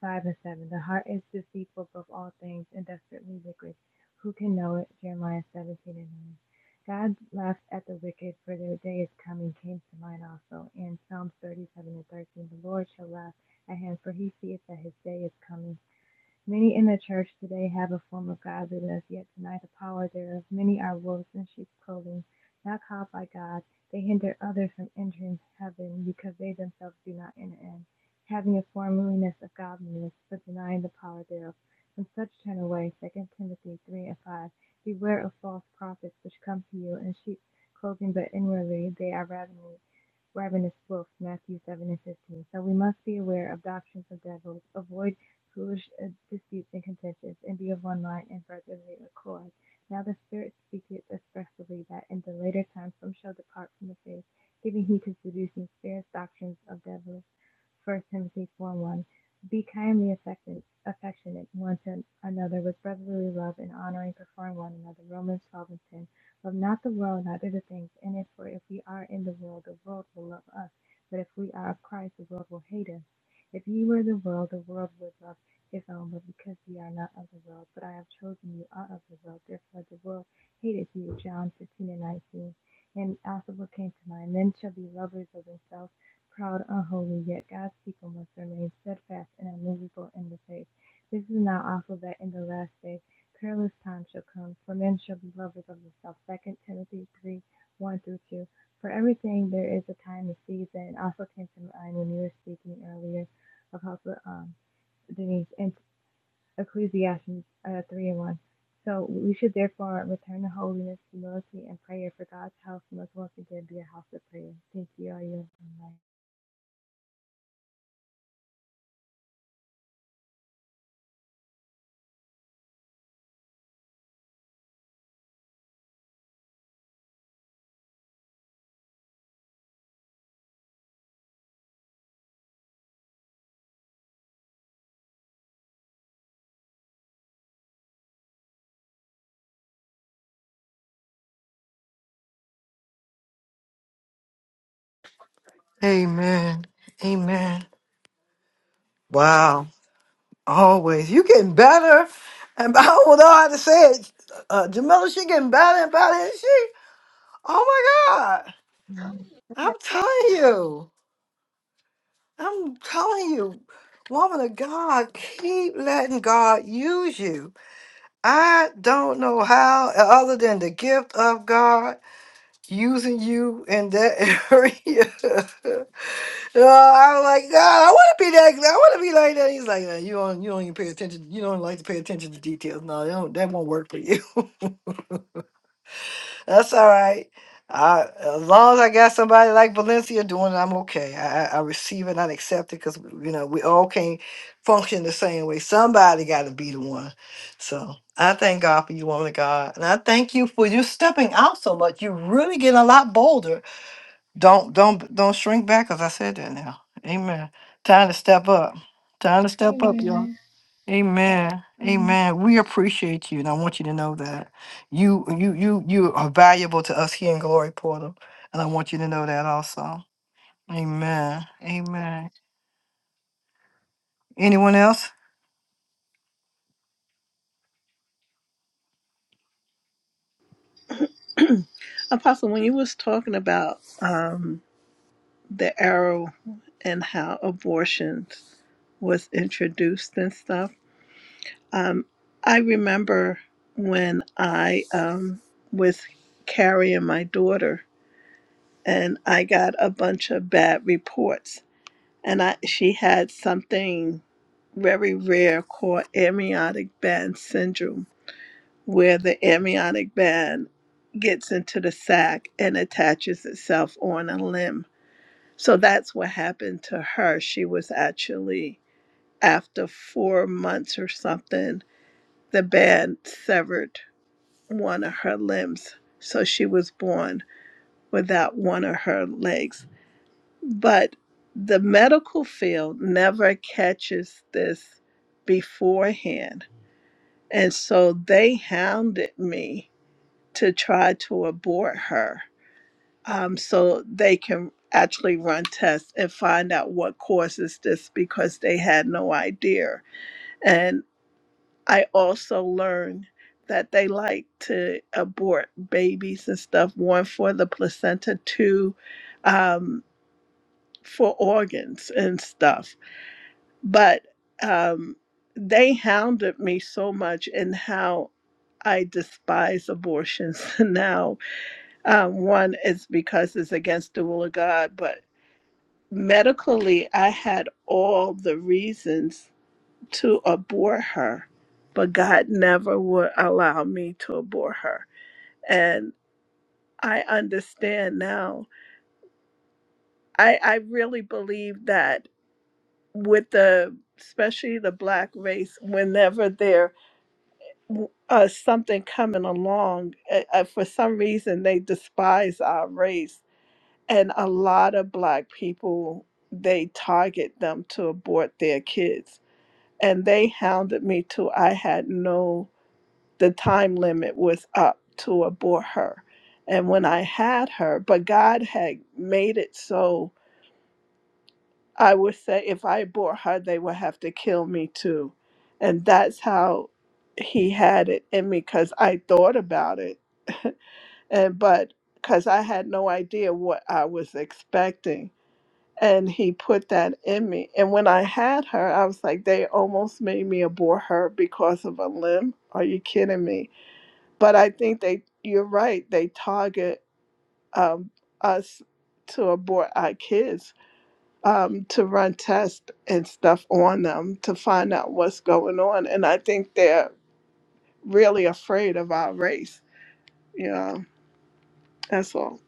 Speaker 4: five and seven. The heart is deceitful above all things and desperately wicked. Who can know it? Jeremiah seventeen and nine. God laughs at the wicked, for their day is coming, came to mind also. and Psalms 37 and 13, the Lord shall laugh at him, for he seeth that his day is coming. Many in the church today have a form of godliness, yet deny the power thereof. Many are wolves in sheep's clothing, not called by God. They hinder others from entering heaven because they themselves do not enter in, having a formeliness of godliness, but denying the power thereof. From such turn away. Second Timothy 3 and 5. Beware of false prophets which come to you in sheep's clothing, but inwardly they are ravening ravenous wolf, Matthew 7 and 15. So we must be aware of doctrines of devils, avoid foolish uh, disputes and contentions, and be of one mind and brotherly accord. Now the Spirit speaketh expressly that in the later times some shall depart from the faith, giving heed to seducing spirits, doctrines of devils. First Timothy 4 1. Be kindly affectionate, affectionate one to another with brotherly love and honoring, preferring one another. Romans 12 and 10. Love not the world, neither the things in it. For if we are in the world, the world will love us. But if we are of Christ, the world will hate us. If ye were the world, the world would love its own. But because ye are not of the world, but I have chosen you out of the world, therefore the world hated you. John 15 and 19. And also what came to mind men shall be lovers of themselves, proud, unholy, yet God's people must remain steadfast and unmovable in the faith. This is now also that in the last day perilous time shall come, for men shall be lovers of themselves. Second Timothy three one through two. For everything there is a time and season. It also came to mind when you were speaking earlier of how um, Denise and Ecclesiastes uh, three and one. So we should therefore return to holiness, humility, and prayer. For God's house must once again be a house of prayer. Thank you, all you
Speaker 1: Wow. Always. You getting better. And <laughs> I don't know how to say it. Uh, Jamila, she getting better and better, is she? Oh my God.
Speaker 8: Yeah.
Speaker 1: I'm telling you. I'm telling you. Woman of God, keep letting God use you. I don't know how, other than the gift of God using you in that <laughs> area. So I am like, God, I want to be that. I want to be like that. He's like, "Uh, you don't, you don't even pay attention. You don't like to pay attention to details. No, you don't, that won't work for you. <laughs> That's all right. I, as long as I got somebody like Valencia doing it, I'm okay. I, I I receive it, I accept it, because you know we all can't function the same way. Somebody got to be the one. So I thank God for you, woman of God, and I thank you for you stepping out so much. You're really getting a lot bolder don't don't don't shrink back, as I said that now. Amen. Time to step up. Time to step up, y'all.
Speaker 4: Amen.
Speaker 1: Amen.
Speaker 4: Amen.
Speaker 1: Amen. We appreciate you, and I want you to know that you you you you are valuable to us here in Glory Portal, and I want you to know that also. Amen. Amen. Anyone else?
Speaker 3: Apostle, when you was talking about um, the arrow and how abortion was introduced and stuff, Um, I remember when I um, was carrying my daughter, and I got a bunch of bad reports, and I she had something very rare called amniotic band syndrome, where the amniotic band gets into the sac and attaches itself on a limb. So that's what happened to her. She was actually after four months or something, the band severed one of her limbs. So she was born without one of her legs. But the medical field never catches this beforehand. And so they hounded me to try to abort her um, so they can actually run tests and find out what causes this because they had no idea. And I also learned that they like to abort babies and stuff, one for the placenta, two um, for organs and stuff. But um, they hounded me so much in how I despise abortions <laughs> now. Um, one is because it's against the will of God, but medically, I had all the reasons to abhor her, but God never would allow me to abhor her. And I understand now. I, I really believe that with the, especially the black race, whenever there uh, something coming along, uh, uh, for some reason they despise our race. And a lot of black people, they target them to abort their kids. And they hounded me till I had no the time limit was up to abort her. And when I had her, but God had made it so I would say if I abort her, they would have to kill me too. And that's how he had it in me because I thought about it. <laughs> and but because I had no idea what I was expecting. And he put that in me. And when I had her, I was like, they almost made me abort her because of a limb. Are you kidding me? but I think they you're right. They target um, us to abort our kids um, to run tests and stuff on them to find out what's going on, and I think they're really afraid of our race. You know, that's all.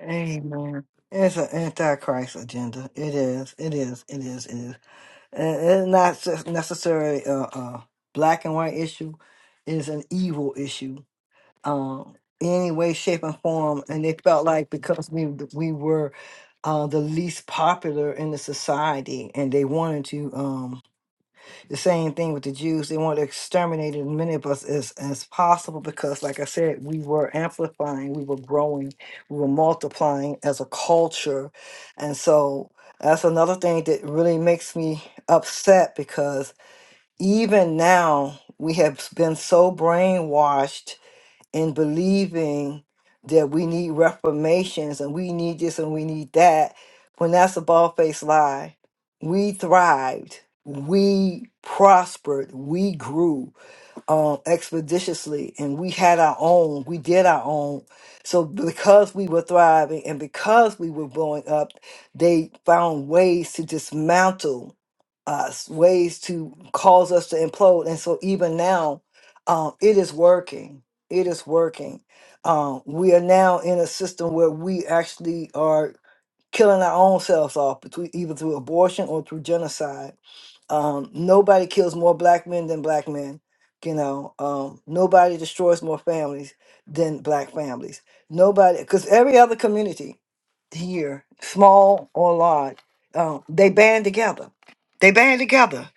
Speaker 1: Amen. It's an antichrist agenda. It is. It is. It is. It is. And It's not s- necessarily a, a black and white issue. It is an evil issue um, in any way, shape, and form. And they felt like because we we were uh, the least popular in the society, and they wanted to um, the same thing with the Jews. They wanted to exterminate as many of us as as possible because, like I said, we were amplifying, we were growing, we were multiplying as a culture, and so. That's another thing that really makes me upset because even now we have been so brainwashed in believing that we need reformations and we need this and we need that, when that's a bald faced lie, we thrived, we prospered, we grew um, expeditiously, and we had our own, we did our own. So, because we were thriving and because we were blowing up, they found ways to dismantle us, ways to cause us to implode. And so, even now, um, it is working it is working. Um, we are now in a system where we actually are killing our own selves off between either through abortion or through genocide um, nobody kills more black men than black men. You know, um, nobody destroys more families than black families. Nobody, because every other community here, small or large, um, they band together. They band together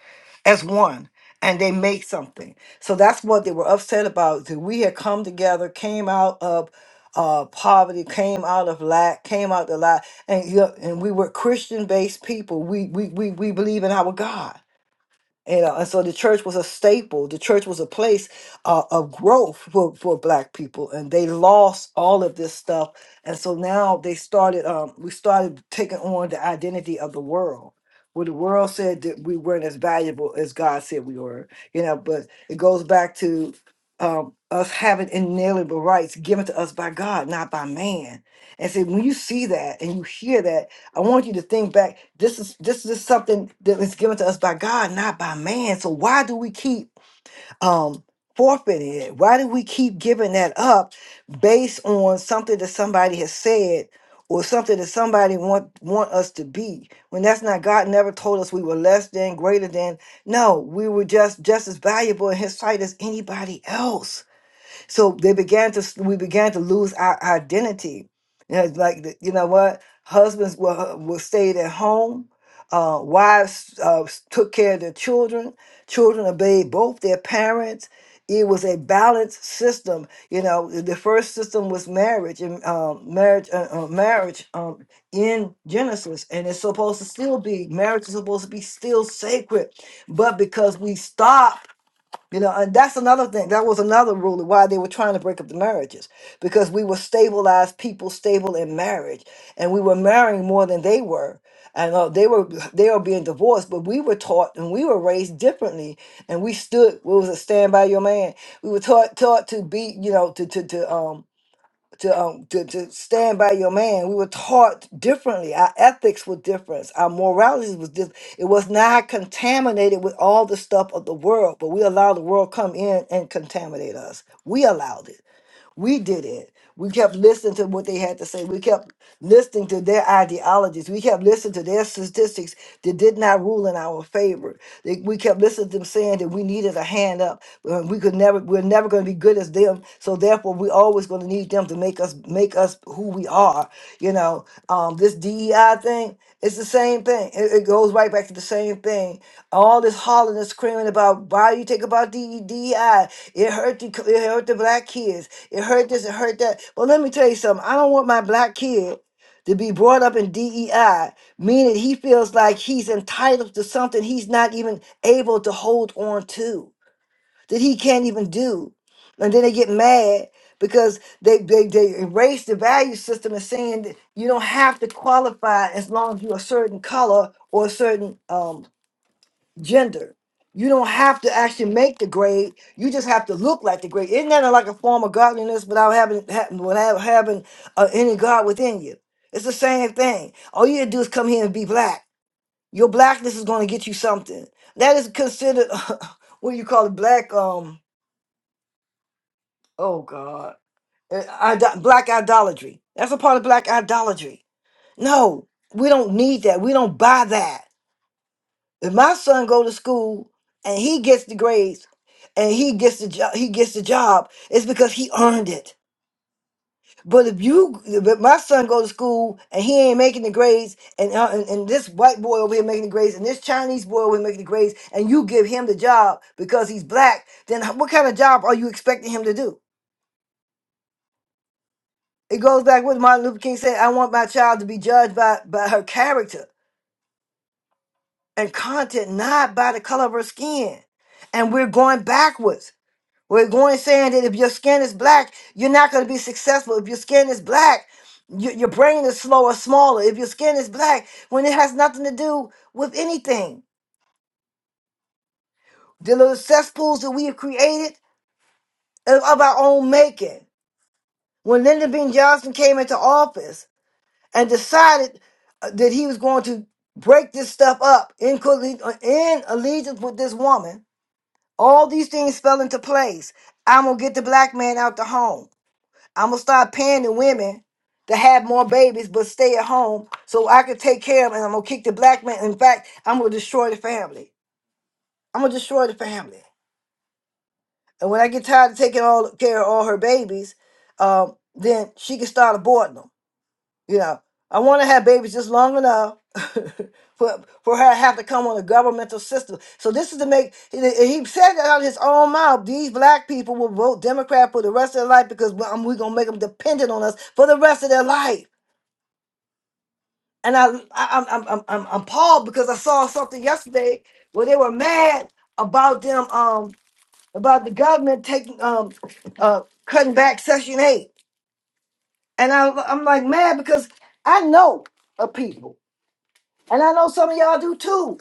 Speaker 1: as one and they make something. So that's what they were upset about. That we had come together, came out of uh, poverty, came out of lack, came out of lack, and you know, and we were Christian based people. We we we we believe in our God and know, and so the church was a staple. The church was a place uh, of growth for, for black people, and they lost all of this stuff. And so now they started, um, we started taking on the identity of the world, where the world said that we weren't as valuable as God said we were. You know, but it goes back to um, us having inalienable rights given to us by God, not by man. And so when you see that and you hear that, I want you to think back. This is this is something that is given to us by God, not by man. So why do we keep um forfeiting it? Why do we keep giving that up based on something that somebody has said or something that somebody want want us to be when that's not God never told us we were less than, greater than. No, we were just just as valuable in his sight as anybody else. So they began to we began to lose our identity. You know, it's like the- you know what husbands were uh, were stayed at home. Uh, wives uh, took care of their children. Children obeyed both their parents. It was a balanced system. You know, the the first system was marriage and um, marriage, uh, uh, marriage um, in Genesis, and it's supposed to still be marriage is supposed to be still sacred, but because we stop. You know, and that's another thing. That was another rule of why they were trying to break up the marriages because we were stabilized people, stable in marriage, and we were marrying more than they were. And uh, they were they were being divorced, but we were taught and we were raised differently, and we stood. What was it? Stand by your man. We were taught taught to be, you know, to to to um to um to, to stand by your man. We were taught differently. Our ethics were different. Our morality was different. It was not contaminated with all the stuff of the world, but we allowed the world come in and contaminate us. We allowed it. We did it. We kept listening to what they had to say. We kept listening to their ideologies. We kept listening to their statistics that did not rule in our favor. They, we kept listening to them saying that we needed a hand up. uh, We could never, we're never going to be good as them. So therefore, we always going to need them to make us, make us who we are. You know, um, this DEI thing. It's the same thing. It, it goes right back to the same thing. All this hollering and screaming about why you think about DE It hurt the it hurt the black kids. It hurt this. It hurt that. Well, let me tell you something. I don't want my black kid to be brought up in DEI, meaning he feels like he's entitled to something he's not even able to hold on to that he can't even do. And then they get mad because they, they, they erase the value system and saying that you don't have to qualify as long as you're a certain color or a certain um, gender. You don't have to actually make the grade. You just have to look like the grade. Isn't that like a form of godliness without having ha- without having uh, any God within you? It's the same thing. All you have to do is come here and be black. Your blackness is going to get you something. That is considered <laughs> what do you call it? Black. Um, Oh God, Uh, ido- black idolatry. That's a part of black idolatry. No, we don't need that. We don't buy that. If my son go to school and he gets the grades and he gets the job, he gets the job. It's because he earned it. But if you, but my son go to school and he ain't making the grades, and, uh, and and this white boy over here making the grades, and this Chinese boy over here making the grades, and you give him the job because he's black, then what kind of job are you expecting him to do? It goes back what Martin Luther King said I want my child to be judged by, by her character and content, not by the color of her skin. And we're going backwards. We're going saying that if your skin is black, you're not going to be successful. If your skin is black, your, your brain is slower, smaller. If your skin is black, when it has nothing to do with anything, the little cesspools that we have created are of our own making. When Lyndon B. Johnson came into office, and decided uh, that he was going to break this stuff up in, colle- uh, in allegiance with this woman. All these things fell into place. I'm gonna get the black man out the home. I'm gonna start paying the women to have more babies but stay at home so I can take care of them. And I'm gonna kick the black man. In fact, I'm gonna destroy the family. I'm gonna destroy the family. And when I get tired of taking all care of all her babies, um, then she can start aborting them. You know, I want to have babies just long enough <laughs> for for her to have to come on a governmental system. So this is to make. He, he said it out of his own mouth. These black people will vote Democrat for the rest of their life because we- um, we're gonna make them dependent on us for the rest of their life. And I, I I'm, I'm I'm I'm I'm appalled because I saw something yesterday where they were mad about them um about the government taking um uh cutting back Section Eight, and I I'm like mad because I know of people. And I know some of y'all do too.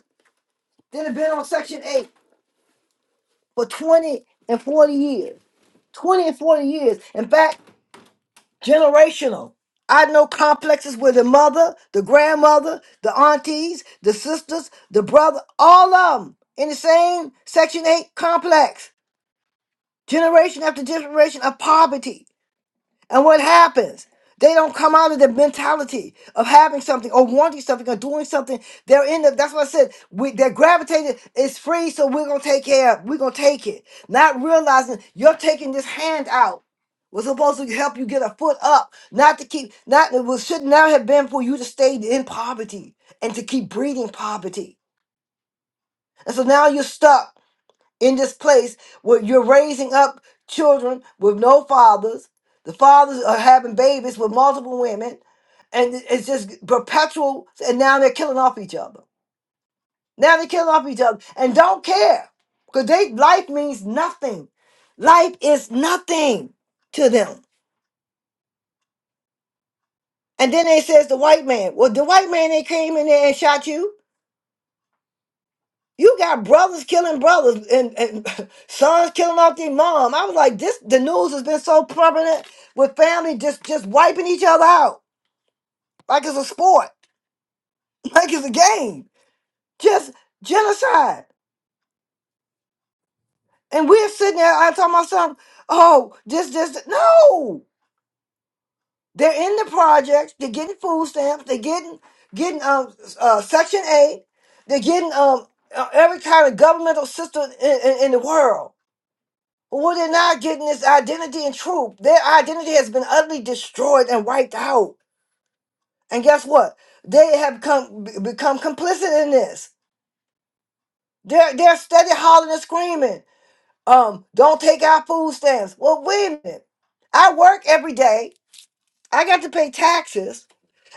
Speaker 1: That have been on Section 8 for 20 and 40 years. 20 and 40 years. In fact, generational. I know complexes where the mother, the grandmother, the aunties, the sisters, the brother, all of them in the same Section 8 complex. Generation after generation of poverty. And what happens? They don't come out of the mentality of having something or wanting something or doing something. They're in the, that's what I said. We, they're gravitated. It's free, so we're going to take care of We're going to take it. Not realizing you're taking this hand out was supposed to help you get a foot up, not to keep, not, it was, should not have been for you to stay in poverty and to keep breeding poverty. And so now you're stuck in this place where you're raising up children with no fathers. The fathers are having babies with multiple women, and it's just perpetual. And now they're killing off each other. Now they're killing off each other and don't care because they life means nothing. Life is nothing to them. And then they says the white man. Well, the white man they came in there and shot you. You got brothers killing brothers and, and <laughs> sons killing off their mom. I was like, this the news has been so prominent with family just just wiping each other out. Like it's a sport. <laughs> Like it's a game. Just genocide. And we're sitting there, I tell myself, oh, this, this, no. They're in the projects, they're getting food stamps, they're getting getting um uh, section eight, they're getting um uh, every kind of governmental system in, in, in the world Well, they're not getting this identity and truth. Their identity has been utterly destroyed and wiped out. And guess what? They have come, be- become complicit in this. They're, they're steady hollering and screaming. Um, don't take our food stamps. Well, wait a minute. I work every day. I got to pay taxes,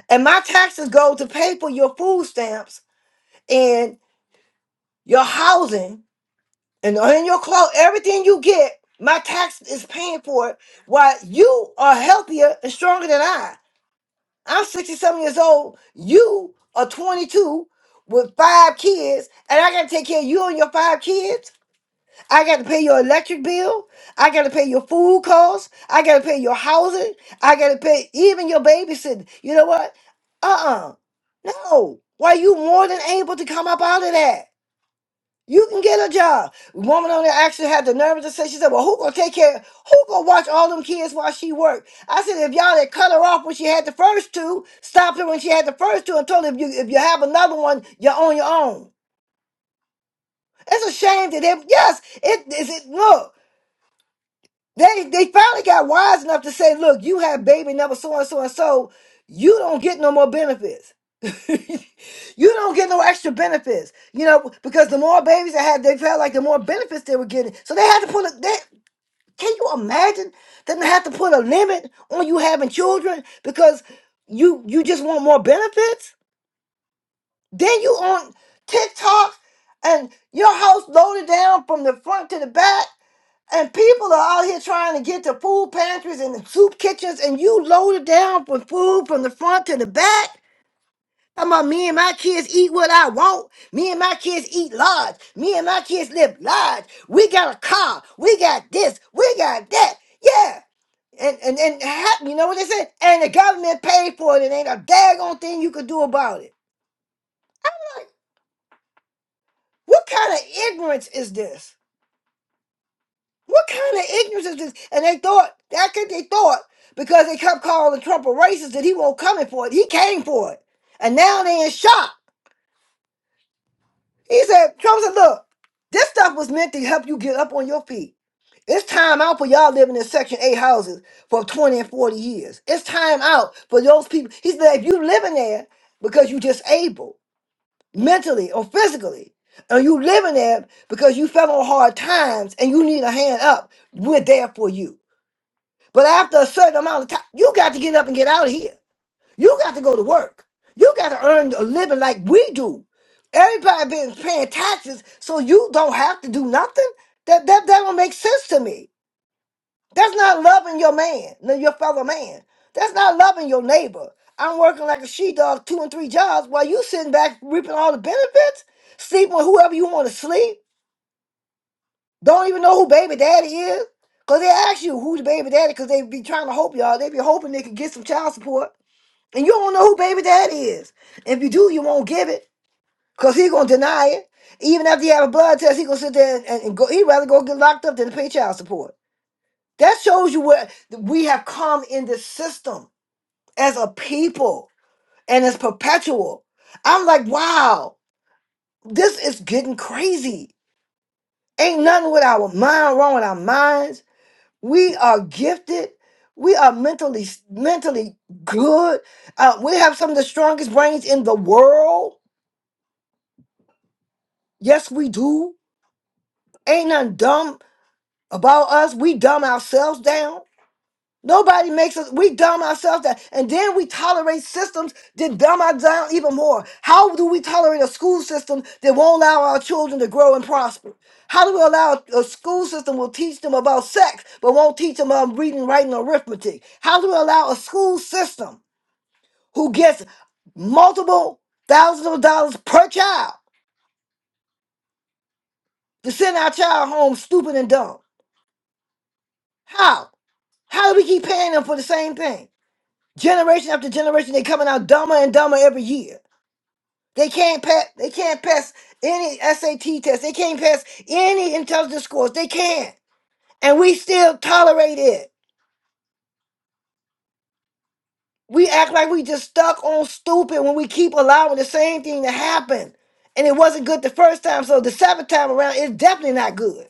Speaker 1: and my taxes go to pay for your food stamps and your housing and, and your clothes. Everything you get, my tax is paying for it. Why you are healthier and stronger than I. I'm 67 years old. You are 22 with five kids, and I got to take care of you and your five kids. I got to pay your electric bill. I got to pay your food costs. I got to pay your housing. I got to pay even your babysitting. You know what? Uh uh No. Why you more than able to come up out of that? You can get a job. Woman on there actually had the nerve to say, she said, Well, who gonna take care? Who gonna watch all them kids while she worked? I said, if y'all had cut her off when she had the first two, stopped her when she had the first two, and told her if you if you have another one, you're on your own. It's a shame that it yes, it is it look. They they finally got wise enough to say, look, you have baby number so and so and so, you don't get no more benefits. <laughs> you don't get no extra benefits. You know, because the more babies they had, they felt like the more benefits they were getting. So they had to put a they, can you imagine them to have to put a limit on you having children because you you just want more benefits? Then you on TikTok and your house loaded down from the front to the back and people are out here trying to get to food pantries and the soup kitchens, and you loaded down with food from the front to the back. I'm about me and my kids eat what I want. Me and my kids eat large. Me and my kids live large. We got a car. We got this. We got that. Yeah. And and and ha- you know what they said? And the government paid for it. It ain't a daggone thing you could do about it. What kind of ignorance is this? What kind of ignorance is this? And they thought that's what they thought because they kept calling Trump a racist that he won't come in for it. He came for it, and now they in shock. He said, Trump said, "Look, this stuff was meant to help you get up on your feet. It's time out for y'all living in Section Eight houses for twenty and forty years. It's time out for those people." He said, "If you living there because you disabled mentally or physically." And you living there because you fell on hard times and you need a hand up. We're there for you. But after a certain amount of time, you got to get up and get out of here. You got to go to work. You got to earn a living like we do. Everybody been paying taxes, so you don't have to do nothing. That that that don't make sense to me. That's not loving your man, no, your fellow man. That's not loving your neighbor. I'm working like a sheepdog, two and three jobs, while you sitting back reaping all the benefits, sleep with whoever you want to sleep. Don't even know who baby daddy is. Cause they ask you who's baby daddy, cause they be trying to hope y'all. They be hoping they can get some child support. And you don't know who baby daddy is. If you do, you won't give it. Cause he gonna deny it. Even after you have a blood test, he gonna sit there and, and, and go he'd rather go get locked up than to pay child support. That shows you where th- we have come in this system as a people and it's perpetual. I'm like, wow, this is getting crazy. Ain't nothing with our mind wrong with our minds We are gifted. We are mentally mentally good. Uh, we have some of the strongest brains in the world. Yes, we do. Ain't nothing dumb about us. We dumb ourselves down. Nobody makes us, we dumb ourselves down. And then we tolerate systems that dumb us down even more. How do we tolerate a school system that won't allow our children to grow and prosper? How do we allow a school system will teach them about sex, but won't teach them about reading, writing, or arithmetic? How do we allow a school system who gets multiple thousands of dollars per child to send our child home stupid and dumb? How? How do we keep paying them for the same thing? Generation after generation, they coming out dumber and dumber every year. They can't pass. They can't pass any SAT test. They can't pass any intelligence scores. They can't, and we still tolerate it. We act like we just stuck on stupid when we keep allowing the same thing to happen, and it wasn't good the first time. So the seventh time around, it's definitely not good.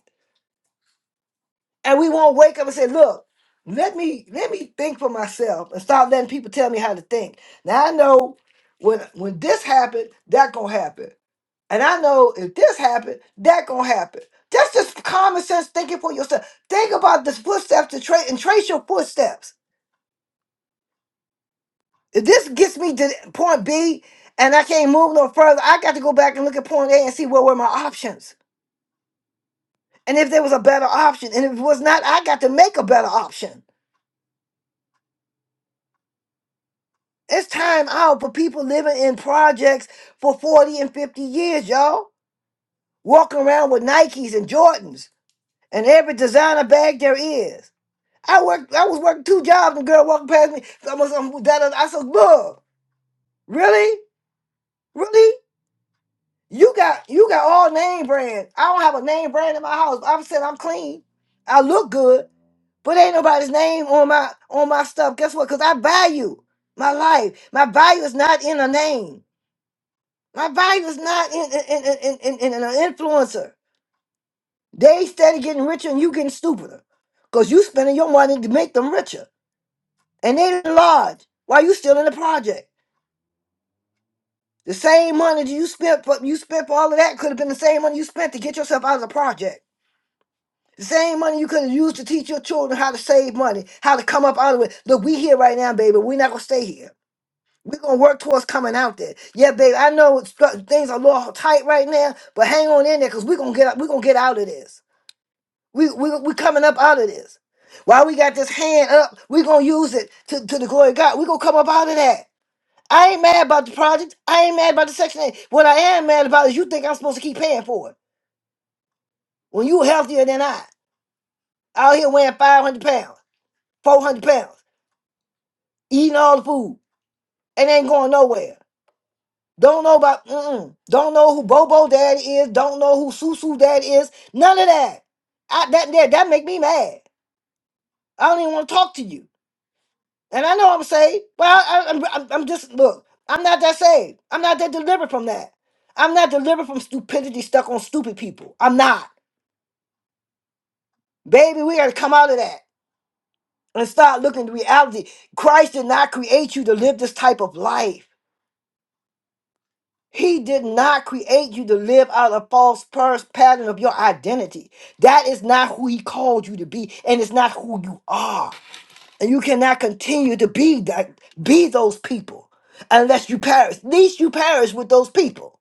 Speaker 1: And we won't wake up and say, "Look, let me let me think for myself and stop letting people tell me how to think." Now I know when when this happened, that gonna happen. And I know if this happened, that gonna happen. That's just common sense thinking for yourself. Think about the footsteps to trace and trace your footsteps. If this gets me to point B and I can't move no further, I got to go back and look at point A and see what were my options. And if there was a better option, and if it was not, I got to make a better option. It's time out for people living in projects for 40 and 50 years, y'all. Walking around with Nikes and Jordans and every designer bag there is. I worked. I was working two jobs. and girl walking past me. Almost, um, that, uh, I said, "Look, really, really, you got you got all name brand. I don't have a name brand in my house. I'm saying I'm clean. I look good, but ain't nobody's name on my on my stuff. Guess what? Because I value my life. My value is not in a name. My value is not in in in in, in, in an influencer. They steady getting richer and you getting stupider, because you spending your money to make them richer, and they large while you still in the project. The same money you spent for you spent for all of that could have been the same money you spent to get yourself out of the project. The same money you could have used to teach your children how to save money, how to come up out of it. Look, we here right now, baby. We're not gonna stay here. We're gonna work towards coming out there. Yeah, baby. I know it's, things are a little tight right now, but hang on in there because we're gonna get we're gonna get out of this. We we we coming up out of this. While we got this hand up, we're gonna use it to, to the glory of God. We're gonna come up out of that. I ain't mad about the project. I ain't mad about the Section 8. What I am mad about is you think I'm supposed to keep paying for it when you healthier than I. Out here weighing 500 pounds, 400 pounds, eating all the food, and ain't going nowhere. Don't know about, mm-mm. don't know who Bobo Daddy is. Don't know who Susu Daddy is. None of that. I, that, that. That make me mad. I don't even want to talk to you. And I know I'm saved, but I, I, I'm, I'm I'm just, look, I'm not that saved. I'm not that delivered from that. I'm not delivered from stupidity stuck on stupid people. I'm not. Baby, we got to come out of that and start looking at reality. Christ did not create you to live this type of life. He did not create you to live out a false pers- pattern of your identity. That is not who he called you to be, and it's not who you are. And you cannot continue to be that be those people unless you perish. At least you perish with those people.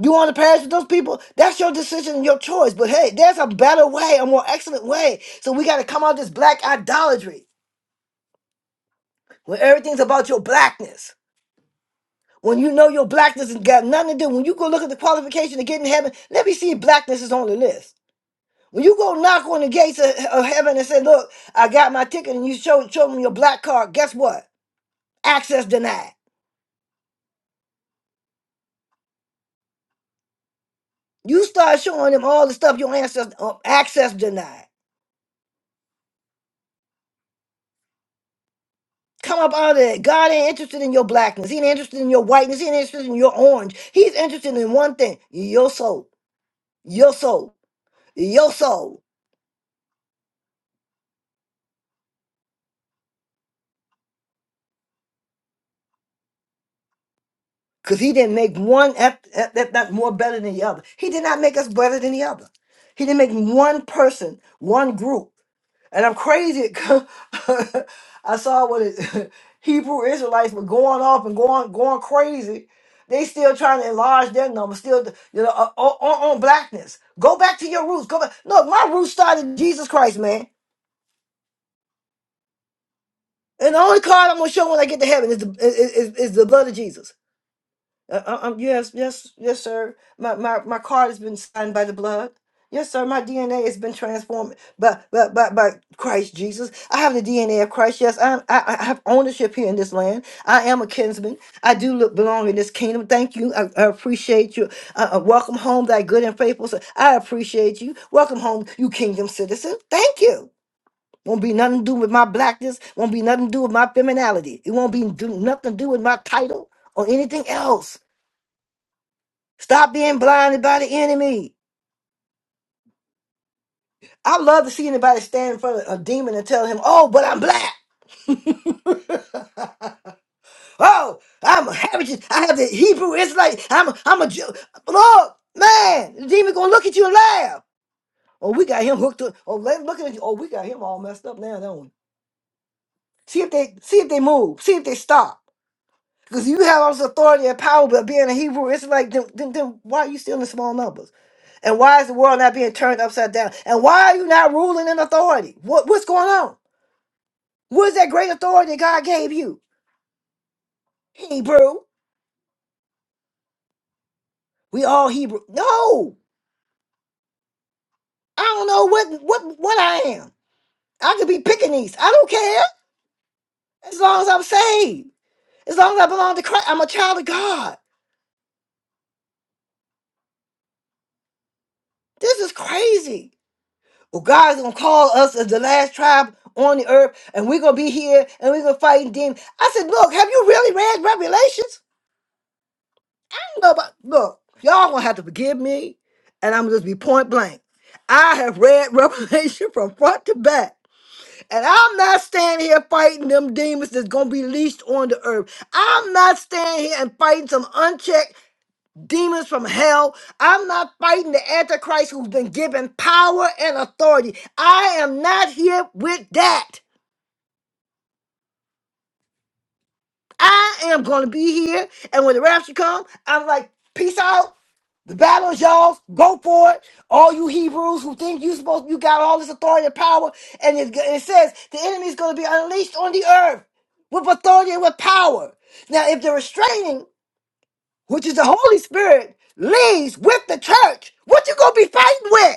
Speaker 1: You want to perish with those people? That's your decision and your choice. But hey, there's a better way, a more excellent way. So we got to come out of this black idolatry when everything's about your blackness. When you know your blackness has got nothing to do, when you go look at the qualification to get in heaven, let me see if blackness is on the list. When you go knock on the gates of, of heaven and say, "Look, I got my ticket," and you show show them your black card, guess what? Access denied. You start showing them all the stuff your ancestors uh, access denied. Come up out of that. God ain't interested in your blackness. He ain't interested in your whiteness. He ain't interested in your orange. He's interested in one thing: your soul, your soul, your soul. Because he didn't make one ep- ep- ep- ep- more better than the other. He did not make us better than the other. He didn't make one person, one group. And I'm crazy. <laughs> crazy. I saw what it, <laughs> Hebrew Israelites were going off and going going crazy. They still trying to enlarge their number, still you know uh, on, on on blackness. Go back to your roots. Go back. Look, my roots started in Jesus Christ, man. And the only card I'm gonna show when I get to heaven is the is, is, is the blood of Jesus. Uh, uh, um, yes, yes, yes, sir. My, my my card has been signed by the blood. Yes, sir. My DNA has been transformed by by by, by Christ Jesus. I have the DNA of Christ. Yes, i I I have ownership here in this land. I am a kinsman. I do look, belong in this kingdom. Thank you. I, I appreciate you. Uh, uh, welcome home, thy good and faithful. son. I appreciate you. Welcome home, you kingdom citizen. Thank you. Won't be nothing to do with my blackness. Won't be nothing to do with my femininity. It won't be do, nothing to do with my title or anything else. Stop being blinded by the enemy. I love to see anybody stand in front of a demon and tell him, "Oh, but I'm black." <laughs> oh, I'm a heritage. I have the Hebrew Israelite. I'm a, I'm a Jew. Look, man, the demon gonna look at you and laugh. Oh, we got him hooked up. Oh, let him look at you. Oh, we got him all messed up now, don't we? See if they see if they move. See if they stop. Because you have all this authority and power, but being a Hebrew Israelite, then, then, then why are you still in small numbers? And why is the world not being turned upside down? And why are you not ruling in authority? What, what's going on? What is that great authority God gave you? Hebrew. We all Hebrew. No, I don't know what what what I am. I could be Pekingese. I don't care. As long as I'm saved. As long as I belong to Christ. I'm a child of God. This is crazy. Well, God's gonna call us as the last tribe on the earth, and we're gonna be here and we're gonna fight demons. I said, Look, have you really read Revelations? No, but Look, y'all gonna have to forgive me, and I'm gonna just be point blank. I have read <laughs> Revelation from front to back. And I'm not standing here fighting them demons that's gonna be leashed on the earth. I'm not standing here and fighting some unchecked demons from hell. I'm not fighting the Antichrist who's been given power and authority. I am not here with that. I am going to be here. And when the rapture comes, I'm like, peace out. The battle is y'all's. Go for it. All you Hebrews who think you supposed you got all this authority and power, and it, it says the enemy is going to be unleashed on the earth with authority and with power. Now, if the restraining, which is the Holy Spirit, leaves with the church, what you gonna be fighting with?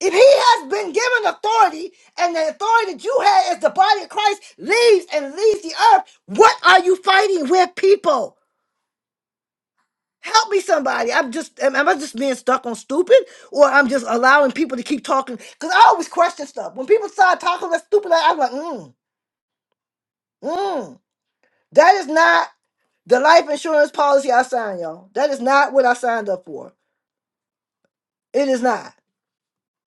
Speaker 1: If he has been given authority and the authority that you had as the body of Christ leaves and leaves the earth, what are you fighting with people? Help me somebody. I'm just am am I just being stuck on stupid or I'm just allowing people to keep talking cuz I always question stuff. When people start talking that stupid I- I'm like, "Mm. Mm. That is not the life insurance policy I signed, y'all. That is not what I signed up for. It is not.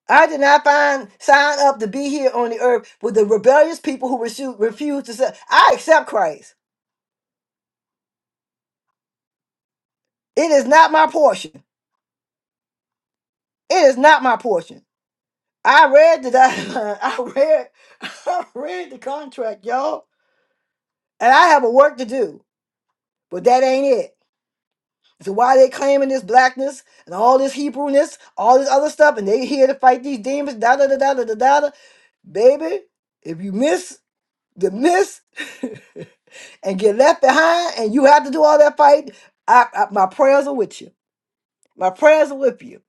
Speaker 1: I did not find, sign up to be here on the earth with the rebellious people who refuse, refuse to say, I accept Christ. It is not my portion. It is not my portion. I read the document. <laughs> I read, <laughs> I read the contract, y'all, and I have a work to do, but that ain't it. So why they claiming this blackness and all this Hebrewness, all this other stuff, and they here to fight these demons, da da da da da da da. da. Baby, if you miss to miss <laughs> and get left behind and you have to do all that fight, I, I, my prayers are with you. My prayers are with you.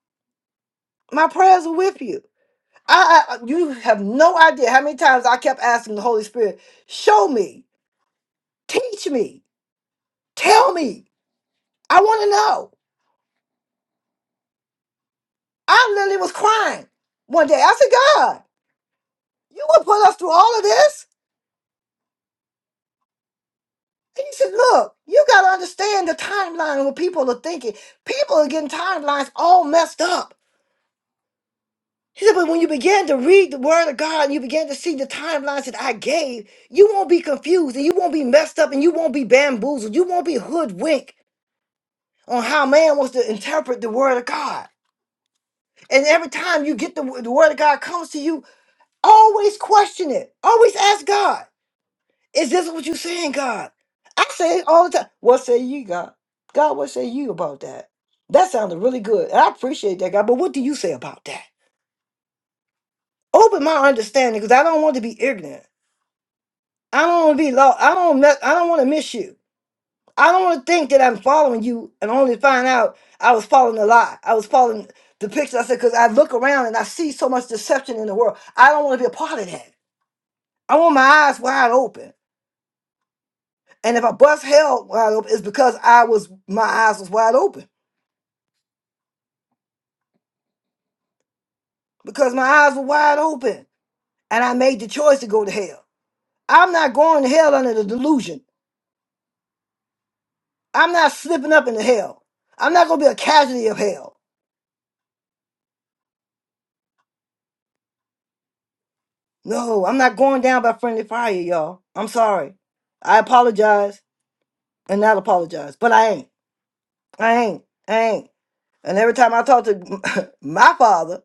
Speaker 1: My prayers are with you. I, I I- you have no idea how many times I kept asking the Holy Spirit, show me, teach me, tell me. I want to know. I literally was crying one day. I said, God, you gonna put us through all of this? And he said, Look, you got to understand the timeline when people are thinking. People are getting timelines all messed up. He said, but when you begin to read the word of God and you begin to see the timelines that I gave, you won't be confused and you won't be messed up and you won't be bamboozled. You won't be hoodwinked on how man wants to interpret the word of God. And every time you get the, the word of God comes to you, always question it. Always ask God, is this what you're saying, God? I say it all the time. What say you, God? God, what say you about that? That sounded really good. And I appreciate that, God. But what do you say about that? Open my understanding because I don't want to be ignorant. I don't want to be lost. I don't. Mess, I don't want to miss you. I don't want to think that I'm following you and only find out I was following a lie. I was following the picture. I said because I look around and I see so much deception in the world. I don't want to be a part of that. I want my eyes wide open. And if I bust hell wide open, it's because I was my eyes was wide open because my eyes were wide open and I made the choice to go to hell. I'm not going to hell under the delusion. I'm not slipping up into hell. I'm not going to be a casualty of hell. No, I'm not going down by friendly fire, y'all. I'm sorry. I apologize and not apologize, but I ain't. I ain't. I ain't. And every time I talk to <laughs> my father,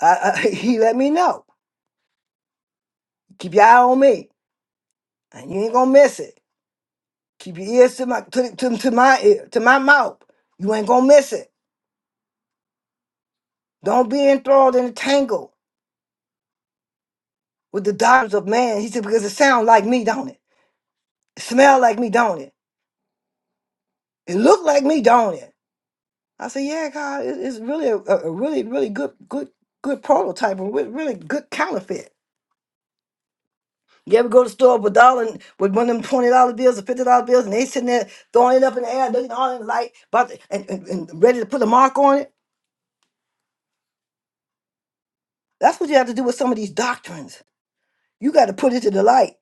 Speaker 1: I, I, <laughs> he let me know. Keep your eye on me, and you ain't gonna miss it. Keep your ears to my to, to, to my ear, to my mouth. You ain't gonna miss it. Don't be enthralled in a tangle with the doctrines of man. He said because it sound like me, don't it? It smell like me, don't it? It look like me, don't it? I said, "Yeah, God, it, it's really a, a a really really good good good prototype and re- really good counterfeit." You ever go to the store with dollar and with one of them twenty dollar bills or fifty dollar bills, and they sitting there throwing it up in the air, looking all in the light, about to, and, and, and ready to put a mark on it. That's what you have to do with some of these doctrines. You got to put it to the light.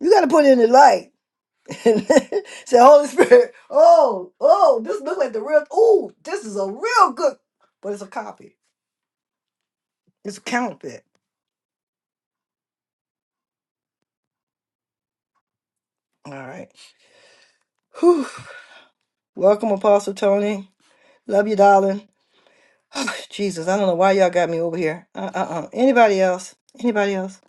Speaker 1: You got to put it in the light. <laughs> And Say, Holy Spirit, oh, oh, this look like the real. Ooh, this is a real good, but it's a copy. It's a counterfeit. All right. Whew. Welcome, Apostle Tony. Love you, darling. <sighs> Jesus, I don't know why y'all got me over here. Uh uh uh. Anybody else? Anybody else?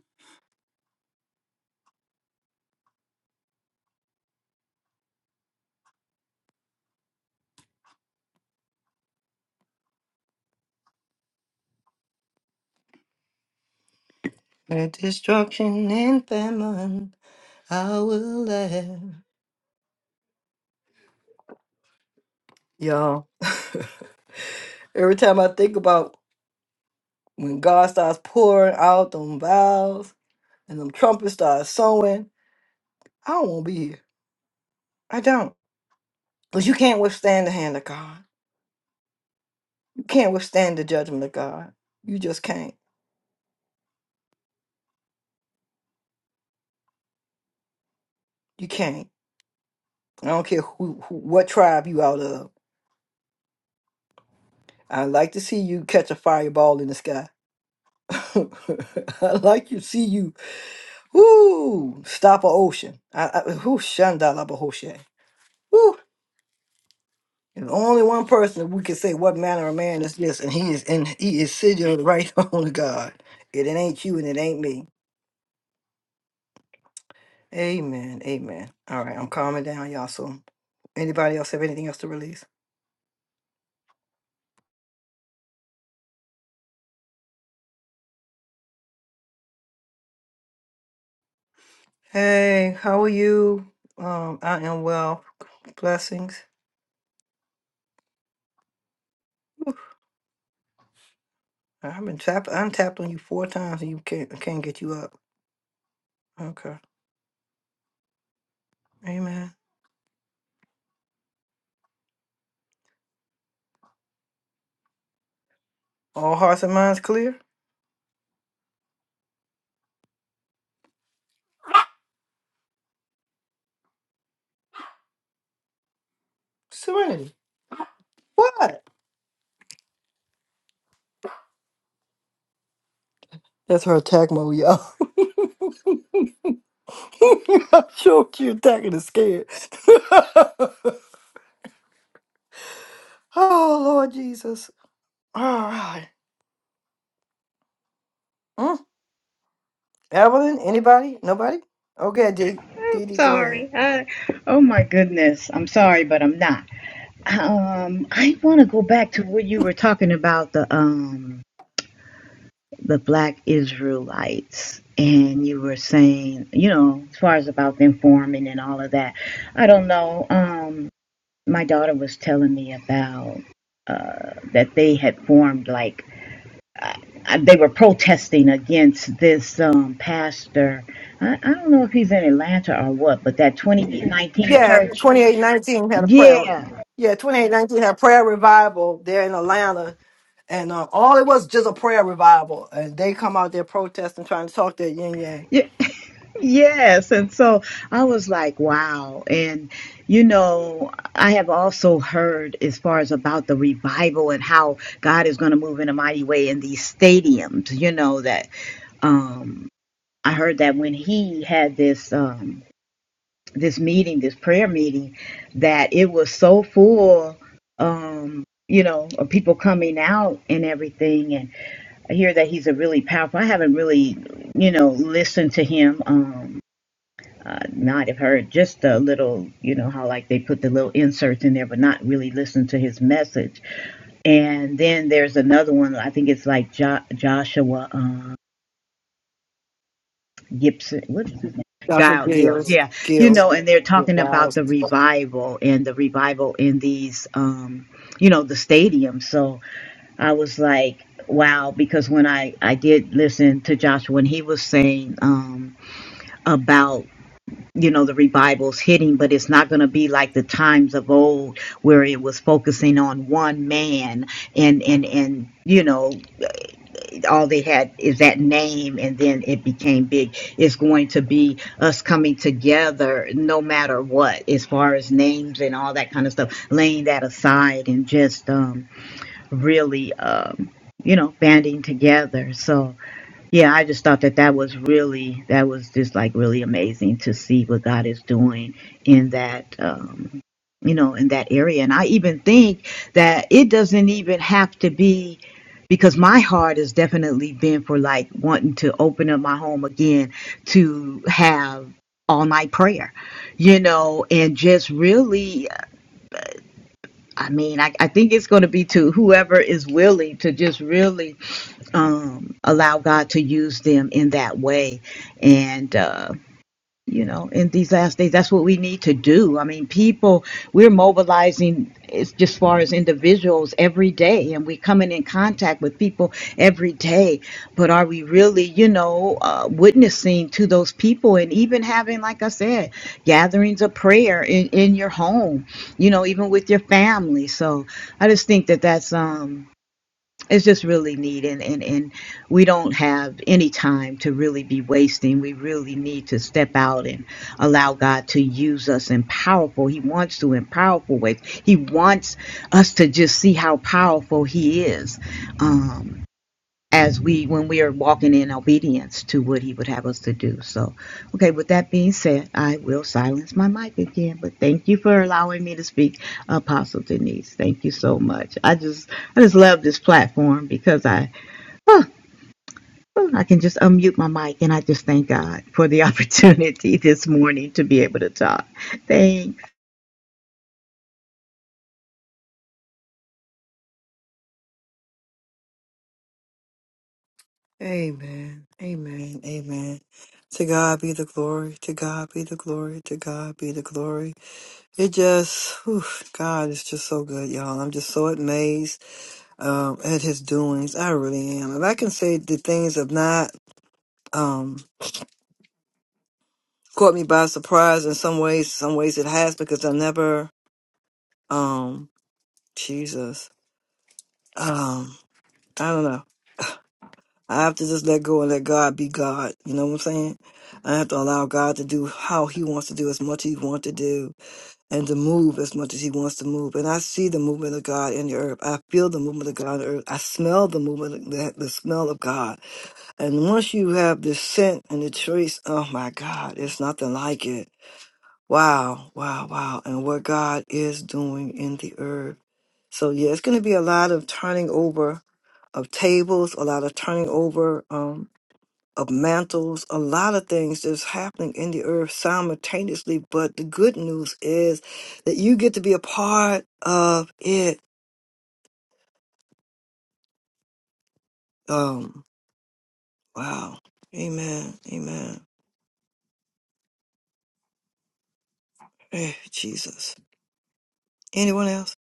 Speaker 1: At destruction and famine, I will laugh. Y'all, <laughs> every time I think about when God starts pouring out them vows and them trumpets start sowing, I don't want to be here. I don't. Because you can't withstand the hand of God. You can't withstand the judgment of God. You just can't. You can't. I don't care who, who what tribe you out of. I like to see you catch a fireball in the sky. <laughs> I like to see you, whoo, stop a ocean. I, I, whoo, shandala bahoshe. Whoo. There's only one person we can say what manner of man is this, and he is and he is sitting on the right <laughs> on of God. It, it ain't you and it ain't me. Amen. Amen. All right, I'm calming down, y'all. So anybody else have anything else to release? Hey, how are you? Um, I am well. Blessings. I've been tap untapped on you four times and you can't can't get you up. Okay. Amen. All hearts and minds clear? Hey, what? That's her attack mode, y'all. <laughs> I'm sure she attacking is scared. <laughs> oh Lord Jesus. All right. Mm. Evelyn, anybody? Nobody? Okay, D.
Speaker 6: I'm
Speaker 1: Didi, go ahead.
Speaker 6: sorry. I, oh my goodness. I'm sorry, but I'm not. Um, I want to go back to what you were talking about the um the black Israelites and you were saying, you know, as far as about them forming and all of that. I don't know. Um my daughter was telling me about uh that they had formed like uh, they were protesting against this um pastor. I, I don't know if he's in Atlanta or what, but that 2019
Speaker 1: Yeah,
Speaker 6: church.
Speaker 1: 2819 had a prayer.
Speaker 6: Yeah.
Speaker 1: Yeah, 2819 had a prayer revival there in Atlanta. And um, all it was just a prayer revival. And they come out there protesting, trying to talk that yin yang.
Speaker 6: Yeah. Yes. And so I was like, wow. And, you know, I have also heard as far as about the revival and how God is going to move in a mighty way in these stadiums, you know, that um, I heard that when he had this um, this meeting, this prayer meeting, that it was so full, um, you know, of people coming out and everything. And I hear that he's a really powerful. I haven't really, you know, listened to him. Um, uh, not have heard just a little, you know, how like they put the little inserts in there, but not really listen to his message. And then there's another one, I think it's like jo- Joshua uh, Gibson. What is his name?
Speaker 1: Dr.
Speaker 6: Guile Gills.
Speaker 1: Gills,
Speaker 6: Yeah. You
Speaker 1: Gills,
Speaker 6: know, and they're
Speaker 1: your
Speaker 6: talking about
Speaker 1: vows.
Speaker 6: the revival and the revival in these, um, you know, the stadiums. So I was like, wow, because when I, I did listen to Joshua, when he was saying um, about you know the revival's hitting but it's not going to be like the times of old where it was focusing on one man and and and you know all they had is that name and then it became big it's going to be us coming together no matter what as far as names and all that kind of stuff laying that aside and just um really um you know banding together so yeah, I just thought that that was really that was just like really amazing to see what God is doing in that um, you know in that area, and I even think that it doesn't even have to be because my heart has definitely been for like wanting to open up my home again to have all night prayer, you know, and just really I mean, I, I think it's going to be to whoever is willing to just really um, allow God to use them in that way. And uh, you know, in these last days. That's what we need to do. I mean, people, we're mobilizing as just far as individuals every day, and we're coming in contact with people every day. But are we really, you know, uh, witnessing to those people and even having, like I said, gatherings of prayer in, in your home, you know, even with your family? So I just think that that's. um it's just really neat and, and and we don't have any time to really be wasting we really need to step out and allow god to use us in powerful he wants to in powerful ways he wants us to just see how powerful he is Um, as we when we are walking in obedience to what he would have us to do so okay with that being said i will silence my mic again but thank you for allowing me to speak apostle denise thank you so much i just i just love this platform because i oh, oh, i can just unmute my mic and i just thank god for the <laughs> opportunity this morning to be able to talk thanks
Speaker 1: Amen. Amen. Amen. To God be the glory. To God be the glory. To God be the glory. It just, whew, God is just so good, y'all. I'm just so amazed um, at His doings. I really am. If I can say the things of not um caught me by surprise in some ways some ways it has because i never um jesus um i don't know i have to just let go and let god be god you know what i'm saying i have to allow god to do how he wants to do as much as he wants to do and to move as much as he wants to move and i see the movement of god in the earth i feel the movement of god in the earth i smell the movement the, the smell of god and once you have the scent and the trace oh my god it's nothing like it Wow, wow, wow. And what God is doing in the earth. So, yeah, it's going to be a lot of turning over of tables, a lot of turning over um, of mantles, a lot of things that's happening in the earth simultaneously. But the good news is that you get to be a part of it. Um, wow. Amen. Amen. Eh, Jesus. Anyone else?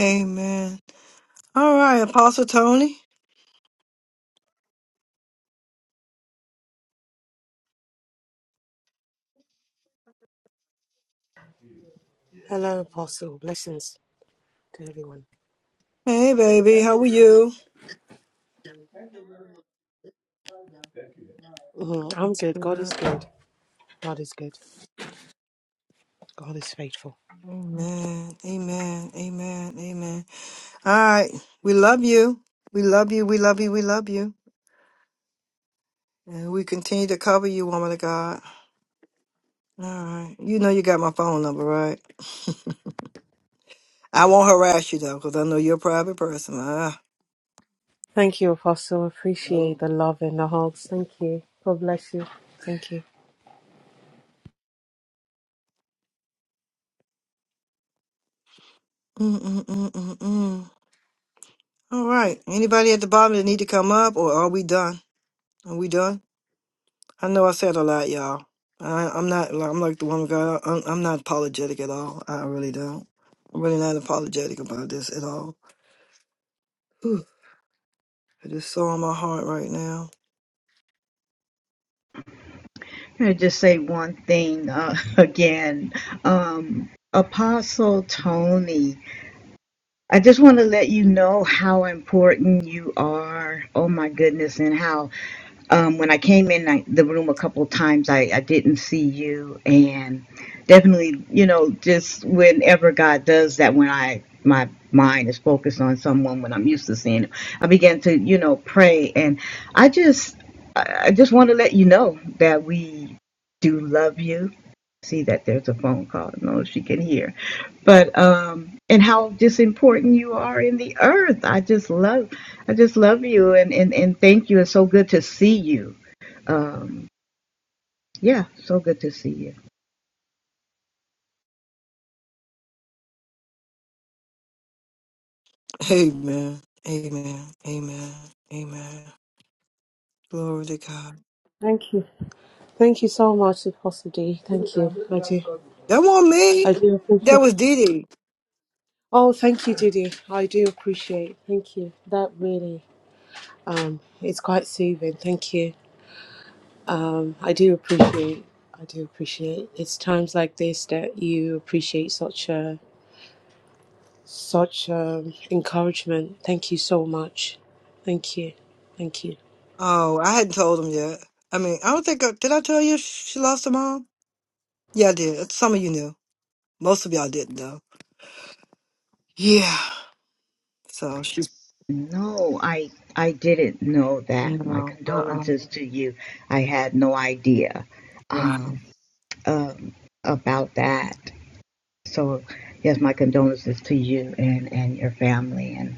Speaker 1: Amen. All right, Apostle Tony.
Speaker 9: Hello, Apostle. Blessings to everyone.
Speaker 1: Hey, baby. How are you?
Speaker 9: Mhm, I'm good. God is good. God is good. God is faithful.
Speaker 1: Amen. Amen. Amen. Amen. All right. We love you. We love you. We love you. We love you. And we continue to cover you, woman of God. All right. You know you got my phone number, right? <laughs> I won't harass you though, because I know you're a private person. Ah.
Speaker 9: Thank you, Apostle. Appreciate the love and the hugs. Thank you. God bless you. Thank you.
Speaker 1: Mm, mm, mm, mm, mm. mm. All right. Anybody at the bottom that need to come up, or are we done? Are we done? I know I said a lot, y'all. I, I'm not. I'm like the woman of God. I'm, I'm not apologetic at all. I really don't. I'm really not apologetic about this at all. Whew, I just saw in my heart right now.
Speaker 6: Can i just say one thing uh, <laughs> again um apostle tony I just want to let you know how important you are. Oh my goodness, and how um, when I came in I, the room a couple of times, I, I didn't see you, and definitely, you know, just whenever God does that, when I my mind is focused on someone, when I'm used to seeing him, I begin to, you know, pray, and I just, I I just want to let you know that we do love you see that there's a phone call. I don't know if she can hear, but um, and how just important you are in the earth. I just love, I just love you, and and and thank you. It's so good to see you. Um, yeah, so good to see you.
Speaker 1: Amen. Amen. Amen. Amen. Glory to God.
Speaker 9: Thank you. Thank you so much, Apostle D. Thank you. I do.
Speaker 1: That wasn't
Speaker 9: I
Speaker 1: me.
Speaker 9: do
Speaker 1: That
Speaker 9: appreciate.
Speaker 1: was Didi.
Speaker 9: Oh, thank you, Didi. I do appreciate. Thank you. That really, um, it's quite soothing. Thank you. Um, I do appreciate. I do appreciate. It's times like this that you appreciate such a such um, encouragement. Thank you so much. Thank you. Thank you.
Speaker 1: Oh, I hadn't told him yet. I mean, I don't think I did. I tell you she lost her mom. Yeah, I did. Some of you knew. Most of y'all didn't though. Yeah. So she.
Speaker 6: No, I I didn't know that. My condolences to you. I had no idea um, um, about that. So yes, my condolences to you and and your family. And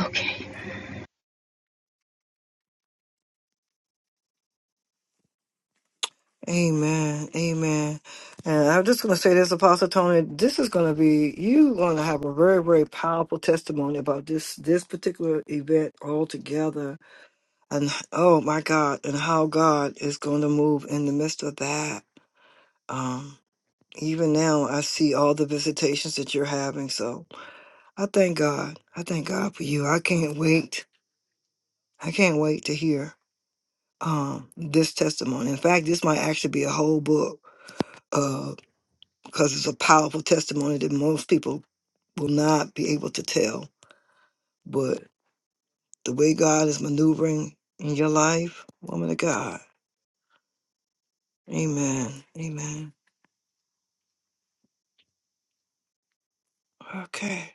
Speaker 6: okay.
Speaker 1: Amen. Amen. And I'm just going to say this, Apostle Tony, this is going to be, you're going to have a very, very powerful testimony about this, this particular event altogether. And oh my God, and how God is going to move in the midst of that. Um, even now, I see all the visitations that you're having. So I thank God. I thank God for you. I can't wait. I can't wait to hear um, this testimony. In fact, this might actually be a whole book because it's a powerful testimony that most people will not be able to tell. But the way God is maneuvering in your life, woman of God, amen, amen. Okay,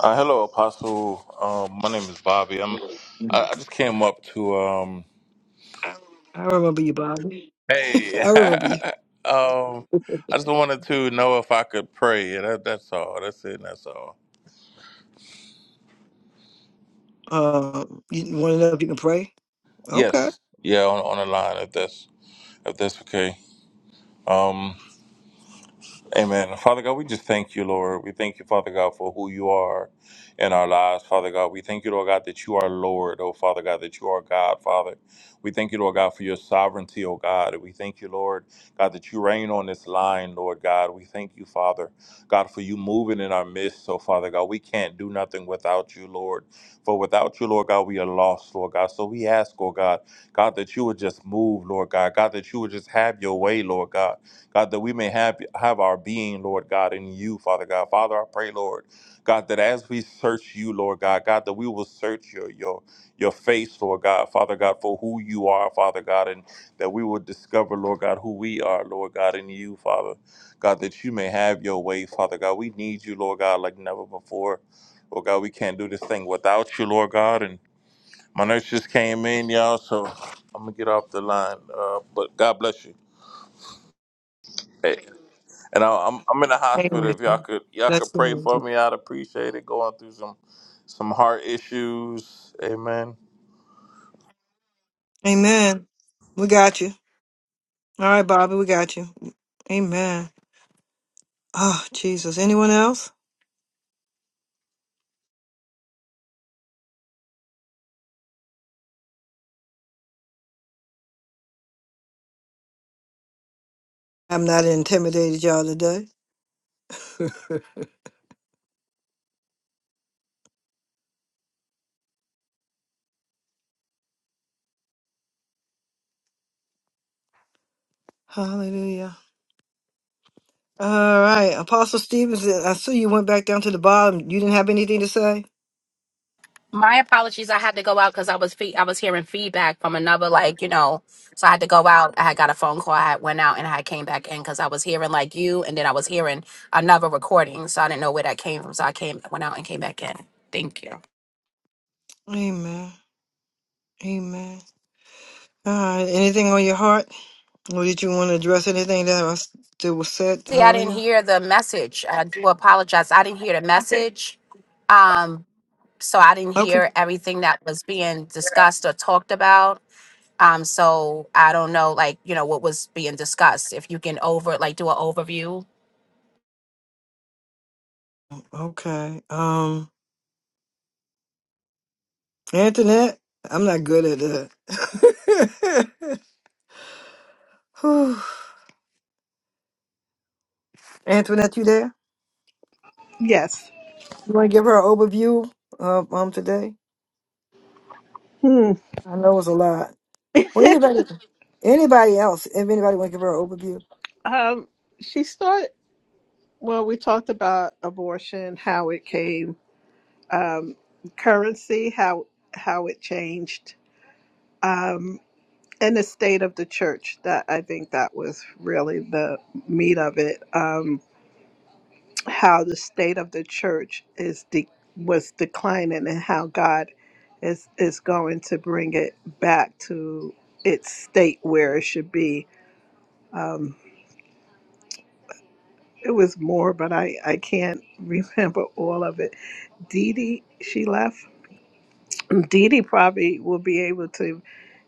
Speaker 10: Uh, hello, Apostle. Um, my name is Bobby. I'm. I, I just came up to. Um,
Speaker 1: I remember you, Bobby. <laughs>
Speaker 10: hey.
Speaker 1: I
Speaker 10: <laughs>
Speaker 1: remember you.
Speaker 10: um, I just wanted to know if I could pray. Yeah, that, that's all. That's it. That's all.
Speaker 1: Um, you want to know if you can pray? Okay,
Speaker 10: Yes. Yeah. On, on the line. If that's if that's okay. Um, Amen. Father God, we just thank you, Lord. We thank you, Father God, for who you are in our lives, Father God. We thank you, Lord God, that you are Lord, oh Father God, that you are God, Father. We thank you, Lord God, for your sovereignty, oh God. We thank you, Lord God, that you reign on this line, Lord God. We thank you, Father God, for you moving in our midst, oh Father God. We can't do nothing without you, Lord. For without you, Lord God, we are lost, Lord God. So we ask, oh God, God, that you would just move, Lord God. God, that you would just have your way, Lord God. God, that we may have have our being, Lord God, in you, Father God. Father, I pray, Lord, God, that as we search you, Lord God, God, that we will search your your your face, Lord God, Father God, for who you are, Father God, and that we will discover, Lord God, who we are, Lord God, in you, Father. God, that you may have your way, Father God. We need you, Lord God, like never before. Lord God, we can't do this thing without you, Lord God. And my nurse just came in, y'all, so I'm gonna get off the line. Uh, but God bless you. Hey. And I- I'm I'm in the hospital. If y'all could y'all could pray for me, I'd appreciate it. Going through some some heart issues. Amen.
Speaker 1: amen. We got you. All right, Bobby, we got you. Amen. Oh, Jesus. Anyone else? I'm not intimidated y'all today. Hallelujah. All right, Apostle Stevens, I see you went back down to the bottom. You didn't have anything to say?
Speaker 11: My apologies. I had to go out because I was fe- I was hearing feedback from another, like you know, so I had to go out. I had got a phone call. I had went out and I came back in because I was hearing like you, and then I was hearing another recording, so I didn't know where that came from. So I came went out and came back in. Thank you.
Speaker 1: Amen. Amen. All right, anything on your heart? Or did you want to address anything that was, that was said
Speaker 11: See, I didn't
Speaker 1: earlier?
Speaker 11: hear the message. I do apologize. I didn't hear the message, um, so I didn't
Speaker 1: Okay.
Speaker 11: hear everything that was being discussed or talked about. Um, so I don't know, like you know, what was being discussed. If you can over like do an overview
Speaker 1: Okay. Um, Antoinette, I'm not good at that. <laughs> Whew. Antoinette, you there?
Speaker 3: Yes.
Speaker 1: You want to give her an overview of um today?
Speaker 3: Hmm.
Speaker 1: I know it's a lot.
Speaker 3: <laughs>
Speaker 1: Well, anybody, anybody else? If anybody want to give her an overview?
Speaker 3: um, she started. Well, we talked about abortion, how it came, um, currency, how how it changed. Um, and the state of the church that i think that was really the meat of it um how the state of the church is de- was declining and how god is is going to bring it back to its state where it should be um it was more but i i can't <laughs> remember all of it Dee Dee, she left. Mm, Dee Dee probably will be able to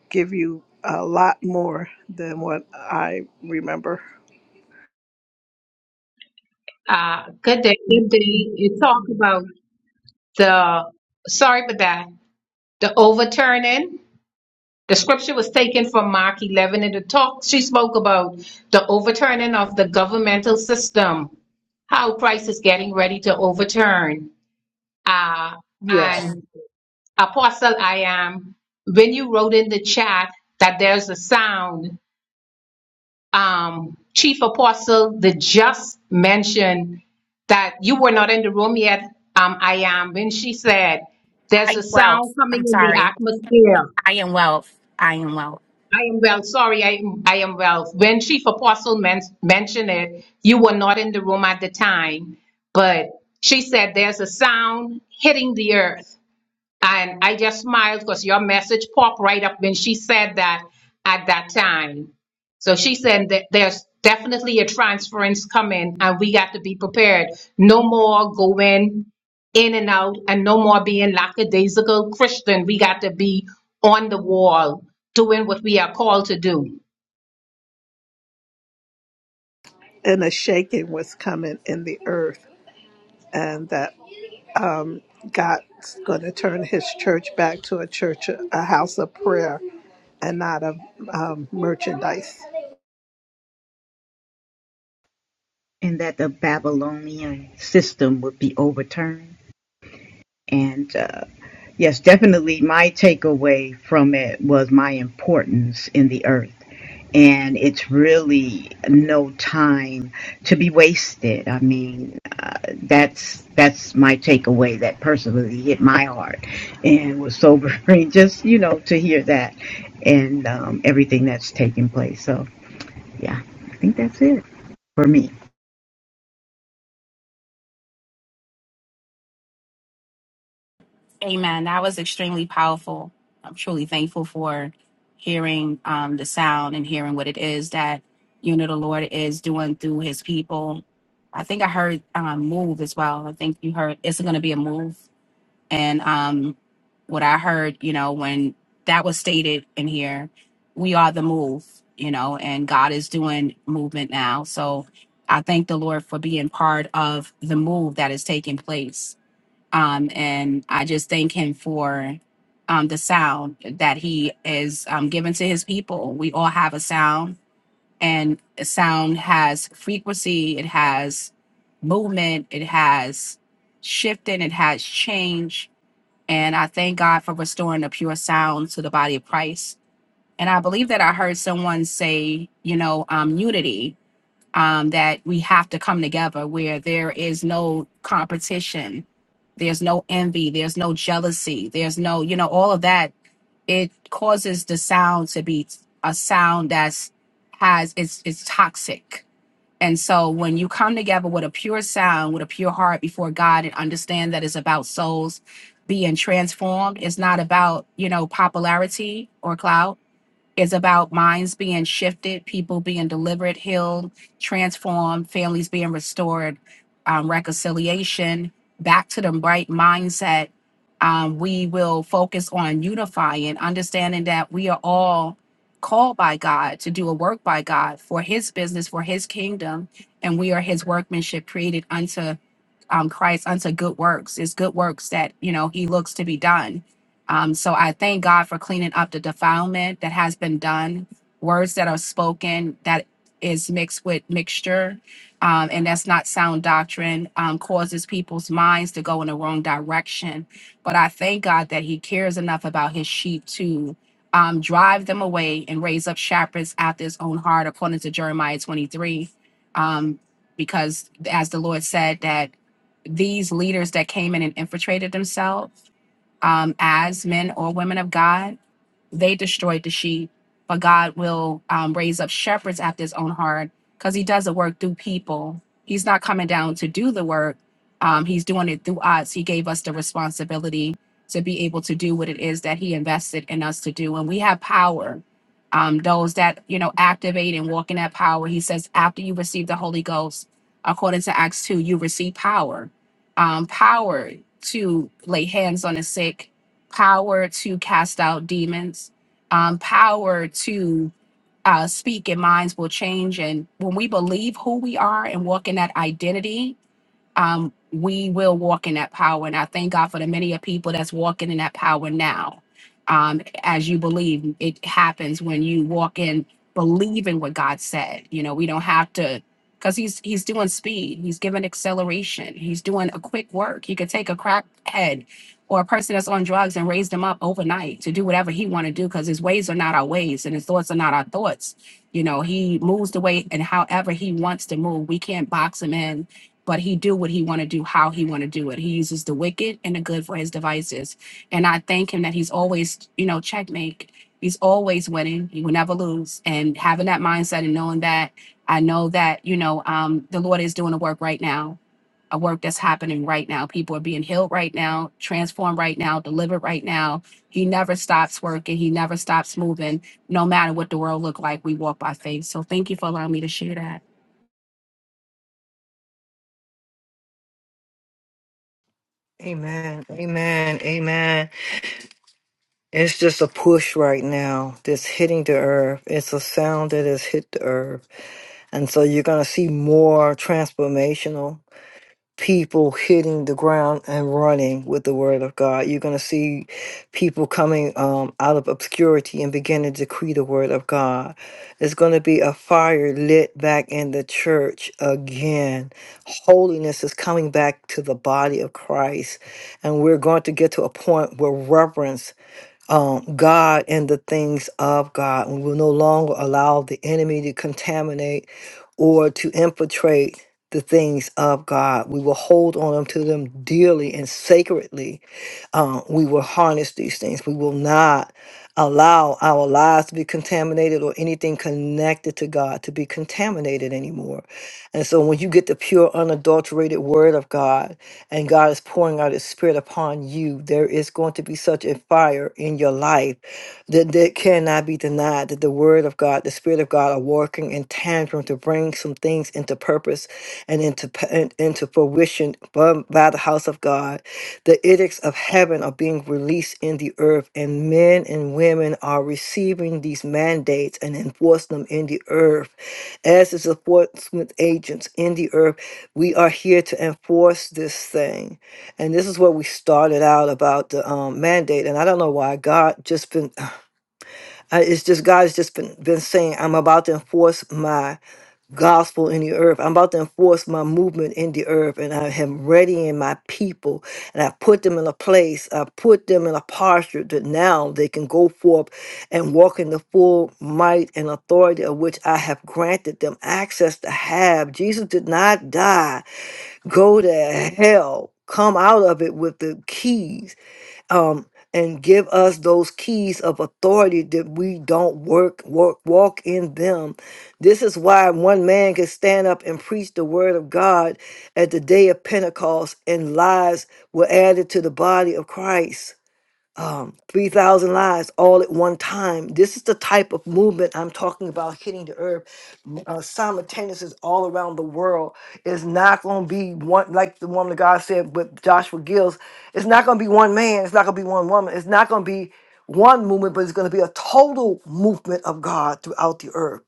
Speaker 3: give you a lot more than what I remember.
Speaker 12: Uh, good day, good day. You talk about the, sorry for that, the overturning. The scripture was taken from Mark 11 in the talk. She spoke about the overturning of the governmental system, how Christ is getting ready to overturn. Uh,
Speaker 3: Yes.
Speaker 12: and Apostle I am, when you wrote in the chat that there's a sound, um, Chief Apostle, the just mentioned that you were not in the room yet. Um, I am. When she said,
Speaker 11: I
Speaker 12: there's a
Speaker 11: am wealth.
Speaker 12: sound coming
Speaker 11: I'm
Speaker 12: in the
Speaker 11: sorry.
Speaker 12: atmosphere.
Speaker 11: I am wealth. I am wealth.
Speaker 12: I am well. Sorry, I am, I am well. When Chief Apostle men- mentioned it, you were not in the room at the time, but she said, there's a sound hitting the earth. And I just smiled because your message popped right up when she said that at that time. So she said that there's definitely a transference coming and we got to be prepared. No more going in and out and no more being lackadaisical Christian. We got to be on the wall doing what we are called to do.
Speaker 3: and a shaking was coming in the earth, and that um, God's going to turn His church back to a church, a house of prayer, and not of um, merchandise.
Speaker 6: and that the Babylonian system would be overturned. And uh, yes, definitely my takeaway from it was my importance in the earth. And it's really no time to be wasted. I mean, uh, that's that's my takeaway that personally hit my heart and was sobering. <laughs> Just you know to hear that and um, everything that's taking place. So yeah, I think that's it for me.
Speaker 11: Amen. That was extremely powerful. I'm truly thankful for hearing um, the sound and hearing what it is that you know the Lord is doing through His people. I think I heard um, move as well. I think you heard it's going to be a move. and um what i heard you know when that was stated in here we are the move you know and god is doing movement now so i thank the lord for being part of the move that is taking place um and i just thank him for um the sound that he is um giving to his people we all have a sound and a sound has frequency it has movement it has shifting it has change and I thank God for restoring the pure sound to the body of Christ. And I believe that I heard someone say, you know, um, unity, um, that we have to come together where there is no competition, there's no envy, there's no jealousy, there's no, you know, all of that. It causes the sound to be a sound that's has it's it's toxic and so when you come together with a pure sound, with a pure heart before God and understand that it's about souls being transformed, it's not about, you know, popularity or clout is about minds being shifted, people being delivered, healed, transformed, families being restored, um, reconciliation, back to the right mindset. Um, we will focus on unifying, understanding that we are all called by God to do a work by God for His business, for His kingdom, and we are His workmanship created unto um, Christ unto good works. It's good works that you know He looks to be done. Um, so I thank God for cleaning up the defilement that has been done, words that are spoken that is mixed with mixture, um, and that's not sound doctrine. Um, causes people's minds to go in the wrong direction. But I thank God that He cares enough about His sheep to. Um, drive them away and raise up shepherds after his own heart, according to Jeremiah 23. Um, because as the Lord said, that these leaders that came in and infiltrated themselves um, as men or women of God they destroyed the sheep, but God will um, raise up shepherds after his own heart because he does the work through people. He's not coming down to do the work, um, he's doing it through us. He gave us the responsibility to be able to do what it is that he invested in us to do. And we have power. Um, those that you know activate and walk in that power. He says, after you receive the Holy Ghost, according to Acts 2, you receive power. Um, power to lay hands on the sick, power to cast out demons, um, power to uh, speak, and minds will change. And when we believe who we are and walk in that identity, um, we will walk in that power. And I thank God for the many of people that's walking in that power now. Um, as you believe, it happens when you walk in believing what God said. You know, we don't have to because he's he's doing speed, he's giving acceleration, he's doing a quick work. He could take a crackhead or a person that's on drugs and raise them up overnight to do whatever he want to do because his ways are not our ways and his thoughts are not our thoughts. You know, he moves the way and however he wants to move. We can't box him in but he do what he want to do how he want to do it he uses the wicked and the good for his devices and i thank him that he's always you know checkmate he's always winning he will never lose and having that mindset and knowing that i know that you know um, the lord is doing a work right now a work that's happening right now people are being healed right now transformed right now delivered right now he never stops working he never stops moving no matter what the world look like we walk by faith so thank you for allowing me to share that
Speaker 1: Amen. Amen. Amen. It's just a push right now that's hitting the earth. It's a sound that has hit the earth. And so you're going to see more transformational people hitting the ground and running with the word of God. You're going to see people coming um, out of obscurity and beginning to decree the word of God. It's going to be a fire lit back in the church again. Holiness is coming back to the body of Christ. And we're going to get to a point where reverence um, God and the things of God. We will no longer allow the enemy to contaminate or to infiltrate the things of God. We will hold on to them dearly and sacredly um, we will harness these things. We will not allow our lives to be contaminated or anything connected to God to be contaminated anymore. And so when you get the pure, unadulterated word of God and God is pouring out his spirit upon you, there is going to be such a fire in your life that that cannot be denied that the word of God, the spirit of God are working in tandem to bring some things into into purpose and into and into fruition by, by the house of God. The edicts of heaven are being released in the earth, and men and women are receiving these mandates and enforce them in the earth. As is enforcement agents in the earth, we are here to enforce this thing and this is where we started out about the um, mandate and i don't know why god just been <sighs> I, it's just God has just been, been saying, I'm about to enforce my gospel in the earth. I'm about to enforce my movement in the earth, and I am readying my people, and I put them in a place, I put them in a posture that now they can go forth and walk in the full might and authority of which I have granted them access to have. Jesus did not die, go to hell. Come out of it with the keys um, and give us those keys of authority that we don't work, work, walk in them. This is why one man can stand up and preach the word of God at the day of Pentecost, and lives were added to the body of Christ um, 3,000 lives all at one time. This is the type of movement I'm talking about hitting the earth n- uh, simultaneous is all around the world. It's not going to be one, like the woman of God said with Joshua Gills, it's not going to be one man, it's not going to be one woman, it's not going to be one movement, but it's going to be a total movement of God throughout the earth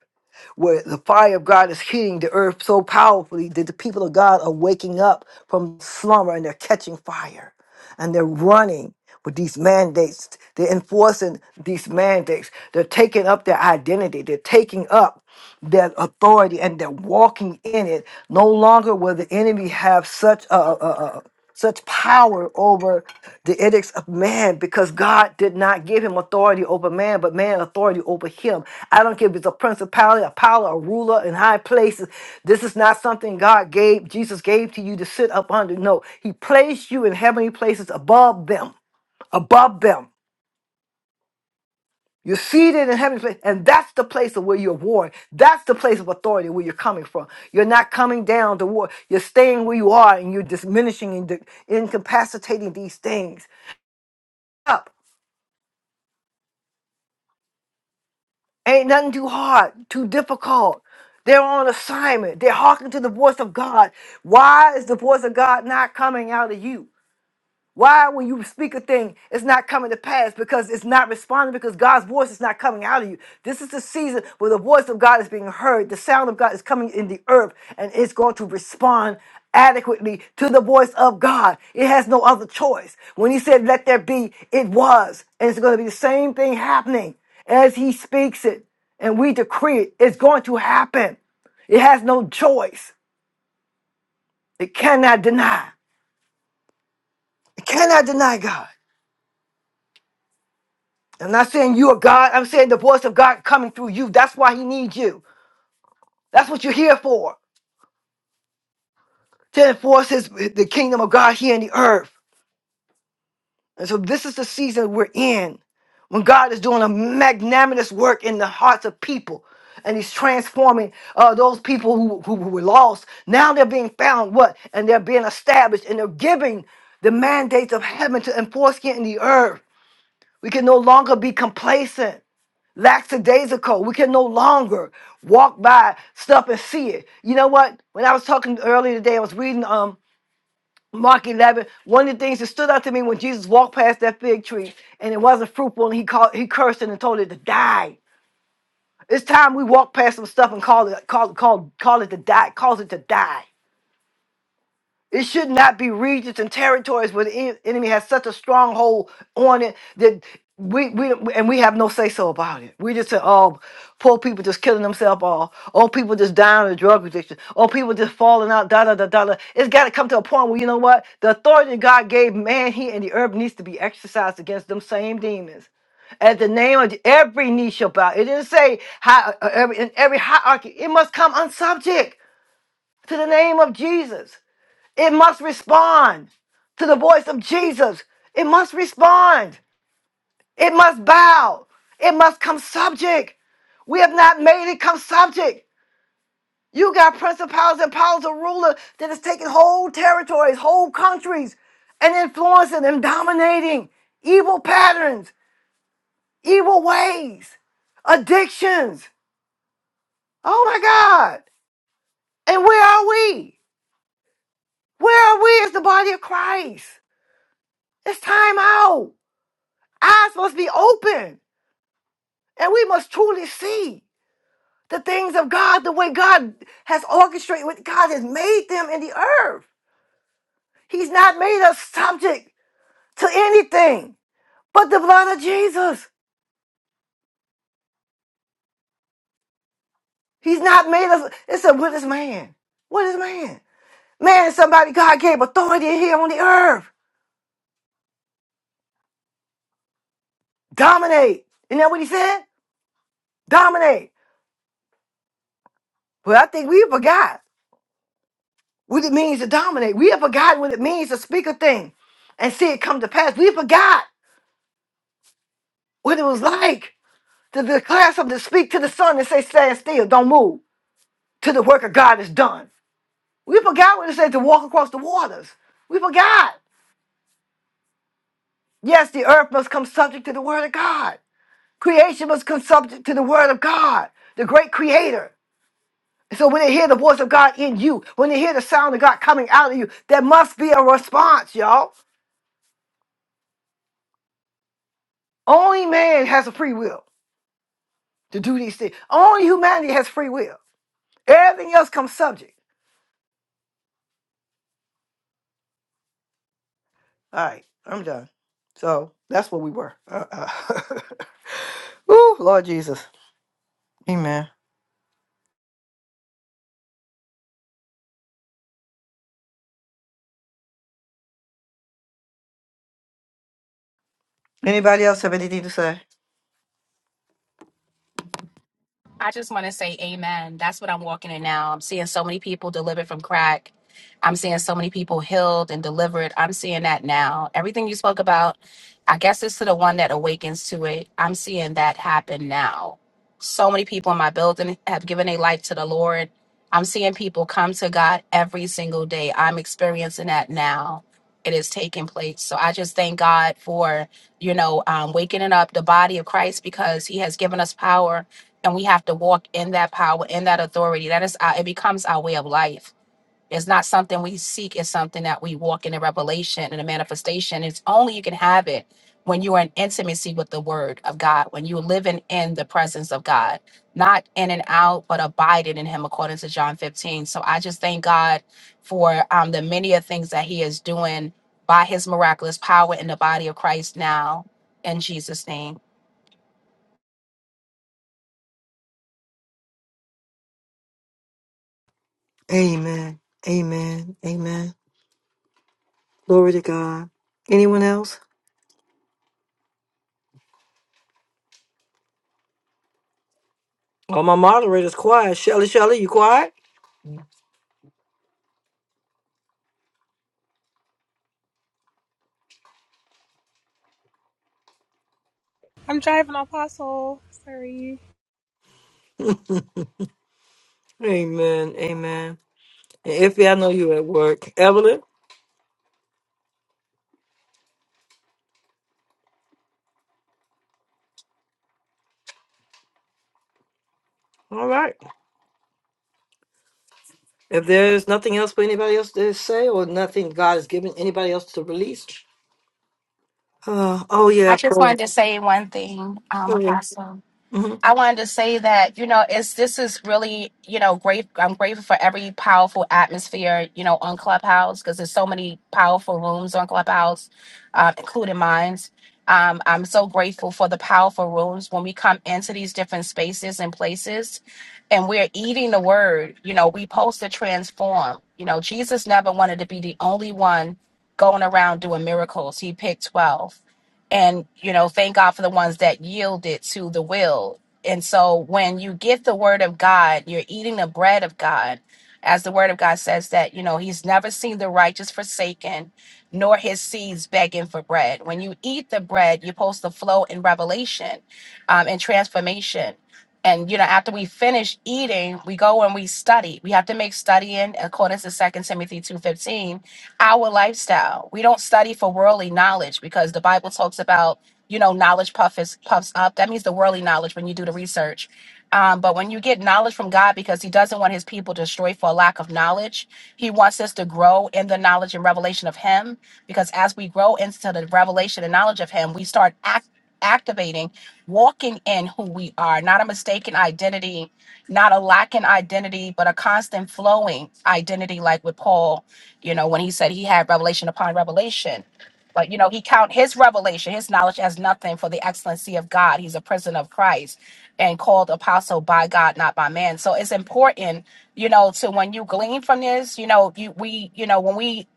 Speaker 1: where the fire of God is hitting the earth so powerfully that the people of God are waking up from slumber and they're catching fire and they're running with these mandates. They're enforcing these mandates. They're taking up their identity. They're taking up their authority and they're walking in it. No longer will the enemy have such a, such power over the edicts of man because God did not give him authority over man, but man authority over him. I don't care if it's a principality, a power, a ruler in high places. This is not something God gave, Jesus gave to you to sit up under. No, he placed you in heavenly places above them, above them. You're seated in heavenly place, and that's the place of where you're warned. That's the place of authority where you're coming from. You're not coming down to war. You're staying where you are, and you're diminishing and de- incapacitating these things. up. Ain't nothing too hard, too difficult. They're on assignment. They're hearkening to the voice of God. Why is the voice of God not coming out of you? Why, when you speak a thing, it's not coming to pass because it's not responding because God's voice is not coming out of you. This is the season where the voice of God is being heard, the sound of God is coming in the earth, and it's going to respond adequately to the voice of God. It has no other choice. When He said, Let there be, it was. And it's going to be the same thing happening as He speaks it and we decree it. It's going to happen. It has no choice. It cannot deny. It cannot deny God. I'm not saying you are God. I'm saying the voice of God coming through you. That's why He needs you. That's what you're here for to enforce His the kingdom of God here in the earth. And so this is the season we're in, when God is doing a magnanimous work in the hearts of people, and He's transforming uh, those people who, who were lost. Now they're being found. What? And they're being established, and they're giving the mandates of heaven to enforce here in the earth. We can no longer be complacent. lackadaisical. We can no longer walk by stuff and see it. You know what? When I was talking earlier today, I was reading um Mark 11. One of the things that stood out to me when Jesus walked past that fig tree and it wasn't fruitful, and he called, he cursed it and told it to die. It's time we walk past some stuff and call it, call, call, call it to die, cause it to die. It should not be regions and territories where the en- enemy has such a stronghold on it that we, we and we have no say so about it. We just say, oh, poor people just killing themselves off. Oh, people just dying of drug addiction. Oh, people just falling out, da da da da da. It's got to come to a point where you know what? The authority that God gave man here in the earth needs to be exercised against them same demons. At the name of Je- every knee shall bow. It didn't say hi, uh, every, in every hierarchy. It must come unsubject to the name of Jesus. It must respond to the voice of Jesus. It must respond. It must bow. It must come subject. We have not made it come subject. You got principalities and powers of ruler that is taking whole territories, whole countries, and influencing and dominating evil patterns, evil ways, addictions. Oh my God. And where are we? Where are we as the body of Christ? It's time out. Eyes must be open. And we must truly see the things of God the way God has orchestrated, what God has made them in the earth. He's not made us subject to anything but the blood of Jesus. He's not made us. It's a what is man? What is man? Man is somebody God gave authority here on the earth. Dominate. Isn't that what he said? Dominate. Well, I think we forgot what it means to dominate. We have forgotten what it means to speak a thing and see it come to pass. We forgot what it was like to declare something, to speak to the sun and say, stand still, don't move, till the work of God is done. We forgot what it said to walk across the waters. We forgot. Yes, the earth must come subject to the word of God. Creation must come subject to the word of God, the great creator. And so when they hear the voice of God in you, when they hear the sound of God coming out of you, there must be a response, y'all. Only man has a free will to do these things. Only humanity has free will. Everything else comes subject. All right, I'm done. So that's what we were. Uh, uh. <laughs> Ooh, Lord Jesus. Amen. Anybody else have anything to say?
Speaker 11: I just want to say amen. That's what I'm walking in now. I'm seeing so many people delivered from crack. I'm seeing so many people healed and delivered. I'm seeing that now. Everything you spoke about, I guess it's to the one that awakens to it. I'm seeing that happen now. So many people in my building have given their life to the Lord. I'm seeing people come to God every single day. I'm experiencing that now. It is taking place. So I just thank God for, you know, um, waking up the body of Christ because he has given us power and we have to walk in that power in that authority that is our, it becomes our way of life it's not something we seek it's something that we walk in a revelation and a manifestation it's only you can have it when you are in intimacy with the word of god when you're living in the presence of god not in and out but abiding in him according to john 15 so i just thank god for um, the many of things that he is doing by his miraculous power in the body of christ now in jesus name
Speaker 1: Amen. Amen. Amen. Glory to God. Anyone else? Oh, my moderator's quiet. Shelly, Shelly, you quiet?
Speaker 13: I'm driving Apostle. Sorry.
Speaker 1: Amen. Amen. And if I know you at work, Evelyn, if there's nothing else for anybody else to say or nothing God has given anybody else to release, uh, oh
Speaker 11: I
Speaker 1: yeah,
Speaker 11: just
Speaker 1: prayer.
Speaker 11: wanted to say one thing,
Speaker 1: Go
Speaker 11: um,
Speaker 1: ahead.
Speaker 11: Apostle.
Speaker 1: hmm
Speaker 11: I wanted to say that you know it's this is really you know great. I'm grateful for every powerful atmosphere you know on Clubhouse because there's so many powerful rooms on Clubhouse, uh, including mine. Um, I'm so grateful for the powerful rooms when we come into these different spaces and places, and we're eating the word. You know, we post to transform. You know, Jesus never wanted to be the only one going around doing miracles. He picked twelve and you know thank god for the ones that yielded to the will and so when you get the word of God, you're eating the bread of God. As the word of God says that, you know, he's never seen the righteous forsaken, nor his seeds begging for bread. When you eat the bread, you're supposed to flow in revelation um, and transformation. And, you know, after we finish eating, we go and we study. We have to make studying, according to Second Timothy 2.15, our lifestyle. We don't study for worldly knowledge because the Bible talks about you know, knowledge puffs puffs up. That means the worldly knowledge when you do the research. Um, but when you get knowledge from God, because He doesn't want His people destroyed for a lack of knowledge, He wants us to grow in the knowledge and revelation of Him. Because as we grow into the revelation and knowledge of Him, we start act- activating, walking in who we are, not a mistaken identity, not a lacking identity, but a constant flowing identity, like with Paul, you know, when he said he had revelation upon revelation but you know, he count his revelation, his knowledge as nothing for the excellency of God. He's a prisoner of Christ and called apostle by God, not by man. So it's important, you know, to when you glean from this, you know, you we, you know, when we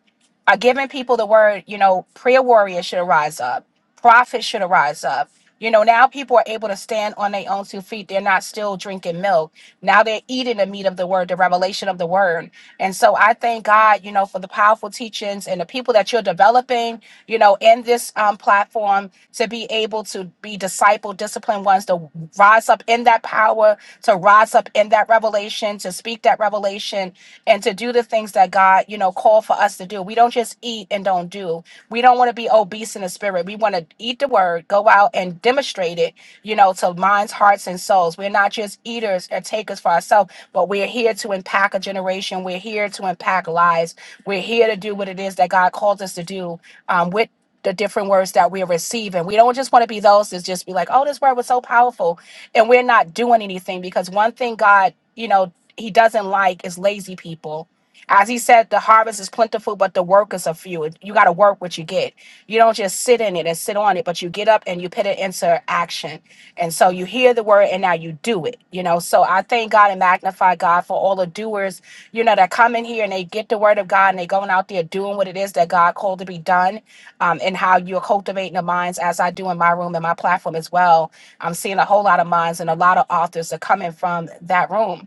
Speaker 11: are giving people the word, you know, prayer warriors should arise up. Profit should arise up. You know, now people are able to stand on their own two feet. They're not still drinking milk. Now they're eating the meat of the word, the revelation of the word. And so I thank God, you know, for the powerful teachings and the people that you're developing, you know, in this um, platform to be able to be disciple, disciplined ones, to rise up in that power, to rise up in that revelation, to speak that revelation, and to do the things that God, you know, called for us to do. We don't just eat eat and don't do. We don't want to be obese in the spirit. We want to eat the word, go out and demonstrate it, you know, to minds, hearts, and souls. We're not just eaters or takers for ourselves, but we're here to impact a generation. We're here to impact lives. We're here to do what it is that God called us to do um, with the different words that we're receiving. We don't just want to be those that just be like, oh, this word was so powerful. And we're not doing anything because one thing God, you know, he doesn't like is lazy people as he said, the harvest is plentiful, but the workers are few. You got to work what you get. You don't just sit in it and sit on it, but you get up and you put it into action. And so you hear the word and now you do it, you know. So I thank God and magnify God for all the doers, you know, that come in here and they get the word of God and they going out there doing what it is that God called to be done um, and how you're cultivating the minds as I do in my room and my platform as well. I'm seeing a whole lot of minds and a lot of authors are coming from that room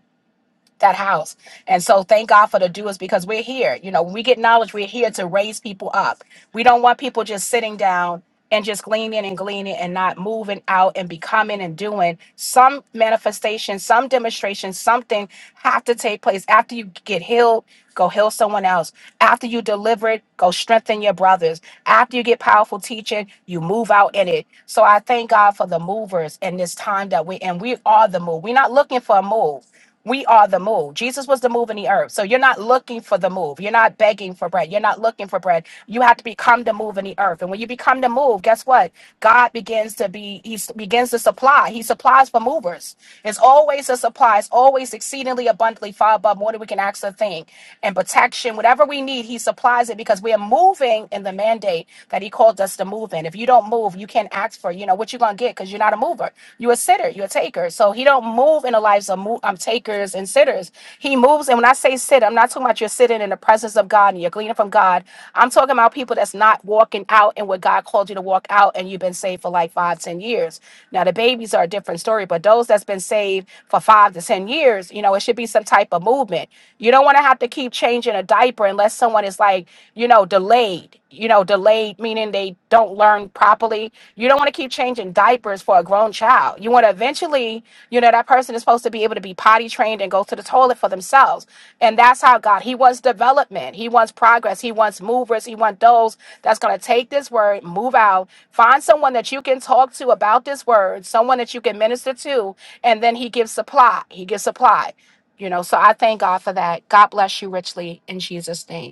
Speaker 11: that house. And so thank God for the doers because we're here. You know, when we get knowledge, we're here to raise people up. We don't want people just sitting down and just gleaning and gleaning and not moving out and becoming and doing some manifestation, some demonstration, something have to take place after you get healed, go heal someone else. After you deliver it, go strengthen your brothers. After you get powerful teaching, you move out in it. So I thank God for the movers in this time that we and we are the move. We're not looking for a move. We are the move. Jesus was the move in the earth. So you're not looking for the move. You're not begging for bread. You're not looking for bread. You have to become the move in the earth. And when you become the move, guess what? God begins to be, he s- begins to supply. He supplies for movers. It's always a supply. It's always exceedingly abundantly far above more than we can ask or think. And protection, whatever we need, he supplies it because we are moving in the mandate that he called us to move in. If you don't move, you can't ask for, you know, what you're going to get because you're not a mover mover. You're a sitter. You're a taker. So he don't move in the lives of mo- um, takers and sitters. He moves. And when I say sit, I'm not talking about you're sitting in the presence of God and you're gleaning from God. I'm talking about people that's not walking out in what God called you to walk out and you've been saved for like five, ten years. Now the babies are a different story, but those that's been saved for five to ten years, you know, it should be some type of movement. You don't want to have to keep changing a diaper unless someone is like, you know, delayed. You know, delayed meaning they don't learn properly. You don't want to keep changing diapers for a grown child. You want to eventually, you know, that person is supposed to be able to be potty trained and go to the toilet for themselves. And that's how God, He wants development. He wants progress. He wants movers. He wants those that's going to take this word, move out, find someone that you can talk to about this word, someone that you can minister to. And then He gives supply. He gives supply. You know, so I thank God for that. God bless you richly in Jesus' name.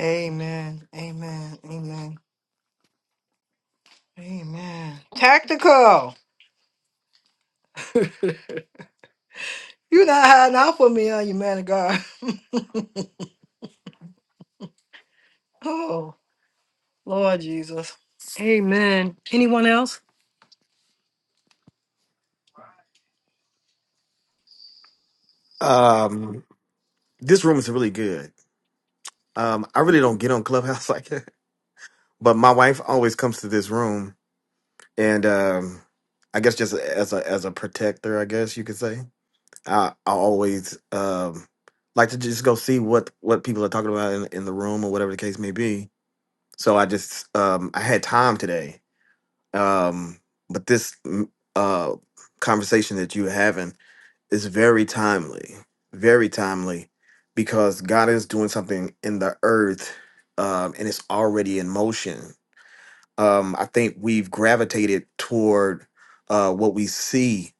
Speaker 1: Amen. Amen. Amen. Amen. Tactical. You are not hiding out for me, are you, man of God? <laughs> Oh, Lord Jesus. Amen. Anyone else?
Speaker 14: Um, this room is really good. Um, I really don't get on Clubhouse <laughs> like that, but my wife always comes to this room, and um, I guess just as a as a protector, I guess you could say. I, I always um like to just go see what what people are talking about in, in the room or whatever the case may be. So I just um I had time today, um, but this mm, uh conversation that you have. is very timely, very timely, because God is doing something in the earth, um, and it's already in motion. Um, I think we've gravitated toward uh, what we see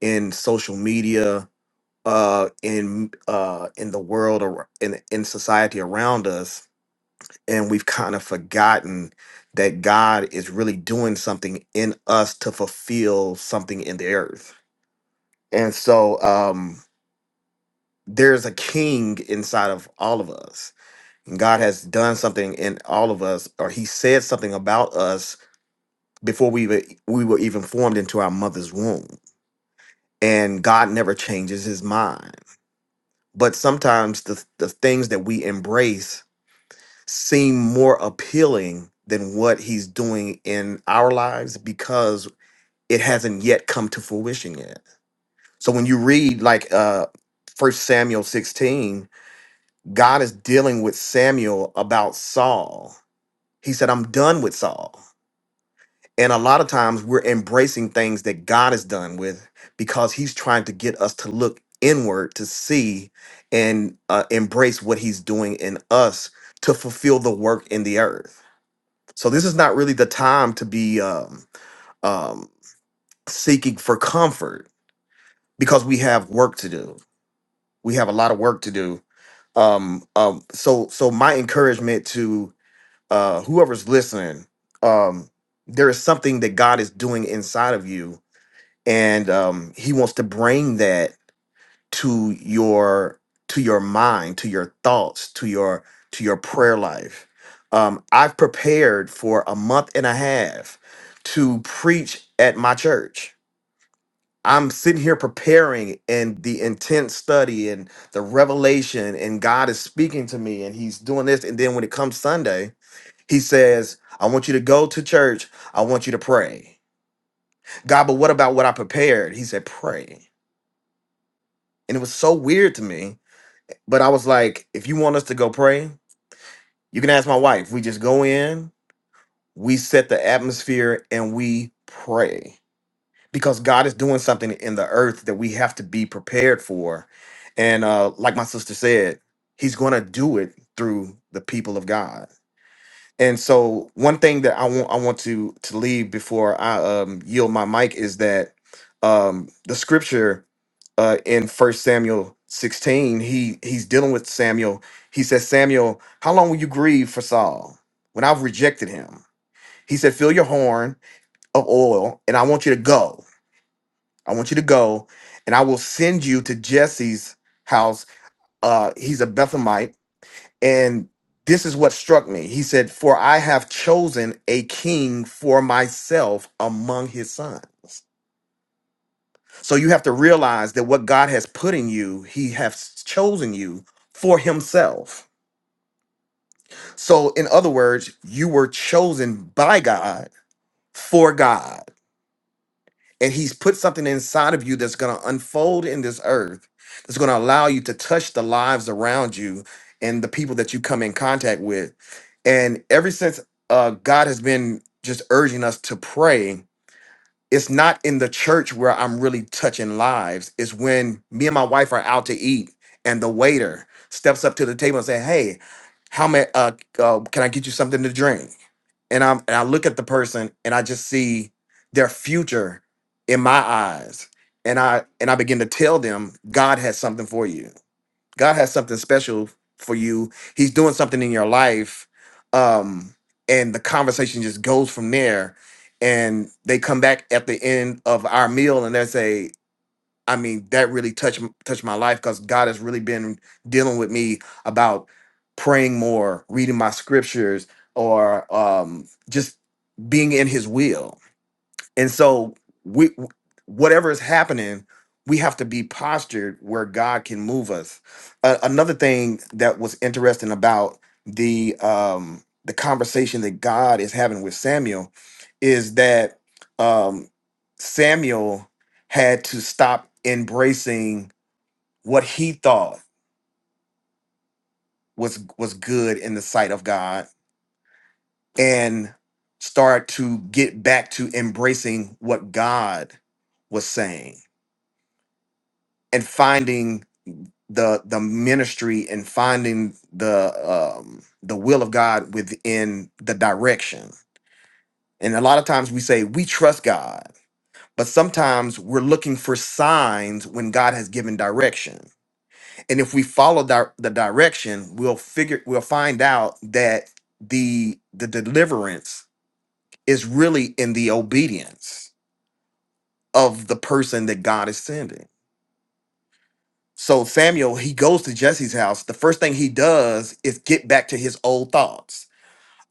Speaker 14: in social media, uh, in uh, in the world, or in in society around us, and we've kind of forgotten that God is really doing something in us to fulfill something in the earth. And so, um, there's a king inside of all of us. And God has done something in all of us, or He said something about us before we were, we were even formed into our mother's womb. And God never changes His mind. But sometimes the, the things that we embrace seem more appealing than what He's doing in our lives because it hasn't yet come to fruition yet. So when you read like uh, 1 Samuel 16, God is dealing with Samuel about Saul. He said, I'm done with Saul. And a lot of times we're embracing things that God is done with because he's trying to get us to look inward to see and uh, embrace what he's doing in us to fulfill the work in the earth. So this is not really the time to be um, um, seeking for comfort because we have work to do. We have a lot of work to do. Um, um, so, so my encouragement to uh, whoever's listening, um, there is something that God is doing inside of you, and um, He wants to bring that to your to your mind, to your thoughts, to your to your prayer life. Um, I've prepared for a month and a half to preach at my church. I'm sitting here preparing and the intense study and the revelation and God is speaking to me and he's doing this and then when it comes Sunday he says, I want you to go to church. I want you to pray. God, but what about what I prepared? He said, pray. And it was so weird to me. But I was like, if you want us to go pray, you can ask my wife. We just go in, we set the atmosphere, and we pray because God is doing something in the earth that we have to be prepared for. And uh, like my sister said, He's going to do it through the people of God. And so one thing that I want I want to to leave before I um yield my mic is that um the scripture uh in first Samuel 16 he he's dealing with Samuel. He says, Samuel, how long will you grieve for Saul when I've rejected him? He said, Fill your horn of oil, and I want you to go. I want you to go, and I will send you to Jesse's house. Uh he's a Bethlehemite and this is what struck me. He said, For I have chosen a king for myself among his sons. So you have to realize that what God has put in you, he has chosen you for himself. So, in other words, you were chosen by God for God. and he's put something inside of you that's going to unfold in this earth that's going to allow you to touch the lives around you and the people that you come in contact with and ever since uh, god has been just urging us to pray it's not in the church where i'm really touching lives it's when me and my wife are out to eat and the waiter steps up to the table and say hey how may uh, uh, can i get you something to drink and I'm and I look at the person and I just see their future in my eyes. And I and I begin to tell them God has something for you. God has something special for you. He's doing something in your life. Um and the conversation just goes from there. And they come back at the end of our meal and they say, I mean, that really touched m- touched my life because God has really been dealing with me about praying more, reading my scriptures, or um, just being in His will. And so we whatever is happening, we have to be postured where God can move us. Uh, another thing that was interesting about the um the conversation that God is having with Samuel is that um Samuel had to stop embracing what he thought was was good in the sight of God and start to get back to embracing what God was saying and finding the the ministry and finding the um the will of God within the direction. And a lot of times we say we trust God, but sometimes we're looking for signs when God has given direction. And if we follow di- the direction, we'll figure we'll find out that the the deliverance is really in the obedience of the person that God is sending. So Samuel, he goes to Jesse's house. The first thing he does is get back to his old thoughts.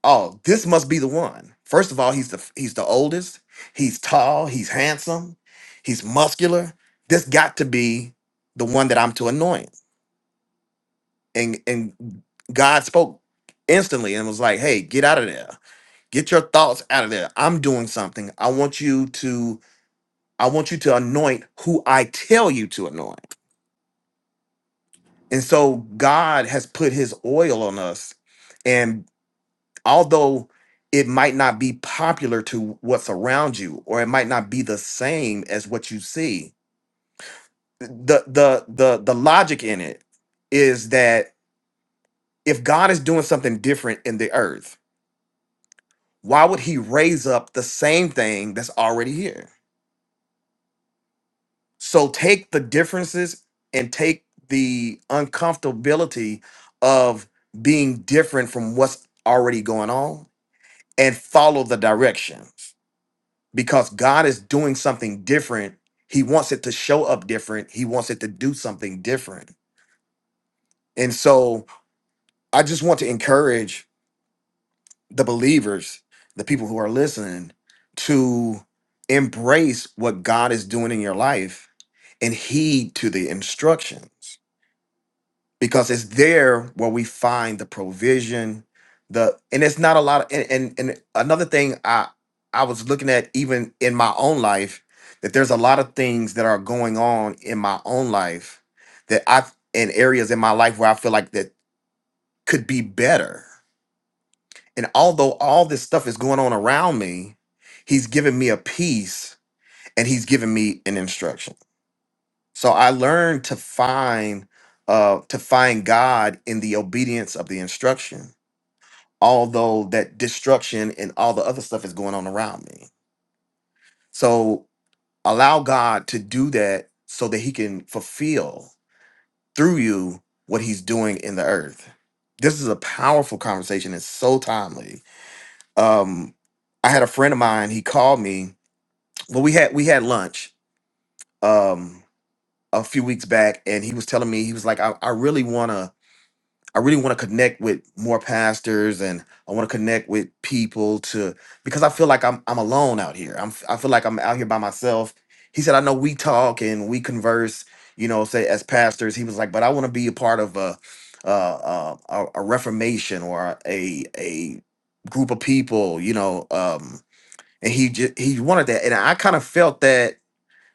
Speaker 14: Oh, this must be the one. First of all, he's the he's the oldest. He's tall. He's handsome. He's muscular. This got to be the one that I'm to anoint. And and God spoke instantly and was like, "Hey, get out of there. Get your thoughts out of there. I'm doing something. I want you to I want you to anoint who I tell you to anoint." And so God has put his oil on us. And although it might not be popular to what's around you, or it might not be the same as what you see, the the the the logic in it is that if God is doing something different in the earth, why would he raise up the same thing that's already here? So take the differences and take the uncomfortability of being different from what's already going on and follow the directions because God is doing something different. He wants it to show up different. He wants it to do something different. And so I just want to encourage the believers, the people who are listening, to embrace what God is doing in your life and heed to the instructions. because it's there where we find the provision the and it's not a lot of and and, and another thing i i was looking at even in my own life that there's a lot of things that are going on in my own life that i in areas in my life where i feel like that could be better and although all this stuff is going on around me he's given me a peace and he's given me an instruction so I learned to find uh to find God in the obedience of the instruction, although that destruction and all the other stuff is going on around me. So allow God to do that so that he can fulfill through you what he's doing in the earth. This is a powerful conversation. It's so timely. Um I had a friend of mine, he called me. Well, we had we had lunch um a few weeks back and he was telling me he was like I, I really want to I really want to connect with more pastors and I want to connect with people to because I feel like I'm I'm alone out here. I'm I feel like I'm out here by myself. He said, I know we talk and we converse, you know, say as pastors. He was like, but I want to be a part of a a, a, a a reformation or a a group of people, you know. Um, and he just he wanted that, and I kind of felt that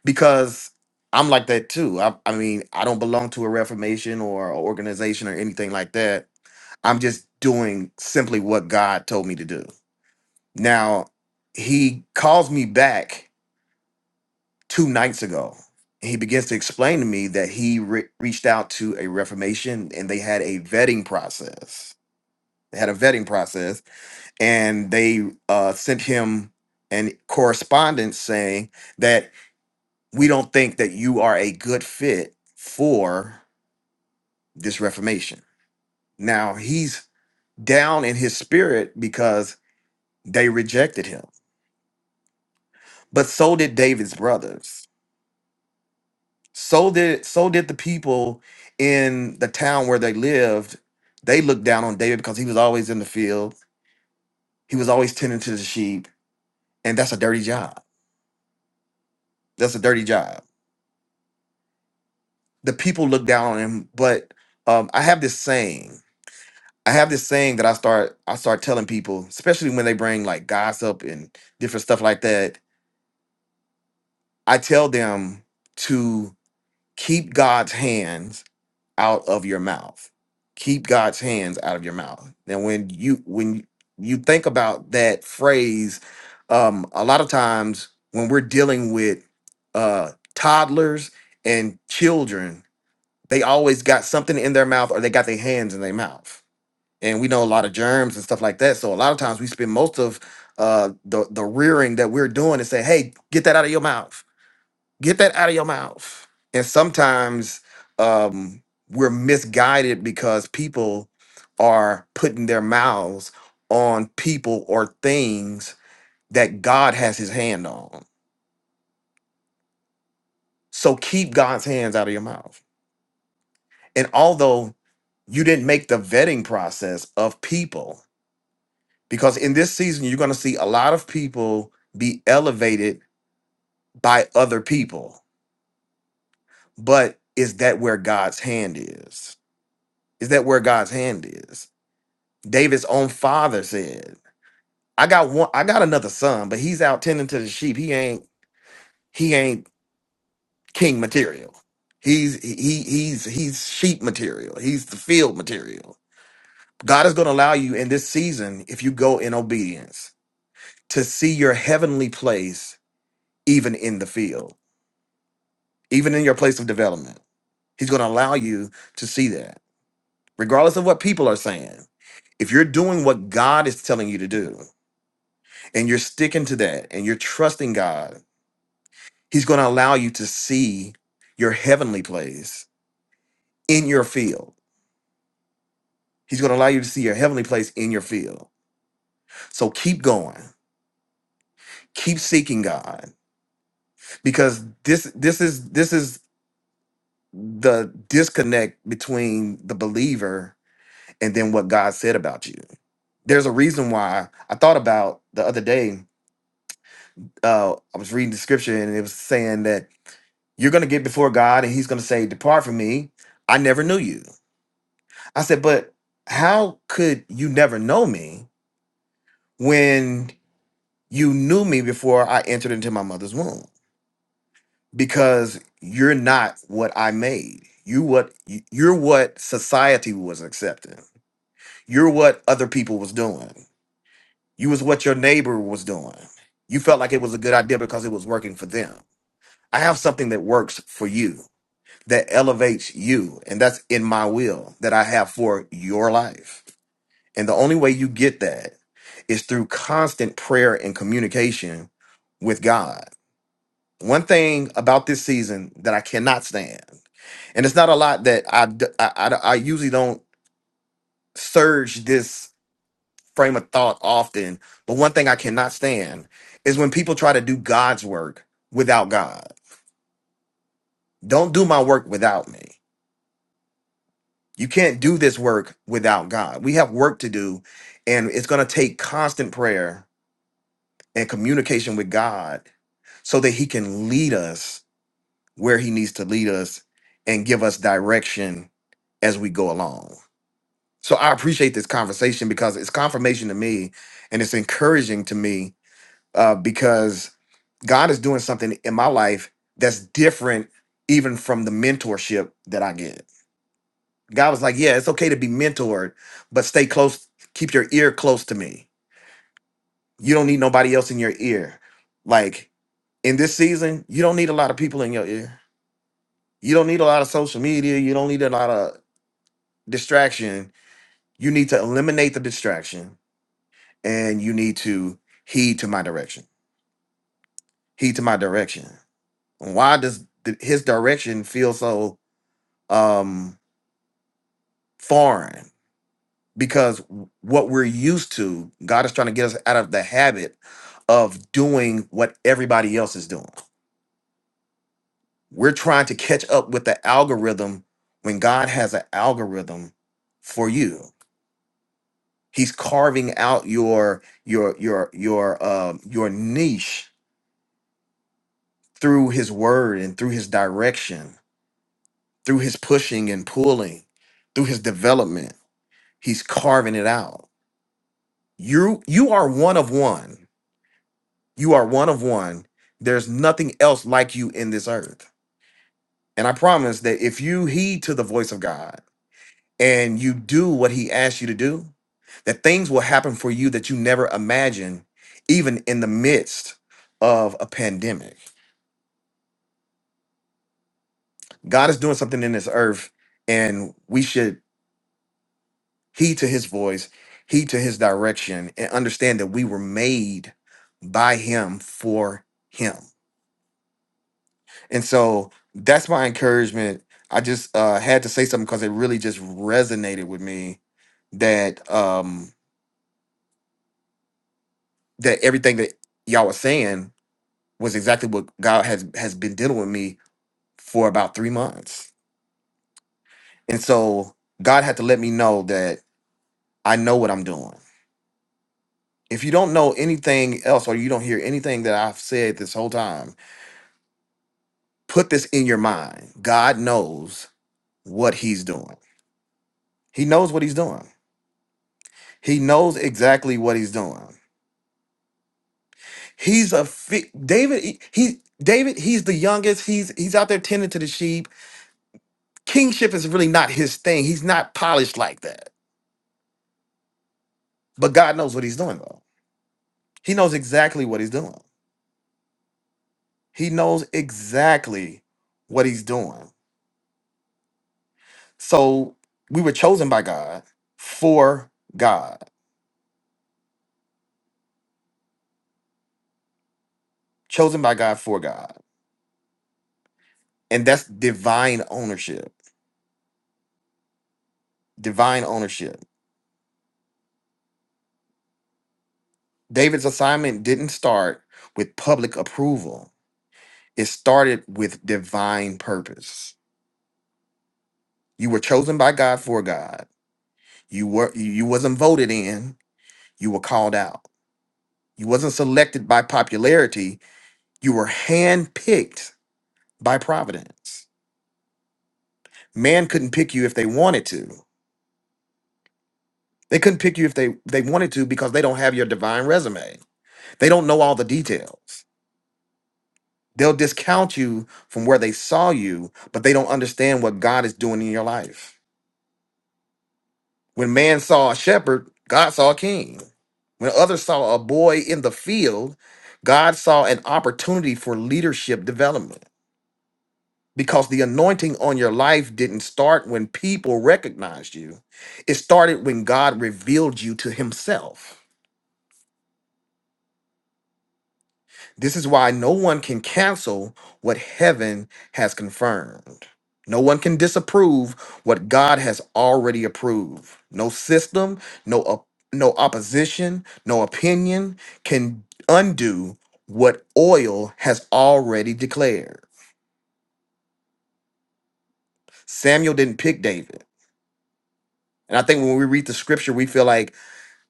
Speaker 14: because I'm like that too. I I mean, I don't belong to a reformation or a organization or anything like that I'm just doing simply what God told me to do. Now, he calls me back two nights ago. He begins to explain to me that he re- reached out to a Reformation and they had a vetting process. They had a vetting process and they uh, sent him an correspondence saying that we don't think that you are a good fit for this Reformation. Now, he's down in his spirit because they rejected him but so did David's brothers. So did so did the people in the town where they lived. They looked down on David because he was always in the field. He was always tending to the sheep, and that's a dirty job. That's a dirty job. The people looked down on him. But um, I have this saying. I have this saying that I start I start telling people, especially when they bring like gossip and different stuff like that. I tell them to keep God's hands out of your mouth. Keep God's hands out of your mouth. And when you when you think about that phrase, um, a lot of times when we're dealing with uh, toddlers and children, they always got something in their mouth or they got their hands in their mouth. And we know a lot of germs and stuff like that. So a lot of times we spend most of uh, the the rearing that we're doing and say, "Hey, get that out of your mouth." Get that out of your mouth. And sometimes um, we're misguided because people are putting their mouths on people or things that God has his hand on. So keep God's hands out of your mouth. And although you didn't make the vetting process of people, because in this season, you're going to see a lot of people be elevated by other people. But is that where God's hand is? Is that where God's hand is? David's own father said, "I got one. I got another son, but he's out tending to the sheep. He ain't. He ain't king material. He's he he's he's sheep material. He's the field material. God is going to allow you in this season if you go in obedience to see your heavenly place, even in the field, even in your place of development. He's going to allow you to see that, regardless of what people are saying." If you're doing what God is telling you to do and you're sticking to that and you're trusting God He's going to allow you to see your heavenly place in your field. He's going to allow you to see your heavenly place in your field. So keep going. Keep seeking God because this this is this is the disconnect between the believer and then what God said about you. There's a reason why I thought about the other day uh I was reading the scripture and it was saying that you're going to get before God and he's going to say depart from me, I never knew you I said, but how could you never know me when you knew me before I entered into my mother's womb? Because you're not what I made. You what you- you're what society was accepting. You're what other people was doing. You was what your neighbor was doing. You felt like it was a good idea because it was working for them. I have something that works for you, that elevates you, and that's in my will that I have for your life. And the only way you get that is through constant prayer and communication with God. One thing about this season that I cannot stand, and it's not a lot that I, d- I, I- I usually don't surge this frame of thought often, but one thing I cannot stand is when people try to do God's work without God. Don't do my work without me. You can't do this work without God. We have work to do, and it's going to take constant prayer and communication with God so that he can lead us where he needs to lead us and give us direction as we go along. So I appreciate this conversation because it's confirmation to me and it's encouraging to me uh, because God is doing something in my life that's different even from the mentorship that I get. God was like, yeah, it's okay to be mentored, but stay close, keep your ear close to me. You don't need nobody else in your ear. Like in this season, you don't need a lot of people in your ear. You don't need a lot of social media. You don't need a lot of distraction. You need to eliminate the distraction and you need to heed to my direction. Heed to my direction. Why does th- his direction feel so um foreign? Because w- what we're used to, God is trying to get us out of the habit of doing what everybody else is doing. We're trying to catch up with the algorithm when God has an algorithm for you. He's carving out your your your your um your niche through his word and through his direction, through his pushing and pulling, through his development. He's carving it out. You you are one of one. You are one of one. There's nothing else like you in this earth. And I promise that if you heed to the voice of God, and you do what he asks you to do, that things will happen for you that you never imagined, even in the midst of a pandemic. God is doing something in this earth, and we should heed to his voice, heed to his direction, and understand that we were made by him for him. And so that's my encouragement. I just uh, had to say something because it really just resonated with me that um, that everything that y'all was saying was exactly what God has has been dealing with me for about three months. And so God had to let me know that I know what I'm doing. If you don't know anything else or you don't hear anything that I've said this whole time, put this in your mind. God knows what he's doing. He knows what he's doing. He knows exactly what he's doing. He's a fi- David he, he- David he's the youngest. He's he's out there tending to the sheep. Kingship is really not his thing. He's not polished like that. But God knows what he's doing though He knows exactly what he's doing. He knows exactly what he's doing. So we were chosen by God for God, chosen by God for God. And that's divine ownership. Divine ownership. David's assignment didn't start with public approval, it started with divine purpose. You were chosen by God for God. You were you wasn't voted in, you were called out. You wasn't selected by popularity, you were handpicked by providence. Man couldn't pick you if they wanted to. They couldn't pick you if they, they wanted to because they don't have your divine resume. They don't know all the details. They'll discount you from where they saw you, but they don't understand what God is doing in your life. When man saw a shepherd, God saw a king. When others saw a boy in the field, God saw an opportunity for leadership development. because the anointing on your life didn't start when people recognized you. It started when God revealed you to himself. This is why no one can cancel what heaven has confirmed. No one can disapprove what God has already approved. No system, no op- no opposition, no opinion can undo what oil has already declared. Samuel didn't pick David. And I think when we read the scripture, we feel like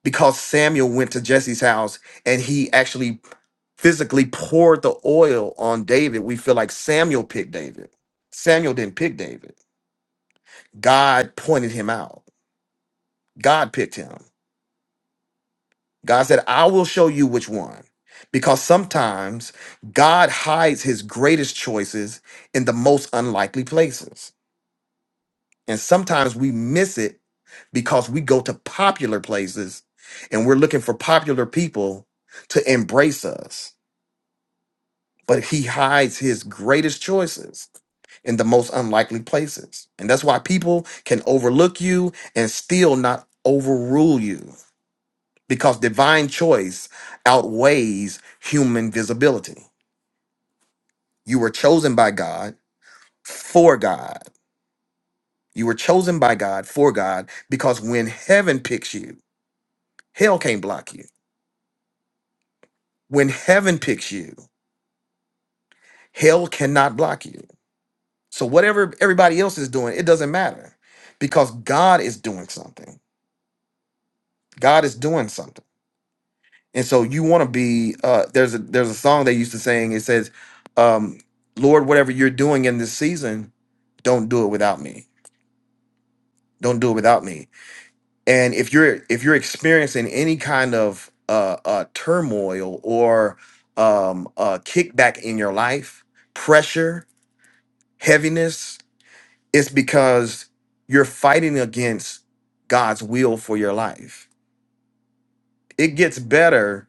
Speaker 14: because Samuel went to Jesse's house and he actually physically poured the oil on David, we feel like Samuel picked David. Samuel didn't pick David. God pointed him out. God picked him. God said, I will show you which one. Because sometimes God hides his greatest choices in the most unlikely places. And sometimes we miss it because we go to popular places and we're looking for popular people to embrace us but he hides his greatest choices in the most unlikely places. And that's why people can overlook you and still not overrule you because divine choice outweighs human visibility. You were chosen by God for God. You were chosen by God for God because when heaven picks you, hell can't block you. When heaven picks you, hell cannot block you. So whatever everybody else is doing, it doesn't matter because God is doing something. God is doing something. And so you want to be uh there's a there's a song they used to sing, it says, um, Lord, whatever you're doing in this season, don't do it without me. Don't do it without me. And if you're if you're experiencing any kind of uh, uh turmoil or um uh kickback in your life, pressure, heaviness, it's because you're fighting against God's will for your life. It gets better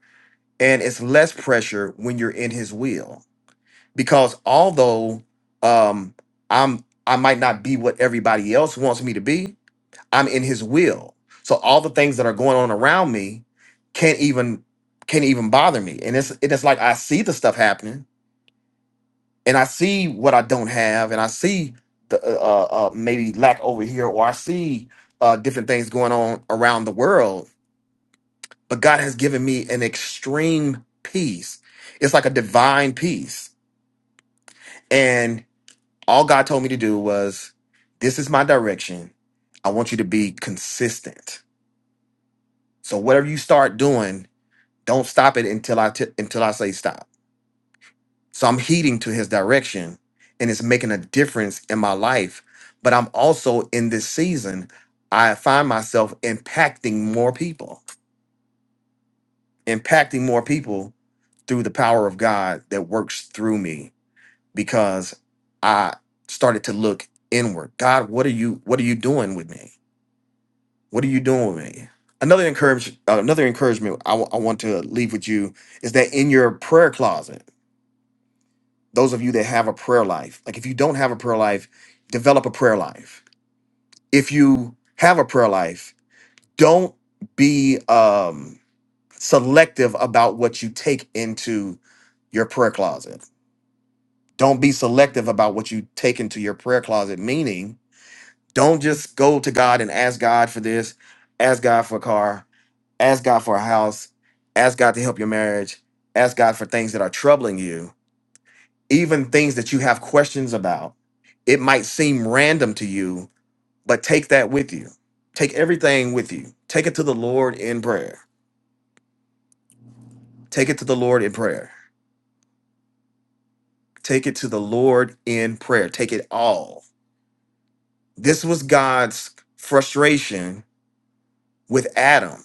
Speaker 14: and it's less pressure when you're in his will because although um i'm i might not be what everybody else wants me to be i'm in his will so all the things that are going on around me can't even can't even bother me and it's it's like i see the stuff happening and i see what i don't have and i see the uh, uh uh, maybe lack over here or i see uh different things going on around the world but God has given me an extreme peace. It's like a divine peace. And all God told me to do was, this is my direction. I want you to be consistent. So whatever you start doing, don't stop it until I t- until I say stop. So I'm heeding to his direction and it's making a difference in my life. But I'm also in this season, I find myself impacting more people, impacting more people through the power of God that works through me because I started to look inward. God, what are you what are you doing with me? What are you doing with me? Another encourage uh, another encouragement I w- I want to leave with you is that in your prayer closet, those of you that have a prayer life, like if you don't have a prayer life, develop a prayer life. If you have a prayer life, don't be um selective about what you take into your prayer closet. Don't be selective about what you take into your prayer closet, meaning Don't just go to God and ask God for this, ask God for a car, ask God for a house, ask God to help your marriage, ask God for things that are troubling you, even things that you have questions about. It might seem random to you, but take that with you. Take everything with you. Take it to the Lord in prayer. Take it to the Lord in prayer. Take it to the Lord in prayer. Take it all. This was God's frustration with Adam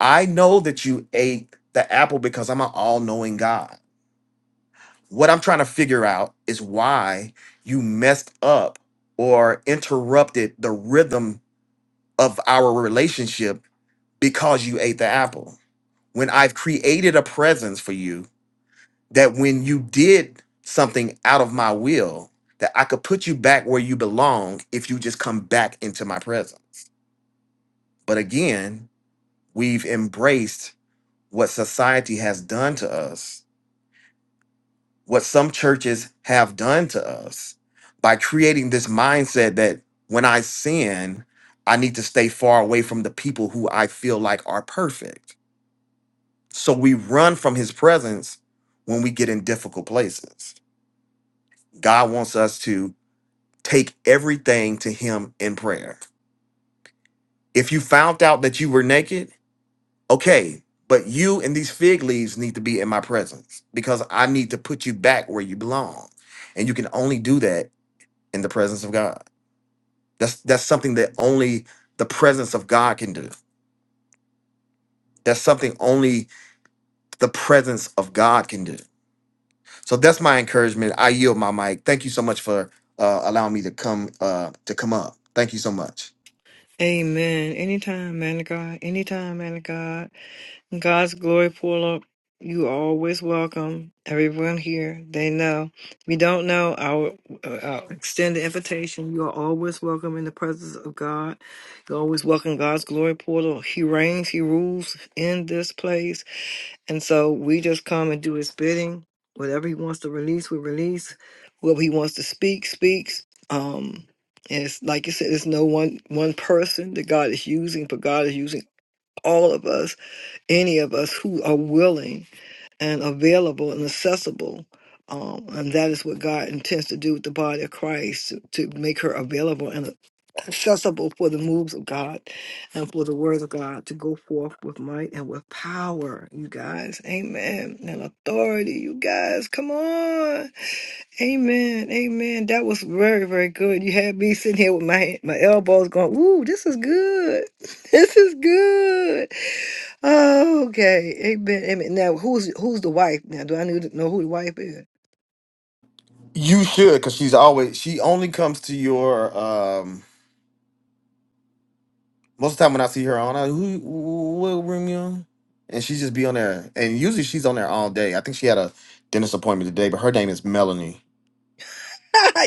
Speaker 14: I know that you ate the apple because I'm an all knowing God. What I'm trying to figure out is why you messed up or interrupted the rhythm of our relationship because you ate the apple. When I've created a presence for you, that when you did something out of my will, that I could put you back where you belong if you just come back into my presence. But again, we've embraced what society has done to us what some churches have done to us by creating this mindset that when I sin, I need to stay far away from the people who I feel like are perfect. So we run from his presence when we get in difficult places. God wants us to take everything to him in prayer. If you found out that you were naked, okay, but you and these fig leaves need to be in my presence because I need to put you back where you belong. And you can only do that in the presence of God. That's that's something that only the presence of God can do. That's something only the presence of God can do. So that's my encouragement. I yield my mic. Thank you so much for uh, allowing me to come uh, to come up. Thank you so much.
Speaker 1: Amen. Anytime, man of God. Anytime, man of God. God's glory pull up. You are always welcome everyone here. They know. If you don't know, I'll, uh, I'll extend the invitation. You are always welcome in the presence of God. You're always welcome. God's glory portal. He reigns. He rules in this place. And so we just come and do his bidding. Whatever he wants to release, we release. Whatever he wants to speak, speaks. Um, and it's like you said, it's no one one person that God is using, but God is using all of us, any of us who are willing and available and accessible. Um, and that is what God intends to do with the body of Christ to, to make her available and accessible for the moves of God and for the word of God to go forth with might and with power, you guys. Amen. And authority, you guys. Come on. Amen. Amen. That was very, very good. You had me sitting here with my my elbows going, ooh, this is good. <laughs> This is good. Oh, okay. Amen. Amen. Now who's who's the wife? Now do I need to know who the wife is?
Speaker 14: You should, because she's always she only comes to your um most of the time when I see her on I who what room you on? And she just be on there. And usually she's on there all day. I think she had a dentist appointment today, but her name is Melanie.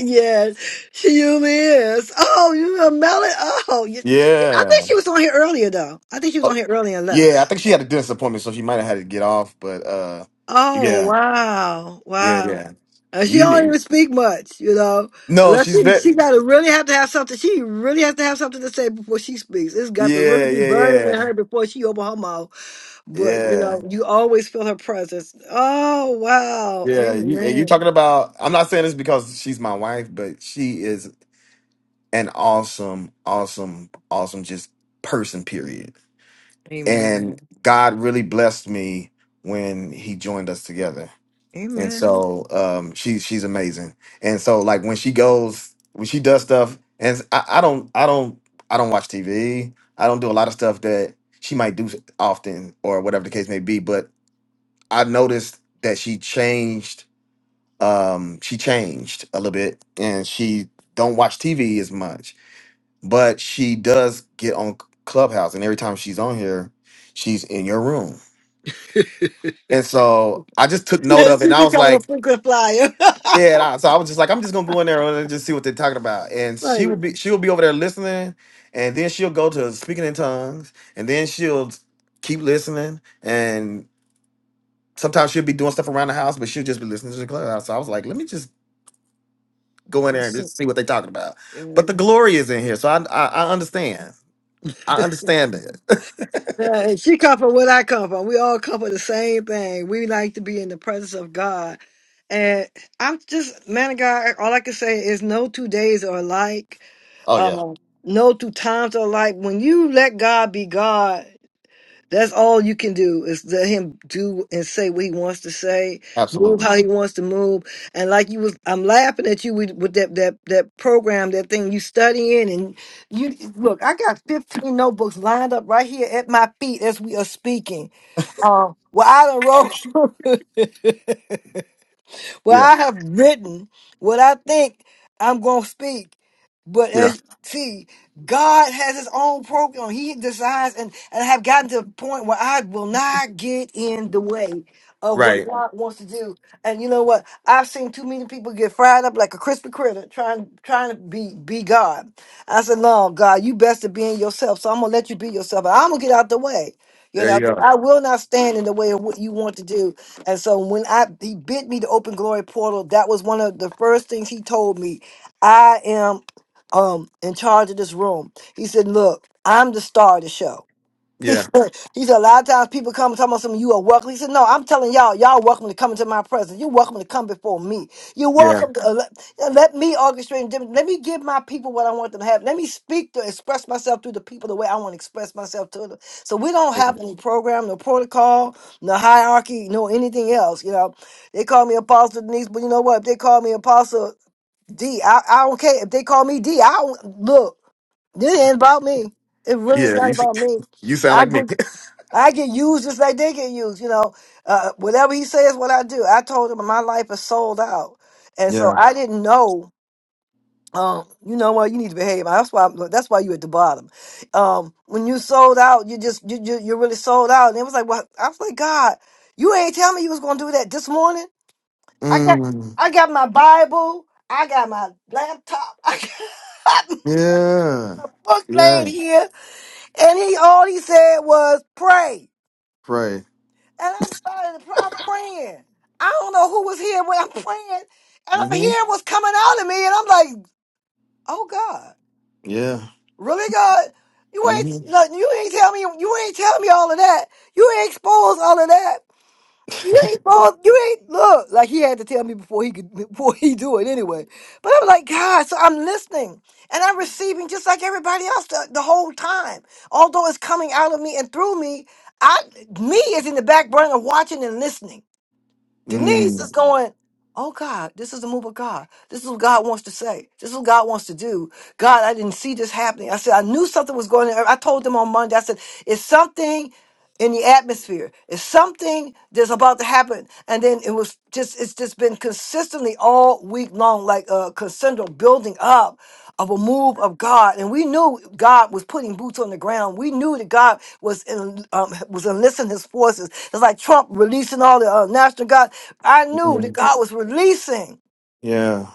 Speaker 1: yes, she really is. Oh, you know Melon. Oh, you, I think
Speaker 14: Yeah.
Speaker 1: she was on here earlier though. I think she was on here earlier and left.
Speaker 14: Yeah, I think she had a dentist appointment, so she might have had to get off. But uh,
Speaker 1: Oh
Speaker 14: yeah,
Speaker 1: wow,
Speaker 14: yeah,
Speaker 1: wow.
Speaker 14: yeah.
Speaker 1: And she don't
Speaker 14: You
Speaker 1: even speak much, you know,
Speaker 14: no,
Speaker 1: unless
Speaker 14: she's
Speaker 1: she she
Speaker 14: been.
Speaker 1: got to really have to have something. She really has to have something to say before she speaks. It's got to really
Speaker 14: Yeah,
Speaker 1: be
Speaker 14: yeah,
Speaker 1: burning in
Speaker 14: yeah,
Speaker 1: her before she open her mouth. But you
Speaker 14: yeah,
Speaker 1: know, you always feel her presence. Oh wow,
Speaker 14: yeah. You, and you
Speaker 1: amen.
Speaker 14: talking about? I'm not saying this because she's my wife, but she is an awesome, awesome, awesome just person. Period. And God really blessed me when He joined us together. and so um she's she's amazing and so like when she goes when she does stuff and it's- I, I don't i don't i don't watch tv i don't do a lot of stuff that she might do often or whatever the case may be but i noticed that she changed um she changed a little bit and she don't watch tv as much but she does get on clubhouse and every time she's on here she's in your room and so i just took note of it and i was like Yeah, and I, so I was just like, I'm just gonna go in there and just see what they're talking about. And she would be, she will be over there listening, and then she'll go to speaking in tongues, and then she'll keep listening. And sometimes she'll be doing stuff around the house, but she'll just be listening to the clubhouse. So I was like, let me just go in there and just see what they're talking about. But the glory is in here, so I, I, I understand. I understand that.
Speaker 1: Uh, she come from where I come from. We all come from the same thing. We like to be in the presence of God. And I'm just, man of God, all I can say is no two days are alike.
Speaker 14: <laughs> oh yeah,
Speaker 1: Um, no two times are alike. When you let God be God, That's all you can do is let him do and say what he wants to say, move
Speaker 14: absolutely.
Speaker 1: how he wants to move. And like you was, I'm laughing at you with, with that that that program, that thing you studying, and you look. I got 15 notebooks lined up right here at my feet as we are speaking. Uh, well, I done wrote. <laughs> well,
Speaker 14: Yeah,
Speaker 1: I have written what I think I'm gonna speak. But
Speaker 14: yeah,
Speaker 1: as see, God has his own program. He decides and, and I have gotten to a point where I will not get in the way of what
Speaker 14: right.
Speaker 1: God wants to do. And you know what? I've seen too many people get fried up like a crispy critter trying trying to be be God. I said, No, God, you best to be in yourself. So I'm gonna let you be yourself. And I'm gonna get out the way. You
Speaker 14: There
Speaker 1: know,
Speaker 14: you
Speaker 1: 'cause
Speaker 14: go.
Speaker 1: I will not stand in the way of what you want to do. And so when I he bid me to open glory portal, that was one of the first things he told me. I am um in charge of this room. He said, Look, I'm the star of the show. <laughs> He
Speaker 14: Yeah,
Speaker 1: said, he said a lot of times people come and talk about something, you are welcome. He said, No, I'm telling y'all, y'all welcome to come into my presence. You're welcome to come before me. You're
Speaker 14: yeah,
Speaker 1: welcome to uh, let, uh, let me orchestrate and dim- let me give my people what I want them to have. Let me speak to express myself through the people the way I want to express myself to them. So we don't
Speaker 14: yeah.
Speaker 1: have any program, no protocol, no hierarchy, no anything else. You know, they call me Apostle Denise, but you know what? If they call me Apostle D. I, I don't care if they call me D. I don't look. This ain't about me. It really is
Speaker 14: Yeah. You,
Speaker 1: not
Speaker 14: s-
Speaker 1: about me.
Speaker 14: <laughs> you sound
Speaker 1: I
Speaker 14: like me.
Speaker 1: get
Speaker 14: <laughs>
Speaker 1: I get used just like they get used. You know, uh, whatever he says, what I do. I told him my life is sold out, and so
Speaker 14: Yeah.
Speaker 1: I didn't know. Um, you know what? You need to behave. That's why. That's why you at the bottom. Um, when you sold out, you just you, you you're really sold out. And it was like, well, I was like, God, you ain't tell me you was gonna do that this morning. I got
Speaker 14: Mm.
Speaker 1: I got my Bible. I got my laptop. <laughs> I got
Speaker 14: Yeah.
Speaker 1: my book
Speaker 14: Yeah.
Speaker 1: laid here. And he all he said was pray.
Speaker 14: Right.
Speaker 1: And I'm starting to pray. I'm praying. I don't know who was here when I'm praying. And I'm
Speaker 14: Mm-hmm.
Speaker 1: hearing what's coming out of me. And I'm like, oh God.
Speaker 14: Yeah.
Speaker 1: Really God? You ain't
Speaker 14: Mm-hmm.
Speaker 1: look, you ain't tell me you ain't tell me all of that. You ain't exposed all of that. You ain't both. You ain't look like he had to tell me before he could <laughs> before he do it anyway. But I'm like God, so I'm listening and I'm receiving just like everybody else the, the whole time. Although it's coming out of me and through me, I me is in the back burner watching and listening. Denise is
Speaker 14: Mm.
Speaker 1: going, "Oh God, this is the move of God. This is what God wants to say. This is what God wants to do. God, I didn't see this happening. I said I knew something was going on. I told them on Monday. I said it's something." in the atmosphere. It's something that's about to happen. And then it was just, it's just been consistently all week long, like a crescendo building up of a move of God. And we knew God was putting boots on the ground. We knew that God was in, um, was enlisting his forces. It's like Trump releasing all the uh, national guard. I knew that
Speaker 14: Mm.
Speaker 1: God was releasing
Speaker 14: Yeah.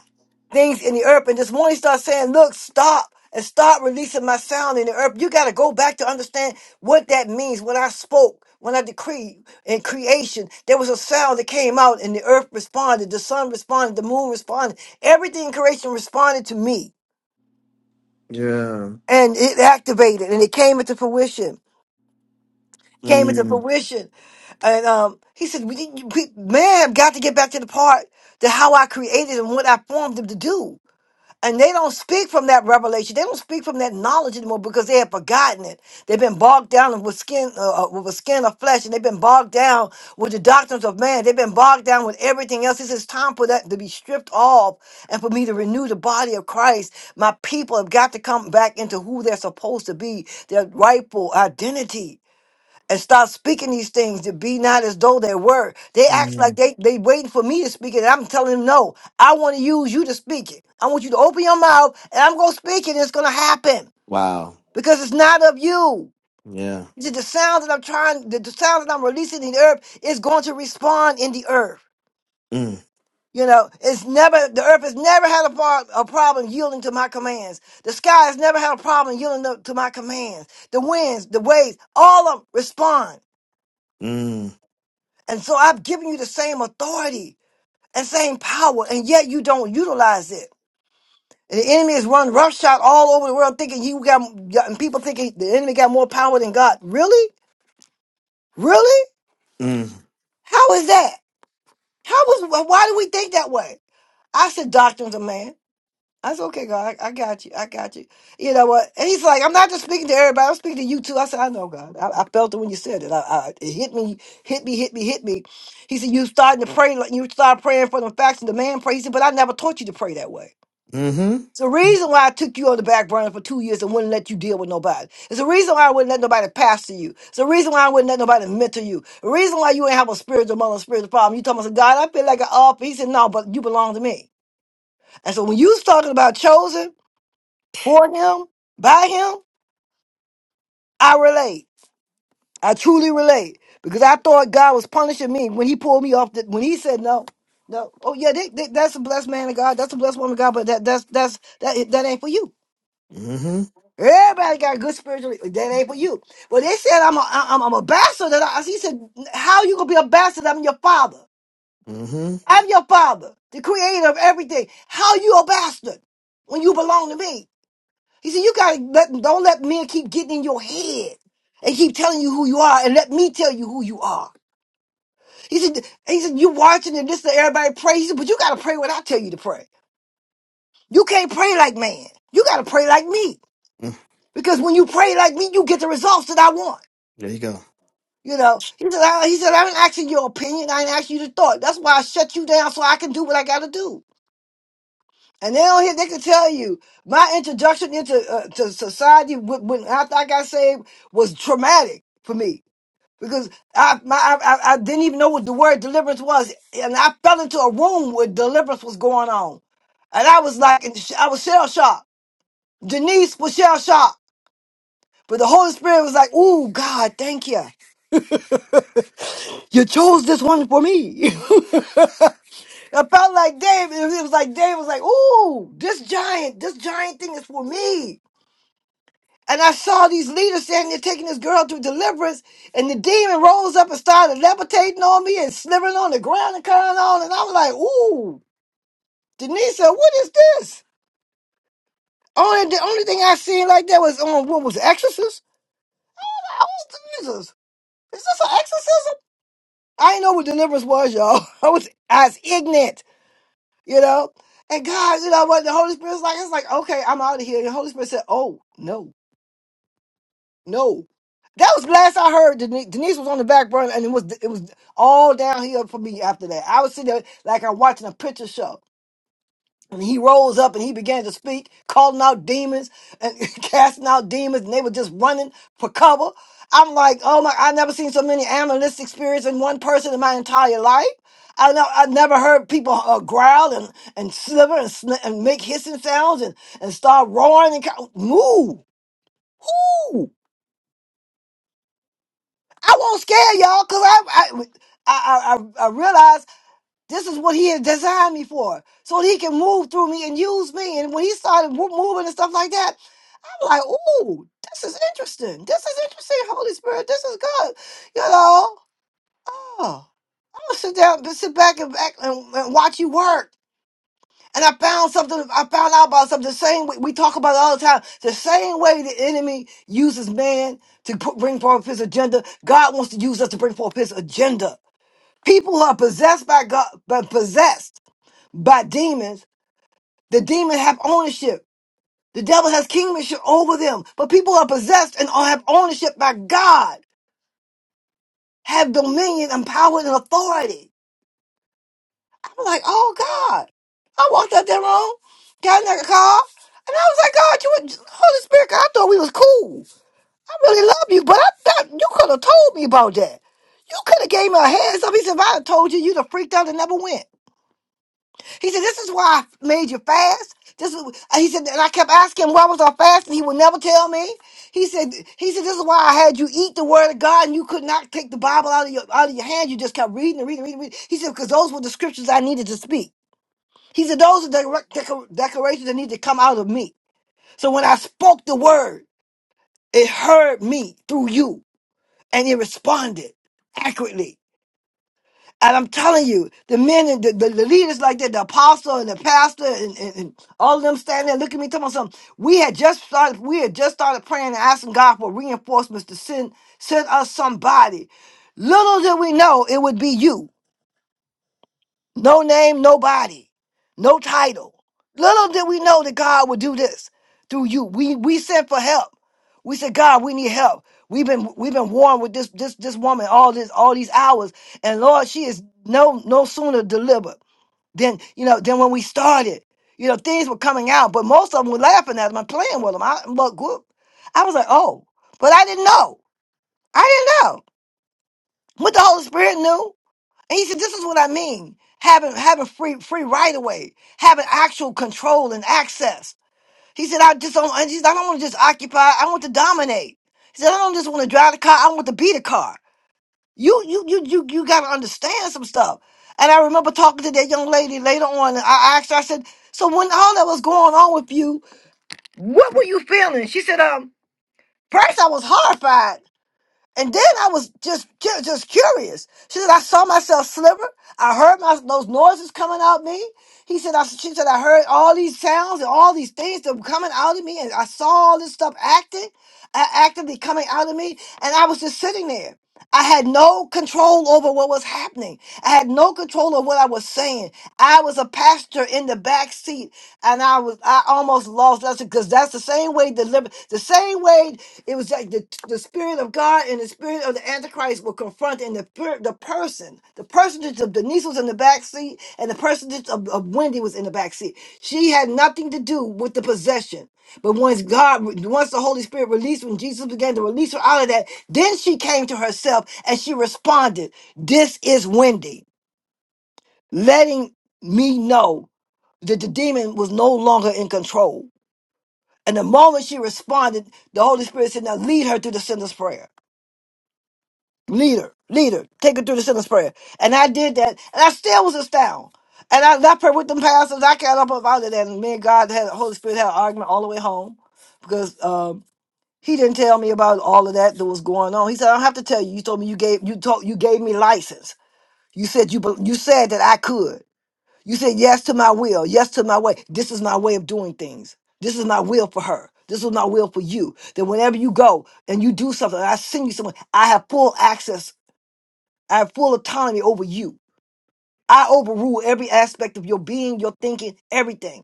Speaker 1: things in the earth. And this morning start saying, look, stop and start releasing my sound in the earth. You got to go back to understand what that means. When I spoke, when I decreed in creation, there was a sound that came out and the earth responded, the sun responded, the moon responded. Everything in creation responded to me
Speaker 14: Yeah.
Speaker 1: and it activated and it came into fruition. Came into
Speaker 14: Mm.
Speaker 1: fruition. And um, he said, we, we, man have got to get back to the part to how I created and what I formed them to do. And they don't speak from that revelation. They don't speak from that knowledge anymore because they have forgotten it. They've been bogged down with skin, uh, uh, with a skin of flesh, and they've been bogged down with the doctrines of man. They've been bogged down with everything else. This is time for that to be stripped off, and for me to renew the body of Christ. My people have got to come back into who they're supposed to be, their rightful identity and start speaking these things to be not as though they were. They act like
Speaker 14: Mm.
Speaker 1: they they waiting for me to speak it. And I'm telling them no. I want to use you to speak it. I want you to open your mouth and I'm gonna speak it. And it's gonna happen
Speaker 14: Wow.
Speaker 1: because it's not of you.
Speaker 14: Yeah.
Speaker 1: It's just the sound that I'm trying, the, the sound that I'm releasing in the earth is going to respond in the earth.
Speaker 14: Mm.
Speaker 1: You know, it's never the earth has never had a, par, a problem yielding to my commands. The sky has never had a problem yielding to to my commands. The winds, the waves, all of them respond
Speaker 14: Mm.
Speaker 1: And so I've given you the same authority and same power, and yet you don't utilize it. And the enemy is running roughshod all over the world, thinking you got, and people thinking the enemy got more power than God. Really? Really?
Speaker 14: Mm.
Speaker 1: How is that? How was? Why do we think that way? I said, doctrines of man. I said, okay, God, I, I got you. I got you. You know what? And he's like, I'm not just speaking to everybody. I'm speaking to you too. I said, I know, God. I, I felt it when you said it. I, I, it hit me, hit me, hit me, hit me. He said, you starting to pray. like You started praying for the facts and the man pray. He said, but I never taught you to pray that way.
Speaker 14: Mm-hmm.
Speaker 1: It's the reason why I took you on the back burner for two years and wouldn't let you deal with nobody. It's the reason why I wouldn't let nobody pastor you. It's the reason why I wouldn't let nobody mentor you. The reason why you ain't have a spiritual mother, spiritual problem. You told me, I said, God, I feel like an up. He said, no, but you belong to me. And so when you was talking about chosen, for him, by him, I relate. I truly relate because I thought God was punishing me when He pulled me off. The, when He said no, no. Oh yeah, they, they, that's a blessed man of God. That's a blessed woman of God. But that that's that's that that ain't for you.
Speaker 14: Mm-hmm.
Speaker 1: Everybody got good spiritual. That ain't for you. Well, they said I'm a, I'm, I'm a bastard. That I, he said, how you gonna be a bastard? I'm your father.
Speaker 14: Mm-hmm.
Speaker 1: I'm your father, the creator of everything. How you a bastard when you belong to me? He said, you gotta let don't let men keep getting in your head and keep telling you who you are and let me tell you who you are. He said, he said, you watching and this and everybody pray. He said, but you gotta pray what I tell you to pray. You can't pray like man. You gotta pray like me.
Speaker 14: Mm.
Speaker 1: Because when you pray like me, you get the results that I want.
Speaker 14: There you go.
Speaker 1: You know, he said, I, he said, I ain't asking your opinion. I ain't asking you to thought. That's why I shut you down so I can do what I gotta do. And they don't hear, they can tell you my introduction into uh, to society when, when after I got saved was traumatic for me because I, my, I, I I didn't even know what the word deliverance was, and I fell into a room where deliverance was going on, and I was like, in sh- I was shell shocked. Denise was shell shocked, but the Holy Spirit was like, "Ooh, God, thank you. You chose this one for me." <laughs> I felt like David. It was like David was like, "Ooh, this giant, this giant thing is for me." And I saw these leaders standing there taking this girl through deliverance, and the demon rose up and started levitating on me and slithering on the ground and coming on. And I was like, ooh, Denise, what is this? Only the only thing I seen like that was on what was it, Exorcist? I was Jesus. Is this an exorcism? I didn't know what deliverance was, y'all. <laughs> I was I was ignorant, you know. And God, you know what the Holy Spirit was like, it's like, okay, I'm out of here. The Holy Spirit said, Oh, no. No, that was last I heard. Denise, Denise was on the back burner, and it was it was all downhill for me after that. I was sitting there like I'm watching a picture show, and he rolls up and he began to speak, calling out demons and <laughs> casting out demons, and they were just running for cover. I'm like, oh my! I never seen so many analyst experience in one person in my entire life. I know I never heard people uh, growl and and sliver and, sn- and make hissing sounds and and start roaring and ca- move. I won't scare y'all because I, I, I, I, I realize this is what he had designed me for. So that he can move through me and use me. And when he started mo- moving and stuff like that, I'm like, ooh, this is interesting. This is interesting, Holy Spirit. This is good. You know, oh, I'm going to sit down, but sit back and, back and, and watch you work. And I found something, I found out about something the same way we talk about it all the time. The same way the enemy uses man to put, bring forth his agenda, God wants to use us to bring forth his agenda. People are possessed by God, but possessed by demons. The demon have ownership. The devil has kingship over them. But people are possessed and have ownership by God, have dominion and power and authority. I'm like, oh God. I walked out that room, got in that car, and I was like, God, you were Holy Spirit, God, I thought we was cool. I really love you, but I thought you could have told me about that. You could have gave me a heads up. He said, if I had told you, you'd have freaked out and never went. He said, This is why I made you fast. This is and he said, and I kept asking him why was I fasting. He would never tell me. He said, he said, This is why I had you eat the word of God and you could not take the Bible out of your out of your hand. You just kept reading and reading, reading, reading. He said, because those were the scriptures I needed to speak. He said, those are the direct decor- declarations that need to come out of me. So when I spoke the word, it heard me through you and it responded accurately. And I'm telling you, the men and the, the, the leaders like that, the apostle and the pastor and, and, and all of them standing there looking at me talking about something. We had just started, we had just started praying and asking God for reinforcements to send send us somebody. Little did we know it would be you. No name, nobody, no title. Little did we know that God would do this through you. We we sent for help. We said, God, we need help. We've been we've been warned with this this this woman all this all these hours, and Lord, she is no no sooner delivered than you know than when we started. You know, things were coming out, but most of them were laughing at them and playing with them. I look, whoop. I was like, oh, but I didn't know. I didn't know what the Holy Spirit knew. And he said, "This is what I mean: having having free free right of way, having actual control and access." He said, "I just don't. I, just, I don't want to just occupy. I want to dominate." He said, "I don't just want to drive the car. I want to be the car." You you you you you got to understand some stuff. And I remember talking to that young lady later on. And I I asked her. I said, "So when all that was going on with you, what were you feeling?" She said, "Um, first I was horrified." And then I was just ju- just curious. She said, I saw myself sliver. I heard my those noises coming out me. He said, I, she said, I heard all these sounds and all these things that were coming out of me, and I saw all this stuff acting, uh, actively coming out of me, and I was just sitting there. I had no control over what was happening. I had no control of what I was saying. I was a pastor in the back seat, and I was I almost lost that's because that's the same way deliver the same way it was like the, the spirit of God and the spirit of the Antichrist were confronting the per- the person. The personage of Denise was in the back seat, and the personage of, of Wendy was in the back seat. She had nothing to do with the possession. But once God, once the Holy Spirit released, when Jesus began to release her out of that, then she came to herself and she responded, This is Wendy, letting me know that the demon was no longer in control. And the moment she responded, the Holy Spirit said, Now lead her through the sinner's prayer. Lead her, lead her, take her through the sinner's prayer. And I did that, and I still was astounded. And I left her with them pastors. I got up out of that, and me and God had the Holy Spirit had an argument all the way home because. um, He didn't tell me about all of that that was going on. He said, "I don't have to tell you. You told me you gave you told you gave me license. You said you bel- you said that I could. You said yes to my will, yes to my way. This is my way of doing things. This is my will for her. This is my will for you. That whenever you go and you do something, I send you someone. I have full access. I have full autonomy over you. I overrule every aspect of your being, your thinking, everything.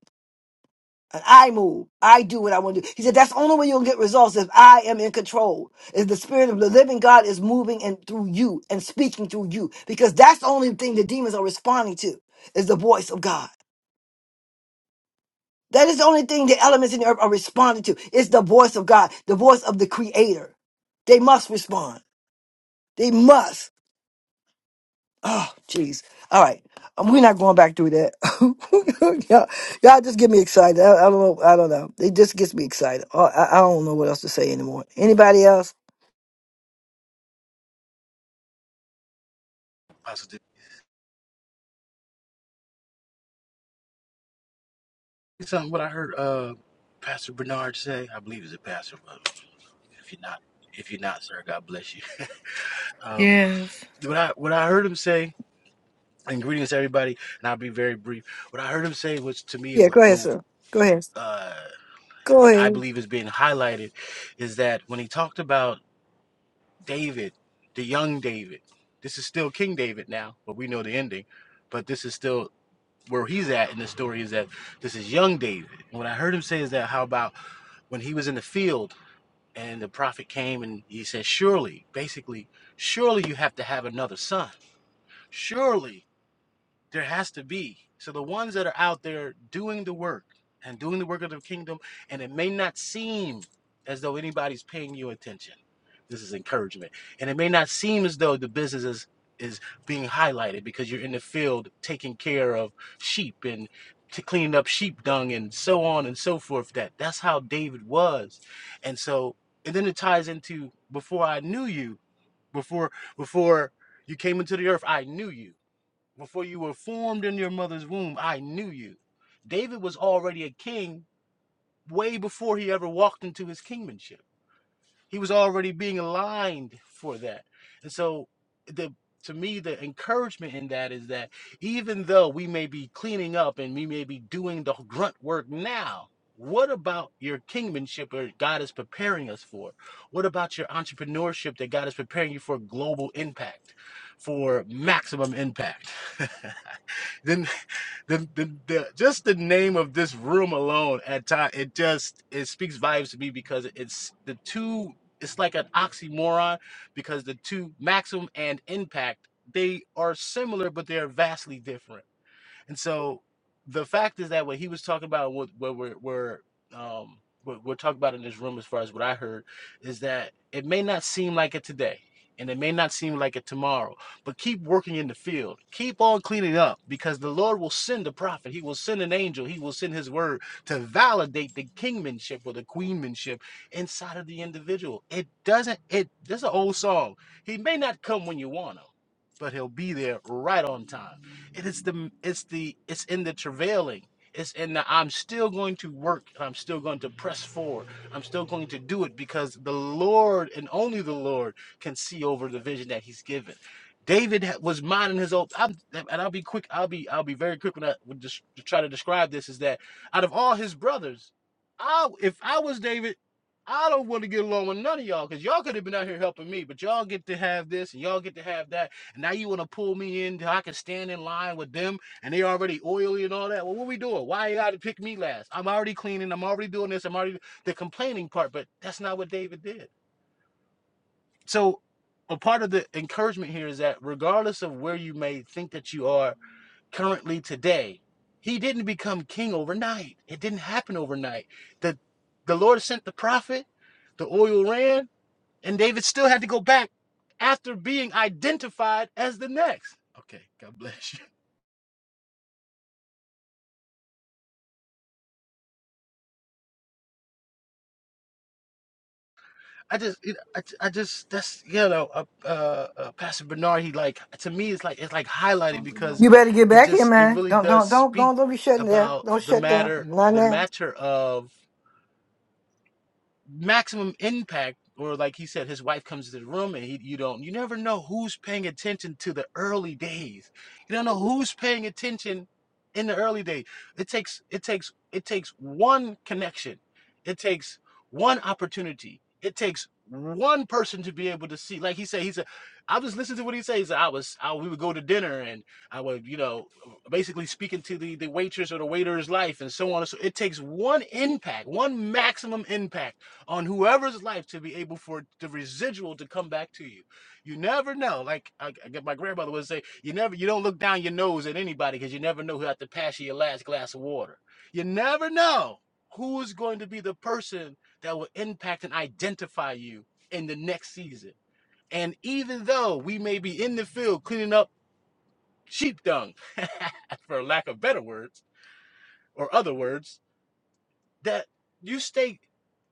Speaker 1: And I move. I do what I want to do. He said, that's the only way you'll get results if I am in control. If the spirit of the living God is moving and through you and speaking through you. Because that's the only thing the demons are responding to is the voice of God. That is the only thing the elements in the earth are responding to. It's the voice of God, the voice of the creator. They must respond. They must. Oh, jeez. All right. Um, we're not going back through that. <laughs> y'all, y'all just get me excited. I, I don't know. I don't know. It just gets me excited. I, I I don't know what else to say anymore. Anybody else?
Speaker 15: positive. Something what I heard uh Pastor Bernard say. I believe is a pastor, but if you're not, if you're not, sir, God bless you. <laughs> Uh, what I what I heard him say, and greetings to everybody, and I'll be very brief. What I heard him say was to me, and
Speaker 1: Yeah,
Speaker 15: what,
Speaker 1: go ahead,
Speaker 15: what
Speaker 1: sir. Go ahead.
Speaker 15: uh,
Speaker 1: Go
Speaker 15: I
Speaker 1: ahead.
Speaker 15: believe is being highlighted, is that when he talked about David, the young David, this is still King David now, but we know the ending, but this is still where he's at in the story is that this is young David. And What I heard him say is that how about when he was in the field And the prophet came and he said, Surely, basically, surely you have to have another son. Surely there has to be. So the ones that are out there doing the work and doing the work of the kingdom, and it may not seem as though anybody's paying you attention. This is encouragement. And it may not seem as though the business is is being highlighted because you're in the field taking care of sheep and to cleaning up sheep dung and so on and so forth. That that's how David was. And so and then it ties into before I knew you, before before you came into the earth, I knew you before you were formed in your mother's womb, I knew you. David was already a king way before he ever walked into his kingmanship. He was already being aligned for that. And so the to me the encouragement in that is that even though we may be cleaning up and we may be doing the grunt work now, what about your kingmanship or God is preparing us for? What about your entrepreneurship that God is preparing you for global impact, for maximum impact? <laughs> then the, the, the just the name of this room alone at time it just it speaks volumes to me because it's the two it's like an oxymoron because the two maximum and impact they are similar but they're vastly different and so the fact is that what he was talking about, what, what we're, we're, um, what we're talking about in this room, as far as what I heard, is that it may not seem like it today. And it may not seem like it tomorrow, but keep working in the field. Keep on cleaning up because the Lord will send a prophet. He will send an angel. He will send his word to validate the kingmanship or the queenmanship inside of the individual. It doesn't, it, there's an old song. He may not come when you want him, but he'll be there right on time. It is the it's the it's in the travailing. It's in the I'm still going to work and I'm still going to press forward. I'm still going to do it because the Lord and only the Lord can see over the vision that He's given. David was minding his own. I'm, and I'll be quick. I'll be I'll be very quick when I would just try to describe this. Is that out of all his brothers, I if I was David, I don't want to get along with none of y'all because y'all could have been out here helping me, but y'all get to have this and y'all get to have that and now you want to pull me in so I can stand in line with them and they already oily and all that. Well, what are we doing? Why you gotta pick me last? I'm already cleaning, I'm already doing this, I'm already the complaining part, but that's not what David did. So a part of the encouragement here is that regardless of where you may think that you are currently today, he didn't become king overnight. It didn't happen overnight. The the Lord sent the prophet, the oil ran, and David still had to go back after being identified as the next. Okay, God bless you. <laughs> I just, I, I just, that's you know, uh, uh, uh, Pastor Bernard. He like to me, it's like it's like highlighted because
Speaker 1: You better get
Speaker 15: it
Speaker 1: back here,
Speaker 15: just it
Speaker 1: man.
Speaker 15: really
Speaker 1: Don't,
Speaker 15: does
Speaker 1: don't, don't,
Speaker 15: speak
Speaker 1: don't, don't be shutting down.
Speaker 15: about
Speaker 1: Don't
Speaker 15: the
Speaker 1: shut down.
Speaker 15: matter,
Speaker 1: Not
Speaker 15: the
Speaker 1: now.
Speaker 15: matter of maximum impact or like he said his wife comes to the room and he, you don't you never know who's paying attention to the early days you don't know who's paying attention in the early days it takes it takes it takes one connection it takes one opportunity it takes one person to be able to see like he said he said i was listening to what he says. i was I, we would go to dinner and i would you know basically speaking to the the waitress or the waiter's life and so on so it takes one impact one maximum impact on whoever's life to be able for the residual to come back to you. You never know. Like I, I get- my grandmother would say, you never you don't look down your nose at anybody because you never know who had to pass you your last glass of water. You never know who is going to be the person that will impact and identify you in the next season. And even though we may be in the field cleaning up sheep dung, <laughs> for lack of better words or other words, that you stay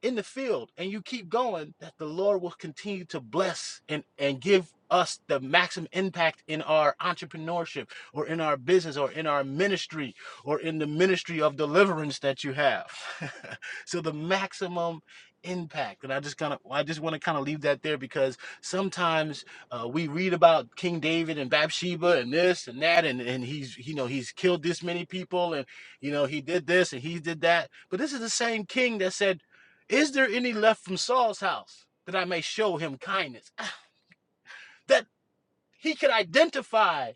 Speaker 15: in the field and you keep going, that the Lord will continue to bless and, and give us the maximum impact in our entrepreneurship or in our business or in our ministry or in the ministry of deliverance that you have. <laughs> so the maximum impact and i just kind of i just want to kind of leave that there because sometimes uh, we read about king david and bathsheba and this and that and, and he's you know he's killed this many people you know, he did this and he did that. But this is the same king that said, Is there any left from Saul's house that I may show him kindness? That he could identify.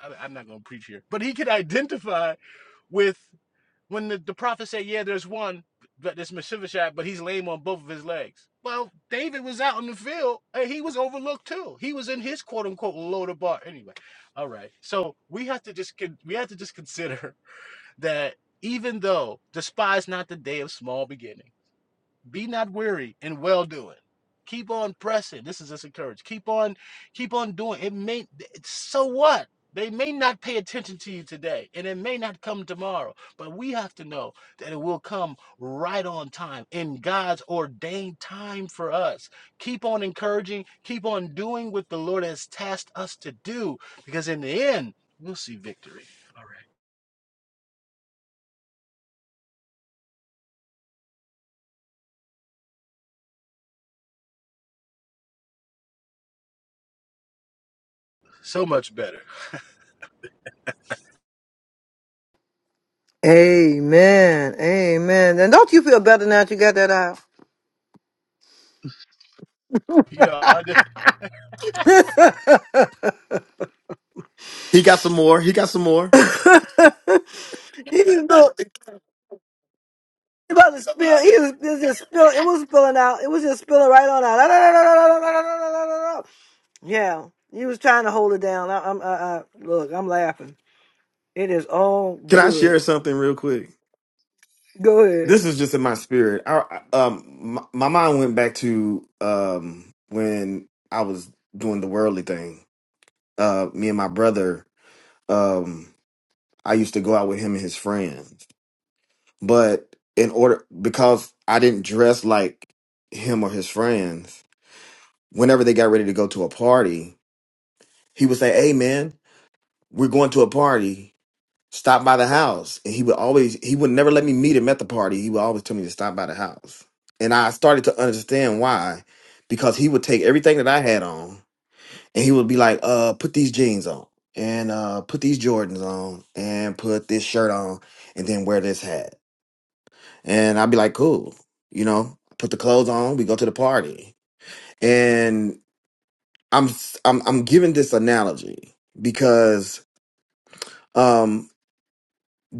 Speaker 15: I- I'm not going to preach here, but he could identify with when the, the prophet said, Yeah, there's one, but this Mephibosheth, but he's lame on both of his legs. Well, David was out in the field and he was overlooked too. He was in his quote unquote loader bar. Anyway, all right. So we have to just con- we have to just consider that even though despise not the day of small beginning, be not weary in well doing. Keep on pressing. This is just encourage. Keep on, keep on doing. It may so what? They may not pay attention to you today, and it may not come tomorrow. But we have to know that it will come right on time in God's ordained time for us. Keep on encouraging, keep on doing what the Lord has tasked us to do, because in the end, we'll see victory. All right. So much better.
Speaker 1: Amen. Amen. And don't you feel better now that you got that out?
Speaker 15: You know, I just
Speaker 14: He got some more. He got some more.
Speaker 1: <laughs> Even though It was to spill. He was, it was just spill. It was spilling out. It was just spilling right on out. <laughs> Yeah, he was trying to hold it down. I, I'm. I, I, look, I'm laughing. It is all
Speaker 14: Can I
Speaker 1: good.
Speaker 14: share something real quick?
Speaker 1: Go ahead.
Speaker 14: This is just in my spirit. I, I- um, my, my mind went back to um when I was doing the worldly thing. Uh, me and my brother um I used to go out with him and his friends. But in order because I didn't dress like him or his friends, whenever they got ready to go to a party, he would say, "Hey man, we're going to a party. Stop by the house." And he would always he would never let me meet him at the party. He would always tell me to stop by the house. And I started to understand why because he would take everything that I had on and he would be like, "Uh, put these jeans on, and uh, put these Jordans on, and put this shirt on, and then wear this hat." And I'd be like, "Cool," you know. Put the clothes on. We go to the party, and I'm s- I'm I'm giving this analogy because um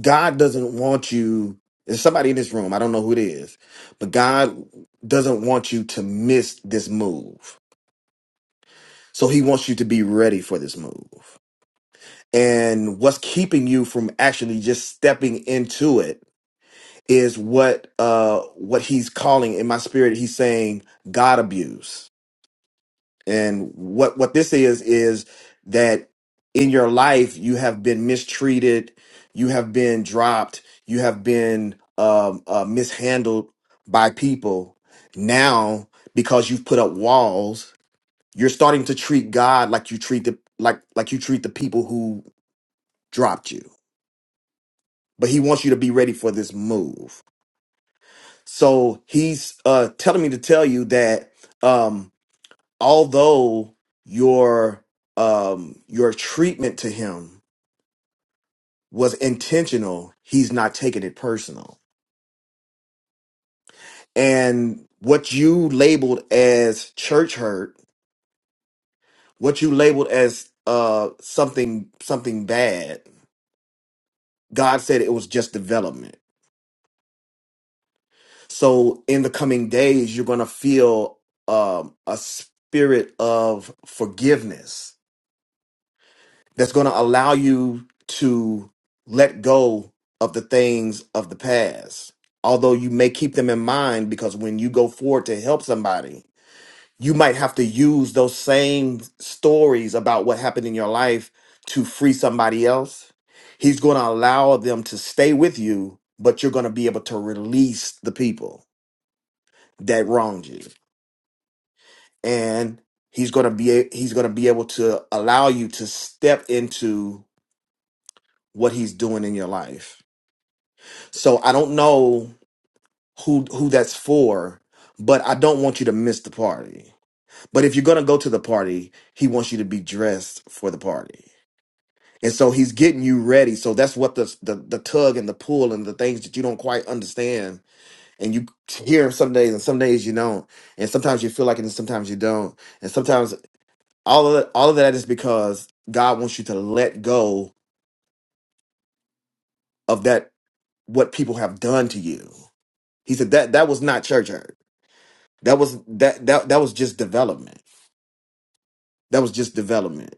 Speaker 14: God doesn't want you. There's somebody in this room. I don't know who it is, but God doesn't want you to miss this move. So He wants you to be ready for this move. and what's keeping you from actually just stepping into it is what uh what he's calling in my spirit he's saying god abuse and what what this is is that in your life you have been mistreated you have been dropped you have been um uh, mishandled by people now because you've put up walls you're starting to treat god like you treat the like like you treat the people who dropped you but he wants you to be ready for this move. So he's uh, telling me to tell you that um, although your um, your treatment to him was intentional, he's not taking it personal. And what you labeled as church hurt, what you labeled as uh, something something bad, God said it was just development So in the coming days, you're going to feel um, a spirit of forgiveness that's going to allow you to let go of the things of the past. Although you may keep them in mind because when you go forward to help somebody, you might have to use those same stories about what happened in your life to free somebody else. He's going to allow them to stay with you, but you're going to be able to release the people that wronged you. and he's going to be a- he's going to be able to allow you to step into what he's doing in your life. So I don't know who who that's for, but I don't want you to miss the party. But if you're going to go to the party, he wants you to be dressed for the party. And so he's getting you ready. So that's what the the, the tug and the pull and the things that you don't quite understand and you hear some days and some days you don't. And sometimes you feel like it and sometimes you don't. and sometimes. all of all of that is because God wants you to let go of that what people have done to you. He said that that was not church hurt. That was that that that was just development. That was just development.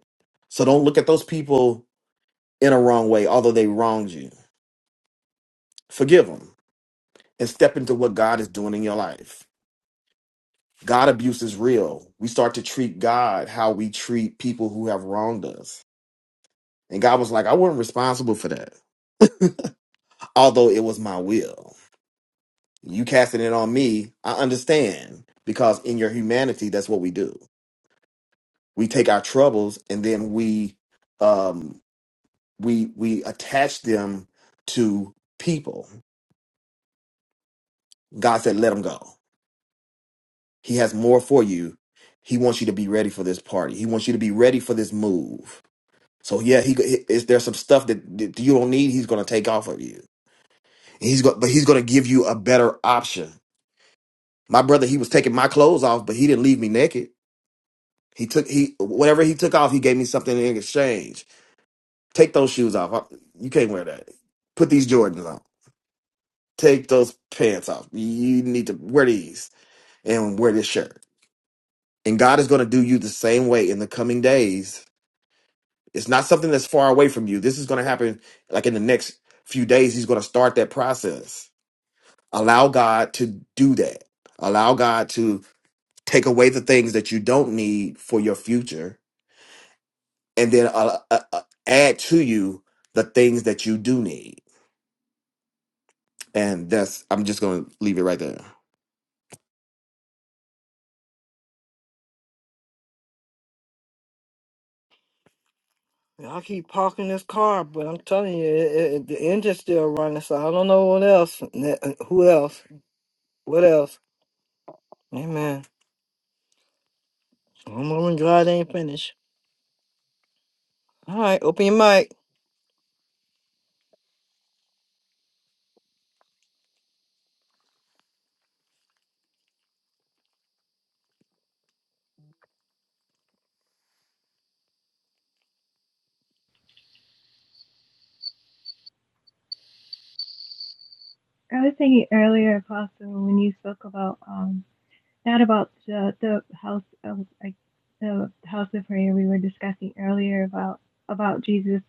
Speaker 14: So don't look at those people in a wrong way, although they wronged you. Forgive them and step into what God is doing in your life. God abuse is real. We start to treat God how we treat people who have wronged us. And God was like, I wasn't responsible for that, although it was my will. You casting it on me, I understand because in your humanity, that's what we do. We take our troubles and then we um we we attach them to people. God said, "Let them go. He has more for you. He wants you to be ready for this party. He wants you to be ready for this move." So yeah, he is there some stuff that, that you don't need. He's going to take off of you. He's going, but he's going to give you a better option. My brother, he was taking my clothes off, but he didn't leave me naked. He took he whatever he took off, he gave me something in exchange. Take those shoes off. I- You can't wear that. Put these Jordans on. Take those pants off. You need to wear these and wear this shirt. And God is going to do you the same way in the coming days. It's not something that's far away from you. This is going to happen like in the next few days. He's going to start that process. Allow God to do that. Allow God to take away the things that you don't need for your future and then uh, uh, uh, add to you the things that you do need. And that's I'm just going to leave it right there.
Speaker 1: I keep parking this car, but I'm telling you, it, it, the engine's still running. So I don't know what else. Who else? What else? Amen. One moment, God ain't finished. All right, open your mic.
Speaker 4: I was thinking earlier, Apostle, when you spoke about um, Not about the, the house of like, the house of prayer we were discussing earlier about about Jesus,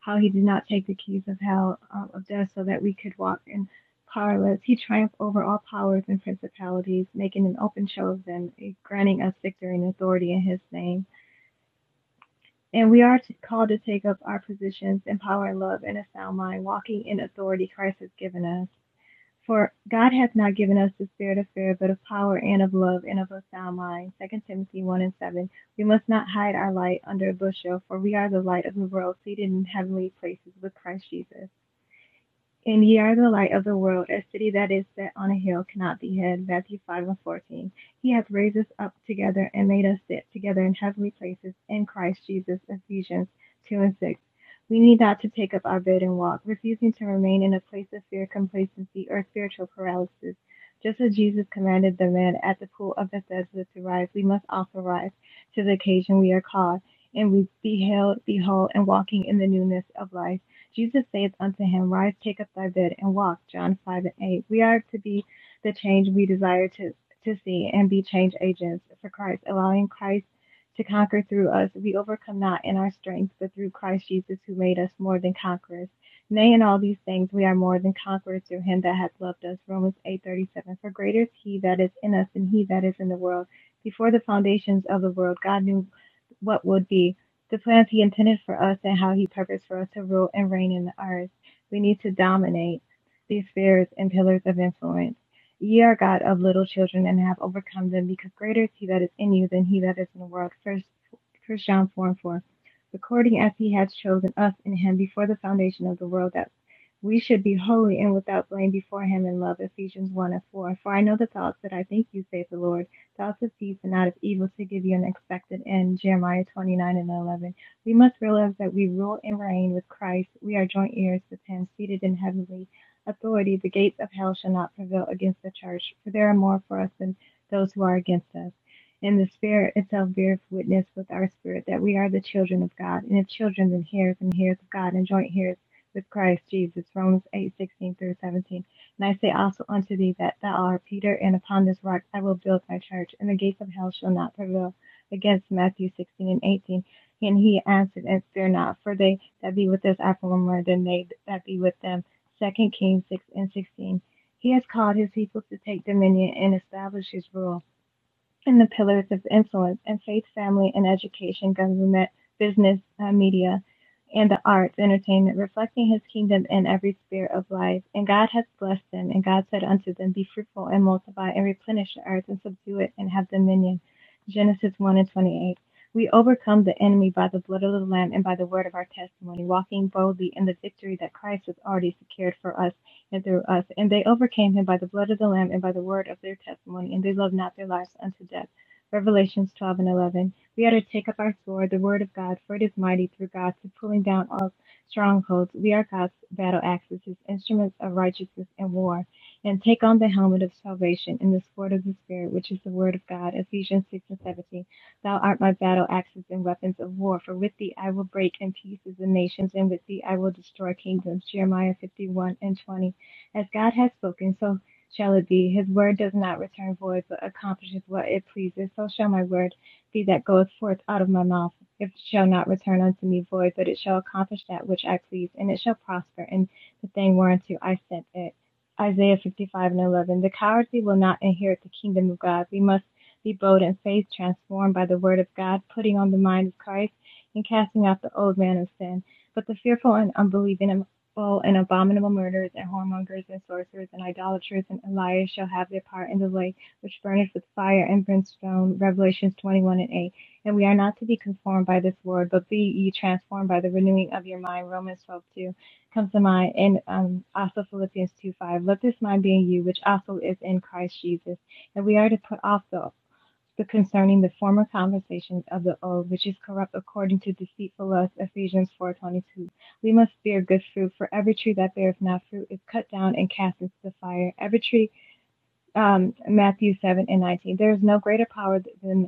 Speaker 4: how he did not take the keys of hell um, of death so that we could walk in powerless. He triumphed over all powers and principalities, making an open show of them, eh, granting us victory and authority in his name. And we are to, called to take up our positions in power and love and a sound mind, walking in authority Christ has given us. For God hath not given us the spirit of fear, but of power and of love and of a sound mind. Second Timothy 1 and 7. We must not hide our light under a bushel, for we are the light of the world, seated in heavenly places with Christ Jesus. And ye are the light of the world. A city that is set on a hill cannot be hid. Matthew 5 and 14. He hath raised us up together and made us sit together in heavenly places in Christ Jesus. Ephesians 2 and 6. We need not to take up our bed and walk, refusing to remain in a place of fear, complacency, or spiritual paralysis. Just as Jesus commanded the man at the pool of Bethesda to rise, we must also rise to the occasion we are called, and we beheld, behold, and walking in the newness of life. Jesus saith unto him, Rise, take up thy bed, and walk. John 5 and 8. We are to be the change we desire to, to see and be change agents for Christ, allowing Christ to conquer through us. We overcome not in our strength, but through Christ Jesus, who made us more than conquerors. Nay, in all these things we are more than conquerors through him that hath loved us. Romans 8:37. For greater is he that is in us than he that is in the world. Before the foundations of the world, God knew what would be the plans he intended for us and how he purposed for us to rule and reign in the earth. We need to dominate these spheres and pillars of influence. Ye are God of little children and have overcome them, because greater is he that is in you than he that is in the world. First, First John 4 and 4. According as he hath chosen us in him before the foundation of the world, that we should be holy and without blame before him in love. Ephesians 1 and 4. For I know the thoughts that I think you, saith the Lord to also cease and out of evil to give you an expected end. Jeremiah 29 and 11. We must realize that we rule and reign with Christ. We are joint heirs with him, seated in heavenly authority. The gates of hell shall not prevail against the church, for there are more for us than those who are against us. And the Spirit itself beareth witness with our spirit that we are the children of God. And if children, then heirs and heirs of God, and joint heirs with Christ Jesus. Romans 8:16 through 17. And I say also unto thee that thou art Peter, and upon this rock I will build my church, and the gates of hell shall not prevail against Matthew 16 and 18. And he answered, And fear not, for they that be with us are far more than they that be with them. Second Kings 6 and 16. He has called his people to take dominion and establish his rule in the pillars of influence in faith, family, and education, government, business, uh, media, and the arts, entertainment, reflecting his kingdom in every sphere of life. And God has blessed them, and God said unto them, Be fruitful and multiply and replenish the earth and subdue it and have dominion. Genesis 1 and 28. We overcome the enemy by the blood of the Lamb and by the word of our testimony, walking boldly in the victory that Christ has already secured for us and through us. And they overcame him by the blood of the Lamb and by the word of their testimony, and they loved not their lives unto death. Revelations 12 and 11. We are to take up our sword, the word of God, for it is mighty through God to pulling down all strongholds. We are God's battle axes, his instruments of righteousness and war. And take on the helmet of salvation and the sword of the Spirit, which is the word of God. Ephesians 6 and 17. Thou art my battle axes and weapons of war, for with thee I will break in pieces the nations, and with thee I will destroy kingdoms. Jeremiah 51 and 20. As God has spoken, so shall it be. His word does not return void, but accomplishes what it pleases. So shall my word be that goeth forth out of my mouth. It shall not return unto me void, but it shall accomplish that which I please, and it shall prosper in the thing whereunto I sent it. Isaiah 55 and 11. The cowardly will not inherit the kingdom of God. We must be bold in faith, transformed by the word of God, putting on the mind of Christ, and casting out the old man of sin. But the fearful and unbelieving and abominable murders, and whoremongers, and sorcerers, and idolaters, and liars shall have their part in the lake which burneth with fire and brimstone. Revelations 21 and 8. And we are not to be conformed by this word, but be ye transformed by the renewing of your mind. Romans 12:2 comes to mind, and um, also Philippians 2 5. Let this mind be in you, which also is in Christ Jesus. And we are to put off the the concerning the former conversations of the old, which is corrupt according to deceitful lust, Ephesians 4.22. We must bear good fruit, for every tree that beareth not fruit is cut down and cast into the fire. Every tree, um, Matthew 7 and 19. There is no greater power than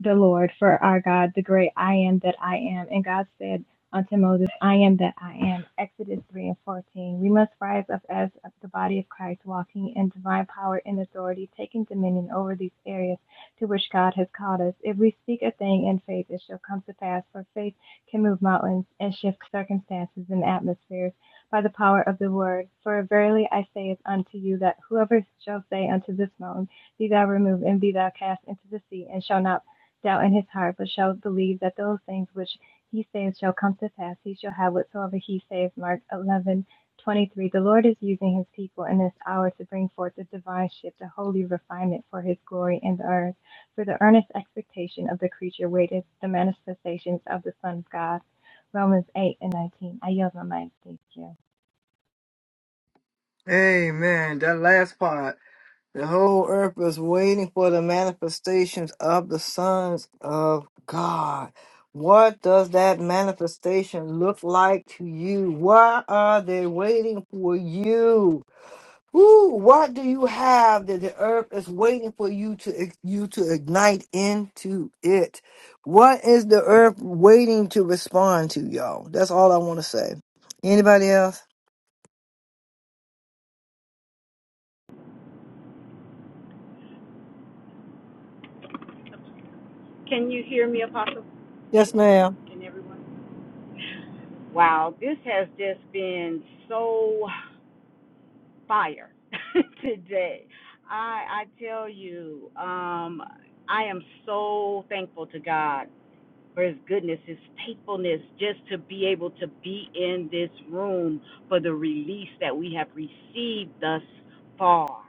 Speaker 4: the Lord, for our God, the great I am that I am. And God said unto Moses, I am that I am. Exodus 3 and 14. We must rise up as the body of Christ, walking in divine power and authority, taking dominion over these areas to which God has called us. If we speak a thing in faith, it shall come to pass, for faith can move mountains and shift circumstances and atmospheres by the power of the word. For verily I say it unto you that whoever shall say unto this mountain, Be thou removed and be thou cast into the sea, and shall not doubt in his heart, but shall believe that those things which he saith shall come to pass. He shall have whatsoever he saith. Mark eleven twenty three. The Lord is using his people in this hour to bring forth the divine shift, the holy refinement for his glory in the earth. For the earnest expectation of the creature waited the manifestations of the Son of God. Romans 8 and 19. I yield my mind. Thank you.
Speaker 1: Amen. That last part. The whole earth is waiting for the manifestations of the sons of God. What does that manifestation look like to you? Why are they waiting for you? Who? What do you have that the earth is waiting for you to you to ignite into it? What is the earth waiting to respond to, y'all? That's all I want to say. Anybody else?
Speaker 6: Can you hear me, Apostle?
Speaker 1: Yes, ma'am.
Speaker 6: Can everyone? Wow, this has just been so fire <laughs> today. I I tell you, um, I am so thankful to God for His goodness, His faithfulness, just to be able to be in this room for the release that we have received thus far.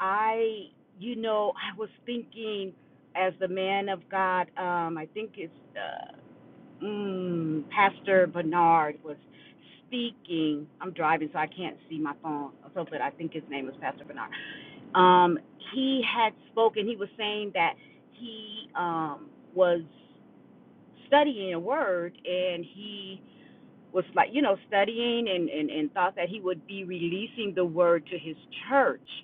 Speaker 6: I, you know, I was thinking as the man of God, um, I think it's. uh, mm, Pastor Bernard was speaking. I'm driving, so I can't see my phone. So, but I think his name was Pastor Bernard. Um, he had spoken. He was saying that he um, was studying a word, and he was like, you know, studying and, and, and thought that he would be releasing the word to his church.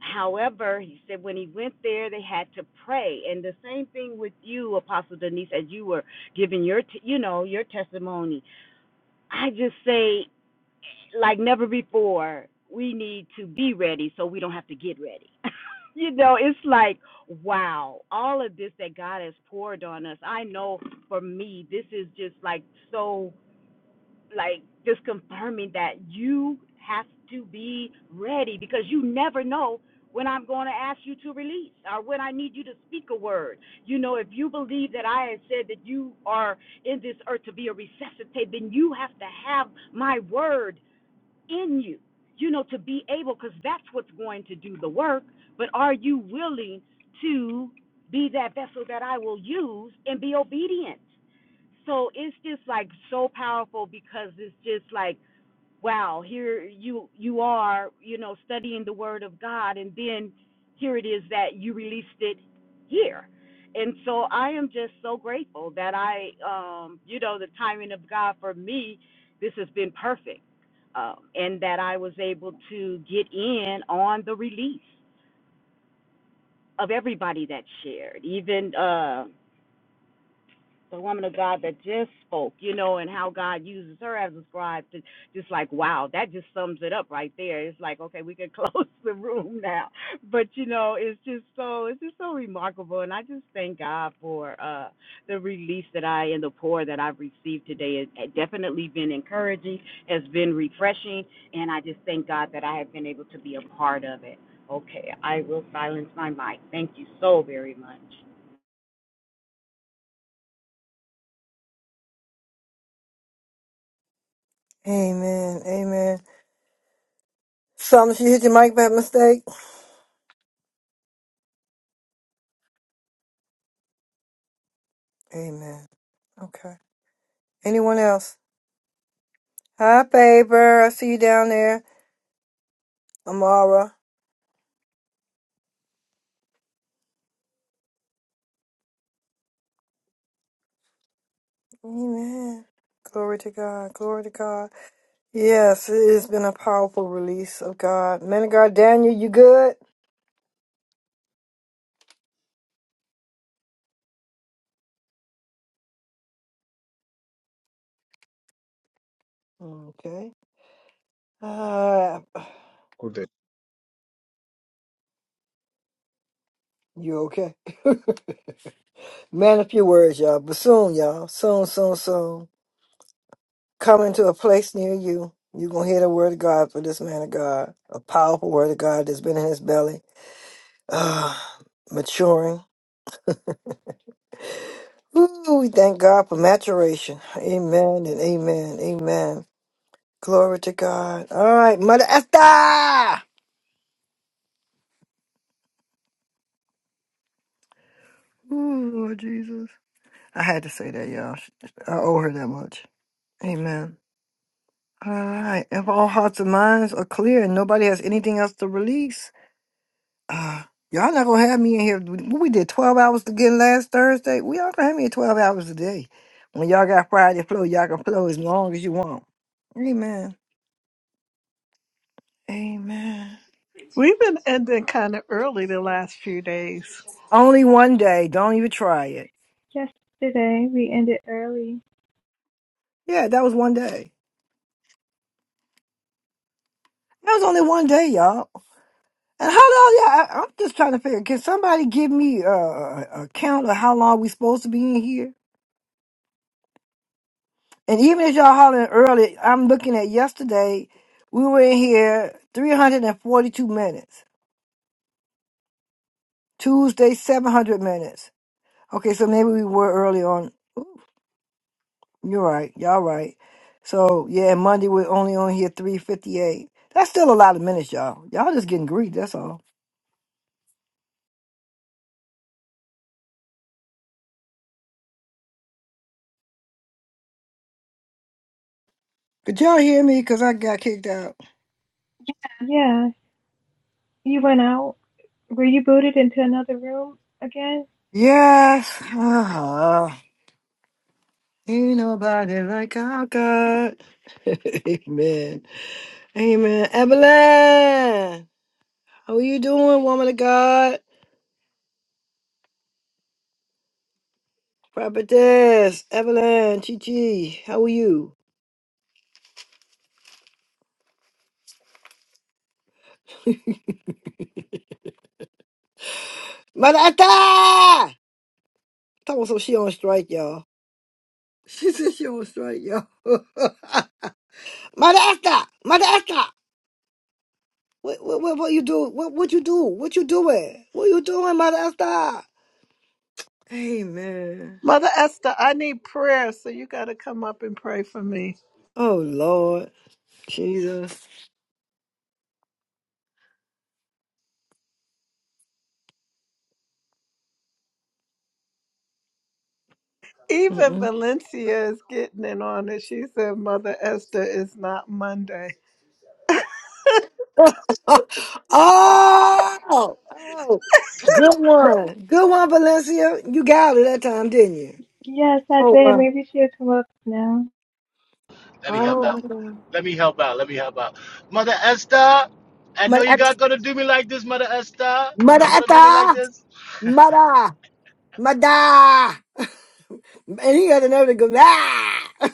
Speaker 6: However, he said when he went there, they had to pray, and the same thing with you, Apostle Denise, as you were giving your, t- you know, your testimony. I just say, like never before, we need to be ready so we don't have to get ready. <laughs> you know, it's like, wow, all of this that God has poured on us. I know for me, this is just like so like just confirming that you have to be ready because you never know when I'm going to ask you to release or when I need you to speak a word. You know, if you believe that I have said that you are in this earth to be a resuscitate, then you have to have my word in you, you know, to be able, because that's what's going to do the work. But are you willing to be that vessel that I will use and be obedient? so it's just like so powerful because it's just like wow here you you are you know studying the word of god and then here it is that you released it here and so i am just so grateful that i um you know the timing of god for me this has been perfect um and that i was able to get in on the release of everybody that shared even uh, the woman of God that just spoke, you know, and how God uses her as a scribe to just like, wow, that just sums it up right there. It's like, okay, we can <laughs> close the room now. But you know, it's just so it's just so remarkable and I just thank God for uh the release that I and the pour that I've received today. It, it definitely been encouraging, has been refreshing, and I just thank God that I have been able to be a part of it. Okay, I will silence my mic. Thank you so very much.
Speaker 1: Amen. Amen. Something she hit your mic by mistake. Amen. Okay. Anyone else? Hi, Faber. I see you down there. Amara. Amen. Glory to God. Glory to God. Yes, it has been a powerful release of God. Man of God, Daniel, you good? Okay. Uh,
Speaker 16: Good day.
Speaker 1: you okay? <laughs> Man, a few words, y'all. But soon, y'all. Soon, soon, soon. Coming to a place near you. You're going to hear the word of God for this man of God. A powerful word of God that's been in his belly. Ah, maturing Ooh, we thank God for maturation. Amen and amen. Amen. Glory to God. All right, Mother Esther. Ooh, Lord Jesus. I had to say that, y'all. I owe her that much. Amen. All right. If all hearts and minds are clear and nobody has anything else to release, uh, y'all not gonna have me in here. What we did 12 hours again last Thursday. We all gonna have me in 12 hours a day. When y'all got Friday flow, y'all can flow as long as you want. Amen. Amen.
Speaker 3: We've been ending kind of early the last few days.
Speaker 1: Only one day. Don't even try it.
Speaker 4: Yesterday we ended early.
Speaker 1: Yeah, that was one day. That was only one day, y'all. And how long? Yeah, I, I'm just trying to figure. Can somebody give me uh, a, a count of how long we supposed to be in here? And even if y'all hollering early, I'm looking at yesterday. We were in here 342 minutes. Tuesday, 700 minutes. Okay, so maybe we were early on. Ooh, you're right. Y'all right. So yeah, and Monday we're only on here 358. That's still a lot of minutes, y'all. Y'all just getting greedy. That's all. Could y'all hear me? Cause I got kicked out.
Speaker 4: Yeah, you went out. Were you booted into another room again?
Speaker 1: Yes. uh Ain't nobody like our God. <laughs> Amen. Amen. Evelyn, how are you doing, woman of God? Prophetess, Evelyn, Chi Chi, how are you? Mother Etta! Talking so she on strike, y'all. <laughs> She said she on strike, y'all. <laughs> Mother Etta! Mother Etta! What, what, what, what you do? What, what you do? What you doing? What you doing, Mother Esta? Amen.
Speaker 3: Mother Esther, I need prayer, so you got to come up and pray for me.
Speaker 1: Oh Lord Jesus.
Speaker 3: Even
Speaker 1: Mm-mm.
Speaker 3: Valencia is getting in on it. She said, Mother Esther is not Monday.
Speaker 1: Oh, oh, good one, good one, Valencia. You got it that time, didn't you?
Speaker 4: Yes, I did. Maybe she'll come up now.
Speaker 15: let me help out. Let me help out. Let me help out. Mother Esther, I know you're not gonna do me like this, Mother Esther. You're
Speaker 1: Mada,
Speaker 15: not gonna do me like this.
Speaker 1: mada, mada. <laughs> And he had another go. Ah! <laughs>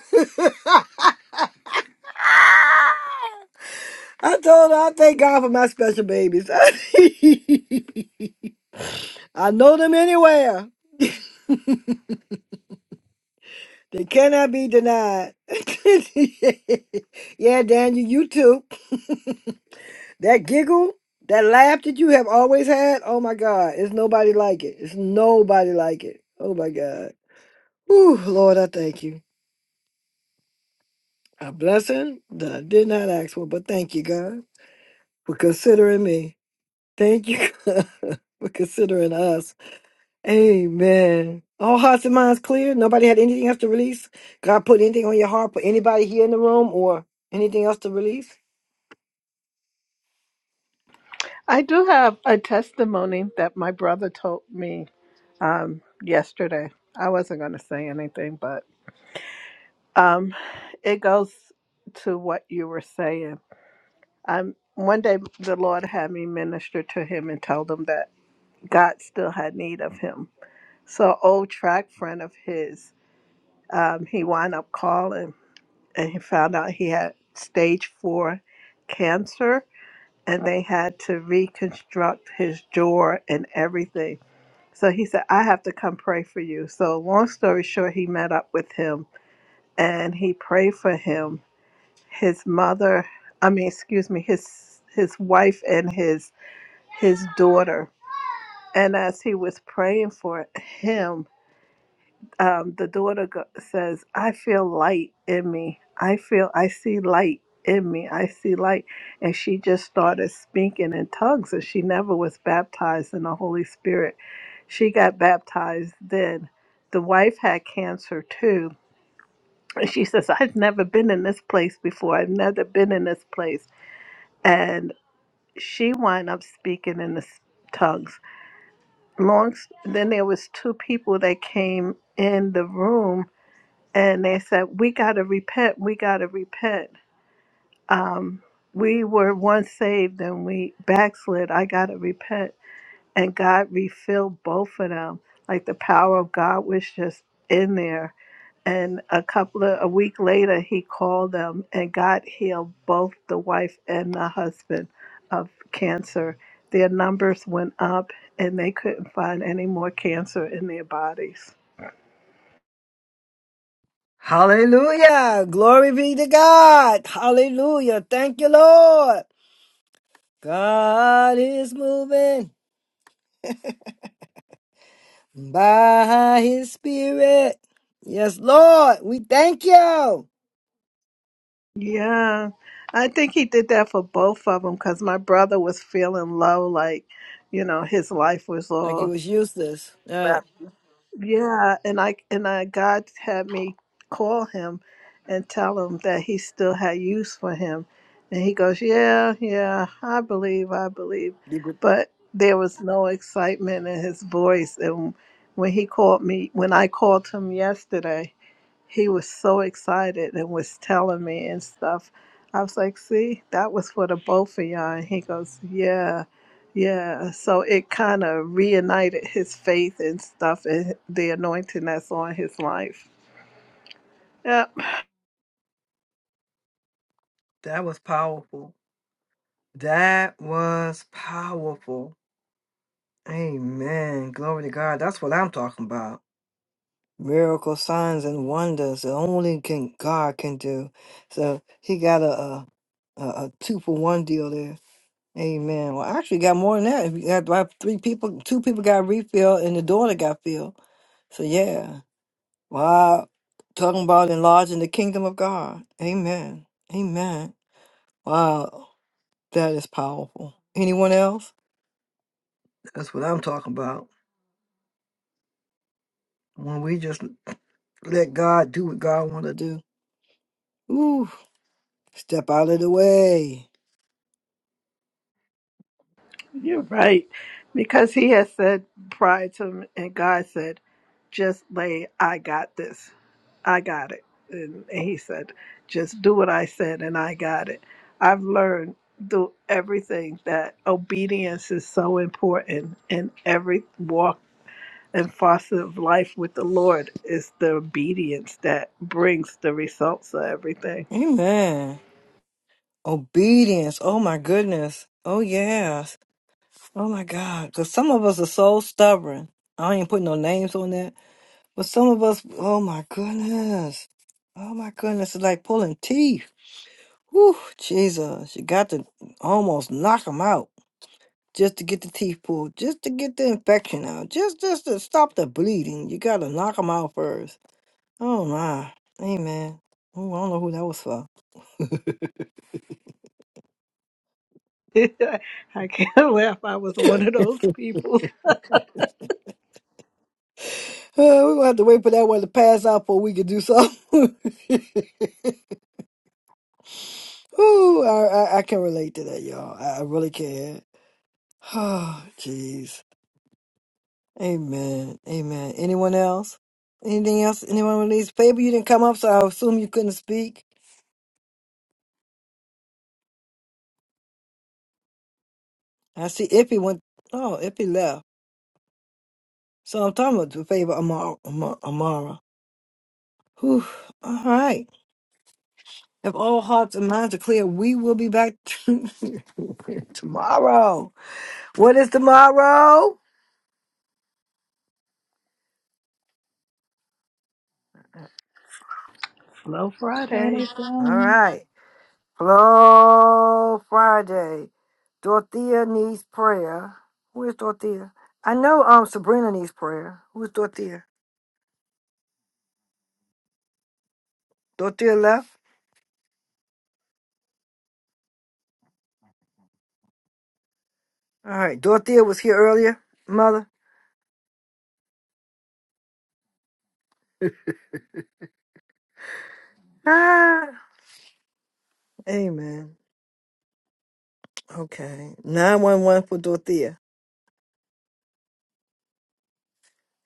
Speaker 1: I told her I thank God for my special babies. <laughs> I know them anywhere. They cannot be denied. <laughs> yeah, Daniel, you too. <laughs> That giggle, that laugh that you have always had, oh my God, it's nobody like it. It's nobody like it. Oh my God. Ooh, Lord, I thank you. A blessing that I did not ask for, but thank you, God, for considering me. Thank you <laughs> God, for considering us. Amen. All hearts and minds clear. Nobody had anything else to release. God put anything on your heart, put anybody here in the room or anything else to release.
Speaker 3: I do have a testimony that my brother told me yesterday. I wasn't going to say anything, but um, it goes to what you were saying. Um, one day the Lord had me minister to him and told him that God still had need of him. So, an old track friend of his, um, he wound up calling and he found out he had stage four cancer and they had to reconstruct his jaw and everything. So he said, I have to come pray for you. So, long story short, he met up with him and he prayed for him. His mother, I mean, excuse me, his his wife and his his daughter. And as he was praying for him, um, the daughter go- says, "I feel light in me. I feel I see light in me. I see light." And she just started speaking in tongues, and she never was baptized in the Holy Spirit. She got baptized then. The wife had cancer too, she says, I've never been in this place before. I've never been in this place. And she wound up speaking in the s- tongues. Long s- then there was two people that came in the room and they said, We gotta repent, we gotta repent. Um, we were once saved and we backslid. I gotta repent. and God refilled both of them. Like the power of God was just in there. And a couple of a week later, he called them, and God healed both the wife and the husband of cancer. Their numbers went up, and they couldn't find any more cancer in their bodies.
Speaker 1: Hallelujah. Glory be to God. Hallelujah. Thank you, Lord. God is moving by his spirit. Yes, Lord, we thank you.
Speaker 3: Yeah, I think he did that for both of them because my brother was feeling low, like you know his life was
Speaker 1: Like it
Speaker 3: all
Speaker 1: was useless. All right.
Speaker 3: Yeah, and I and I God had me call him and tell him that he still had use for him. And he goes, "Yeah, yeah, I believe, I believe."
Speaker 1: Keep it-
Speaker 3: But there was no excitement in his voice and when he called me when I called him yesterday he was so excited and was telling me and stuff. I was like, see, that was for the both of y'all. And he goes, yeah, yeah. So it kind of reunited his faith and stuff and the anointing that's on his life. Yeah.
Speaker 1: That was powerful. That was powerful. Amen. Glory to God. That's what I'm talking about. miracle signs and wonders that only can God can do. So he got a a, a, a two for one deal there. Amen. Well, actually, got more than that. We got about three people. Two people got refilled, and the daughter got filled. So yeah, wow. Talking about enlarging the kingdom of God. Amen. Amen. Wow, that is powerful. Anyone else? That's what I'm talking about. When we just let God do what God want to do. Ooh. Step out of the way.
Speaker 3: You're right. Because he had said prior to him, and God said, just lay, I got this. I got it. And, and he said, just do what I said, and I got it. I've learned through everything that obedience is so important in every walk and foster of life with the Lord is the obedience that brings the results of everything.
Speaker 1: Amen. Obedience. Oh my goodness. Oh yes. Oh my God. Cause some of us are so stubborn. I ain't putting no names on that. But some of us, oh my goodness. Oh my goodness. It's like pulling teeth. Whew, Jesus. You got to almost knock them out just to get the teeth pulled, just to get the infection out, just just to stop the bleeding. You got to knock them out first. Oh my. Amen. Ooh, I don't know who that was for.
Speaker 3: <laughs> I can't laugh. I was one of those people.
Speaker 1: Uh, we're gonna have to wait for that one to pass out before we can do something. <laughs> Ooh, I, I I can relate to that, y'all. I, I really can. <sighs> Oh, jeez. Amen. Amen. Anyone else? Anything else? Anyone with these? Faber, you didn't come up, so I assume you couldn't speak. I see Ippy went. Oh, Ippy left. So I'm talking about the Faber Amara. Amara. Amara. Whew. All right. If all hearts and minds are clear, we will be back <laughs> tomorrow. What is tomorrow?
Speaker 3: <laughs> Slow Friday.
Speaker 4: Friday's
Speaker 1: All
Speaker 4: long.
Speaker 1: right. Flow Friday. Dorothea needs prayer. Who is Dorothea? I know um Sabrina needs prayer. Who is Dorothea? Dorothea left? All right. Dorothea was here earlier, mother. Ah. Amen. Okay. 911 for Dorothea.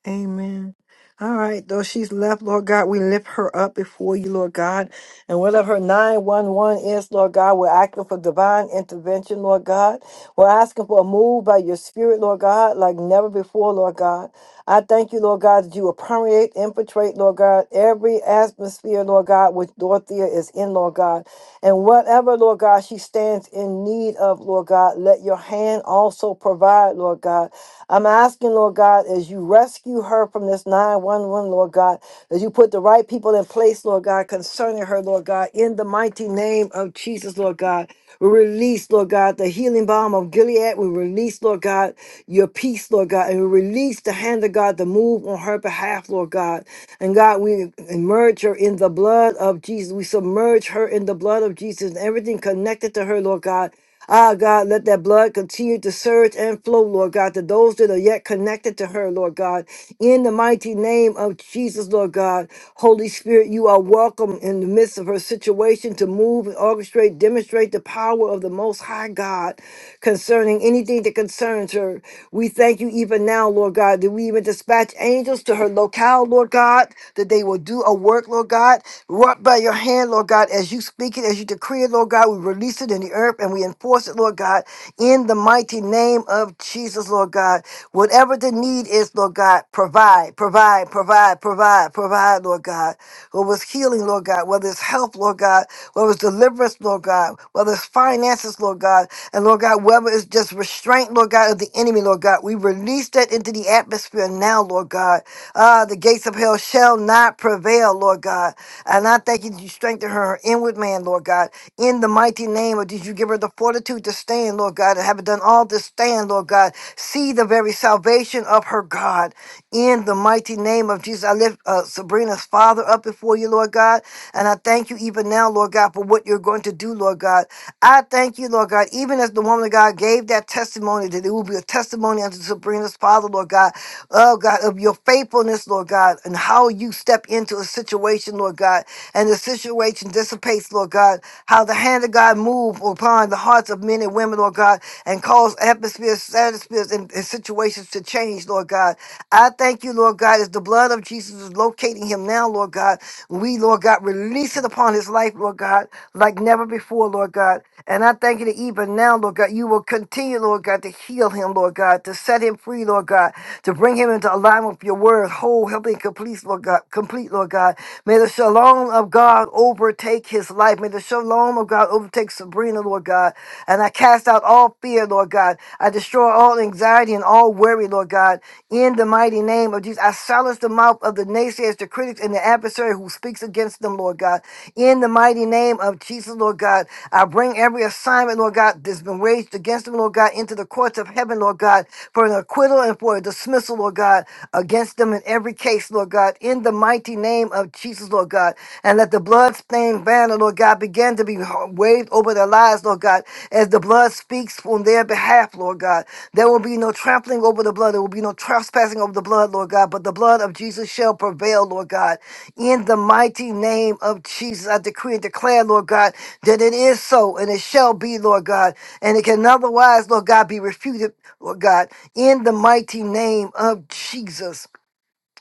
Speaker 1: Amen. All right, though she's left, Lord God, we lift her up before you, Lord God. And whatever her 911 is, Lord God, we're asking for divine intervention, Lord God. We're asking for a move by your spirit, Lord God, like never before, Lord God. I thank you, Lord God, that you will permeate, infiltrate, Lord God, every atmosphere, Lord God, which Dorothea is in, Lord God. And whatever, Lord God, she stands in need of, Lord God, let your hand also provide, Lord God. I'm asking, Lord God, as you rescue her from this 911, Lord God, that you put the right people in place, Lord God, concerning her, Lord God, in the mighty name of Jesus, Lord God. We Release, Lord God, the healing balm of Gilead we release, Lord God, your peace, Lord God, and we release the hand of God to move on her behalf, Lord God. And God, we immerse her in the blood of Jesus. We submerge her in the blood of Jesus and everything connected to her, Lord God. Ah, God, let that blood continue to surge and flow, Lord God, to those that are yet connected to her, Lord God. In the mighty name of Jesus, Lord God, Holy Spirit, you are welcome in the midst of her situation to move and orchestrate demonstrate demonstrate the power of the most high God concerning anything that concerns her. We thank you even now, Lord God, that we even dispatch angels to her locale, Lord God, that they will do a work, Lord God, wrought by your hand, Lord God, as you speak it, as you decree it, Lord God, we release it in the earth and we enforce it, Lord God, in the mighty name of Jesus, Lord God. Whatever the need is, Lord God, provide, provide, provide, provide, provide, Lord God whether it's healing, Lord God, whether it's help, Lord God, whether it's deliverance, Lord God, whether it's finances, Lord God, and Lord God, whether it's just restraint, Lord God, of the enemy, Lord God, we release that into the atmosphere now, Lord God. Ah, the gates of hell shall not prevail, Lord God. And I thank you that you strengthen her inward man, Lord God. In the mighty name of Jesus, you give her the fortitude to stand, Lord God, and have done all to stand, Lord God. See the very salvation of her God in the mighty name of Jesus. I lift uh, Sabrina's father up before you, Lord God. And I thank you even now, Lord God, for what you're going to do, Lord God. I thank you, Lord God, even as the woman of God gave that testimony, that it will be a testimony unto Sabrina's father, Lord God. Oh, God, of your faithfulness, Lord God, and how you step into a situation, Lord God, and the situation dissipates, Lord God. How the hand of God move upon the hearts of men and women, Lord God, and cause atmosphere atmospheres, stratospheres, and, and situations to change, Lord God. I thank you, Lord God, as the blood of Jesus is locating him now, Lord God. We, Lord God, release it upon his life, Lord God, like never before, Lord God. And I thank you that even now, Lord God, you will continue, Lord God, to heal him, Lord God, to set him free, Lord God, to bring him into alignment with your word, whole, helping complete, Lord God, complete, Lord God. May the shalom of God overtake his life. May the shalom of God overtake Take Sabrina, Lord God. And I cast out all fear, Lord God. I destroy all anxiety and all worry, Lord God. In the mighty name of Jesus, I silence the mouth of the naysayers, the critics, and the adversary who speaks against them, Lord God. In the mighty name of Jesus, Lord God, I bring every assignment, Lord God, that's been waged against them, Lord God, into the courts of heaven, Lord God, for an acquittal and for a dismissal, Lord God, against them in every case, Lord God. In the mighty name of Jesus, Lord God and let the blood-stained banner, Lord God, begin to be waved over their lives, Lord God, as the blood speaks on their behalf, Lord God. There will be no trampling over the blood. There will be no trespassing over the blood, Lord God, but the blood of Jesus shall prevail, Lord God. In the mighty name of Jesus, I decree and declare, Lord God, that it is so and it shall be, Lord God, and it can otherwise, Lord God, be refuted, Lord God, in the mighty name of Jesus.